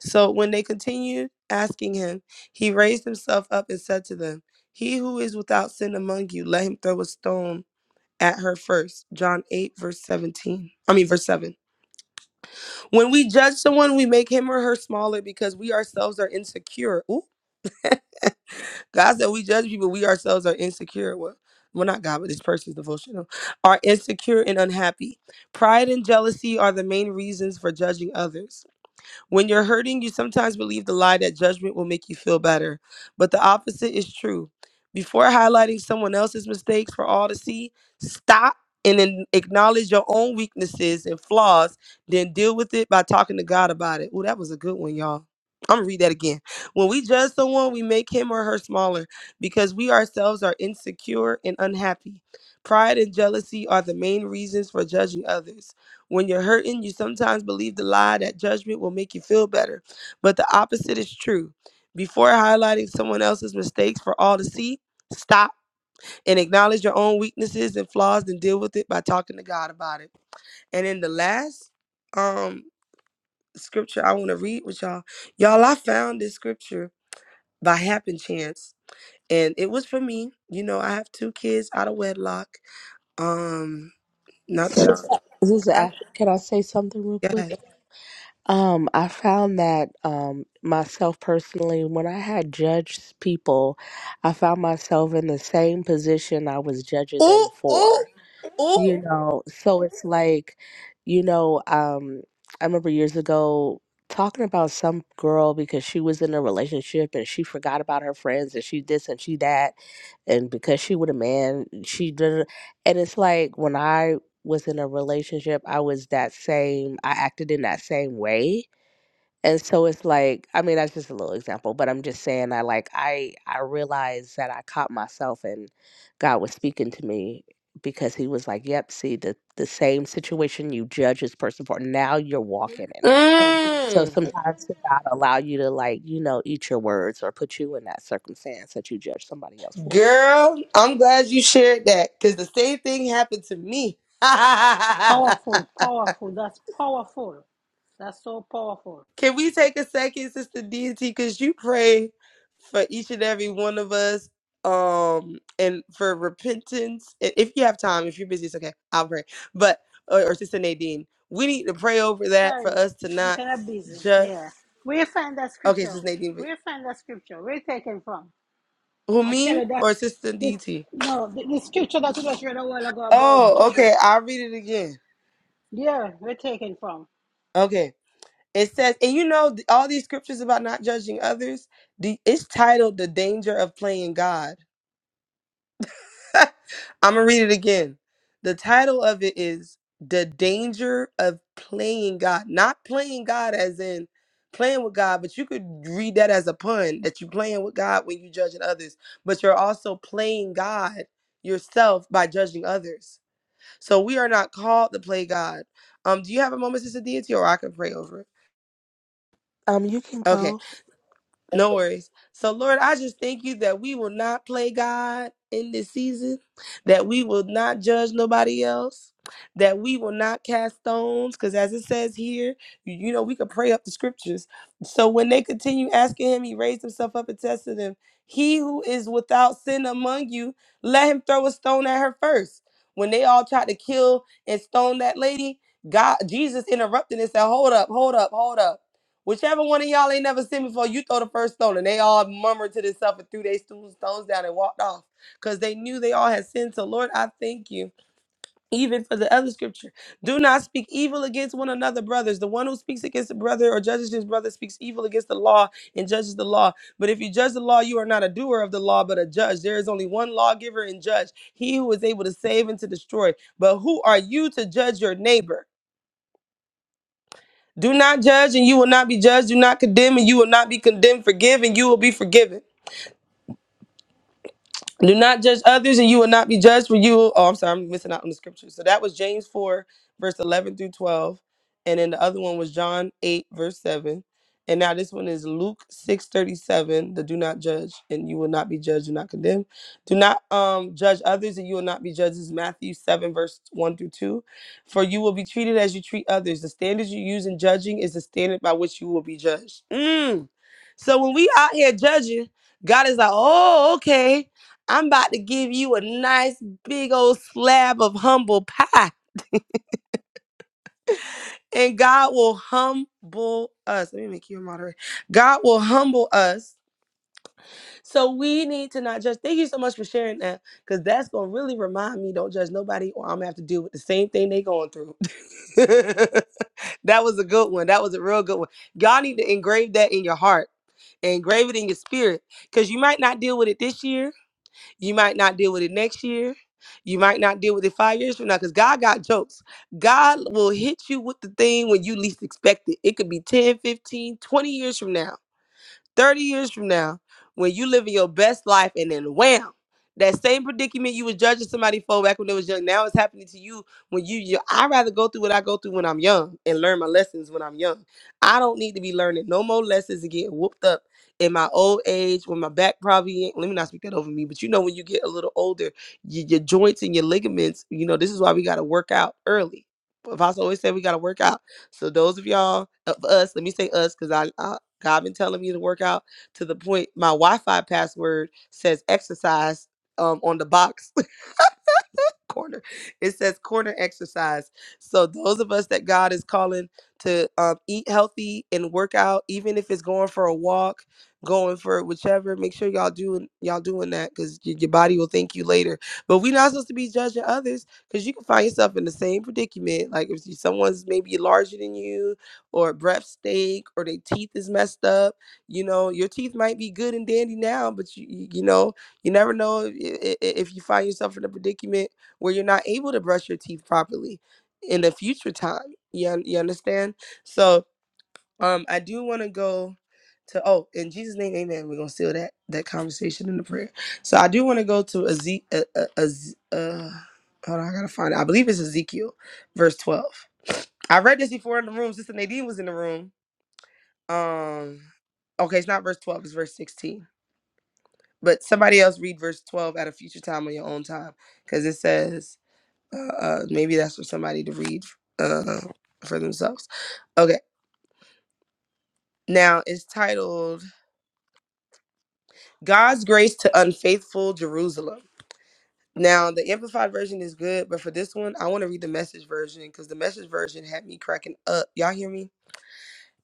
[SPEAKER 7] So when they continued asking him, he raised himself up and said to them, He who is without sin among you, let him throw a stone at her first." John 8, verse 17. I mean, verse 7. When we judge someone, we make him or her smaller because we ourselves are insecure. Ooh, God said we judge people, we ourselves are insecure. Well, well, not God, but this person's devotional, are insecure and unhappy. Pride and jealousy are the main reasons for judging others. When you're hurting, you sometimes believe the lie that judgment will make you feel better, but the opposite is true. Before highlighting someone else's mistakes for all to see, stop and then acknowledge your own weaknesses and flaws, then deal with it by talking to God about it. Oh, that was a good one, y'all. I'm gonna read that again. When we judge someone, we make him or her smaller because we ourselves are insecure and unhappy. Pride and jealousy are the main reasons for judging others. When you're hurting, you sometimes believe the lie that judgment will make you feel better, but the opposite is true. Before highlighting someone else's mistakes for all to see, stop and acknowledge your own weaknesses and flaws and deal with it by talking to God about it. And in the last um scripture I want to read with y'all, y'all I found this scripture by happen chance and it was for me. You know, I have two kids out of wedlock. Um not that I
[SPEAKER 9] This is
[SPEAKER 7] God.
[SPEAKER 9] Ash. Can I say something real quick?
[SPEAKER 7] God.
[SPEAKER 9] Um, I found that um myself personally, when I had judged people, I found myself in the same position I was judging
[SPEAKER 7] Ooh,
[SPEAKER 9] them for.
[SPEAKER 7] ooh, ooh.
[SPEAKER 9] you know so it's like you know um i remember years ago talking about some girl because she was in a relationship and she forgot about her friends and she this and she that and because she with a man she did and it's like when i was in a relationship i was that same i acted in that same way and so it's like, I mean, that's just a little example, but I'm just saying I like I I realized that I caught myself and God was speaking to me because he was like, Yep, see the the same situation you judge this person for, now you're walking in it. So
[SPEAKER 7] Mm,
[SPEAKER 9] sometimes to God allow you to like, you know, eat your words or put you in that circumstance that you judge somebody else for.
[SPEAKER 7] girl, I'm glad you shared that because the same thing happened to me. Can
[SPEAKER 1] Powerful, powerful. That's powerful. That's so powerful.
[SPEAKER 7] we take a second, Sister Deity, because you pray for each and every one of us um and for repentance I- if you have time if you're busy it's okay i'll pray but or, or sister nadine we need to pray over that for
[SPEAKER 1] Sorry,
[SPEAKER 7] us to
[SPEAKER 1] I'm
[SPEAKER 7] not
[SPEAKER 1] kind of busy.
[SPEAKER 7] judge
[SPEAKER 1] Yeah. Where you find that
[SPEAKER 7] okay
[SPEAKER 1] scripture?
[SPEAKER 7] sister nadine
[SPEAKER 1] Where
[SPEAKER 7] but-
[SPEAKER 1] you find that scripture? Where you taken from?
[SPEAKER 7] who
[SPEAKER 1] I tell
[SPEAKER 7] me
[SPEAKER 1] you that
[SPEAKER 7] or sister
[SPEAKER 1] this
[SPEAKER 7] dt
[SPEAKER 1] no the, the scripture that you just read a while ago about
[SPEAKER 7] oh
[SPEAKER 1] judges.
[SPEAKER 7] okay i'll read it again
[SPEAKER 1] Yeah, we're taken from.
[SPEAKER 7] okay It says, and you know, th- all these scriptures about not judging others, the, it's titled The Danger of Playing God. I'm going to read it again. The title of it is The Danger of Playing God. Not playing God as in playing with God, but you could read that as a pun that you're playing with God when you're judging others, but you're also playing God yourself by judging others. So we are not called to play God. Um, do you have a moment, Sister Deity, or I can pray over it?
[SPEAKER 9] Um, you can
[SPEAKER 7] Okay.
[SPEAKER 9] go.
[SPEAKER 7] No
[SPEAKER 9] But
[SPEAKER 7] worries. So, Lord, I just thank you that we will not play God in this season, that we will not judge nobody else, that we will not cast stones, because as it says here, you you know, we could pray up the scriptures. So, when they continue asking him, he raised himself up and tested them. He who is without sin among you, let him throw a stone at her first. When they all tried to kill and stone that lady, God, Jesus interrupted and said, Hold up, hold up, hold up. Whichever one of y'all ain't never seen me before, you throw the first stone. And they all murmured to themselves and threw their stones down and walked off because they knew they all had sinned. So, Lord, I thank you. Even for the other scripture, do not speak evil against one another, brothers. The one who speaks against a brother or judges his brother speaks evil against the law and judges the law. But if you judge the law, you are not a doer of the law, but a judge. There is only one lawgiver and judge, he who is able to save and to destroy. But who are you to judge your neighbor? Do not judge and you will not be judged. Do not condemn and you will not be condemned. Forgive and you will be forgiven. Do not judge others, and you will not be judged for you. Oh, I'm sorry, I'm missing out on the scripture. So that was James 4, verse 11 through 12. And then the other one was John 8, verse 7. And now this one is Luke 6 37. The do not judge, and you will not be judged, do not condemn. Do not um, judge others, and you will not be judged. is Matthew 7, verse 1 through 2. For you will be treated as you treat others. The standards you use in judging is the standard by which you will be judged. Mm. So when we out here judging, God is like, oh, okay I'm about to give you a nice big old slab of humble pie. And God will humble us. Let me make you a moderator. God will humble us. So we need to not judge. Thank you so much for sharing that. Because that's gonna really remind me, don't judge nobody, or I'm gonna have to deal with the same thing they going through. that was a good one. That was a real good one. Y'all need to engrave that in your heart. Engrave it in your spirit. Because you might not deal with it this year You might not deal with it next year. You might not deal with it five years from now because God got jokes. God will hit you with the thing when you least expect it. It could be 10, 15, twenty years from now 30 years from now, when you living your best life and then wham, that same predicament you was judging somebody for back when they was young, now it's happening to you when you, you I rather go through what I go through when I'm young and learn my lessons when I'm young. I don't need to be learning no more lessons and getting whooped up in my old age when my back probably ain't, let me not speak that over me, but you know when you get a little older, your, your joints and your ligaments, you know, this is why we got to work out early. If I always say we got to work out. So those of y'all, of us, let me say us, because I, God been telling me to work out to the point my Wi-Fi password says exercise um, on the box corner. It says corner exercise. So those of us that God is calling to um, eat healthy and work out, even if it's going for a walk, going for whichever, make sure y'all doing y'all doing that because your body will thank you later. But we're not supposed to be judging others because you can find yourself in the same predicament. Like if you- someone's maybe larger than you, or breath stink, or their teeth is messed up. You know, your teeth might be good and dandy now, but you you you know you never know if, if if you find yourself in a predicament where you're not able to brush your teeth properly in the future time. You, un- you understand? So um, I do want to go to, oh, in Jesus' name, amen. We're going to seal that that conversation in the prayer. So I do want to go to Ezekiel. Uh, uh, Ez- uh, hold on, I got to find it. I believe it's Ezekiel, verse 12. I read this before in the room. Sister Nadine was in the room. Um, okay, it's not verse 12, it's verse 16. But somebody else read verse 12 at a future time on your own time. Because it says, uh, uh, maybe that's for somebody to read uh, for themselves. Okay. Now it's titled God's Grace to Unfaithful Jerusalem. Now the amplified version is good, but for this one, I want to read the message version because the message version had me cracking up. Y'all hear me?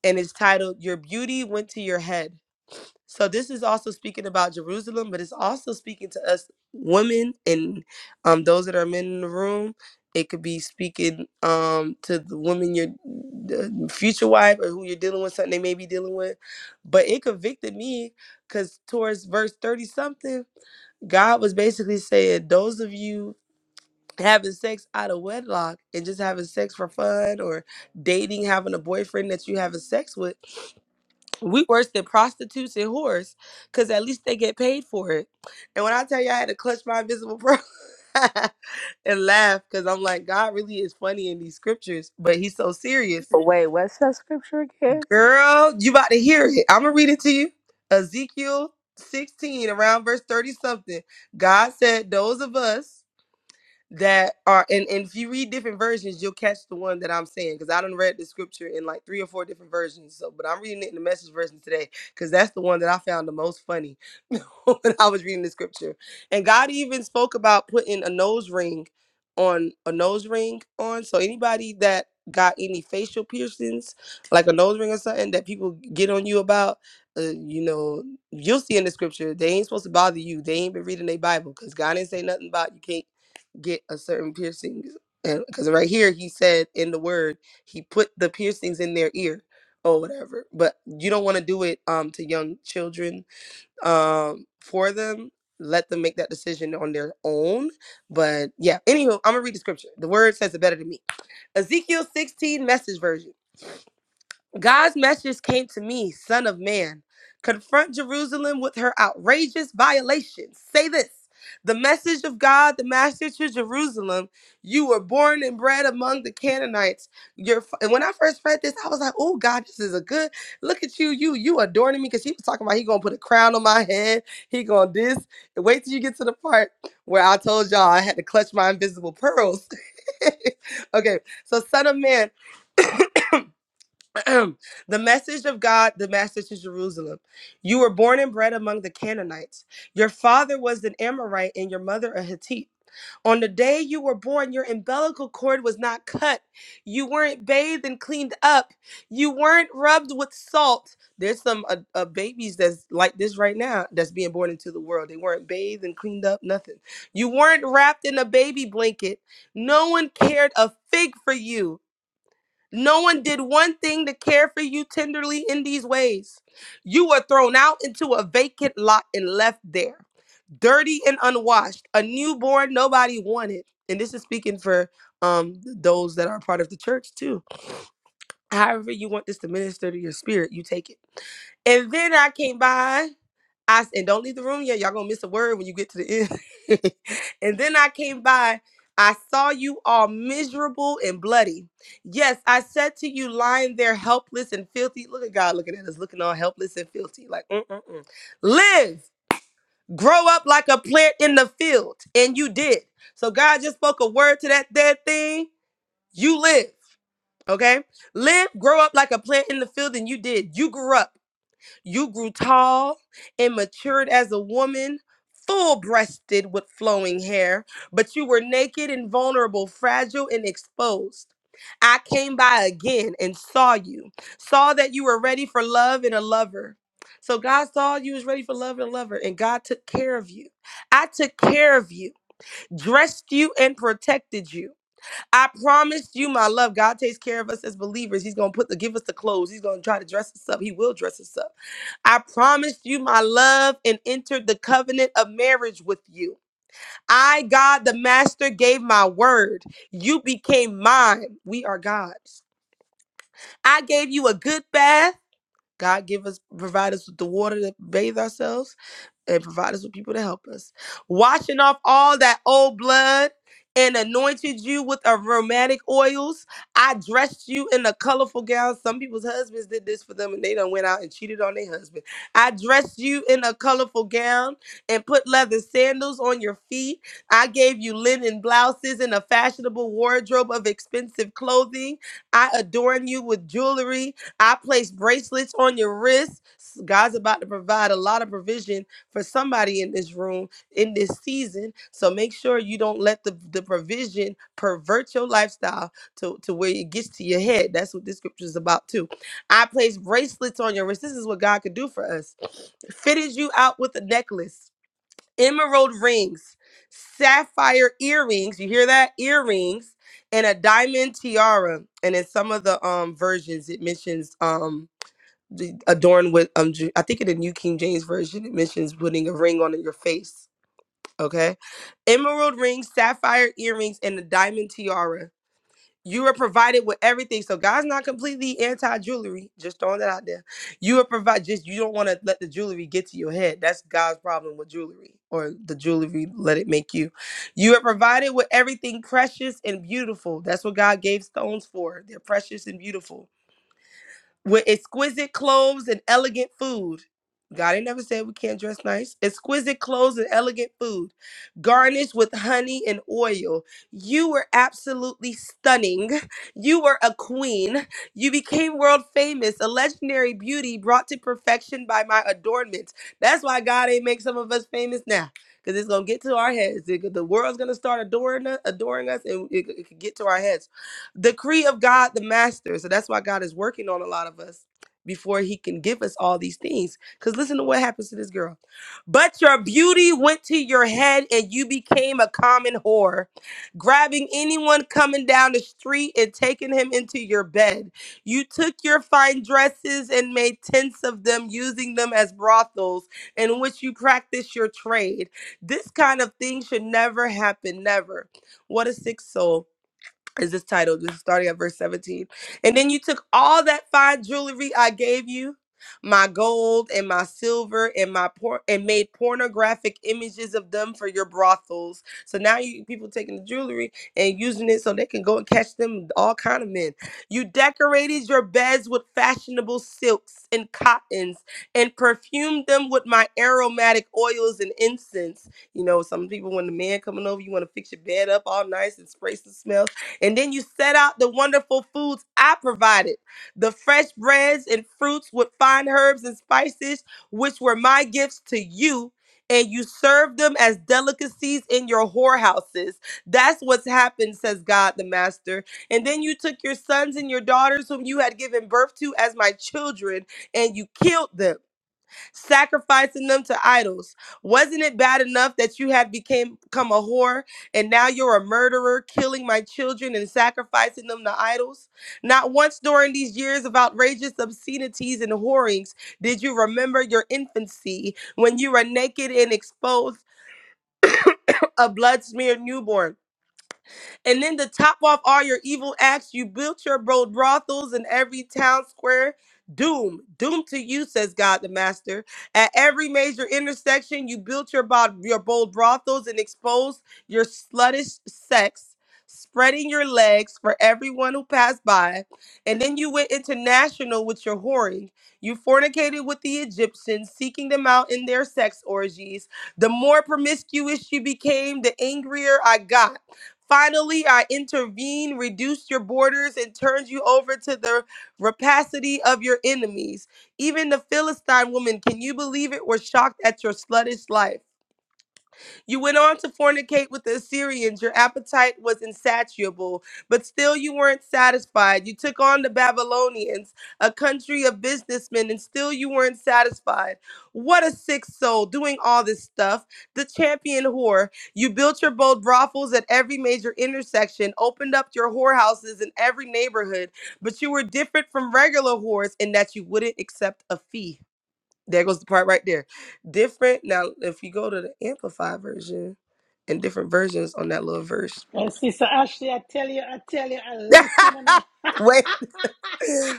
[SPEAKER 7] And it's titled Your Beauty Went to Your Head. So this is also speaking about Jerusalem, but it's also speaking to us women and um, those that are men in the room. It could be speaking um, to the woman, your the future wife, or who you're dealing with, something they may be dealing with. But it convicted me because towards verse 30 something, God was basically saying, Those of you having sex out of wedlock and just having sex for fun or dating, having a boyfriend that you having sex with, we worse than prostitutes and whores because at least they get paid for it. And when I tell you I had to clutch my invisible bro and laugh because I'm like, God really is funny in these scriptures, but he's so serious.
[SPEAKER 9] wait, what's that scripture again?
[SPEAKER 7] Girl, you about to hear it. I'm going to read it to you. Ezekiel 16, around verse 30 something. God said, Those of us that are and, and if you read different versions you'll catch the one that i'm saying because i done read the scripture in like three or four different versions so but i'm reading it in the message version today because that's the one that i found the most funny when i was reading the scripture and god even spoke about putting a nose ring on a nose ring on so anybody that got any facial piercings like a nose ring or something that people get on you about uh, you know you'll see in the scripture they ain't supposed to bother you they ain't been reading their bible because god didn't say nothing about you can't get a certain piercings and because right here he said in the word he put the piercings in their ear or whatever but you don't want to do it um to young children um for them let them make that decision on their own but yeah anywho i'm gonna read the scripture the word says it better than me ezekiel 16 message version God's message came to me, son of man. Confront Jerusalem with her outrageous violations. Say this the message of God, the master to Jerusalem. You were born and bred among the Canaanites. Your and when I first read this, I was like, oh God, this is a good look at you. You you adorning me because he was talking about he gonna put a crown on my head. He gonna this. And wait till you get to the part where I told y'all I had to clutch my invisible pearls. okay, so son of man. the message of God, the message to Jerusalem. You were born and bred among the Canaanites. Your father was an Amorite and your mother a Hittite. On the day you were born, your umbilical cord was not cut. You weren't bathed and cleaned up. You weren't rubbed with salt. There's some uh, uh, babies that's like this right now that's being born into the world. They weren't bathed and cleaned up, nothing. You weren't wrapped in a baby blanket. No one cared a fig for you. No one did one thing to care for you tenderly in these ways. You were thrown out into a vacant lot and left there, dirty and unwashed, a newborn nobody wanted. And this is speaking for um those that are part of the church too. However, you want this to minister to your spirit, you take it. And then I came by. I s- and don't leave the room yet. Y'all gonna miss a word when you get to the end. and then I came by. I saw you all miserable and bloody. Yes, I said to you, lying there helpless and filthy. Look at God looking at us, looking all helpless and filthy. Like, mm-mm-mm. live, grow up like a plant in the field. And you did. So God just spoke a word to that dead thing. You live, okay? Live, grow up like a plant in the field, and you did. You grew up. You grew tall and matured as a woman, full breasted with flowing hair, but you were naked and vulnerable, fragile and exposed. I came by again and saw you, saw that you were ready for love and a lover. So God saw you was ready for love and a lover, and God took care of you. I took care of you, dressed you, and protected you. I promised you my love. God takes care of us as believers. He's gonna put the give us the clothes. He's gonna try to dress us up. He will dress us up. I promised you my love and entered the covenant of marriage with you. I, God the Master, gave my word. You became mine. We are God's. I gave you a good bath. God give us provide us with the water to bathe ourselves and provide us with people to help us. Washing off all that old blood and anointed you with aromatic oils. I dressed you in a colorful gown. Some people's husbands did this for them and they done went out and cheated on their husband. I dressed you in a colorful gown and put leather sandals on your feet. I gave you linen blouses and a fashionable wardrobe of expensive clothing. I adorn you with jewelry. I placed bracelets on your wrists. God's about to provide a lot of provision for somebody in this room in this season. So make sure you don't let the, the provision pervert your lifestyle to, to where it gets to your head. That's what this scripture is about too. I place bracelets on your wrist. This is what God could do for us. Fitted you out with a necklace, emerald rings, sapphire earrings. You hear that? Earrings and a diamond tiara. And in some of the um versions, it mentions um d- adorned with um ju- I think in the New King James version it mentions putting a ring on your face. Okay, emerald rings, sapphire earrings, and a diamond tiara. You are provided with everything. So God's not completely anti jewelry. Just throwing that out there. You are provided. Just you don't want to let the jewelry get to your head. That's God's problem with jewelry, or the jewelry let it make you. You are provided with everything precious and beautiful. That's what God gave stones for. They're precious and beautiful with exquisite clothes and elegant food. God ain't never said we can't dress nice. Exquisite clothes and elegant food, garnished with honey and oil. You were absolutely stunning. You were a queen. You became world famous, a legendary beauty brought to perfection by my adornments. That's why God ain't make some of us famous now, because it's gonna get to our heads. The the world's gonna start adoring us, adoring us, and it, it could get to our heads decree of God the master. So that's why God is working on a lot of us before he can give us all these things. Because listen to what happens to this girl. But your beauty went to your head and you became a common whore, grabbing anyone coming down the street and taking him into your bed. You took your fine dresses and made tents of them, using them as brothels in which you practice your trade. This kind of thing should never happen, never. What a sick soul is this title. This is starting at verse 17. And then you took all that fine jewelry I gave you, my gold and my silver and my por- and made pornographic images of them for your brothels. So now you people taking the jewelry and using it so they can go and catch them all kind of men. You decorated your beds with fashionable silks and cottons and perfumed them with my aromatic oils and incense. You know, some people when the man coming over, you want to fix your bed up all nice and spray some smell. And then you set out the wonderful foods I provided the fresh breads and fruits with fine herbs and spices, which were my gifts to you. And you served them as delicacies in your whorehouses. That's what's happened, says God the Master. And then you took your sons and your daughters, whom you had given birth to as my children, and you killed them sacrificing them to idols. Wasn't it bad enough that you had became become a whore and now you're a murderer, killing my children and sacrificing them to idols? Not once during these years of outrageous obscenities and whorings did you remember your infancy when you were naked and exposed, a blood smeared newborn. And then to top off all your evil acts, you built your bro- brothels in every town square. Doom, doom to you, says God the Master. At every major intersection, you built your, bod- your bold brothels and exposed your sluttish sex, spreading your legs for everyone who passed by. And then you went international with your whoring. You fornicated with the Egyptians, seeking them out in their sex orgies. The more promiscuous you became, the angrier I got. Finally, I intervene, reduce your borders, and turns you over to the rapacity of your enemies. Even the Philistine woman, can you believe it, was shocked at your sluttish life. You went on to fornicate with the Assyrians. Your appetite was insatiable, but still you weren't satisfied. You took on the Babylonians, a country of businessmen, and still you weren't satisfied. What a sick soul doing all this stuff. The champion whore. You built your bold brothels at every major intersection, opened up your whorehouses in every neighborhood, but you were different from regular whores in that you wouldn't accept a fee. There goes the part right there. Different. Now, if you go to the amplified version and different versions on that little verse.
[SPEAKER 1] Well, sister Ashley, I tell you, I tell you, I listen and I
[SPEAKER 7] Wait,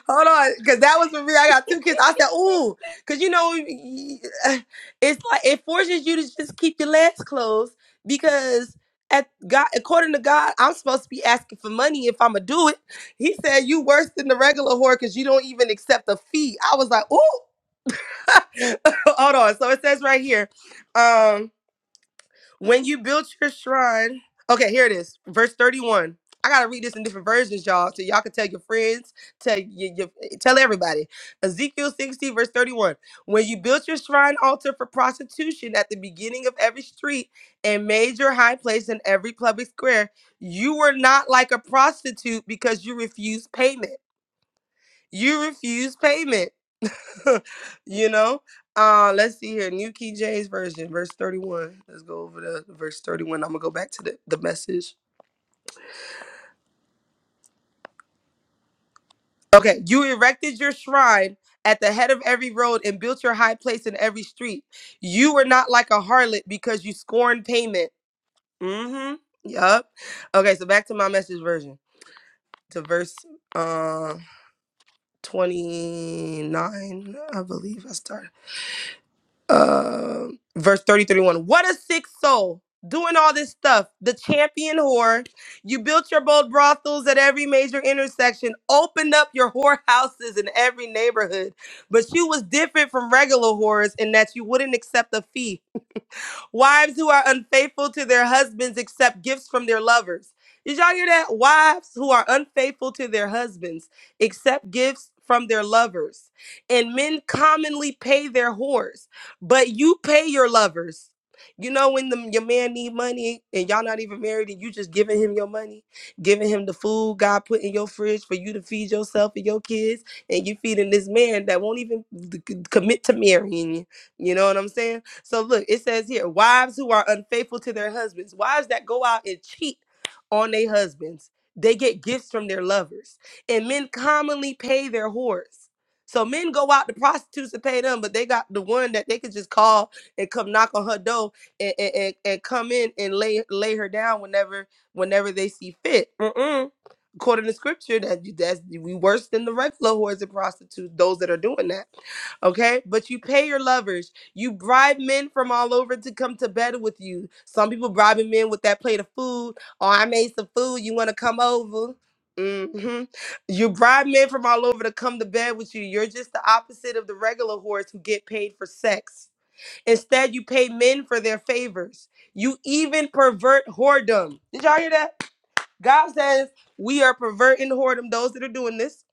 [SPEAKER 7] hold on, because that was for me. I got two kids. I said, "Ooh," because you know, it's like it forces you to just keep your legs closed because at God, according to God, I'm supposed to be asking for money if I'm gonna do it. He said, "You worse than the regular whore because you don't even accept a fee." I was like, "Ooh." hold on. So it says right here. Um, When you built your shrine, okay, here it is, verse 31. I gotta read this in different versions, y'all, so y'all can tell your friends, tell your, your eh, tell everybody. Ezekiel 60, verse 31. When you built your shrine altar for prostitution at the beginning of every street and made your high place in every public square, you were not like a prostitute because you refused payment you refuse payment. you know? Uh let's see here. New King James Version, verse 31. Let's go over to verse 31. I'm gonna go back to the, the message. Okay, you erected your shrine at the head of every road and built your high place in every street. You were not like a harlot because you scorned payment. Mm-hmm. Yup. Okay, so back to my message version. To verse uh 29, I believe I started. Um, verse 30 31. what a sick soul doing all this stuff the champion whore you built your bold brothels at every major intersection opened up your whorehouses in every neighborhood but you was different from regular whores in that you wouldn't accept a fee Wives who are unfaithful to their husbands accept gifts from their lovers. Did y'all hear that? Wives who are unfaithful to their husbands accept gifts from their lovers. And men commonly pay their whores, but you pay your lovers. You know when the, your man need money and y'all not even married and you just giving him your money, giving him the food God put in your fridge for you to feed yourself and your kids, and you feeding this man that won't even c- commit to marrying you. You know what I'm saying? So look, it says here, wives who are unfaithful to their husbands, wives that go out and cheat on their husbands, they get gifts from their lovers. And men commonly pay their whores. So men go out to prostitutes to pay them, but they got the one that they could just call and come knock on her door and, and, and, and come in and lay lay her down whenever whenever they see fit. Mm-mm according to scripture that that's we worse than the regular whores and prostitutes those that are doing that okay but you pay your lovers you bribe men from all over to come to bed with you. Some people bribing men with that plate of food. Oh, I made some food. You want to come over? hmm You bribe men from all over to come to bed with you. You're just the opposite of the regular whores who get paid for sex. Instead, you pay men for their favors. You even pervert whoredom. Did y'all hear that? God says we are perverting whoredom. Those that are doing this,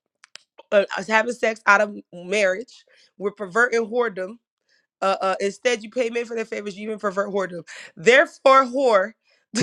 [SPEAKER 7] uh, us having sex out of marriage, we're perverting whoredom uh, uh, instead you pay men for their favors, you even pervert whoredom. Therefore, whore.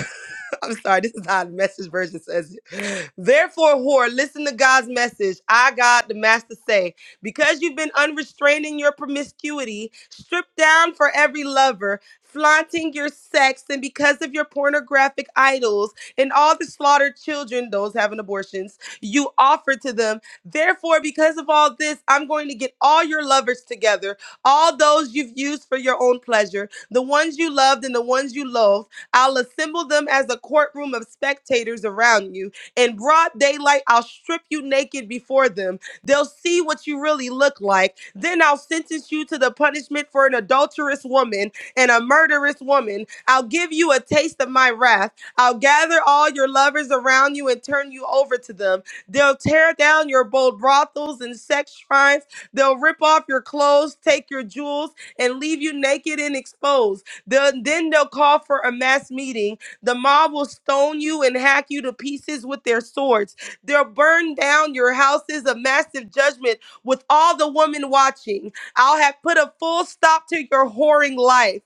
[SPEAKER 7] I'm sorry, this is how the message version says it. Therefore, whore, listen to God's message. I, God, the master, say, because you've been unrestrained in your promiscuity, stripped down for every lover, flaunting your sex, and because of your pornographic idols and all the slaughtered children, those having abortions, you offer to them. Therefore, because of all this, I'm going to get all your lovers together, all those you've used for your own pleasure, the ones you loved and the ones you loathed I'll assemble them as a courtroom of spectators around you. In broad daylight, I'll strip you naked before them. They'll see what you really look like. Then I'll sentence you to the punishment for an adulterous woman and a murderous woman. I'll give you a taste of my wrath. I'll gather all your lovers around you and turn you over to them. They'll tear down your bold brothels and sex shrines. They'll rip off your clothes, take your jewels, and leave you naked and exposed. The- then they'll call for a mass meeting. The mob will stone you and hack you to pieces with their swords. They'll burn down your houses of massive judgment with all the women watching. I'll have put a full stop to your whoring life.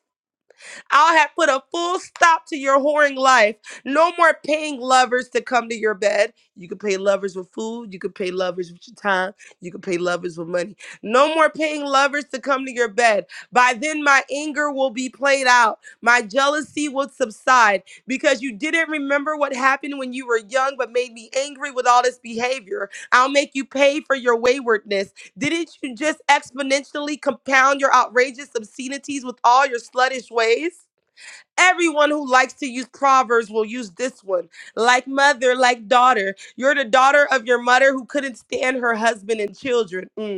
[SPEAKER 7] I have put a full stop to your whoring life. No more paying lovers to come to your bed. You can pay lovers with food. You can pay lovers with your time. You can pay lovers with money. No more paying lovers to come to your bed. By then, my anger will be played out. My jealousy will subside because you didn't remember what happened when you were young, but made me angry with all this behavior. I'll make you pay for your waywardness. Didn't you just exponentially compound your outrageous obscenities with all your sluttish ways? Everyone who likes to use proverbs will use this one. Like mother, like daughter. You're the daughter of your mother who couldn't stand her husband and children. Mm.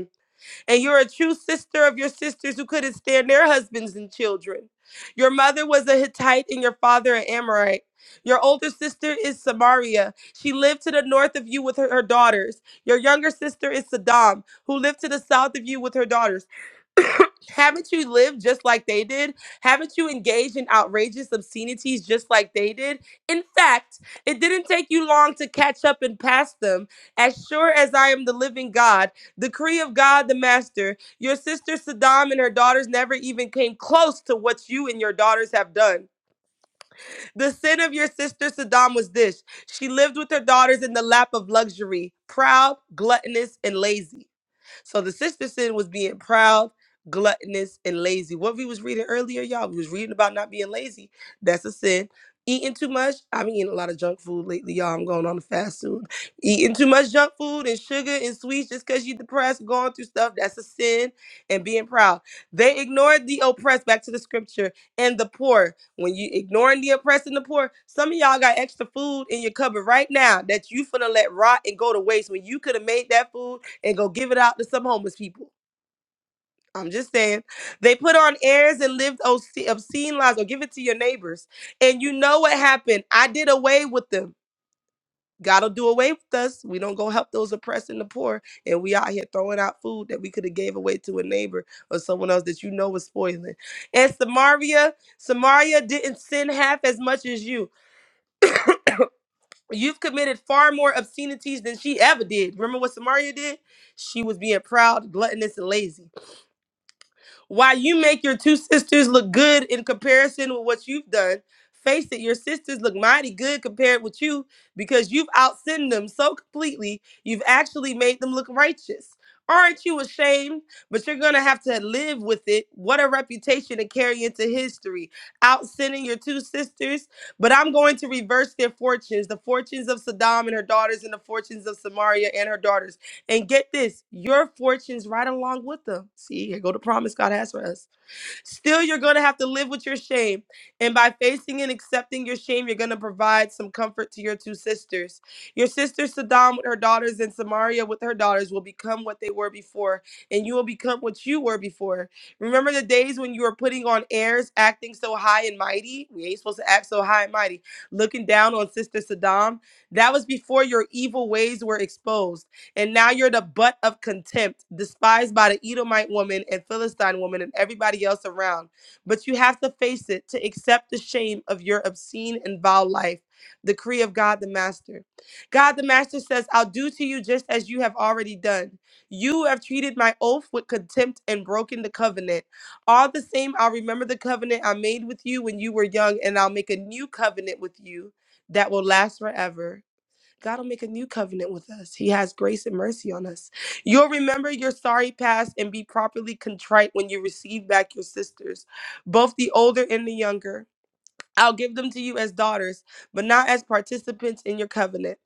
[SPEAKER 7] And you're a true sister of your sisters who couldn't stand their husbands and children. Your mother was a Hittite and your father an Amorite. Your older sister is Samaria. She lived to the north of you with her, her daughters. Your younger sister is Saddam, who lived to the south of you with her daughters. Haven't you lived just like they did? Haven't you engaged in outrageous obscenities just like they did? In fact, it didn't take you long to catch up and pass them. As sure as I am the living God, decree of God the Master, your sister Saddam and her daughters never even came close to what you and your daughters have done. The sin of your sister Saddam was this she lived with her daughters in the lap of luxury, proud, gluttonous, and lazy. So the sister sin was being proud, gluttonous, and lazy. What we was reading earlier, y'all, we was reading about not being lazy. That's a sin. Eating too much. I'm eating a lot of junk food lately, y'all. I'm going on a fast soon. Eating too much junk food and sugar and sweets just because you're depressed, going through stuff, that's a sin. And being proud. They ignored the oppressed, back to the scripture, and the poor. When you ignoring the oppressed and the poor, some of y'all got extra food in your cupboard right now that you finna let rot and go to waste when you could have made that food and go give it out to some homeless people. I'm just saying. They put on airs and lived obscene, obscene lives or give it to your neighbors. And you know what happened? I did away with them. God'll do away with us. We don't go help those oppressed and the poor. And we out here throwing out food that we could have gave away to a neighbor or someone else that you know was spoiling. And Samaria, Samaria didn't sin half as much as you. You've committed far more obscenities than she ever did. Remember what Samaria did? She was being proud, gluttonous, and lazy. While you make your two sisters look good in comparison with what you've done, face it, your sisters look mighty good compared with you because you've outsinned them so completely, you've actually made them look righteous. Aren't you ashamed? But you're going to have to live with it. What a reputation to carry into history. Outsinning your two sisters, but I'm going to reverse their fortunes the fortunes of Saddam and her daughters, and the fortunes of Samaria and her daughters. And get this, your fortune's right along with them. See, here go the promise God has for us. Still, you're going to have to live with your shame. And by facing and accepting your shame, you're going to provide some comfort to your two sisters. Your sister Saddam with her daughters and Samaria with her daughters will become what they were before, and you will become what you were before. Remember the days when you were putting on airs, acting so high and mighty? We ain't supposed to act so high and mighty. Looking down on Sister Saddam? That was before your evil ways were exposed. And now you're the butt of contempt, despised by the Edomite woman and Philistine woman and everybody else around. But you have to face it to accept the shame of your obscene and vile life. Decree of God the Master. God the Master says, I'll do to you just as you have already done. You have treated my oath with contempt and broken the covenant. All the same, I'll remember the covenant I made with you when you were young, and I'll make a new covenant with you that will last forever. God will make a new covenant with us. He has grace and mercy on us. You'll remember your sorry past and be properly contrite when you receive back your sisters, both the older and the younger. I'll give them to you as daughters, but not as participants in your covenant.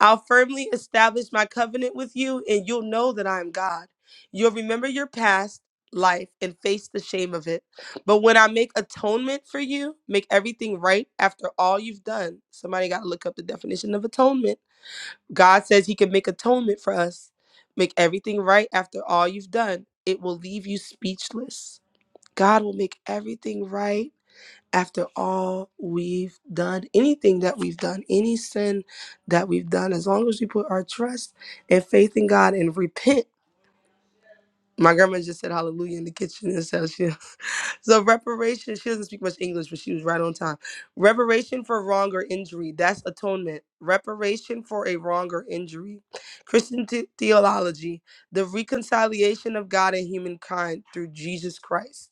[SPEAKER 7] I'll firmly establish my covenant with you, and you'll know that I am God. You'll remember your past life and face the shame of it. But when I make atonement for you, make everything right after all you've done. Somebody got to look up the definition of atonement God says he can make atonement for us, make everything right after all you've done. It will leave you speechless. God will make everything right after all we've done, anything that we've done, any sin that we've done, as long as we put our trust and faith in God and repent. My grandma just said hallelujah in the kitchen and stuff. so reparation, she doesn't speak much English, but she was right on time. Reparation for wrong or injury, that's atonement. Reparation for a wrong or injury. Christian the- theology, the reconciliation of God and humankind through Jesus Christ.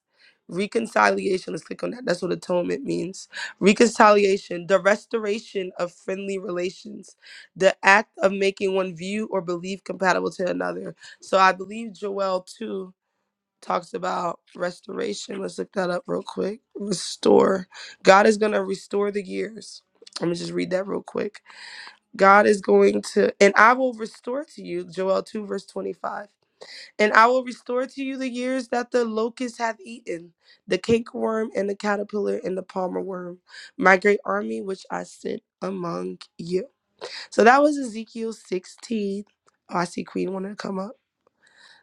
[SPEAKER 7] Reconciliation, let's click on that. That's what atonement means. Reconciliation, the restoration of friendly relations, the act of making one view or belief compatible to another. So I believe Joel too talks about restoration. Let's look that up real quick. Restore. God is going to restore the years. Let me just read that real quick. God is going to, and I will restore to you, Joel 2, verse 25. And I will restore to you the years that the locust hath eaten, the cakeworm and the caterpillar and the palmer worm, my great army which I sent among you. So that was Ezekiel 16. Oh, I see Queen wanted to come up.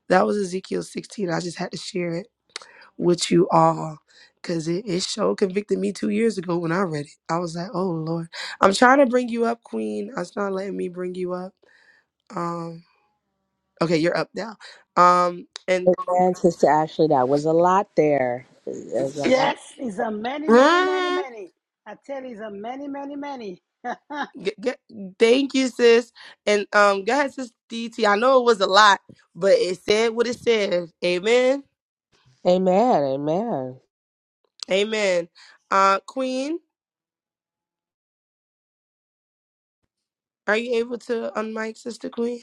[SPEAKER 7] That was Ezekiel 16. I just had to share it with you all because it, it sure convicted me two years ago when I read it. I was like, oh Lord. I'm trying to bring you up, Queen. It's not letting me bring you up. Um okay, you're up now. Um and
[SPEAKER 9] Amen, Sister Ashley. That was a lot there. There's a lot.
[SPEAKER 1] yes, it's a many, many, many,
[SPEAKER 7] Mm,
[SPEAKER 1] many. I tell you, it's a many, many, many. and
[SPEAKER 7] get, get, thank you, sis. And um go ahead, sis DT. I know it was a lot, but it said what it said. Amen.
[SPEAKER 9] Amen. Amen.
[SPEAKER 7] Amen. Uh Queen, are you able to unmic, Sister Queen?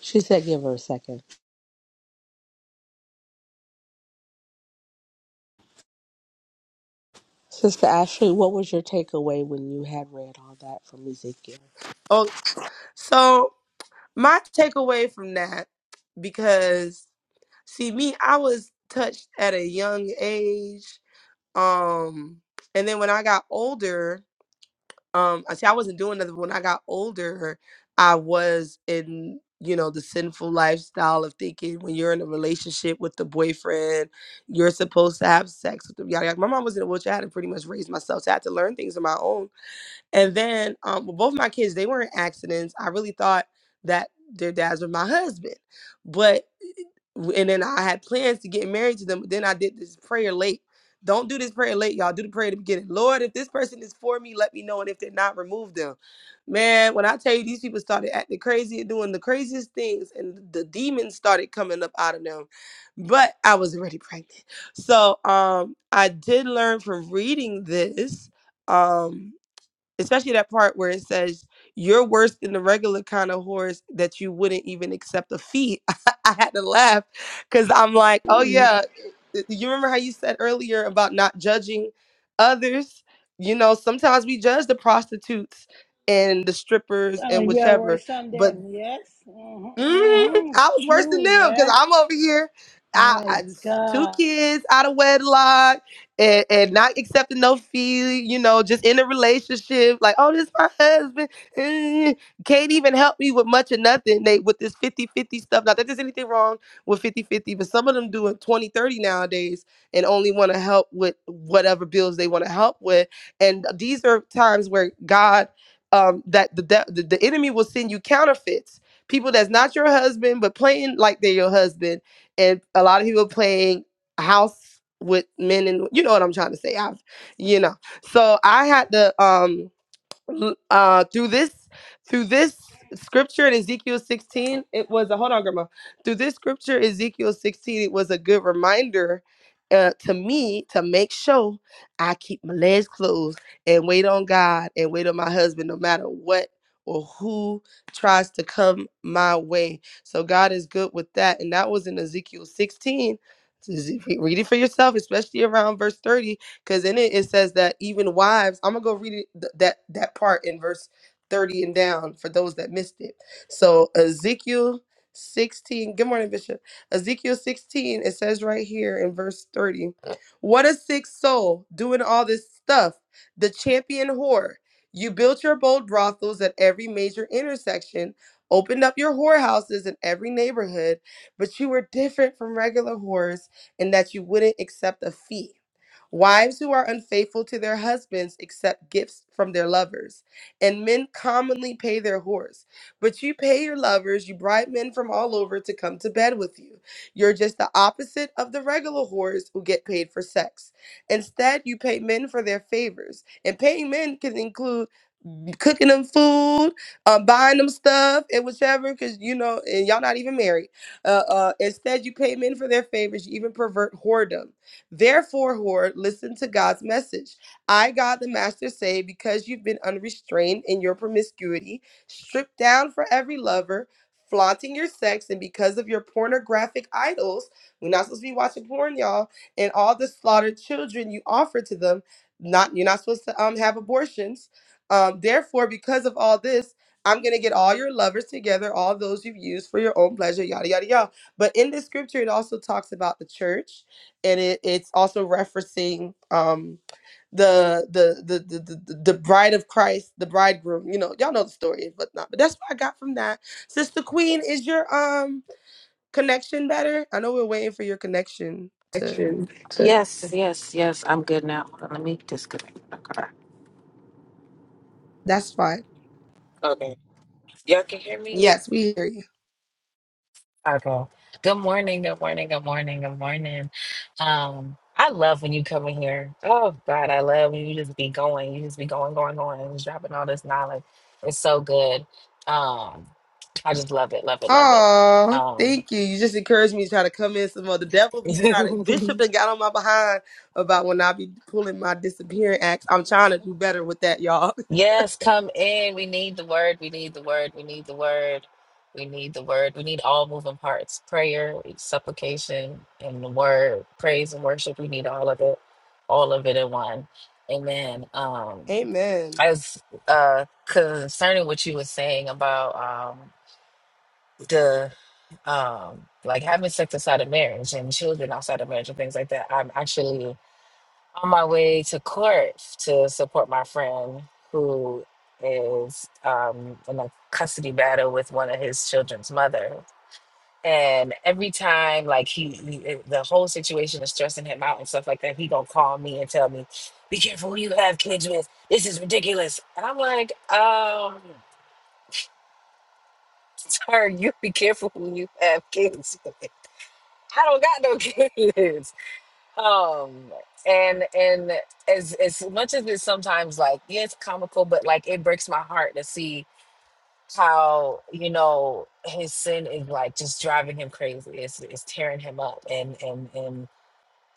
[SPEAKER 9] She said, give her a second. Sister Ashley, what was your takeaway when you had read all that from Ezekiel?
[SPEAKER 7] Oh, so My takeaway from that, because see me, I was touched at a young age. Um, and then when I got older, um, I see I wasn't doing nothing. but When I got older, I was in, you know, the sinful lifestyle of thinking when you're in a relationship with the boyfriend, you're supposed to have sex with them. Yada, yada. My mom was in a wheelchair. I had to pretty much raise myself. So I had to learn things on my own and then um, well, both my kids, they weren't accidents. I really thought that their dads were my husband. But, and then I had plans to get married to them. But then I did this prayer late. Don't do this prayer late, y'all. Do the prayer at the beginning. Lord, if this person is for me, let me know. And if they're not, remove them. Man, when I tell you these people started acting crazy and doing the craziest things, and the demons started coming up out of them. But I was already pregnant. So um I did learn from reading this. Um especially that part where it says you're worse than the regular kind of horse that you wouldn't even accept a fee. I had to laugh because I'm like, oh yeah, eh, eh, you remember how you said earlier about not judging others? You know, sometimes we judge the prostitutes and the strippers and
[SPEAKER 1] we are
[SPEAKER 7] whichever,
[SPEAKER 1] worse than
[SPEAKER 7] but.
[SPEAKER 1] them. Yes. Mm-hmm,
[SPEAKER 7] Mhm.
[SPEAKER 1] mm-hmm.
[SPEAKER 7] I was worse than
[SPEAKER 1] True.
[SPEAKER 7] them because
[SPEAKER 1] Yes.
[SPEAKER 7] I'm over here, I,
[SPEAKER 1] My
[SPEAKER 7] I two
[SPEAKER 1] God.
[SPEAKER 7] kids out of wedlock and, and not accepting no fee. You know, just in a relationship, like oh, this my husband eh, can't even help me with much of nothing. They with this fifty fifty stuff. Not that there's anything wrong with fifty fifty, but some of them doing twenty thirty nowadays and only want to help with whatever bills they want to help with. And these are times where God, um, that the de- the the enemy will send you counterfeits people that's not your husband but playing like they're your husband, and a lot of people playing house with men and you know what I'm trying to say. I, you know, so I had to um l- uh through this through this scripture in Ezekiel 16 it was a hold on grandma through this scripture Ezekiel 16 it was a good reminder uh, to me to make sure I keep my legs closed and wait on God and wait on my husband no matter what or who tries to come my way so God is good with that and that was in Ezekiel 16 read it for yourself especially around verse 30 because in it it says that even wives i'm gonna go read it, th- that that part in verse 30 and down for those that missed it so ezekiel 16 good morning bishop ezekiel 16 it says right here in verse 30 what a sick soul doing all this stuff the champion whore you built your bold brothels at every major intersection opened up your whorehouses in every neighborhood but you were different from regular whores in that you wouldn't accept a fee Wives who are unfaithful to their husbands accept gifts from their lovers, and men commonly pay their whores. But you pay your lovers, you bribe men from all over to come to bed with you. You're just the opposite of the regular whores who get paid for sex. Instead, you pay men for their favors, and paying men can include cooking them food, um, buying them stuff and whichever, because you know, and y'all not even married. Uh, uh, instead, you pay men for their favors, you even pervert whoredom. Therefore, whore, listen to God's message. I, God the Master, say, because you've been unrestrained in your promiscuity, stripped down for every lover, flaunting your sex, and because of your pornographic idols, we're not supposed to be watching porn, y'all, and all the slaughtered children you offer to them. Not you're not supposed to um have abortions um, therefore, because of all this, I'm going to get all your lovers together, all those you've used for your own pleasure, yada, yada, yada. But in this scripture, it also talks about the church and it, it's also referencing um, the, the, the, the, the, the the bride of Christ, the bridegroom. You know, y'all know the story, but not. But that's what I got from that. Sister Queen, is your um connection better? I know we're waiting for your connection to.
[SPEAKER 10] Yes, yes, yes. I'm good now. Hold on, Let me disconnect my car.
[SPEAKER 7] That's fine.
[SPEAKER 10] Okay. Y'all can hear me?
[SPEAKER 7] Yes, we hear you.
[SPEAKER 10] Okay. Good morning, good morning, good morning, good morning. Um, I love when you come in here. Oh God, I love when you just be going. You just be going, going, going, and just dropping all this knowledge. It's so good. Um, I just love it, love it, love it.
[SPEAKER 7] Oh,
[SPEAKER 10] Um
[SPEAKER 7] thank you. You just encouraged me to try to come in some more. The devil be trying to bishop and got on my behind about when I be pulling my disappearing acts. I'm trying to do better with that, y'all.
[SPEAKER 10] Yes, come in. We need the word. We need the word. We need the word. We need the word. We need all moving parts prayer, supplication, and the word, praise and worship. We need all of it, all of it in one. Amen. Um,
[SPEAKER 7] Amen.
[SPEAKER 10] as uh, concerning what you were saying about um, the um, like having sex outside of marriage and children outside of marriage and things like that, I'm actually on my way to court to support my friend who is um, in a custody battle with one of his children's mother. And every time, like he, he it- the whole situation is stressing him out and stuff like that. He gonna call me and tell me, "Be careful who you have kids with. This is ridiculous." And I'm like, um, "Sir, you be careful who you have kids with. I don't got no kids." Um, and and as as much as it's sometimes like, yeah, it's comical, but like it breaks my heart to see how, you know, his sin is like just driving him crazy. It's it's tearing him up and and and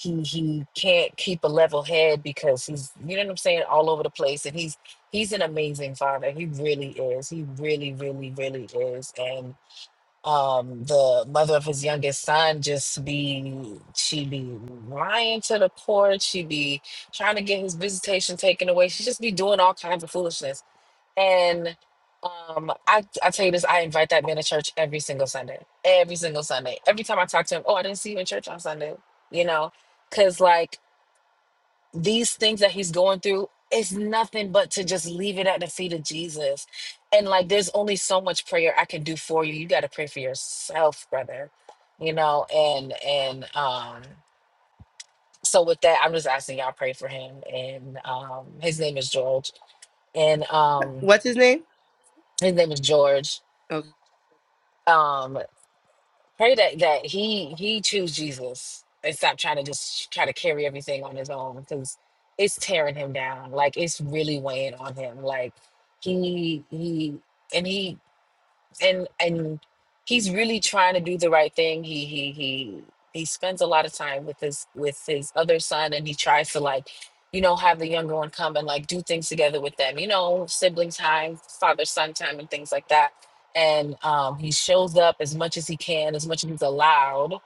[SPEAKER 10] he he can't keep a level head because he's you know what I'm saying, all over the place. And he's he's an amazing father. He really is. He really, really, really is. and um the mother of his youngest son just be she be lying to the court she be trying to get his visitation taken away she just be doing all kinds of foolishness and um i i tell you this i invite that man to church every single sunday every single sunday every time i talk to him oh i didn't see you in church on sunday you know because like these things that he's going through is nothing but to just leave it at the feet of Jesus. And like there's only so much prayer I can do for you. You got to pray for yourself, brother. You know, and and um so with that, I'm just asking y'all pray for him and um his name is George and um
[SPEAKER 7] What's his name?
[SPEAKER 10] his name is George.
[SPEAKER 7] Okay.
[SPEAKER 10] Um Pray that that he he choose Jesus and stop trying to just try to carry everything on his own because it's tearing him down. Like it's really weighing on him. Like he he and he and and he's really trying to do the right thing. He he he he spends a lot of time with his with his other son, and he tries to like, you know, have the younger one come and like do things together with them. You know, sibling time, father son time, and things like that. And um, he shows up as much as he can, as much as he's allowed.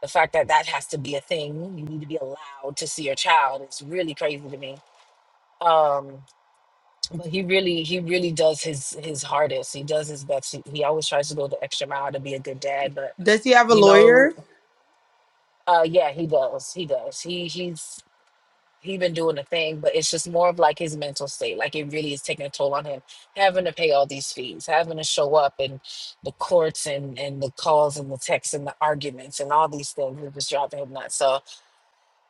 [SPEAKER 10] The fact that that has to be a thing, you need to be allowed to see your child, is really crazy to me. Um, but he really he really does his his hardest he does his best he, he always tries to go the extra mile to be a good dad but
[SPEAKER 7] Does he have a
[SPEAKER 10] you know
[SPEAKER 7] lawyer?
[SPEAKER 10] uh yeah he does he does he he's he been doing the thing but it's just more of like his mental state like it really is taking a toll on him having to pay all these fees having to show up in the courts and and the calls and the texts and the arguments and all these things it was driving him nuts So.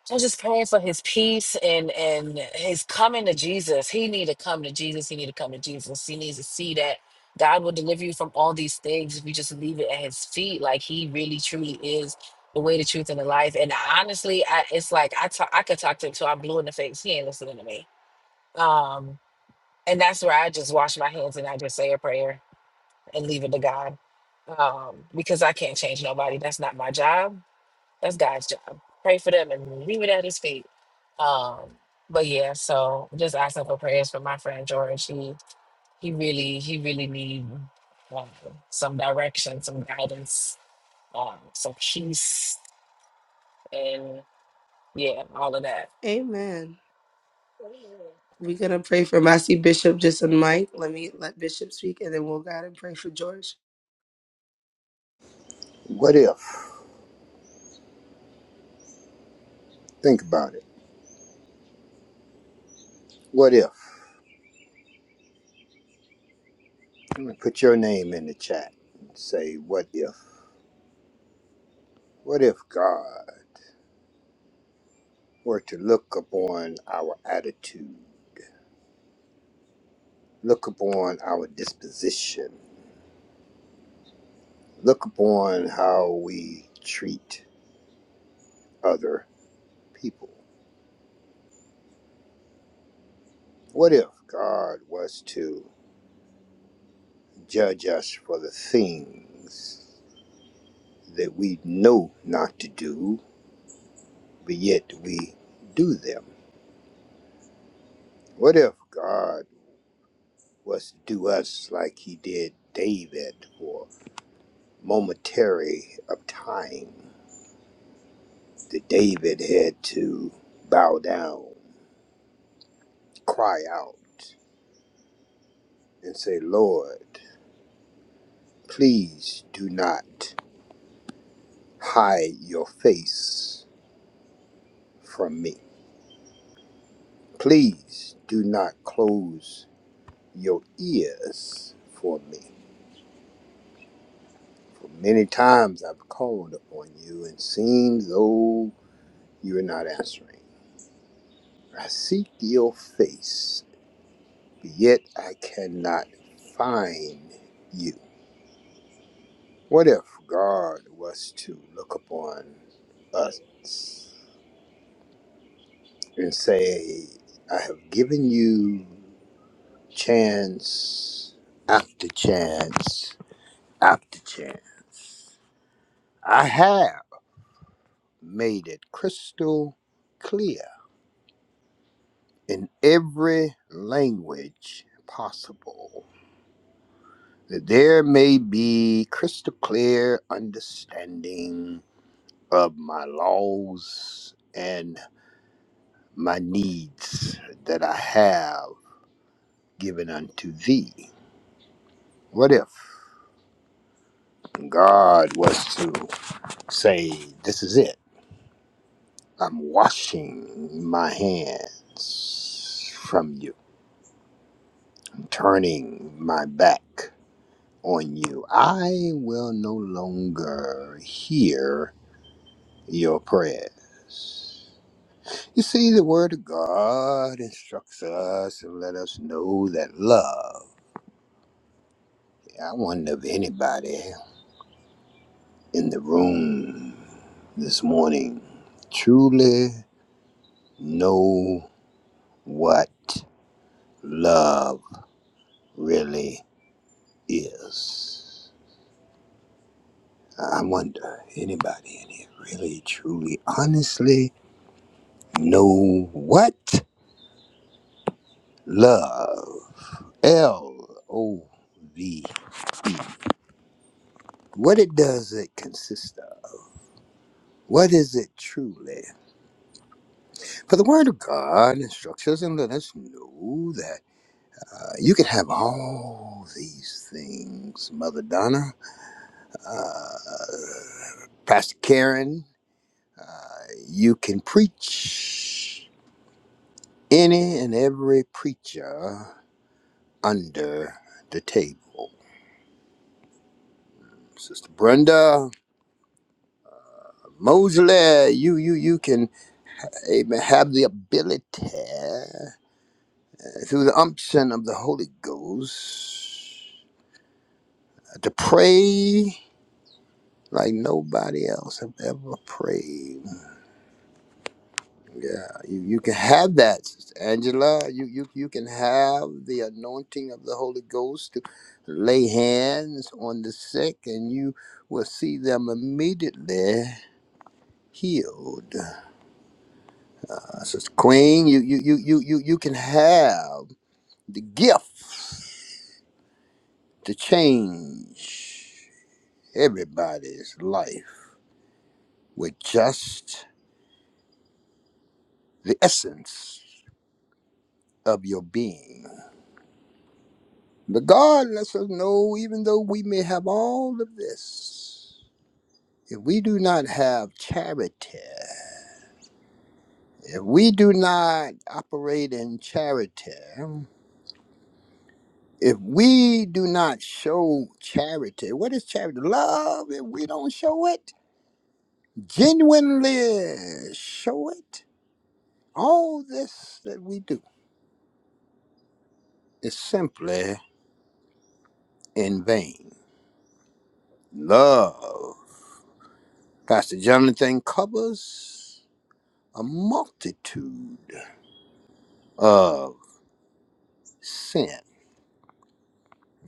[SPEAKER 10] I'm just praying for his peace and and his coming to Jesus. He need to come to Jesus. He need to come to Jesus. He needs to see that God will deliver you from all these things if you just leave it at his feet. Like he really truly is the way, the truth, and the life. And honestly, I, it's like I talk, I could talk to him till I'm blue in the face. He ain't listening to me. Um, and that's where I just wash my hands and I just say a prayer and leave it to God. Um, because I can't change nobody. That's not my job that's God's job. Pray for them and leave it at his feet. Um, but yeah, so just asking for prayers for my friend George. He he really he really need um, some direction, some guidance, um, some peace, and yeah, all of that.
[SPEAKER 7] Amen. We're gonna pray for Massey Bishop just on mic. Let me let Bishop speak and then we'll go out and pray for George.
[SPEAKER 11] What if? Think about it. What if? I'm gonna Put your name in the chat. and Say, what if? What if God were to look upon our attitude, look upon our disposition, look upon how we treat other people? What if God was to judge us for the things that we know not to do, but yet we do them? What if God? was to do us like he did David for momentary of time. That David had to bow down, cry out, and say, Lord, please do not hide your face from me. Please do not close your ears for me. For many times I've called upon you and seems though you're not answering. I seek your face yet I cannot find you. What if God was to look upon us and say, I have given you chance after chance after chance. I have made it crystal clear in every language possible that there may be crystal clear understanding of my laws and my needs that I have given unto thee. What if God was to say, This is it, I'm washing my hands from you, turning my back on you? I will no longer hear your prayers. You see, the Word of God instructs us and let us know that love. I wonder if anybody in the room this morning truly know what love really is. I wonder if anybody in here really truly honestly know what love L O V E what it does it consist of what is it truly for the word of god instructs us and let us know that. Uh, you could have all these things, Mother Donna, uh, Pastor Karen. Uh, you can preach any and every preacher under the table. Sister Brenda Mosley, you you you can amen, have the ability uh, through the unction of the Holy Ghost uh, to pray like nobody else have ever prayed. Yeah, you, you can have that, Sister Angela. You, you you can have the anointing of the Holy Ghost to lay hands on the sick, and you will see them immediately healed. Uh, Sister Queen, you you you you you you can have the gift to change everybody's life with just the essence of your being. But God lets us know, even though we may have all of this, if we do not have charity, if we do not operate in charity, if we do not show charity, what is charity? Love, if we don't show it, genuinely show it, all this that we do is simply in vain. Love, Pastor Jonathan covers a multitude of sin.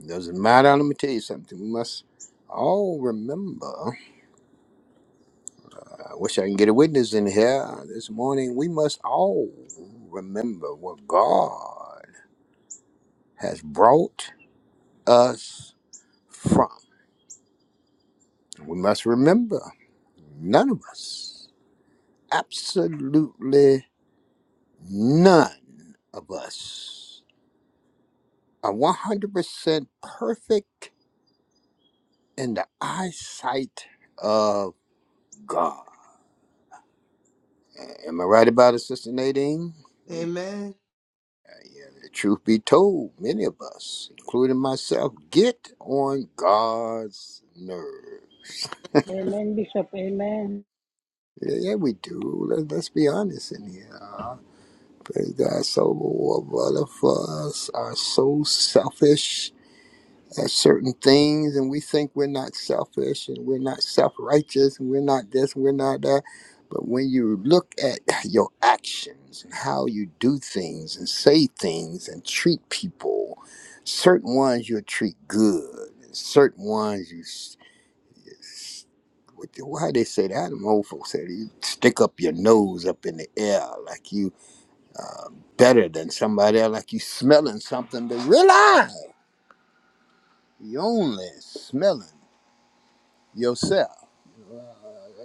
[SPEAKER 11] Doesn't matter. Let me tell you something. We must all remember. I wish I can get a witness in here this morning. We must all remember what God has brought us from. We must remember none of us, absolutely none of us, are 100% perfect in the eyesight of God. A- Am I right about it, Sister Nadine?
[SPEAKER 7] Amen.
[SPEAKER 11] Uh, yeah, the truth be told, many of us, including myself, get on God's nerve.
[SPEAKER 1] Amen, Bishop. Amen.
[SPEAKER 11] Yeah, yeah, we do. Let, let's be honest in here. Uh, praise God, so many of us are so selfish at certain things and we think we're not selfish and we're not self-righteous and we're not this and we're not that but when you look at your actions and how you do things and say things and treat people certain ones you'll treat good and certain ones you s- you s- what the- why they say that them old folks said you stick up your nose up in the air like you uh, better than somebody else like you smelling something but realize you only smelling yourself. Uh,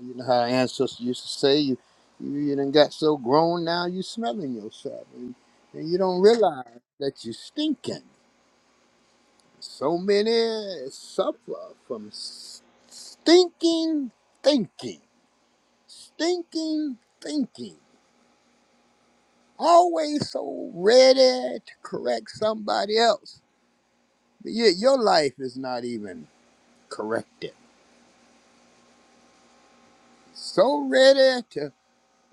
[SPEAKER 11] you know how our ancestors used to say, you, you, you done got so grown now you smelling yourself. And, and you don't realize that you stinking. So many suffer from s- stinking thinking. Stinking thinking. Always so ready to correct somebody else. But yet your life is not even corrected. So ready to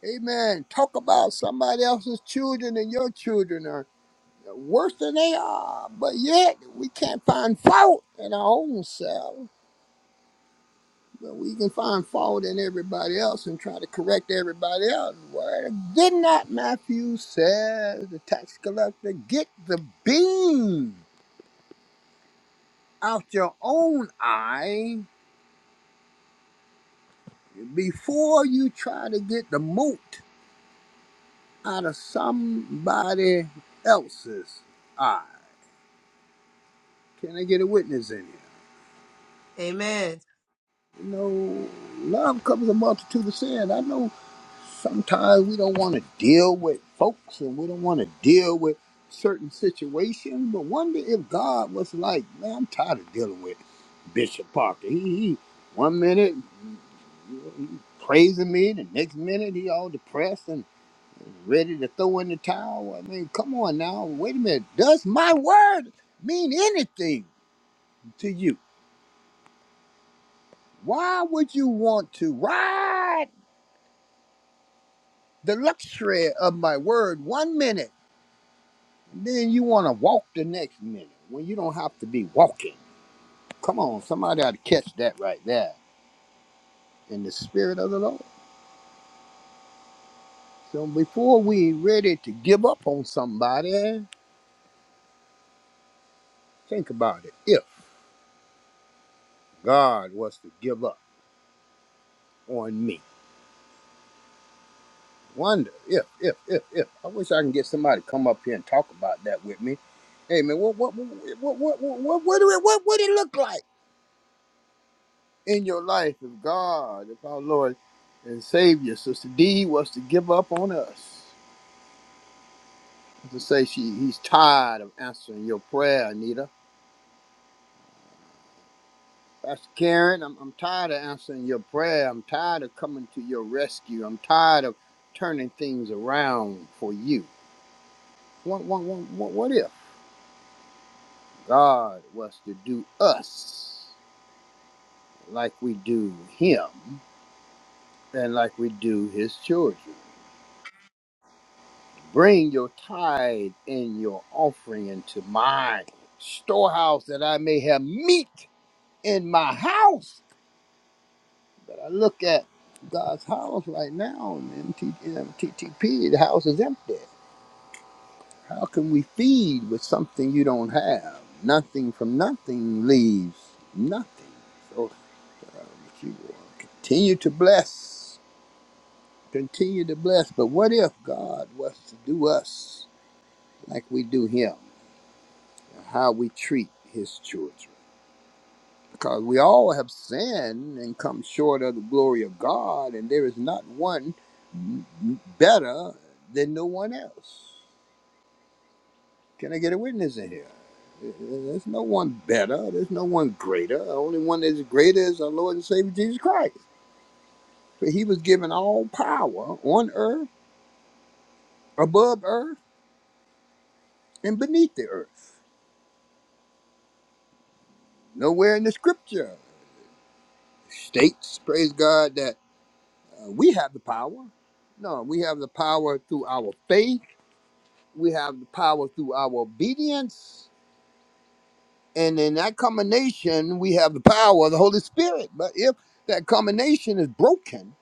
[SPEAKER 11] Amen. Talk about somebody else's children and your children are worse than they are, but yet we can't find fault in our own self. But we can find fault in everybody else and try to correct everybody else. Where did not Matthew says the tax collector get the beam out your own eye before you try to get the mote out of somebody else's eye? Can I get a witness in here?
[SPEAKER 7] Amen.
[SPEAKER 11] You know, love covers a multitude of sin. I know sometimes we don't want to deal with folks and we don't want to deal with certain situations, but wonder if God was like, man, I'm tired of dealing with Bishop Parker. He, he one minute he praising me, the next minute he all depressed and ready to throw in the towel. I mean, come on now, wait a minute. Does my word mean anything to you? Why would you want to ride? the luxury of my word one minute, and then you want to walk the next minute when you don't have to be walking. Come on, somebody ought to catch that right there in the spirit of the Lord. So before we ready to give up on somebody, think about it. If God was to give up on me, wonder if, if, if, if. I wish I can get somebody to come up here and talk about that with me. Hey man, what, what, what, what, what, what, what, what, what, what what did it look like? in your life if God, if our Lord and Savior, Sister D, was to give up on us. To say she he's tired of answering your prayer, Anita. Pastor Karen, I'm, I'm tired of answering your prayer. I'm tired of coming to your rescue. I'm tired of turning things around for you. What, what, what, what, what if God was to do us like we do him and like we do his children? Bring your tithe and your offering into my storehouse that I may have meat in my house. But I look at God's house right now and MTTP, the house is empty. How can we feed with something you don't have? Nothing from nothing leaves nothing. So uh, if you will continue to bless, continue to bless. But what if God was to do us like we do Him? how we treat his children. Because we all have sinned and come short of the glory of God, and there is not one better than no one else. Can I get a witness in here? There's no one better. There's no one greater. The only one that's greater is our Lord and Savior Jesus Christ. For he was given all power on earth, above earth, and beneath the earth. Nowhere in the scripture states, praise God, that. Uh, we have the power. No, we have the power through our faith. We have the power through our obedience. And in that combination, we have the power of the Holy Spirit. But if that combination is broken,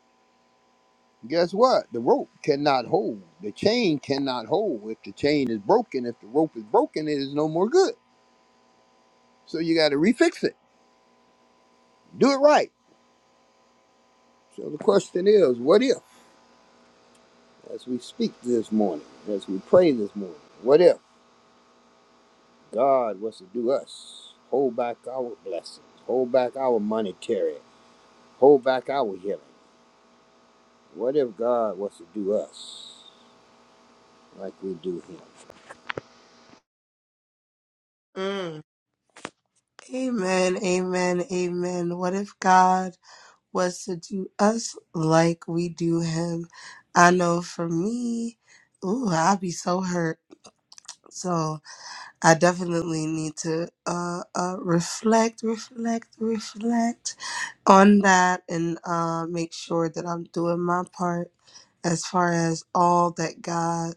[SPEAKER 11] guess what? The rope cannot hold. The chain cannot hold. If the chain is broken, if the rope is broken, it is no more good. So you got to refix it. Do it right. So the question is, what if? As we speak this morning, as we pray this morning, what if? God was to do us. Hold back our blessings. Hold back our monetary. Hold back our healing. What if God was to do us like we do him?
[SPEAKER 7] Mm. Amen. Amen. Amen. What if God was to do us like we do him. I know for me, ooh, I'd be so hurt. So I definitely need to uh, uh, reflect, reflect, reflect on that and uh, make sure that I'm doing my part as far as all that God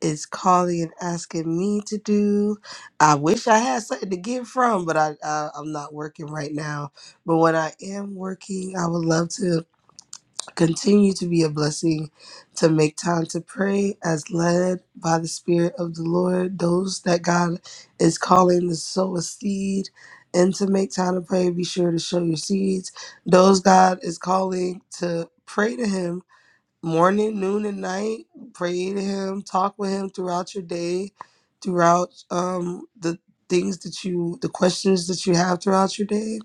[SPEAKER 7] is calling and asking me to do. I wish I had something to get from, but I, I I'm not working right now. But when I am working, I would love to Continue to be a blessing to make time to pray as led by the Spirit of the Lord. Those that God is calling to sow a seed and to make time to pray, be sure to show your seeds. Those God is calling to pray to Him morning, noon, and night. Pray to Him, talk with Him throughout your day, throughout um, the things that you, the questions that you have throughout your day.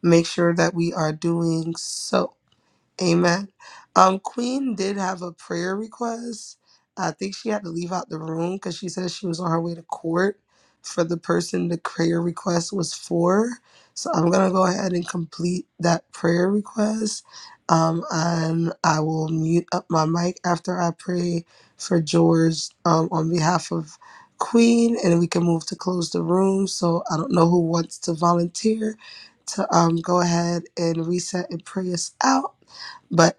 [SPEAKER 7] Make sure that we are doing so. Amen. Um, Queen did have a prayer request. I think she had to leave out the room because she said she was on her way to court for the person the prayer request was for. So I'm gonna go ahead and complete that prayer request. Um, and I will mute up my mic after I pray for George um, on behalf of Queen, and we can move to close the room. So I don't know who wants to volunteer to um, go ahead and reset and pray us out but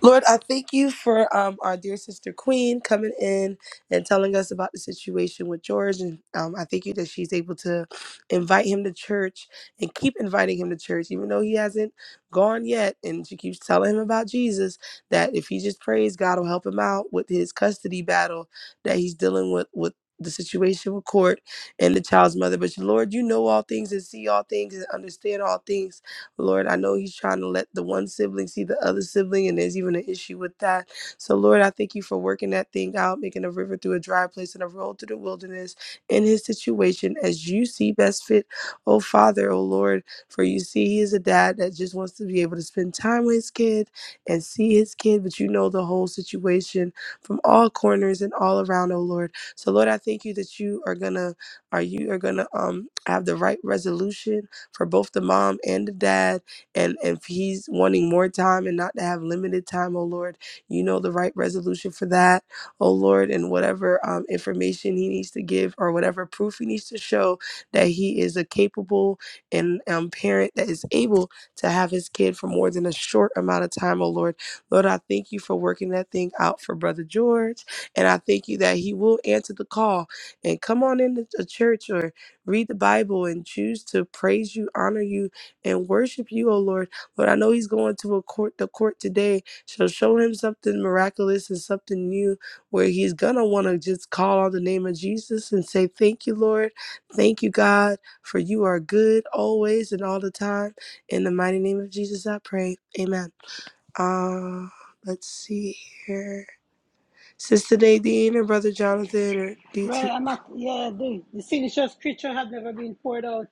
[SPEAKER 7] Lord, I thank you for um, our dear sister Queen coming in and telling us about the situation with George. And um, I thank you that she's able to invite him to church and keep inviting him to church, even though he hasn't gone yet. And she keeps telling him about Jesus, that if he just prays, God will help him out with his custody battle that he's dealing with with the situation with court and the child's mother. But Lord, you know all things and see all things and understand all things. Lord, I know he's trying to let the one sibling see the other sibling, and there's even an issue with that. So, Lord, I thank you for working that thing out, making a river through a dry place and a road through the wilderness in his situation as you see best fit. Oh, Father, oh, Lord, for you see, he is a dad that just wants to be able to spend time with his kid and see his kid, but you know the whole situation from all corners and all around, oh, Lord. So, Lord, I thank you that you are going to are you are gonna um have the right resolution for both the mom and the dad. And if he's wanting more time and not to have limited time, oh Lord, you know the right resolution for that, oh Lord, and whatever um, information he needs to give or whatever proof he needs to show that he is a capable and um, parent that is able to have his kid for more than a short amount of time, oh Lord. Lord, I thank you for working that thing out for Brother George. And I thank you that he will answer the call and come on into the church or read the Bible and choose to praise you, honor you, and worship you, O Lord. Lord, I know he's going to a court the court today. So show him something miraculous and something new where he's gonna want to just call on the name of Jesus and say, Thank you, Lord. Thank you, God, for you are good always and all the time. In the mighty name of Jesus, I pray. Amen. Uh let's see here. Sister Nadine and Brother Jonathan or DT.
[SPEAKER 1] Well, I'm not, yeah, the, the sinistrous creature had never been poured out,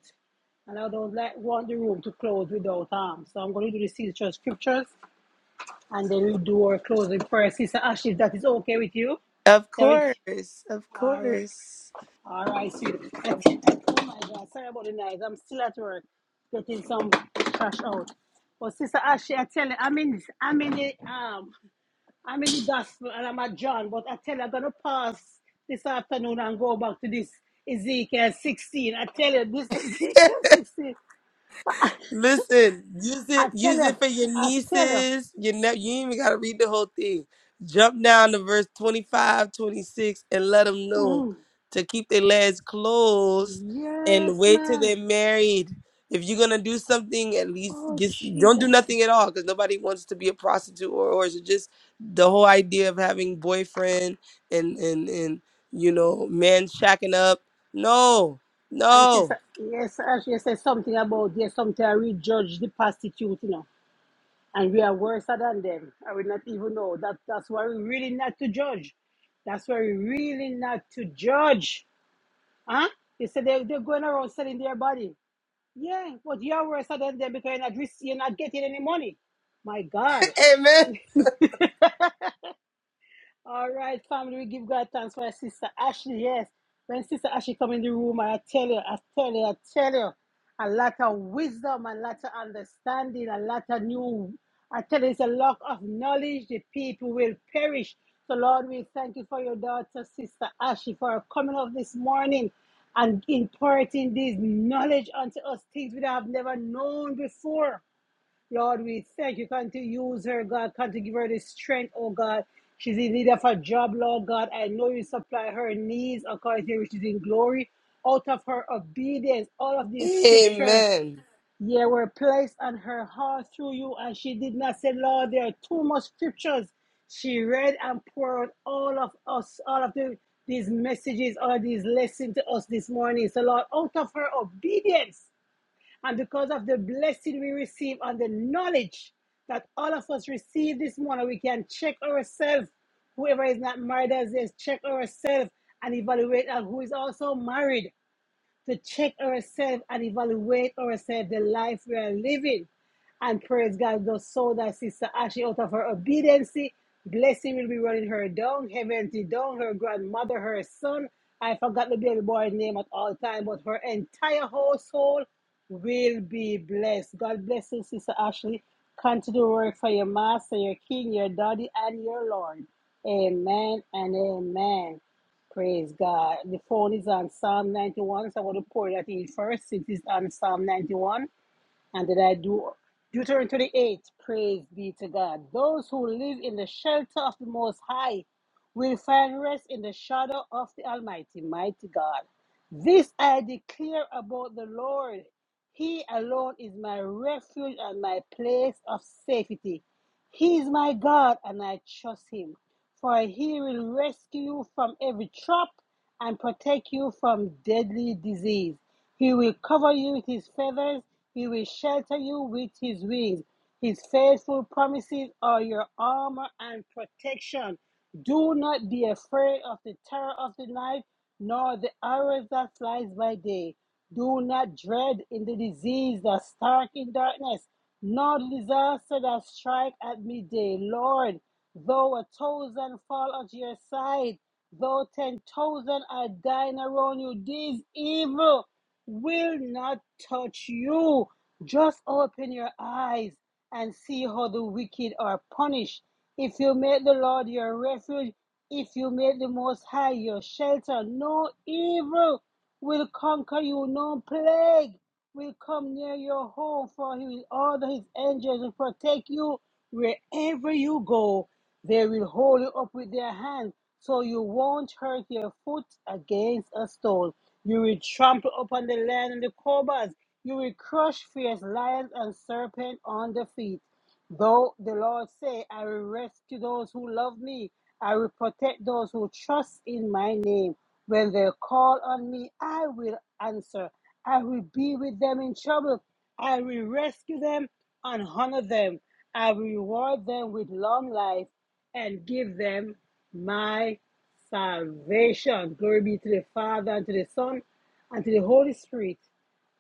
[SPEAKER 1] and I don't like, want the room to close without harm. So I'm going to do the sinistrous scriptures, and then we do our closing prayer. Sister Ashley, if that is okay with you.
[SPEAKER 7] Of
[SPEAKER 1] Yeah, it,
[SPEAKER 7] course, of
[SPEAKER 1] all
[SPEAKER 7] course.
[SPEAKER 1] all right, sweet. I think- oh my God, sorry about the noise. I'm still at work getting some cash out. But Sister Ashley, I tell you, I'm in, I'm in the, um, I'm in the gospel and I'm at John, but I tell you, I'm going to pass this afternoon and go back to this Ezekiel 16. I tell you, this Ezekiel 16.
[SPEAKER 7] Listen, use it,
[SPEAKER 1] I tell
[SPEAKER 7] use
[SPEAKER 1] you,
[SPEAKER 7] it for your
[SPEAKER 1] I tell you.
[SPEAKER 7] nieces. Your ne- you ain't even gotta read the whole thing. Jump down to verse 25, 26, and let them know
[SPEAKER 1] Mm,
[SPEAKER 7] to keep their legs closed and
[SPEAKER 1] yes,
[SPEAKER 7] wait till they're
[SPEAKER 1] man.
[SPEAKER 7] married. If you're gonna do something, at least
[SPEAKER 1] Oh,
[SPEAKER 7] just don't do
[SPEAKER 1] Jesus.
[SPEAKER 7] nothing at all, because nobody wants to be a prostitute or or so just the whole idea of having boyfriend and and and you know man shacking up. No,
[SPEAKER 1] And
[SPEAKER 7] no.
[SPEAKER 1] sister, yes, as said something about, yes, sometimes we judge the prostitute, you know, and we are worse than them. I will not even know. That, that's why we really not to judge. That's why we really not to judge. Huh? They said they, they're going around selling their body. Yeah, but you're worse than them because you're not, you're not getting any money. My God.
[SPEAKER 7] Amen.
[SPEAKER 1] All right, family, we give God thanks for our Sister Ashley. Yes, when Sister Ashley come in the room, I tell you, I tell you, I tell you, a lot of wisdom, a lot of understanding, a lot of new. I tell you, it's a lack of knowledge. The people will perish. So, Lord, we thank you for your daughter, Sister Ashley, for coming up this morning and imparting this knowledge unto us, things we have never known before. Lord, we thank you. Come to use her, God. Come to give her the strength, oh God. She's in need of a job, Lord God. I know you supply her needs according to which is in glory. Out of her obedience, all of these scriptures,
[SPEAKER 7] Amen.
[SPEAKER 1] yeah, were placed on her heart through you, and she did not say, Lord, there are too much scriptures. She read and poured all of us, all of the, these messages, all of these lessons to us this morning. So, Lord, out of her obedience, and because of the blessing we receive and the knowledge that all of us receive this morning, we can check ourselves. Whoever is not married as is, check ourselves and evaluate and who is also married to check ourselves and evaluate ourselves, the life we are living. And praise God, just so that Sister Ashley, out of her obedience, blessing will be running her down, heavenly down, her grandmother, her son. I forgot the baby boy's name at all time, but her entire household will be blessed. God bless you, Sister Ashley. Continue to work for your master, your king, your daddy, and your Lord. Amen and amen. Praise God. The phone is on Psalm 91, so I'm going to pour that in first. It is on Psalm 91. And then I do Deuteronomy 28? Praise be to God. Those who live in the shelter of the Most High will find rest in the shadow of the Almighty, mighty God. This I declare about the Lord. He alone is my refuge and my place of safety. He is my God, and I trust him for he will rescue you from every trap and protect you from deadly disease. He will cover you with his feathers, he will shelter you with his wings. His faithful promises are your armor and protection. Do not be afraid of the terror of the night, nor the arrows that flies by day. Do not dread in the disease that stark in darkness, nor the disaster that strike at midday. Lord, Though a thousand fall at your side, though ten thousand are dying around you, this evil will not touch you. Just open your eyes and see how the wicked are punished. If you make the Lord your refuge, if you make the Most High your shelter, no evil will conquer you, no plague will come near your home, for he will order his angels to protect you wherever you go. They will hold you up with their hand, so you won't hurt your foot against a stone. You will trample upon the lion and the cobras. You will crush fierce lions and serpents on the feet. Though the Lord say, I will rescue those who love me. I will protect those who trust in my name. When they call on me, I will answer. I will be with them in trouble. I will rescue them and honor them. I will reward them with long life and give them my salvation. Glory be to the Father, and to the Son, and to the Holy Spirit,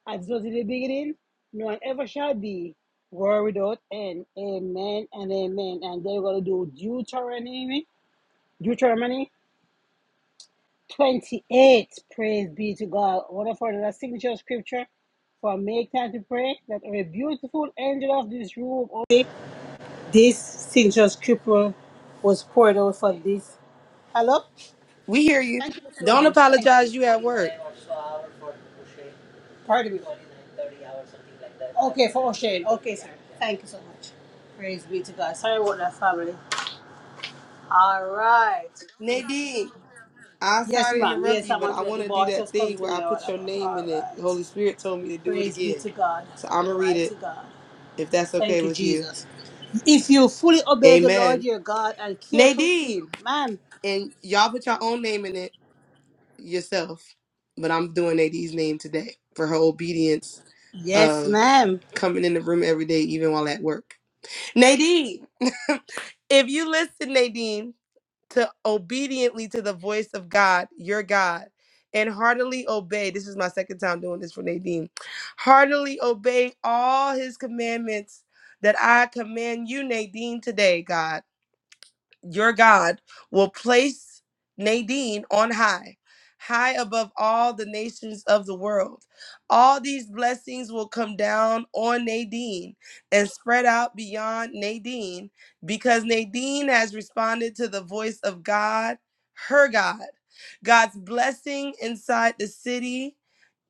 [SPEAKER 1] as was in the beginning, no and ever shall be, world without end. Amen and amen. And then we are going to do Deuteronomy, Deuteronomy 28. Praise be to God. One of our signature scripture for make time to pray that a beautiful angel of this room, this signature scripture was poured out for this. Hello?
[SPEAKER 7] We hear you.
[SPEAKER 1] Thank you, Mr.
[SPEAKER 7] Don't
[SPEAKER 1] Rogers. Thank you.
[SPEAKER 7] apologize. You at
[SPEAKER 1] 29
[SPEAKER 7] work.
[SPEAKER 1] or so hours for O'Shea. Pardon me. 29, 30 hours, something like that. Okay, for O'Shane. Okay, yeah, sir. yeah. Thank you so much. Praise be to God. Sorry about that, family. All right.
[SPEAKER 7] Nadine, I
[SPEAKER 1] Yes,
[SPEAKER 7] sorry to
[SPEAKER 1] ma'am.
[SPEAKER 7] interrupt
[SPEAKER 1] Yes,
[SPEAKER 7] you,
[SPEAKER 1] I'm
[SPEAKER 7] but
[SPEAKER 1] at
[SPEAKER 7] I
[SPEAKER 1] work.
[SPEAKER 7] want
[SPEAKER 1] The
[SPEAKER 7] to do
[SPEAKER 1] boss
[SPEAKER 7] that
[SPEAKER 1] just come
[SPEAKER 7] thing
[SPEAKER 1] to
[SPEAKER 7] where
[SPEAKER 1] me
[SPEAKER 7] I
[SPEAKER 1] a while
[SPEAKER 7] put your
[SPEAKER 1] ago.
[SPEAKER 7] name
[SPEAKER 1] All
[SPEAKER 7] in it. The
[SPEAKER 1] right.
[SPEAKER 7] Holy Spirit told me to do it
[SPEAKER 1] Praise be
[SPEAKER 7] again.
[SPEAKER 1] to God.
[SPEAKER 7] So I'm going to read
[SPEAKER 1] Mighty
[SPEAKER 7] it
[SPEAKER 1] God.
[SPEAKER 7] if that's okay
[SPEAKER 1] Thank you,
[SPEAKER 7] with you.
[SPEAKER 1] Jesus. If you fully obey the Lord
[SPEAKER 7] Amen.
[SPEAKER 1] your God and carefully,
[SPEAKER 7] Nadine,
[SPEAKER 1] ma'am.
[SPEAKER 7] and y'all put your own name in it yourself, but I'm doing Nadine's name today for her obedience
[SPEAKER 1] Yes,
[SPEAKER 7] of
[SPEAKER 1] ma'am.
[SPEAKER 7] coming in the room every day, even while at work. Nadine, if you listen, Nadine, to obediently to the voice of God, your God, and heartily obey. This is my second time doing this for Nadine. Heartily obey all his commandments that I command you, Nadine, today, God your God will place Nadine on high, high above all the nations of the world. All these blessings will come down on Nadine and spread out beyond Nadine because Nadine has responded to the voice of God, her God. God's blessing inside the city.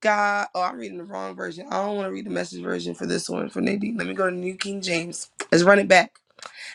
[SPEAKER 7] God, oh, I'm reading the wrong version. I don't want to read the message version for this one for Nadine. Let me go to New King James. Let's run it back.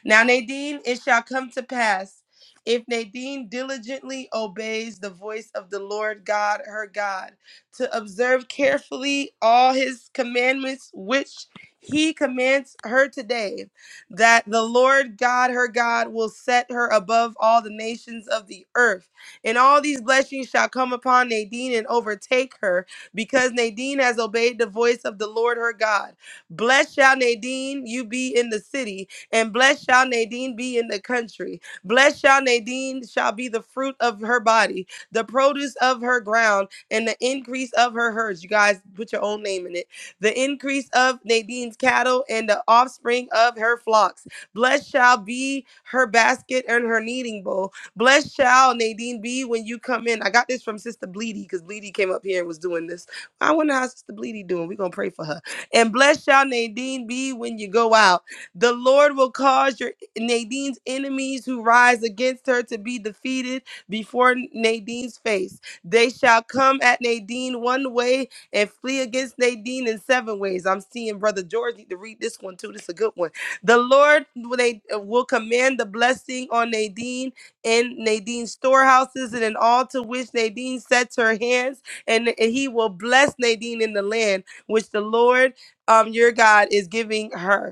[SPEAKER 7] Now, Nadine, it shall come to pass if Nadine diligently obeys the voice of the Lord God, her God, to observe carefully all his commandments which he commands her today, that the Lord God, her God, will set her above all the nations of the earth. And all these blessings shall come upon Nadine and overtake her, because Nadine has obeyed the voice of the Lord her God. Blessed shall Nadine, you be in the city, and blessed shall Nadine be in the country. Blessed shall Nadine shall be the fruit of her body, the produce of her ground, and the increase of her herds. You guys put your own name in it. The increase of Nadine's cattle and the offspring of her flocks. Blessed shall be her basket and her kneading bowl. Blessed shall Nadine be when you come in. I got this from Sister Bleedy because Bleedy came up here and was doing this. I wonder how Sister Bleedy doing. We're gonna pray for her. And blessed shall Nadine be when you go out. The Lord will cause your Nadine's enemies who rise against her to be defeated before Nadine's face. They shall come at Nadine one way and flee against Nadine in seven ways. I'm seeing Brother George need to read this one too. This is a good one. The Lord will- they uh, will command the blessing on Nadine in Nadine's storehouses and in all to which Nadine sets her hands, and, and he will bless Nadine in the land which the Lord um, your God is giving her.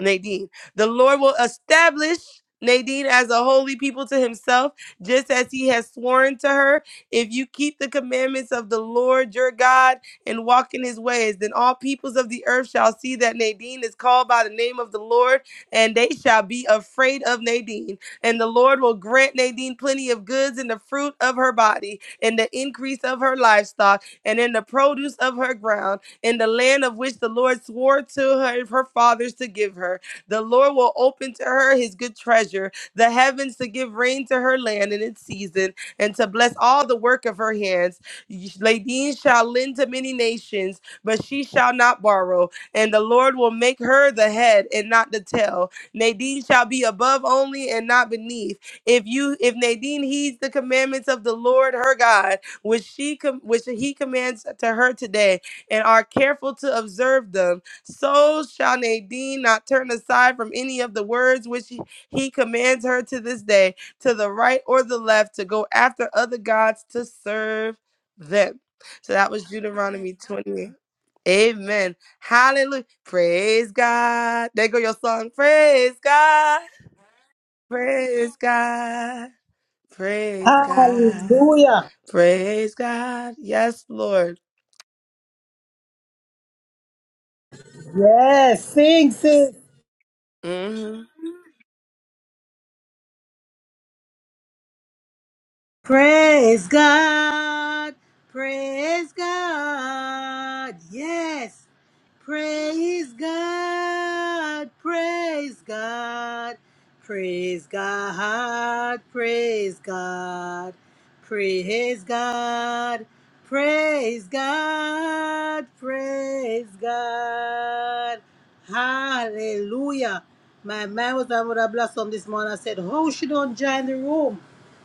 [SPEAKER 7] Nadine. The Lord will establish Nadine as a holy people to himself, just as he has sworn to her. If you keep the commandments of the Lord your God and walk in his ways, then all peoples of the earth shall see that Nadine is called by the name of the Lord, and they shall be afraid of Nadine. And the Lord will grant Nadine plenty of goods in the fruit of her body, in the increase of her livestock, and in the produce of her ground in the land of which the Lord swore to her, her fathers to give her. The Lord will open to her his good treasure, the heavens to give rain to her land in its season, and to bless all the work of her hands. Ladine shall lend to many nations, but she shall not borrow. And the Lord will make her the head and not the tail. Nadine shall be above only and not beneath. If you, if Nadine heeds the commandments of the Lord her God, which she, com- which he commands to her today, and are careful to observe them, so shall Nadine not turn aside from any of the words which he he commands her to this day, to the right or the left, to go after other gods to serve them. So that was Deuteronomy 28. Amen. Hallelujah. Praise God. There go your song. Praise God. Praise God. Praise God.
[SPEAKER 1] Hallelujah.
[SPEAKER 7] Praise God. Yes, Lord.
[SPEAKER 1] Yes. Sing, sing.
[SPEAKER 7] Mhm.
[SPEAKER 1] Praise God. Praise God. Yes. Praise God, praise God, praise God, praise God, praise God, praise God, praise God. Hallelujah. My man was able to blossom this morning. I said, How she don't join the room?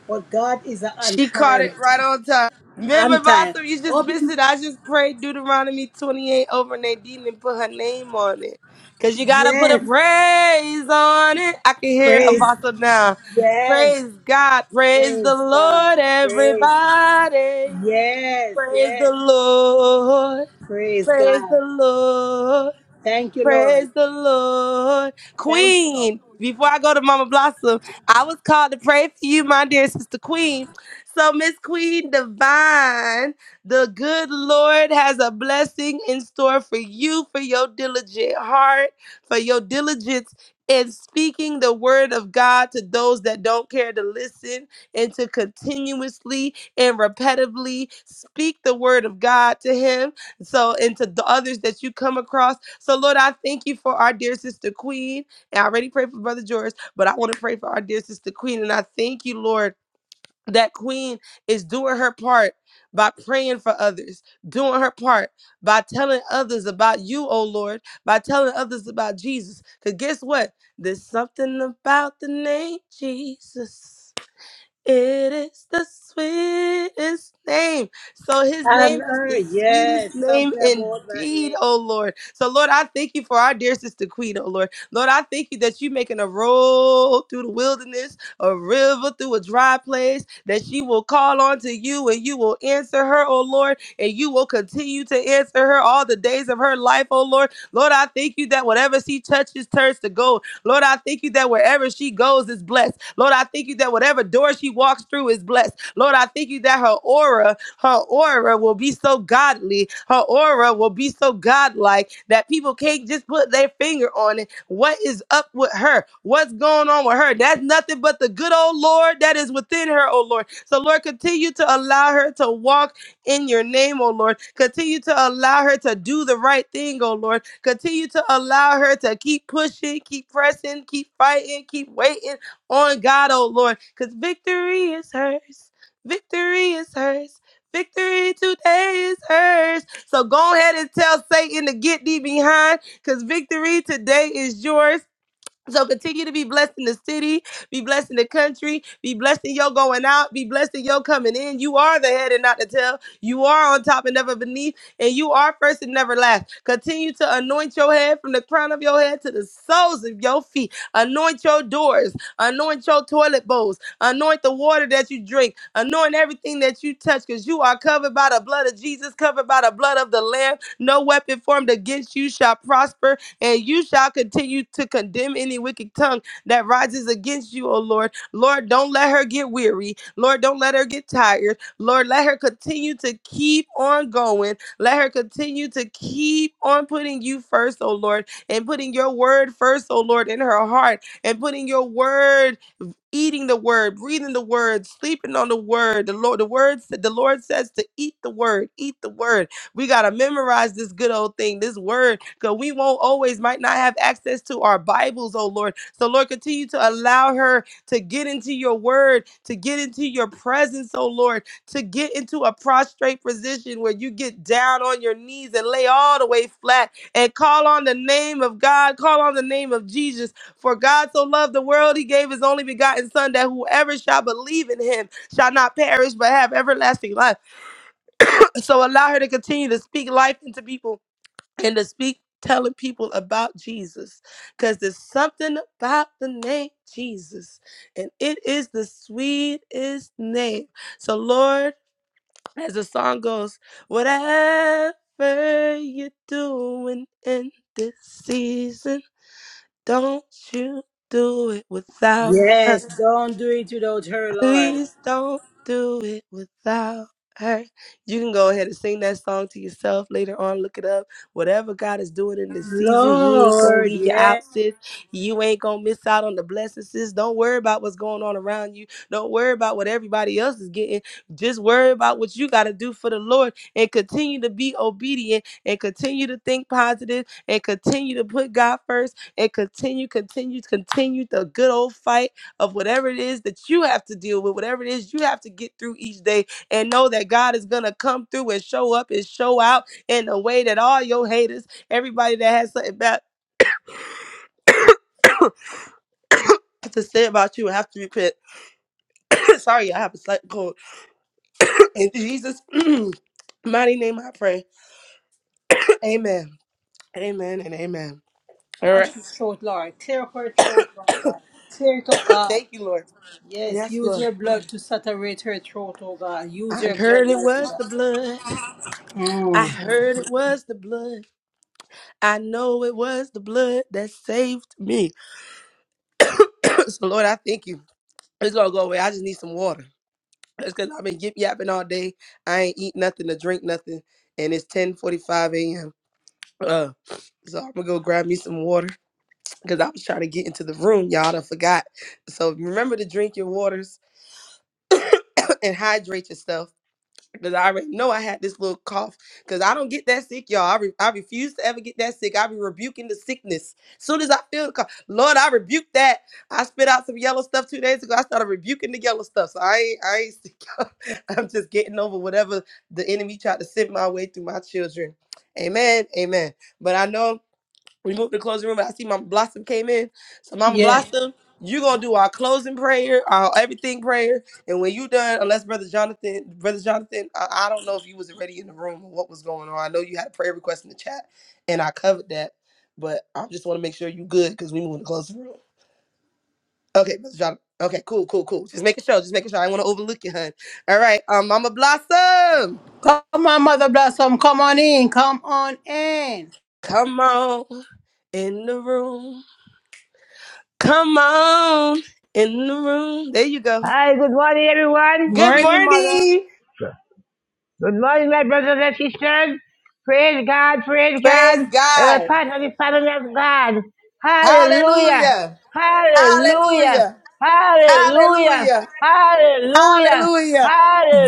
[SPEAKER 1] But God is an on
[SPEAKER 7] She caught
[SPEAKER 1] time,
[SPEAKER 7] it right on time. Remember,
[SPEAKER 1] on time.
[SPEAKER 7] Boston, you just missed
[SPEAKER 1] Open,
[SPEAKER 7] it. I just prayed Deuteronomy 28 over Nadine and put her name on it. Because you got to put a
[SPEAKER 1] yes,
[SPEAKER 7] praise on it. I can hear
[SPEAKER 1] praise,
[SPEAKER 7] Apostle now.
[SPEAKER 1] yes,
[SPEAKER 7] Praise God. Praise
[SPEAKER 1] Praise
[SPEAKER 7] the
[SPEAKER 1] God.
[SPEAKER 7] Lord,
[SPEAKER 1] Praise.
[SPEAKER 7] everybody.
[SPEAKER 1] Yes,
[SPEAKER 7] Praise
[SPEAKER 1] yes.
[SPEAKER 7] the Lord.
[SPEAKER 1] Praise
[SPEAKER 7] Praise the
[SPEAKER 1] God.
[SPEAKER 7] Lord.
[SPEAKER 1] Thank you, Lord.
[SPEAKER 7] Praise the Lord.
[SPEAKER 1] Thank you.
[SPEAKER 7] Queen, before I go to Mama Blossom, I was called to pray for you, my dear sister Queen. So, Miss Queen Divine, the good Lord has a blessing in store for you, for your diligent heart, for your diligence in speaking the word of God to those that don't care to listen, and to continuously and repetitively speak the word of God to Him so and to the others that you come across. So Lord, I thank you for our dear sister Queen. And I already prayed for Brother George, but I want to pray for our dear sister Queen. And I thank you, Lord, that Queen is doing her part by praying for others, doing her part by telling others about you, oh Lord, by telling others about Jesus. Because guess what? There's something about the name Jesus. It is the sweetest name. So his
[SPEAKER 1] And
[SPEAKER 7] name is
[SPEAKER 1] her,
[SPEAKER 7] the sweetest
[SPEAKER 1] yes,
[SPEAKER 7] name
[SPEAKER 1] something about that
[SPEAKER 7] indeed,
[SPEAKER 1] name.
[SPEAKER 7] oh Lord. So Lord, I thank you for our dear sister Queen, oh Lord. Lord, I thank you that you making a road through the wilderness, a river through a dry place, that she will call on to you and you will answer her, oh Lord, and you will continue to answer her all the days of her life, oh Lord. Lord, I thank you that whatever she touches turns to gold Lord, I thank you that wherever she goes is blessed. Lord, I thank you that whatever door she walks through is blessed. Lord, I thank you that her aura, her aura will be so godly. Her aura will be so godlike that people can't just put their finger on it. What is up with her? What's going on with her? That's nothing but the good old Lord that is within her, oh Lord. So, Lord, continue to allow her to walk in your name, oh Lord. Continue to allow her to do the right thing, oh Lord. Continue to allow her to keep pushing, keep pressing, keep fighting, keep waiting on God, oh Lord, because victory is hers. Victory is hers. Victory today is hers. So go ahead and tell Satan to get thee behind because victory today is yours. So continue to be blessed in the city, be blessed in the country, be blessed in your going out, be blessed in your coming in. You are the head and not the tail. You are on top and never beneath, and you are first and never last. Continue to anoint your head from the crown of your head to the soles of your feet. Anoint your doors, anoint your toilet bowls, anoint the water that you drink, anoint everything that you touch, because you are covered by the blood of Jesus, covered by the blood of the Lamb. No weapon formed against you shall prosper and you shall continue to condemn any wicked tongue that rises against you, O Lord. Lord, don't let her get weary. Lord, don't let her get tired. Lord, let her continue to keep on going. Let her continue to keep on putting you first, O Lord, and putting your word first, O Lord, in her heart, and putting your word eating the word, reading the word, sleeping on the word. The Lord, the word said, the Lord says to eat the word, eat the word. We gotta memorize this good old thing, this word, because we won't always might not have access to our Bibles, oh Lord. So Lord, continue to allow her to get into your word, to get into your presence, oh Lord, to get into a prostrate position where you get down on your knees and lay all the way flat and call on the name of God, call on the name of Jesus for God so loved the world, he gave his only begotten Son, that whoever shall believe in him shall not perish, but have everlasting life. So allow her to continue to speak life into people and to speak telling people about Jesus. Because there's something about the name Jesus, and it is the sweetest name. So, Lord, as the song goes, whatever you're doing in this season, don't you do it without.
[SPEAKER 1] Yes, don't do it without her, Lord.
[SPEAKER 7] Please don't do it without her. You can go ahead and sing that song to yourself later on. Look it up. Whatever God is doing in this season, He ain't gonna
[SPEAKER 1] Lord,
[SPEAKER 7] leave you out,
[SPEAKER 1] yes.
[SPEAKER 7] sis. You ain't gonna miss out on the blessings, sis. Don't worry about what's going on around you. Don't worry about what everybody else is getting. Just worry about what you gotta do for the Lord and continue to be obedient and continue to think positive and continue to put God first and continue, continue, continue the good old fight of whatever it is that you have to deal with, whatever it is you have to get through each day, and know that God is going to come through and show up and show out in a way that all your haters, everybody that has something bad to say about you, have to repent. Sorry, I have a slight cold. In Jesus' mighty name, I pray. Amen. Amen and amen. All right.
[SPEAKER 1] Ashley's throat, Lord. Tear her throat, Lord God. Tear it up, God.
[SPEAKER 7] Thank you, Lord.
[SPEAKER 1] Yes,
[SPEAKER 7] Yes,
[SPEAKER 1] use
[SPEAKER 7] Lord.
[SPEAKER 1] your blood to saturate her throat, oh God. Use
[SPEAKER 7] I
[SPEAKER 1] your blood,
[SPEAKER 7] heard it
[SPEAKER 1] mighty
[SPEAKER 7] was
[SPEAKER 1] God.
[SPEAKER 7] the blood. I heard it was the blood. I know it was the blood that saved me. so Lord, I thank you. It's gonna go away. I just need some water. It's cause I've been yip yapping all day. I ain't eat nothing to drink nothing, and it's ten forty five a.m. Uh, so I'm gonna go grab me some water because I was trying to get into the room, y'all. I forgot. So remember to drink your waters and hydrate yourself because I already know I had this little cough. Because I don't get that sick, y'all. I, re- I refuse to ever get that sick. I be rebuking the sickness. soon as I feel the cough, Lord, I rebuke that. I spit out some yellow stuff two days ago. I started rebuking the yellow stuff. So I ain't, I ain't sick. y'all. I'm just getting over whatever the enemy tried to send my way through my children. Amen. Amen. But I know we moved to closing room. I see Mama Blossom came in. So Mama
[SPEAKER 1] Yes.
[SPEAKER 7] Blossom, you gonna do our closing prayer, our everything prayer. And when you done, unless Brother Jonathan, Brother Jonathan, I, I don't know if you was already in the room or what was going on. I know you had a prayer request in the chat, and I covered that. But I just want to make sure you good because we moving to closing room. Okay, Brother Jonathan. Okay, cool, cool, cool. Just making sure. Just making sure. I want to overlook you, hun. All right, um, Mama Blossom,
[SPEAKER 1] Come on, Mother Blossom. Come on in. Come on in.
[SPEAKER 7] come on in the room. Come on in the room. There you go.
[SPEAKER 12] Hi, good morning, everyone.
[SPEAKER 7] Good
[SPEAKER 1] Morning, Mother.
[SPEAKER 7] morning.
[SPEAKER 12] Good morning, my brothers and sisters. Praise God, praise God.
[SPEAKER 7] Praise
[SPEAKER 12] We are
[SPEAKER 7] God.
[SPEAKER 12] part of the family of God. Hallelujah,
[SPEAKER 7] Hallelujah.
[SPEAKER 12] hallelujah,
[SPEAKER 7] Hallelujah.
[SPEAKER 12] hallelujah,
[SPEAKER 7] Hallelujah.
[SPEAKER 12] hallelujah,
[SPEAKER 7] Hallelujah.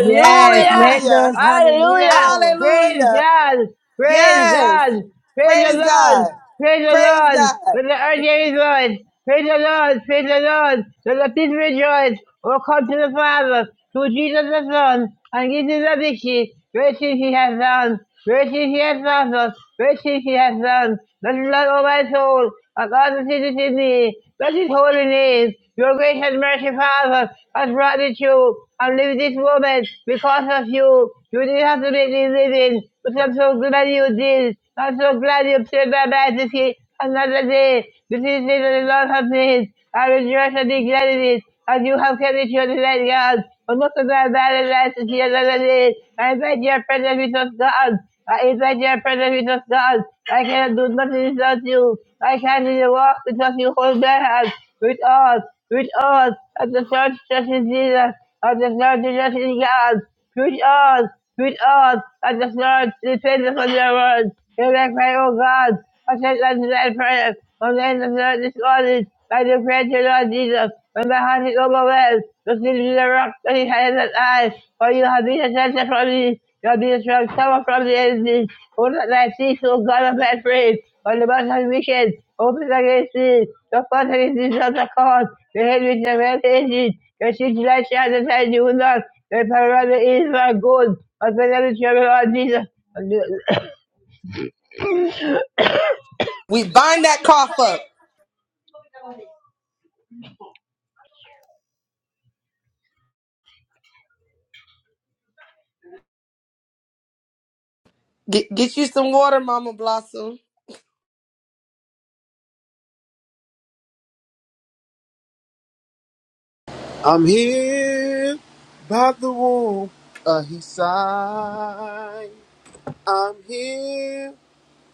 [SPEAKER 1] Yes, let
[SPEAKER 7] Hallelujah.
[SPEAKER 1] those hallelujah
[SPEAKER 12] hallelujah.
[SPEAKER 1] rolls.
[SPEAKER 12] Praise
[SPEAKER 7] Hallelujah.
[SPEAKER 12] God, praise
[SPEAKER 7] Yes.
[SPEAKER 12] God, praise the
[SPEAKER 7] Praise
[SPEAKER 12] Lord,
[SPEAKER 7] God.
[SPEAKER 12] praise the
[SPEAKER 7] Praise
[SPEAKER 12] Lord,
[SPEAKER 7] God.
[SPEAKER 12] with the earth there is Lord. Praise the Lord, praise the Lord. Let the people rejoice. Oh, come to the Father, through Jesus the Son, and give him the victory. Great things he has done. Great things he has done. us. Great things he has done. Let the Lord, O my soul, and all the things in thee. Bless his holy name. Your grace and mercy, Father, has brought me to and live this moment because of you. You didn't have to make me living, but I'm so glad you did. I'm so glad you saved my life another day. This is the day that the Lord has made. I will rejoice and be glad in it. And you have kept it your delight, God. And look at that bad and to see another day. I invite your presence with us, God. I invite your presence with us, God. I cannot do nothing without you. I can't even walk without you hold my hand. With us, with us, and the church just is Jesus. And the church just is God. With us, with us, and the church depends on your word. You're like my own God. I take that today prayer. From the end of the discarded, by the prayer to Lord Jesus. When my heart is overwhelmed, look into the rock that he has at eyes. For you have been a shelter from me. You have been a strong tower from the enemy. Who not thy cease, O God of my praise. On the mouth of wicked, open against me. The fountain is this of the court. The head which the well hated. The city that shall that I do not. The power of the evil are good. But when I return, Lord Jesus.
[SPEAKER 7] We bind that cough up. Get, get you some water, Mama Blossom.
[SPEAKER 8] I'm here by the womb. Uh, he sighed. I'm here.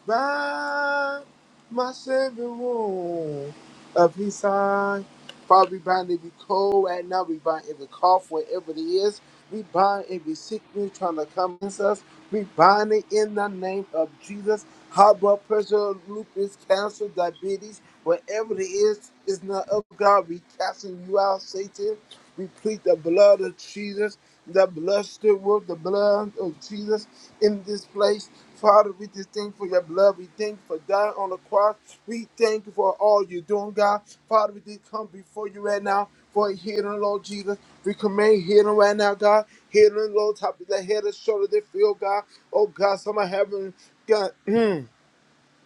[SPEAKER 8] by my Savior wound of his side. Father, we bind every cold right now. We bind every cough, wherever it is. We bind every sickness trying to come against us. We bind it in the name of Jesus. High blood pressure, lupus, cancer, diabetes, whatever it is, is not of God. We casting you out, Satan. We plead the blood of Jesus, the blood still work, the blood of Jesus in this place. Father, we just thank you for your blood. We thank you for dying on the cross. We thank you for all you're doing, God. Father, we just come before you right now for healing, Lord Jesus. We command healing right now, God. Healing, Lord, top of the head and shoulder, they feel, God. Oh, God, some are having, God.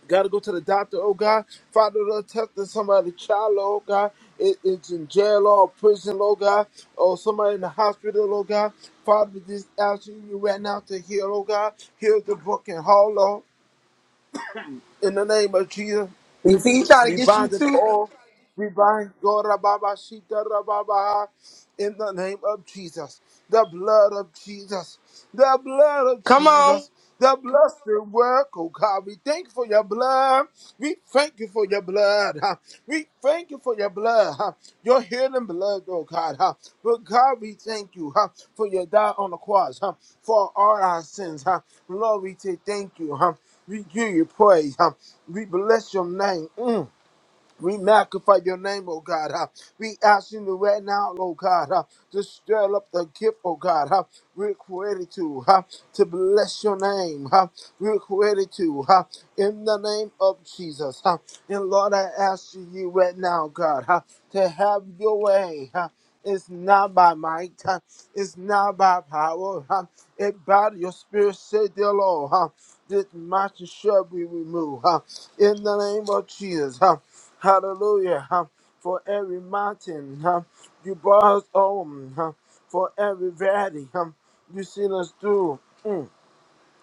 [SPEAKER 8] Gotta go to the doctor, oh God. Father, Lord, touch somebody, child, oh God. It, it's in jail or prison, oh God. Or somebody in the hospital, oh God. Father, just asking you right now to heal, oh God. Heal the broken heart, Lord. In the name of Jesus.
[SPEAKER 7] You see, he trying to
[SPEAKER 8] We
[SPEAKER 7] get you
[SPEAKER 8] bind it
[SPEAKER 7] too.
[SPEAKER 8] all. We bind Gorababa Shita Rababaha in the name of Jesus. The blood of Jesus. The blood of
[SPEAKER 7] Come on.
[SPEAKER 8] Jesus. The blessed work, oh God. We thank you for your blood. We thank you for your blood. huh. We thank you for your blood. huh. Your healing blood, oh God. huh. But God, we thank you huh, for your die on the cross huh, for all our sins. huh. Lord, we say thank you. huh. We give you praise. huh. We bless your name. Mm. We magnify your name, oh God. huh? We ask you to right now, oh God, huh, to stir up the gift, oh God. huh? We're created to, huh, to bless your name. huh? We're created to, huh, in the name of Jesus. huh? And Lord, I ask you right now, God, huh, to have your way. huh? It's not by might, huh? it's not by power. huh? It by your spirit, say the Lord. huh? This mountain shall be removed. huh? In the name of Jesus. huh? Hallelujah. huh, For every mountain, huh, you brought us home. huh, For every valley, huh, you seen us through. Mm.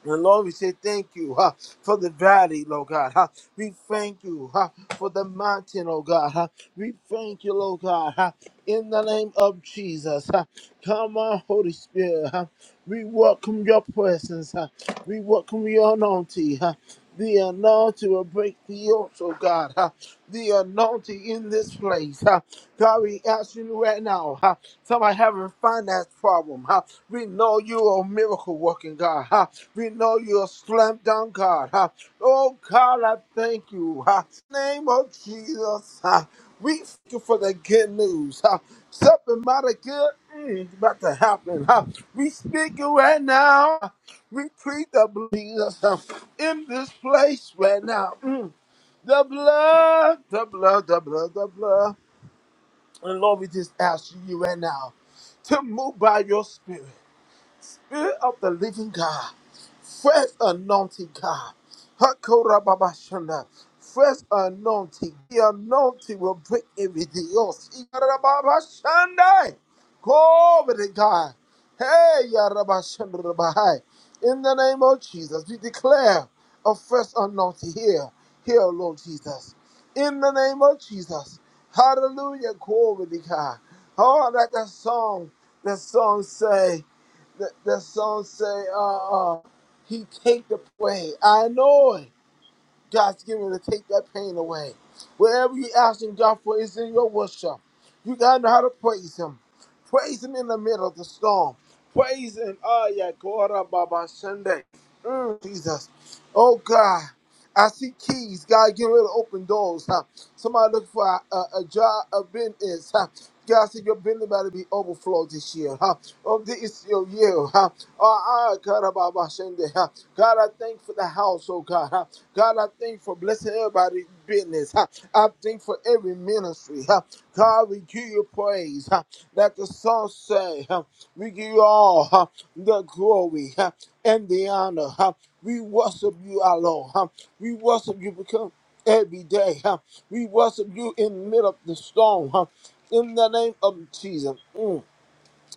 [SPEAKER 8] And Lord, we say thank you huh, for the valley, Lord God. huh. We thank you huh, for the mountain, oh God. huh. We thank you, Lord God. huh, In the name of Jesus. huh. Come on, Holy Spirit. huh. We welcome your presence. huh. We welcome your anointing. huh. The anointing will break the yokes, oh God. huh? The anointing in this place. huh? God, we ask you right now. huh? Somebody having a finance problem. huh? We know you're a miracle working God. huh? We know you're a slam dunk God. huh? Oh God, I thank you. huh? Name of Jesus. huh? We thank you for the good news. huh? Something mighty good mm, is about to happen. huh? We speak you right now. huh? We plead the blood of Jesus um, in this place right now. Mm. The blood, the blood, the blood, the blood. And Lord, we just ask you right now to move by your spirit. Spirit of the living God, fresh anointing God. Hakorababashana. Fresh anointing. The anointing will break everything else. Ikarababashanda. Glory to God. Hey, Yarabashandarabahai. In the name of Jesus, we declare a fresh anointing here. Here, Lord Jesus. In the name of Jesus. Hallelujah. Glory to God. Oh, let that song, that song say that, that song say, uh, uh, he take the way. I know it. God's giving to take that pain away. Whatever you're asking God for is in your worship. You gotta know how to praise Him. Praise Him in the middle of the storm. Praise Him. Oh yeah, God, Baba Sunday. Mm, Jesus. Oh God. I see keys. God getting ready to open doors. Huh? Somebody looking for a, a, a job, a business. Huh? God said your business about to be overflowed this year. Huh? Oh, this is your year. Huh? Oh, ah, God, Baba Sunday. Huh? God, I thank you for the house, oh God. huh? God, I thank you for blessing everybody's business. huh? I thank you for every ministry. huh? God, we give you praise. huh? Let the song say, huh? we give you all huh? the glory huh? and the honor. huh? We worship you, our Lord. huh? We worship you because every day huh? we worship you in the middle of the storm. huh? In the name of Jesus, Mm.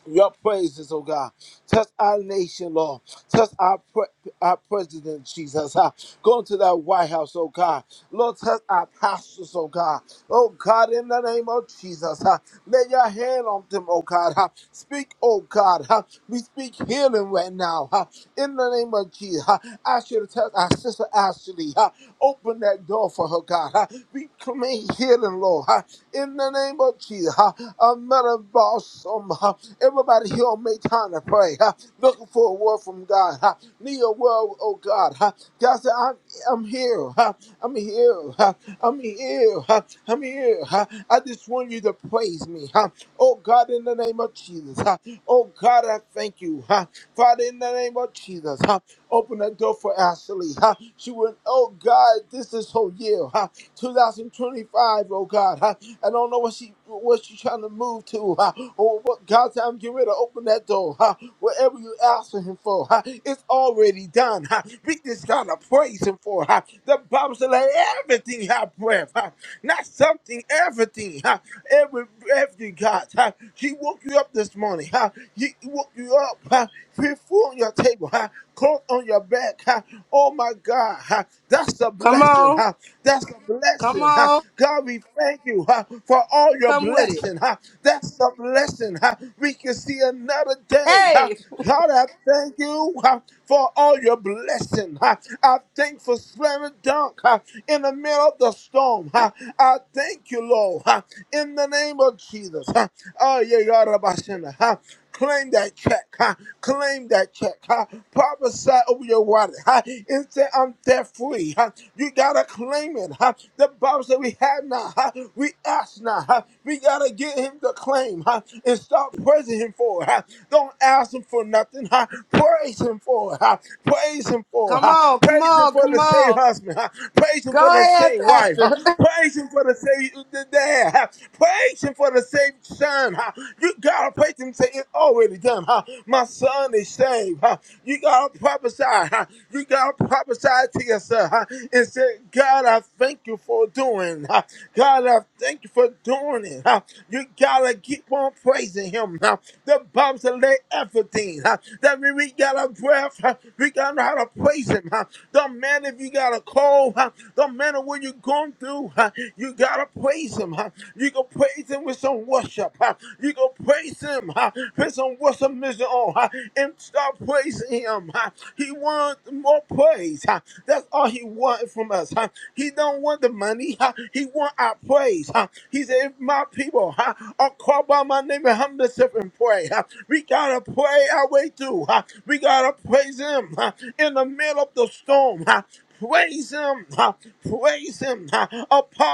[SPEAKER 8] your praises, oh God. Touch our nation, Lord. Touch our, pre- our president, Jesus. Uh, go into that White House, oh God. Lord, touch our pastors, oh God. Oh God, in the name of Jesus. Uh, lay your hand on them, oh God. Uh, speak, oh God. Uh, we speak healing right now. Uh, in the name of Jesus. Uh, I should have touched our sister Ashley. Uh, open that door for her, God. Uh, we claim healing, Lord. Uh, in the name of Jesus. Uh, I'm not a boss. Um, uh, everybody here so many times to pray, huh? looking for a word from God. Huh? Need a word, oh God. Huh? God said, I'm, I'm here. Huh? I'm here. Huh? I'm here. Huh? I'm here. Huh? I just want you to praise me. Huh? Oh God, in the name of Jesus. Huh? Oh God, I thank you. Huh? Father, in the name of Jesus. Huh? Open that door for Ashley. huh? She went, oh God, this is her year, huh? 2025, oh God. huh? I don't know what she what she trying to move to, huh? or what God's time get ready to open that door. huh? Whatever you asking him for, huh? it's already done. huh? We just gotta praise him for. huh? The Bible said, let everything have breath. huh? Not something, everything. huh? Every everything, God. huh? She woke you up this morning. huh? He woke you up, huh? Put food on your table, huh? coat on your back. huh? Oh my God, huh? that's a
[SPEAKER 7] Come
[SPEAKER 8] blessing.
[SPEAKER 7] on.
[SPEAKER 8] huh? That's a
[SPEAKER 7] Come
[SPEAKER 8] blessing. huh?
[SPEAKER 7] on.
[SPEAKER 8] God, we thank you huh, for all your
[SPEAKER 7] Come with it.
[SPEAKER 8] blessing. huh? That's a blessing. huh? We can see another day. huh?
[SPEAKER 7] Hey.
[SPEAKER 8] God, I thank you huh, for all your blessing. huh? I thank for slamming dunk huh, in the middle of the storm. huh? I thank you, Lord, huh, in the name of Jesus. huh? Oh, yeah, God, Rabashina, huh? Claim that check. Huh? Claim that check. Huh? Prophesy over your water. Huh? And say, I'm debt free. Huh? You gotta claim it. Huh? The Bible said we have now. Huh? We ask now. Huh? We gotta get him to claim huh? and start praising him for it. Huh? Don't ask him for nothing. Huh? Praise him for it. Huh? Praise him for it.
[SPEAKER 7] Come
[SPEAKER 8] Huh?
[SPEAKER 7] on, come
[SPEAKER 8] Praise him
[SPEAKER 7] on,
[SPEAKER 8] for
[SPEAKER 7] come
[SPEAKER 8] the saved
[SPEAKER 7] on.
[SPEAKER 8] husband. huh? Praise him for
[SPEAKER 7] Go
[SPEAKER 8] the
[SPEAKER 7] ahead,
[SPEAKER 8] saved wife.
[SPEAKER 7] Pastor.
[SPEAKER 8] huh? Praise him for the saved dad. huh? Praise him for the saved son. huh? You gotta praise him. and Say it's already done. huh? My son is saved. huh? You gotta prophesy. huh? You gotta prophesy to yourself huh? and say, God, I thank you for doing. huh? God, I thank you for doing it. huh? You gotta keep on praising him. huh? The Bible said, lay everything. huh? That means we gotta breath, uh, we got to know how to praise Him. uh. Don't matter if you got a cold, uh, don't matter what you're going through, uh, you got to praise Him. uh. You can praise Him with some worship. uh. You can praise Him uh, with some worship mission on uh, and start praising Him. uh. He wants more praise. uh. That's all He wants from us. uh. He don't want the money. huh? He want our praise. huh? He said, if my people huh, are called by my name and humble themselves and pray, huh? We gotta pray our way through. huh? We gotta praise Him huh, in the middle of the storm. huh? Praise him, huh? praise him, huh?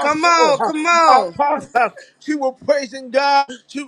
[SPEAKER 7] Come on,
[SPEAKER 8] huh?
[SPEAKER 7] come on.
[SPEAKER 8] apostle. huh? She was praising God. She,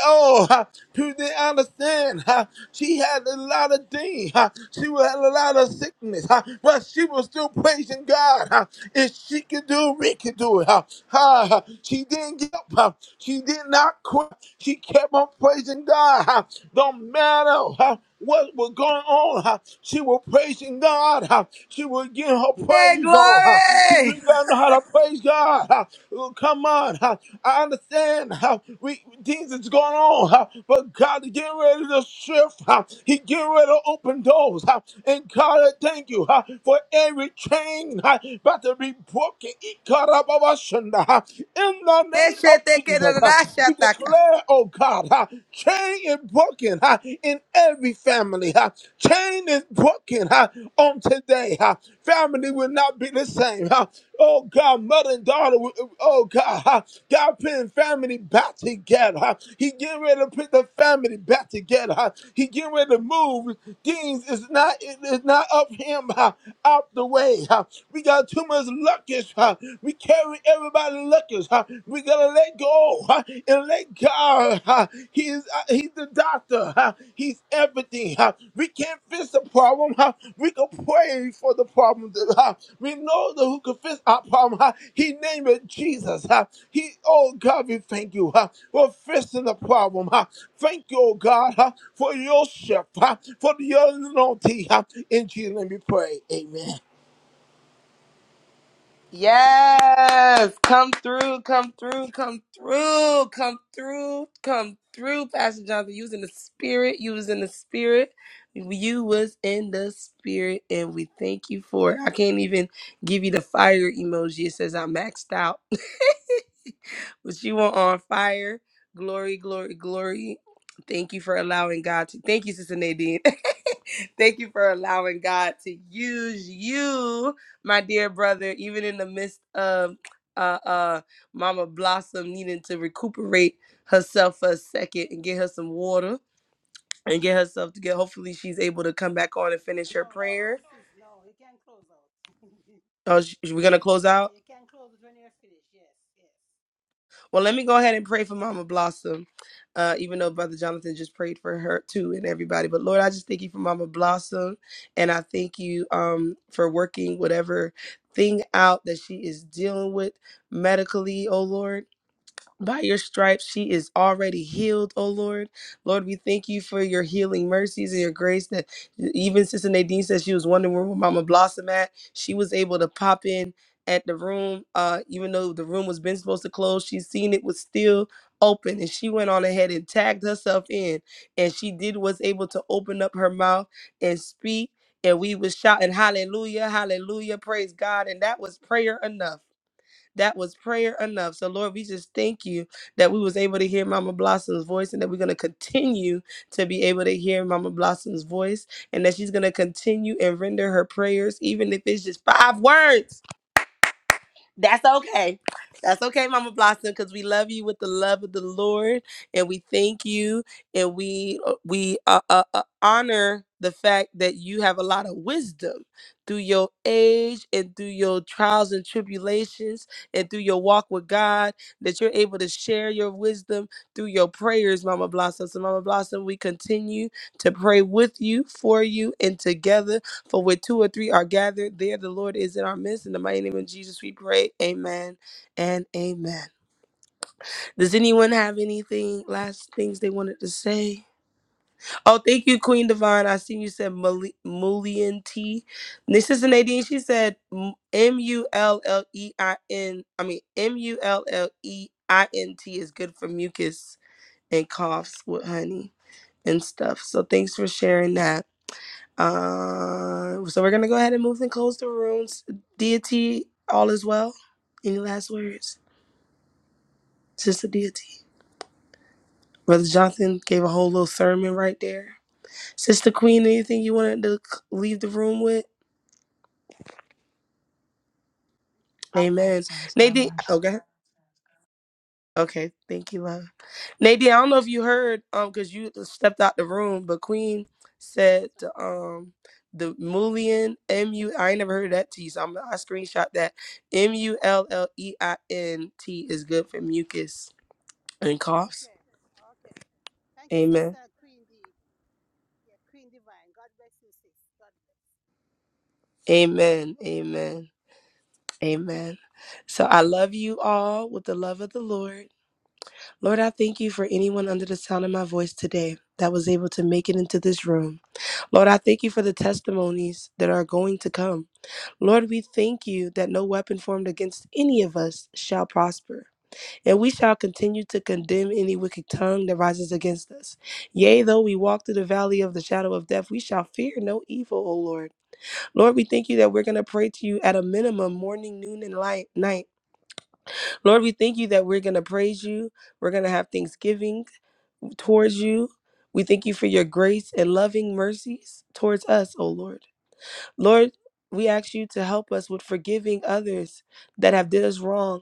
[SPEAKER 8] oh, huh? to the understand, huh? she had a lot of things. Huh? She had a lot of sickness, huh? but she was still praising God. Huh? If she could do it, we could do it. Huh? Huh? She didn't give up. Huh? She did not quit quit. She kept on praising God. No matter huh, what was going on. huh, She was praising God. huh? She was getting her
[SPEAKER 7] Hey,
[SPEAKER 8] praise on. huh? She
[SPEAKER 7] glory.
[SPEAKER 8] really gotta know how to praise God. huh? Oh, Come on. huh? I understand we things is going on, huh? but God is getting ready to shift. huh? He getting ready to open doors. huh? And God, I thank you huh, for every chain huh, about to be broken. Ikarababashanda, huh? In the name of Jesus. We declare, oh God, ha, chain is broken ha, in every family. Ha, chain is broken ha, on today. Ha, family will not be the same. Ha, oh God, mother and daughter, will- oh God, ha, God putting family back together. Ha, he getting ready to put the family back together. Ha, he getting ready to move. Things is not it is not up him ha, out the way. Ha, we got too much luggage. Ha, we carry carry everybody lookers, huh? We gotta let go huh? and let God. huh? He is uh, He's the doctor. huh? He's everything. huh? We can't fix the problem. huh? We can pray for the problem. huh? We know the who can fix our problem. huh? He named it Jesus. huh? He, oh God, we thank you huh? for fixing the problem. huh? Thank you, oh God, huh? for your shift, huh? for your anointing. huh? In Jesus' name we pray. Amen.
[SPEAKER 7] Yes, come through, come through, come through, come through, come through, Pastor Jonathan. You was in the spirit. You was in the spirit. You was in the spirit, and we thank you for it. I can't even give you the fire emoji. It says I maxed out. but you were on fire. Glory, glory, glory. Thank you for allowing God to. Thank you, Sister Nadine. Thank you for allowing God to use you, my dear brother, even in the midst of uh, uh, Mama Blossom needing to recuperate herself for a second and get her some water and get herself to get. Hopefully, she's able to come back on and finish her
[SPEAKER 1] No,
[SPEAKER 7] prayer.
[SPEAKER 1] close this. No, you can close out.
[SPEAKER 7] Oh, sh- we're gonna close
[SPEAKER 1] yeah,
[SPEAKER 7] out.
[SPEAKER 1] you can close it when you're finished. Yes, yes.
[SPEAKER 7] Well, let me go ahead and pray for Mama Blossom, uh, even though Brother Jonathan just prayed for her too and everybody. But Lord, I just thank you for Mama Blossom, and I thank you um, for working whatever thing out that she is dealing with medically, oh Lord. By your stripes, she is already healed, oh Lord. Lord, we thank you for your healing mercies and your grace that e, even Sister Nadine said she was wondering where Mama Blossom at. She was able to pop in at the room, uh, even though the room was been supposed to close, she seen it was still open and she went on ahead and tagged herself in and she did was able to open up her mouth and speak and we was shouting hallelujah hallelujah praise god and that was prayer enough that was prayer enough. So Lord, we just thank you that we was able to hear Mama Blossom's voice and that we're going to continue to be able to hear Mama Blossom's voice and that she's going to continue and render her prayers even if it's just five words that's okay. That's okay, Mama Blossom, because we love you with the love of the Lord, and we thank you, and we uh, we uh, uh, uh, honor the fact that you have a lot of wisdom through your age and through your trials and tribulations and through your walk with God. That you're able to share your wisdom through your prayers, Mama Blossom. So, Mama Blossom, we continue to pray with you, for you, and together for where two or three are gathered, there the Lord is in our midst. In the mighty name of Jesus, we pray. Amen and amen. Does anyone have anything, last things they wanted to say? Oh, thank you, Queen Divine. I seen you said Mul- Mullion T. And Sister Nadine, she said M U L L E I N. I mean, M U L L E I N T is good for mucus and coughs with honey and stuff. So thanks for sharing that. Uh, so we're gonna go ahead and move and close the rooms. Deity, all is well. Any last words, Sister Deity? Brother Jonathan gave a whole little sermon right there. Sister Queen, anything you wanted to c- leave the room with? Amen. Nadine, okay. Okay, thank you, love. Nadine, I don't know if you heard, um, because you stepped out the room, but Queen
[SPEAKER 1] Yes.
[SPEAKER 7] said,
[SPEAKER 1] ma'am.
[SPEAKER 7] um, the Mullion M U. I ain't never heard of that T, so I'm I screenshot that M U L L E I N T is good for mucus and coughs.
[SPEAKER 1] Okay. Okay. Thank you,
[SPEAKER 7] Amen.
[SPEAKER 1] sister Queen D. Yeah, Queen Divine. God bless you, sis. God
[SPEAKER 7] Amen. Amen. Amen. So I love you all with the love of the Lord. Lord, I thank you for anyone under the sound of my voice today that was able to make it into this room. Lord, I thank you for the testimonies that are going to come. Lord, we thank you that no weapon formed against any of us shall prosper, and we shall continue to condemn any wicked tongue that rises against us. Yea, though we walk through the valley of the shadow of death, we shall fear no evil, O Lord. Lord, we thank you that we're going to pray to you at a minimum morning, noon, and light, night. Lord, we thank you that we're going to praise you. We're going to have thanksgiving towards you. We thank you for your grace and loving mercies towards us, O Lord. Lord, we ask you to help us with forgiving others that have did us wrong,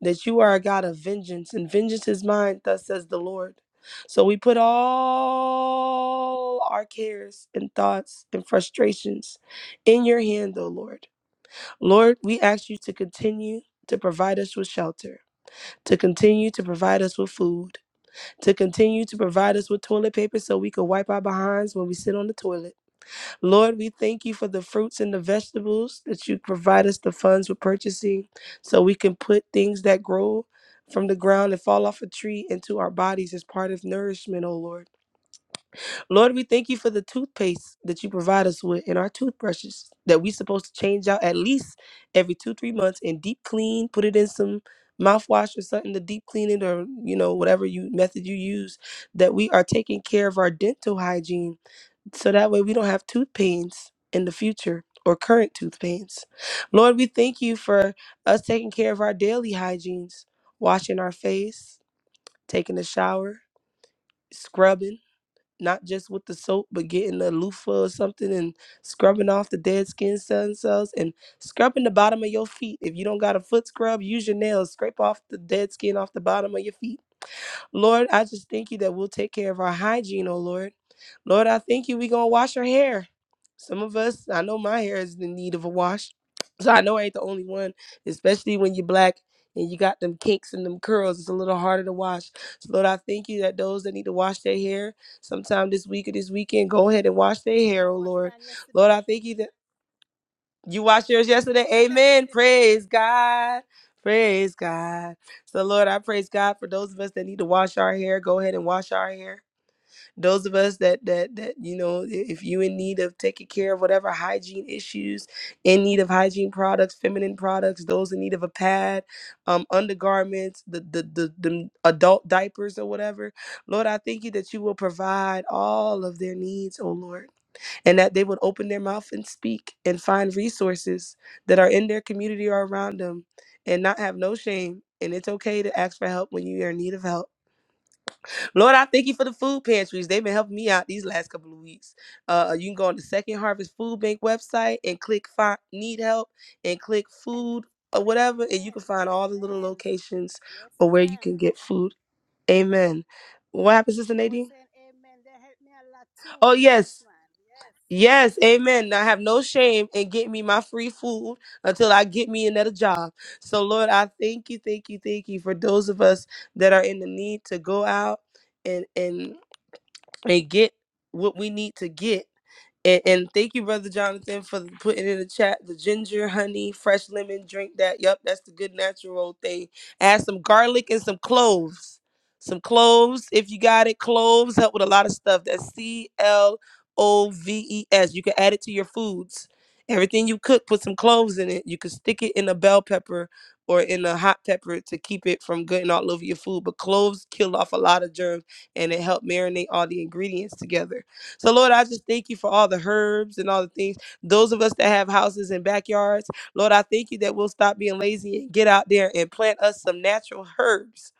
[SPEAKER 7] that you are a God of vengeance, and vengeance is mine, thus says the Lord. So we put all our cares and thoughts and frustrations in your hand, O Lord. Lord, we ask you to continue to provide us with shelter, to continue to provide us with food, to continue to provide us with toilet paper so we can wipe our behinds when we sit on the toilet. Lord, we thank you for the fruits and the vegetables that you provide us the funds with purchasing so we can put things that grow from the ground and fall off a tree into our bodies as part of nourishment, O Lord. Lord, we thank you for the toothpaste that you provide us with and our toothbrushes that we're supposed to change out at least every two, three months and deep clean, put it in some mouthwash or something to deep clean it or, you know, whatever you method you use, that we are taking care of our dental hygiene so that way we don't have tooth pains in the future or current tooth pains. Lord, we thank you for us taking care of our daily hygienes, washing our face, taking a shower, scrubbing not just with the soap, but getting a loofah or something and scrubbing off the dead skin cell- cells and scrubbing the bottom of your feet. If you don't got a foot scrub, use your nails, scrape off the dead skin off the bottom of your feet Lord, I just thank you that we'll take care of our hygiene, oh Lord. Lord, I thank you we going to wash our hair. Some of us, I know my hair is in need of a wash. So I know I ain't the only one, especially when you're black and you got them kinks and them curls. It's a little harder to wash. So Lord, I thank you that those that need to wash their hair sometime this week or this weekend, go ahead and wash their hair,
[SPEAKER 1] bless. I
[SPEAKER 7] oh
[SPEAKER 1] washed
[SPEAKER 7] Lord.
[SPEAKER 1] mine
[SPEAKER 7] Lord, I
[SPEAKER 1] yesterday.
[SPEAKER 7] thank you that. You watched yours
[SPEAKER 1] Yeah,
[SPEAKER 7] yesterday. Amen.
[SPEAKER 1] man.
[SPEAKER 7] Praise God. Praise God. So Lord, I praise God for those of us that need to wash our hair. Go ahead and wash our hair. Those of us that that that you know, if you in need of taking care of whatever hygiene issues, in need of hygiene products, feminine products, those in need of a pad, um, undergarments, the the the, the adult diapers or whatever, Lord, I thank you that you will provide all of their needs, oh Lord and that they would open their mouth and speak and find resources that are in their community or around them and not have no shame. And it's okay to ask for help when you are in need of help. Lord, I thank you for the food pantries. They've been helping me out these last couple of weeks. Uh, you can go on the Second Harvest Food Bank website and click find need help and click food or whatever, and you
[SPEAKER 1] amen.
[SPEAKER 7] can find all the little
[SPEAKER 1] Amen.
[SPEAKER 7] locations
[SPEAKER 1] Yes,
[SPEAKER 7] or where you can
[SPEAKER 1] ma'am.
[SPEAKER 7] get food. Amen. What happens, Sister
[SPEAKER 1] I was
[SPEAKER 7] Nadine?
[SPEAKER 1] saying amen. They helped me a lot
[SPEAKER 7] Oh
[SPEAKER 1] too.
[SPEAKER 7] yes.
[SPEAKER 1] Yes, man. Yes.
[SPEAKER 7] Yes, amen. I have no shame in getting me my free food until I get me another job. So, Lord, I thank you, thank you, thank you for those of us that are in the need to go out and and and get what we need to get and, and thank you, Brother Jonathan, for putting in the chat the ginger, honey, fresh lemon, drink that. Yep, that's the good natural old thing. Add some garlic and some cloves. Some cloves, if you got it. Cloves help with a lot of stuff. That's C L O V E S. You can add it to your foods. Everything you cook, put some cloves in it. You can stick it in a bell pepper or in a hot pepper to keep it from getting all over your food. But cloves kill off a lot of germs and it help marinate all the ingredients together. So, Lord, I just thank you for all the herbs and all the things. Those of us that have houses and backyards, Lord, I thank you that we'll stop being lazy and get out there and plant us some natural herbs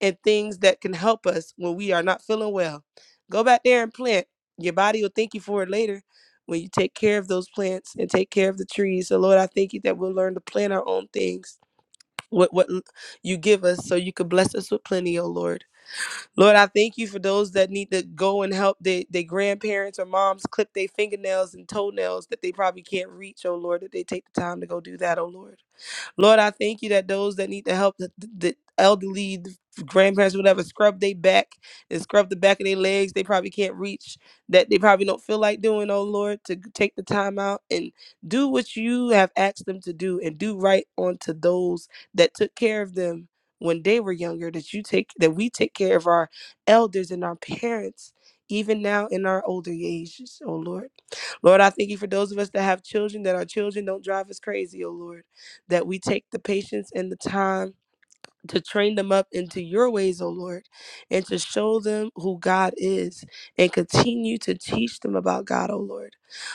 [SPEAKER 7] and things that can help us when we are not feeling well. Go back there and plant. Your body will thank you for it later when you take care of those plants and take care of the trees. So, Lord, I thank you that we'll learn to plant our own things. What, what you give us so you can bless us with plenty, oh Lord. Lord, I thank you for those that need to go and help their, their grandparents or moms clip their fingernails and toenails that they probably can't reach, oh Lord, that they take the time to go do that, oh Lord. Lord, I thank you that those that need the help, the, the elderly, the grandparents, whatever, scrub their back and scrub the back of their legs they probably can't reach, that they probably don't feel like doing, oh Lord, to take the time out and do what you have asked them to do and do right onto those that took care of them when they were younger, that you take that we take care of our elders and our parents. Even now in our older ages, oh Lord. Lord, I thank you for those of us that have children, that our children don't drive us crazy, oh Lord that we take the patience and the time to train them up into your ways, O Lord, and to show them who God is and continue to teach them about God, O Lord.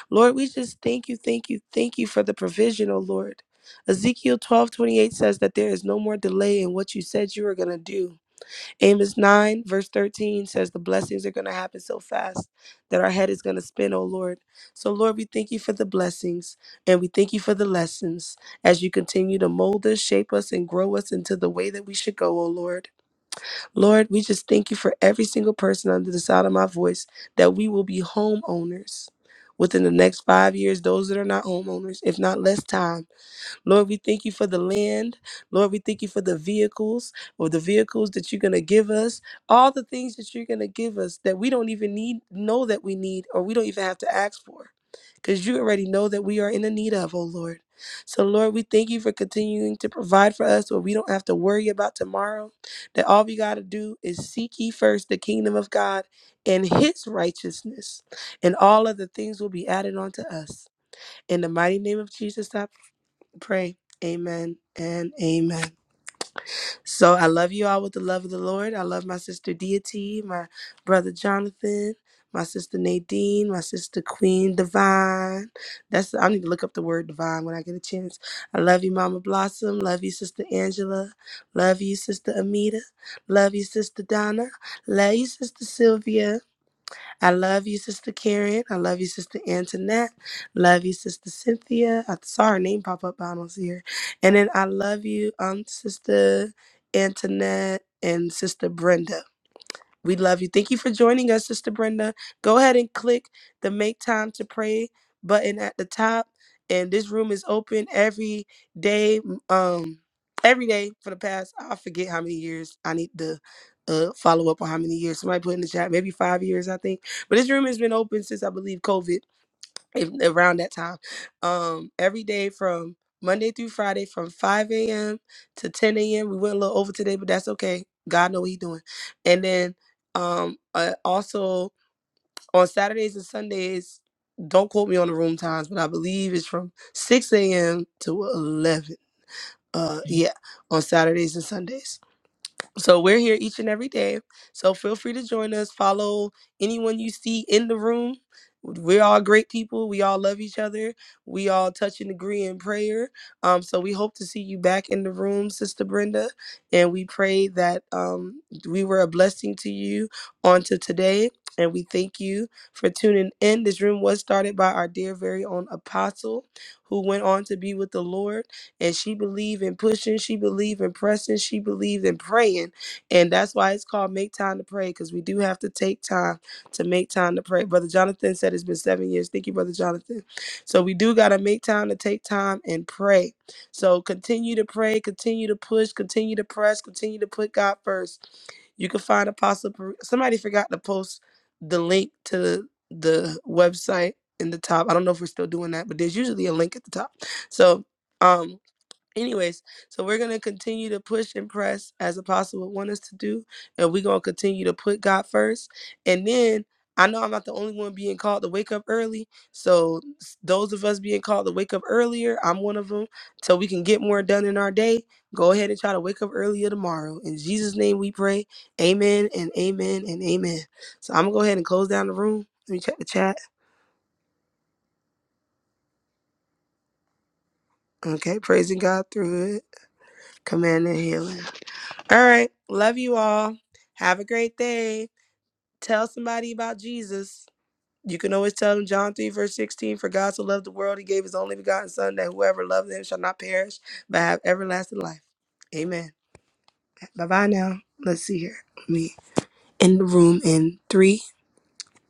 [SPEAKER 7] Lord, we just thank you, thank you, thank you for the provision, O Lord. Ezekiel twelve twenty eight says that there is no more delay in what you said you were going to do. Amos 9, verse 13 says, The blessings are going to happen so fast that our head is going to spin, oh Lord. So, Lord, we thank you for the blessings and we thank you for the lessons as you continue to mold us, shape us, and grow us into the way that we should go, oh Lord. Lord, we just thank you for every single person under the sound of my voice that we will be homeowners within the next five years, those that are not homeowners, if not less time. Lord, we thank you for the land. Lord, we thank you for the vehicles or the vehicles that you're going to give us. All the things that you're going to give us that we don't even need, know that we need, or we don't even have to ask for because you already know that we are in the need of, oh Lord. So, Lord, we thank you for continuing to provide for us where we don't have to worry about tomorrow. That all we got to do is seek ye first the kingdom of God and his righteousness, and all other things will be added unto us. In the mighty name of Jesus, pray. Amen and amen. So I love you all with the love of the Lord. I love my sister Deity, my brother Jonathan, my sister Nadine, my sister Queen Divine. That's I need to look up the word divine when I get a chance. I love you, Mama Blossom. Love you, Sister Angela. Love you, Sister Amita. Love you, Sister Donna. Love you, Sister Sylvia. I love you, Sister Karen. I love you, Sister Antoinette. Love you, Sister Cynthia. I saw her name pop up, but I don't see her. And then I love you, um, Sister Antoinette and Sister Brenda. We love you. Thank you for joining us, Sister Brenda. Go ahead and click the Make Time to Pray button at the top. And this room is open every day. Um, every day for the past I forget how many years. I need to uh follow up on how many years. Somebody put in the chat, maybe five years, I think. But this room has been open since I believe COVID if, around that time. Um, every day from Monday through Friday from 5 a.m. to 10 a.m. We went a little over today, but that's okay. God know what He doing. And then um, uh, also on Saturdays and Sundays, don't quote me on the room times, but I believe it's from 6 a.m. to 11. Uh, yeah, on Saturdays and Sundays. So we're here each and every day. So feel free to join us. Follow anyone you see in the room. We're all great people. We all love each other. We all touch and agree in prayer. Um, so we hope to see you back in the room, Sister Brenda. And we pray that um, we were a blessing to you on to today. And we thank you for tuning in. This room was started by our dear, very own apostle who went on to be with the Lord and she believed in pushing she believed in pressing she believed in praying and that's why it's called make time to pray because we do have to take time to make time to pray brother jonathan said it's been seven years thank you brother jonathan so we do got to make time to take time and pray so continue to pray continue to push continue to press continue to put god first you can find apostle Per- somebody forgot to post the link to the website in the top i don't know if we're still doing that but there's usually a link at the top so um anyways, so we're gonna continue to push and press as apostle would want us to do, and we're gonna continue to put God first. And then I know I'm not the only one being called to wake up early. So s- those of us being called to wake up earlier, I'm one of them. So we can get more done in our day. Go ahead and try to wake up earlier tomorrow. In Jesus' name we pray. Amen and amen and amen. So I'm gonna go ahead and close down the room. Let me check the chat. Okay, praising God through it. Command and healing. All right. Love you all. Have a great day. Tell somebody about Jesus. You can always tell them John 3, verse 16, for God so loved the world, he gave his only begotten son that whoever loved him shall not perish, but have everlasting life. Amen. Bye bye now. Let's see here. Me in the room in three,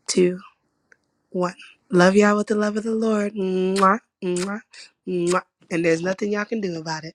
[SPEAKER 7] two, one. Love y'all with the love of the Lord. Mwah, mwah, mwah. And there's nothing y'all can do about it.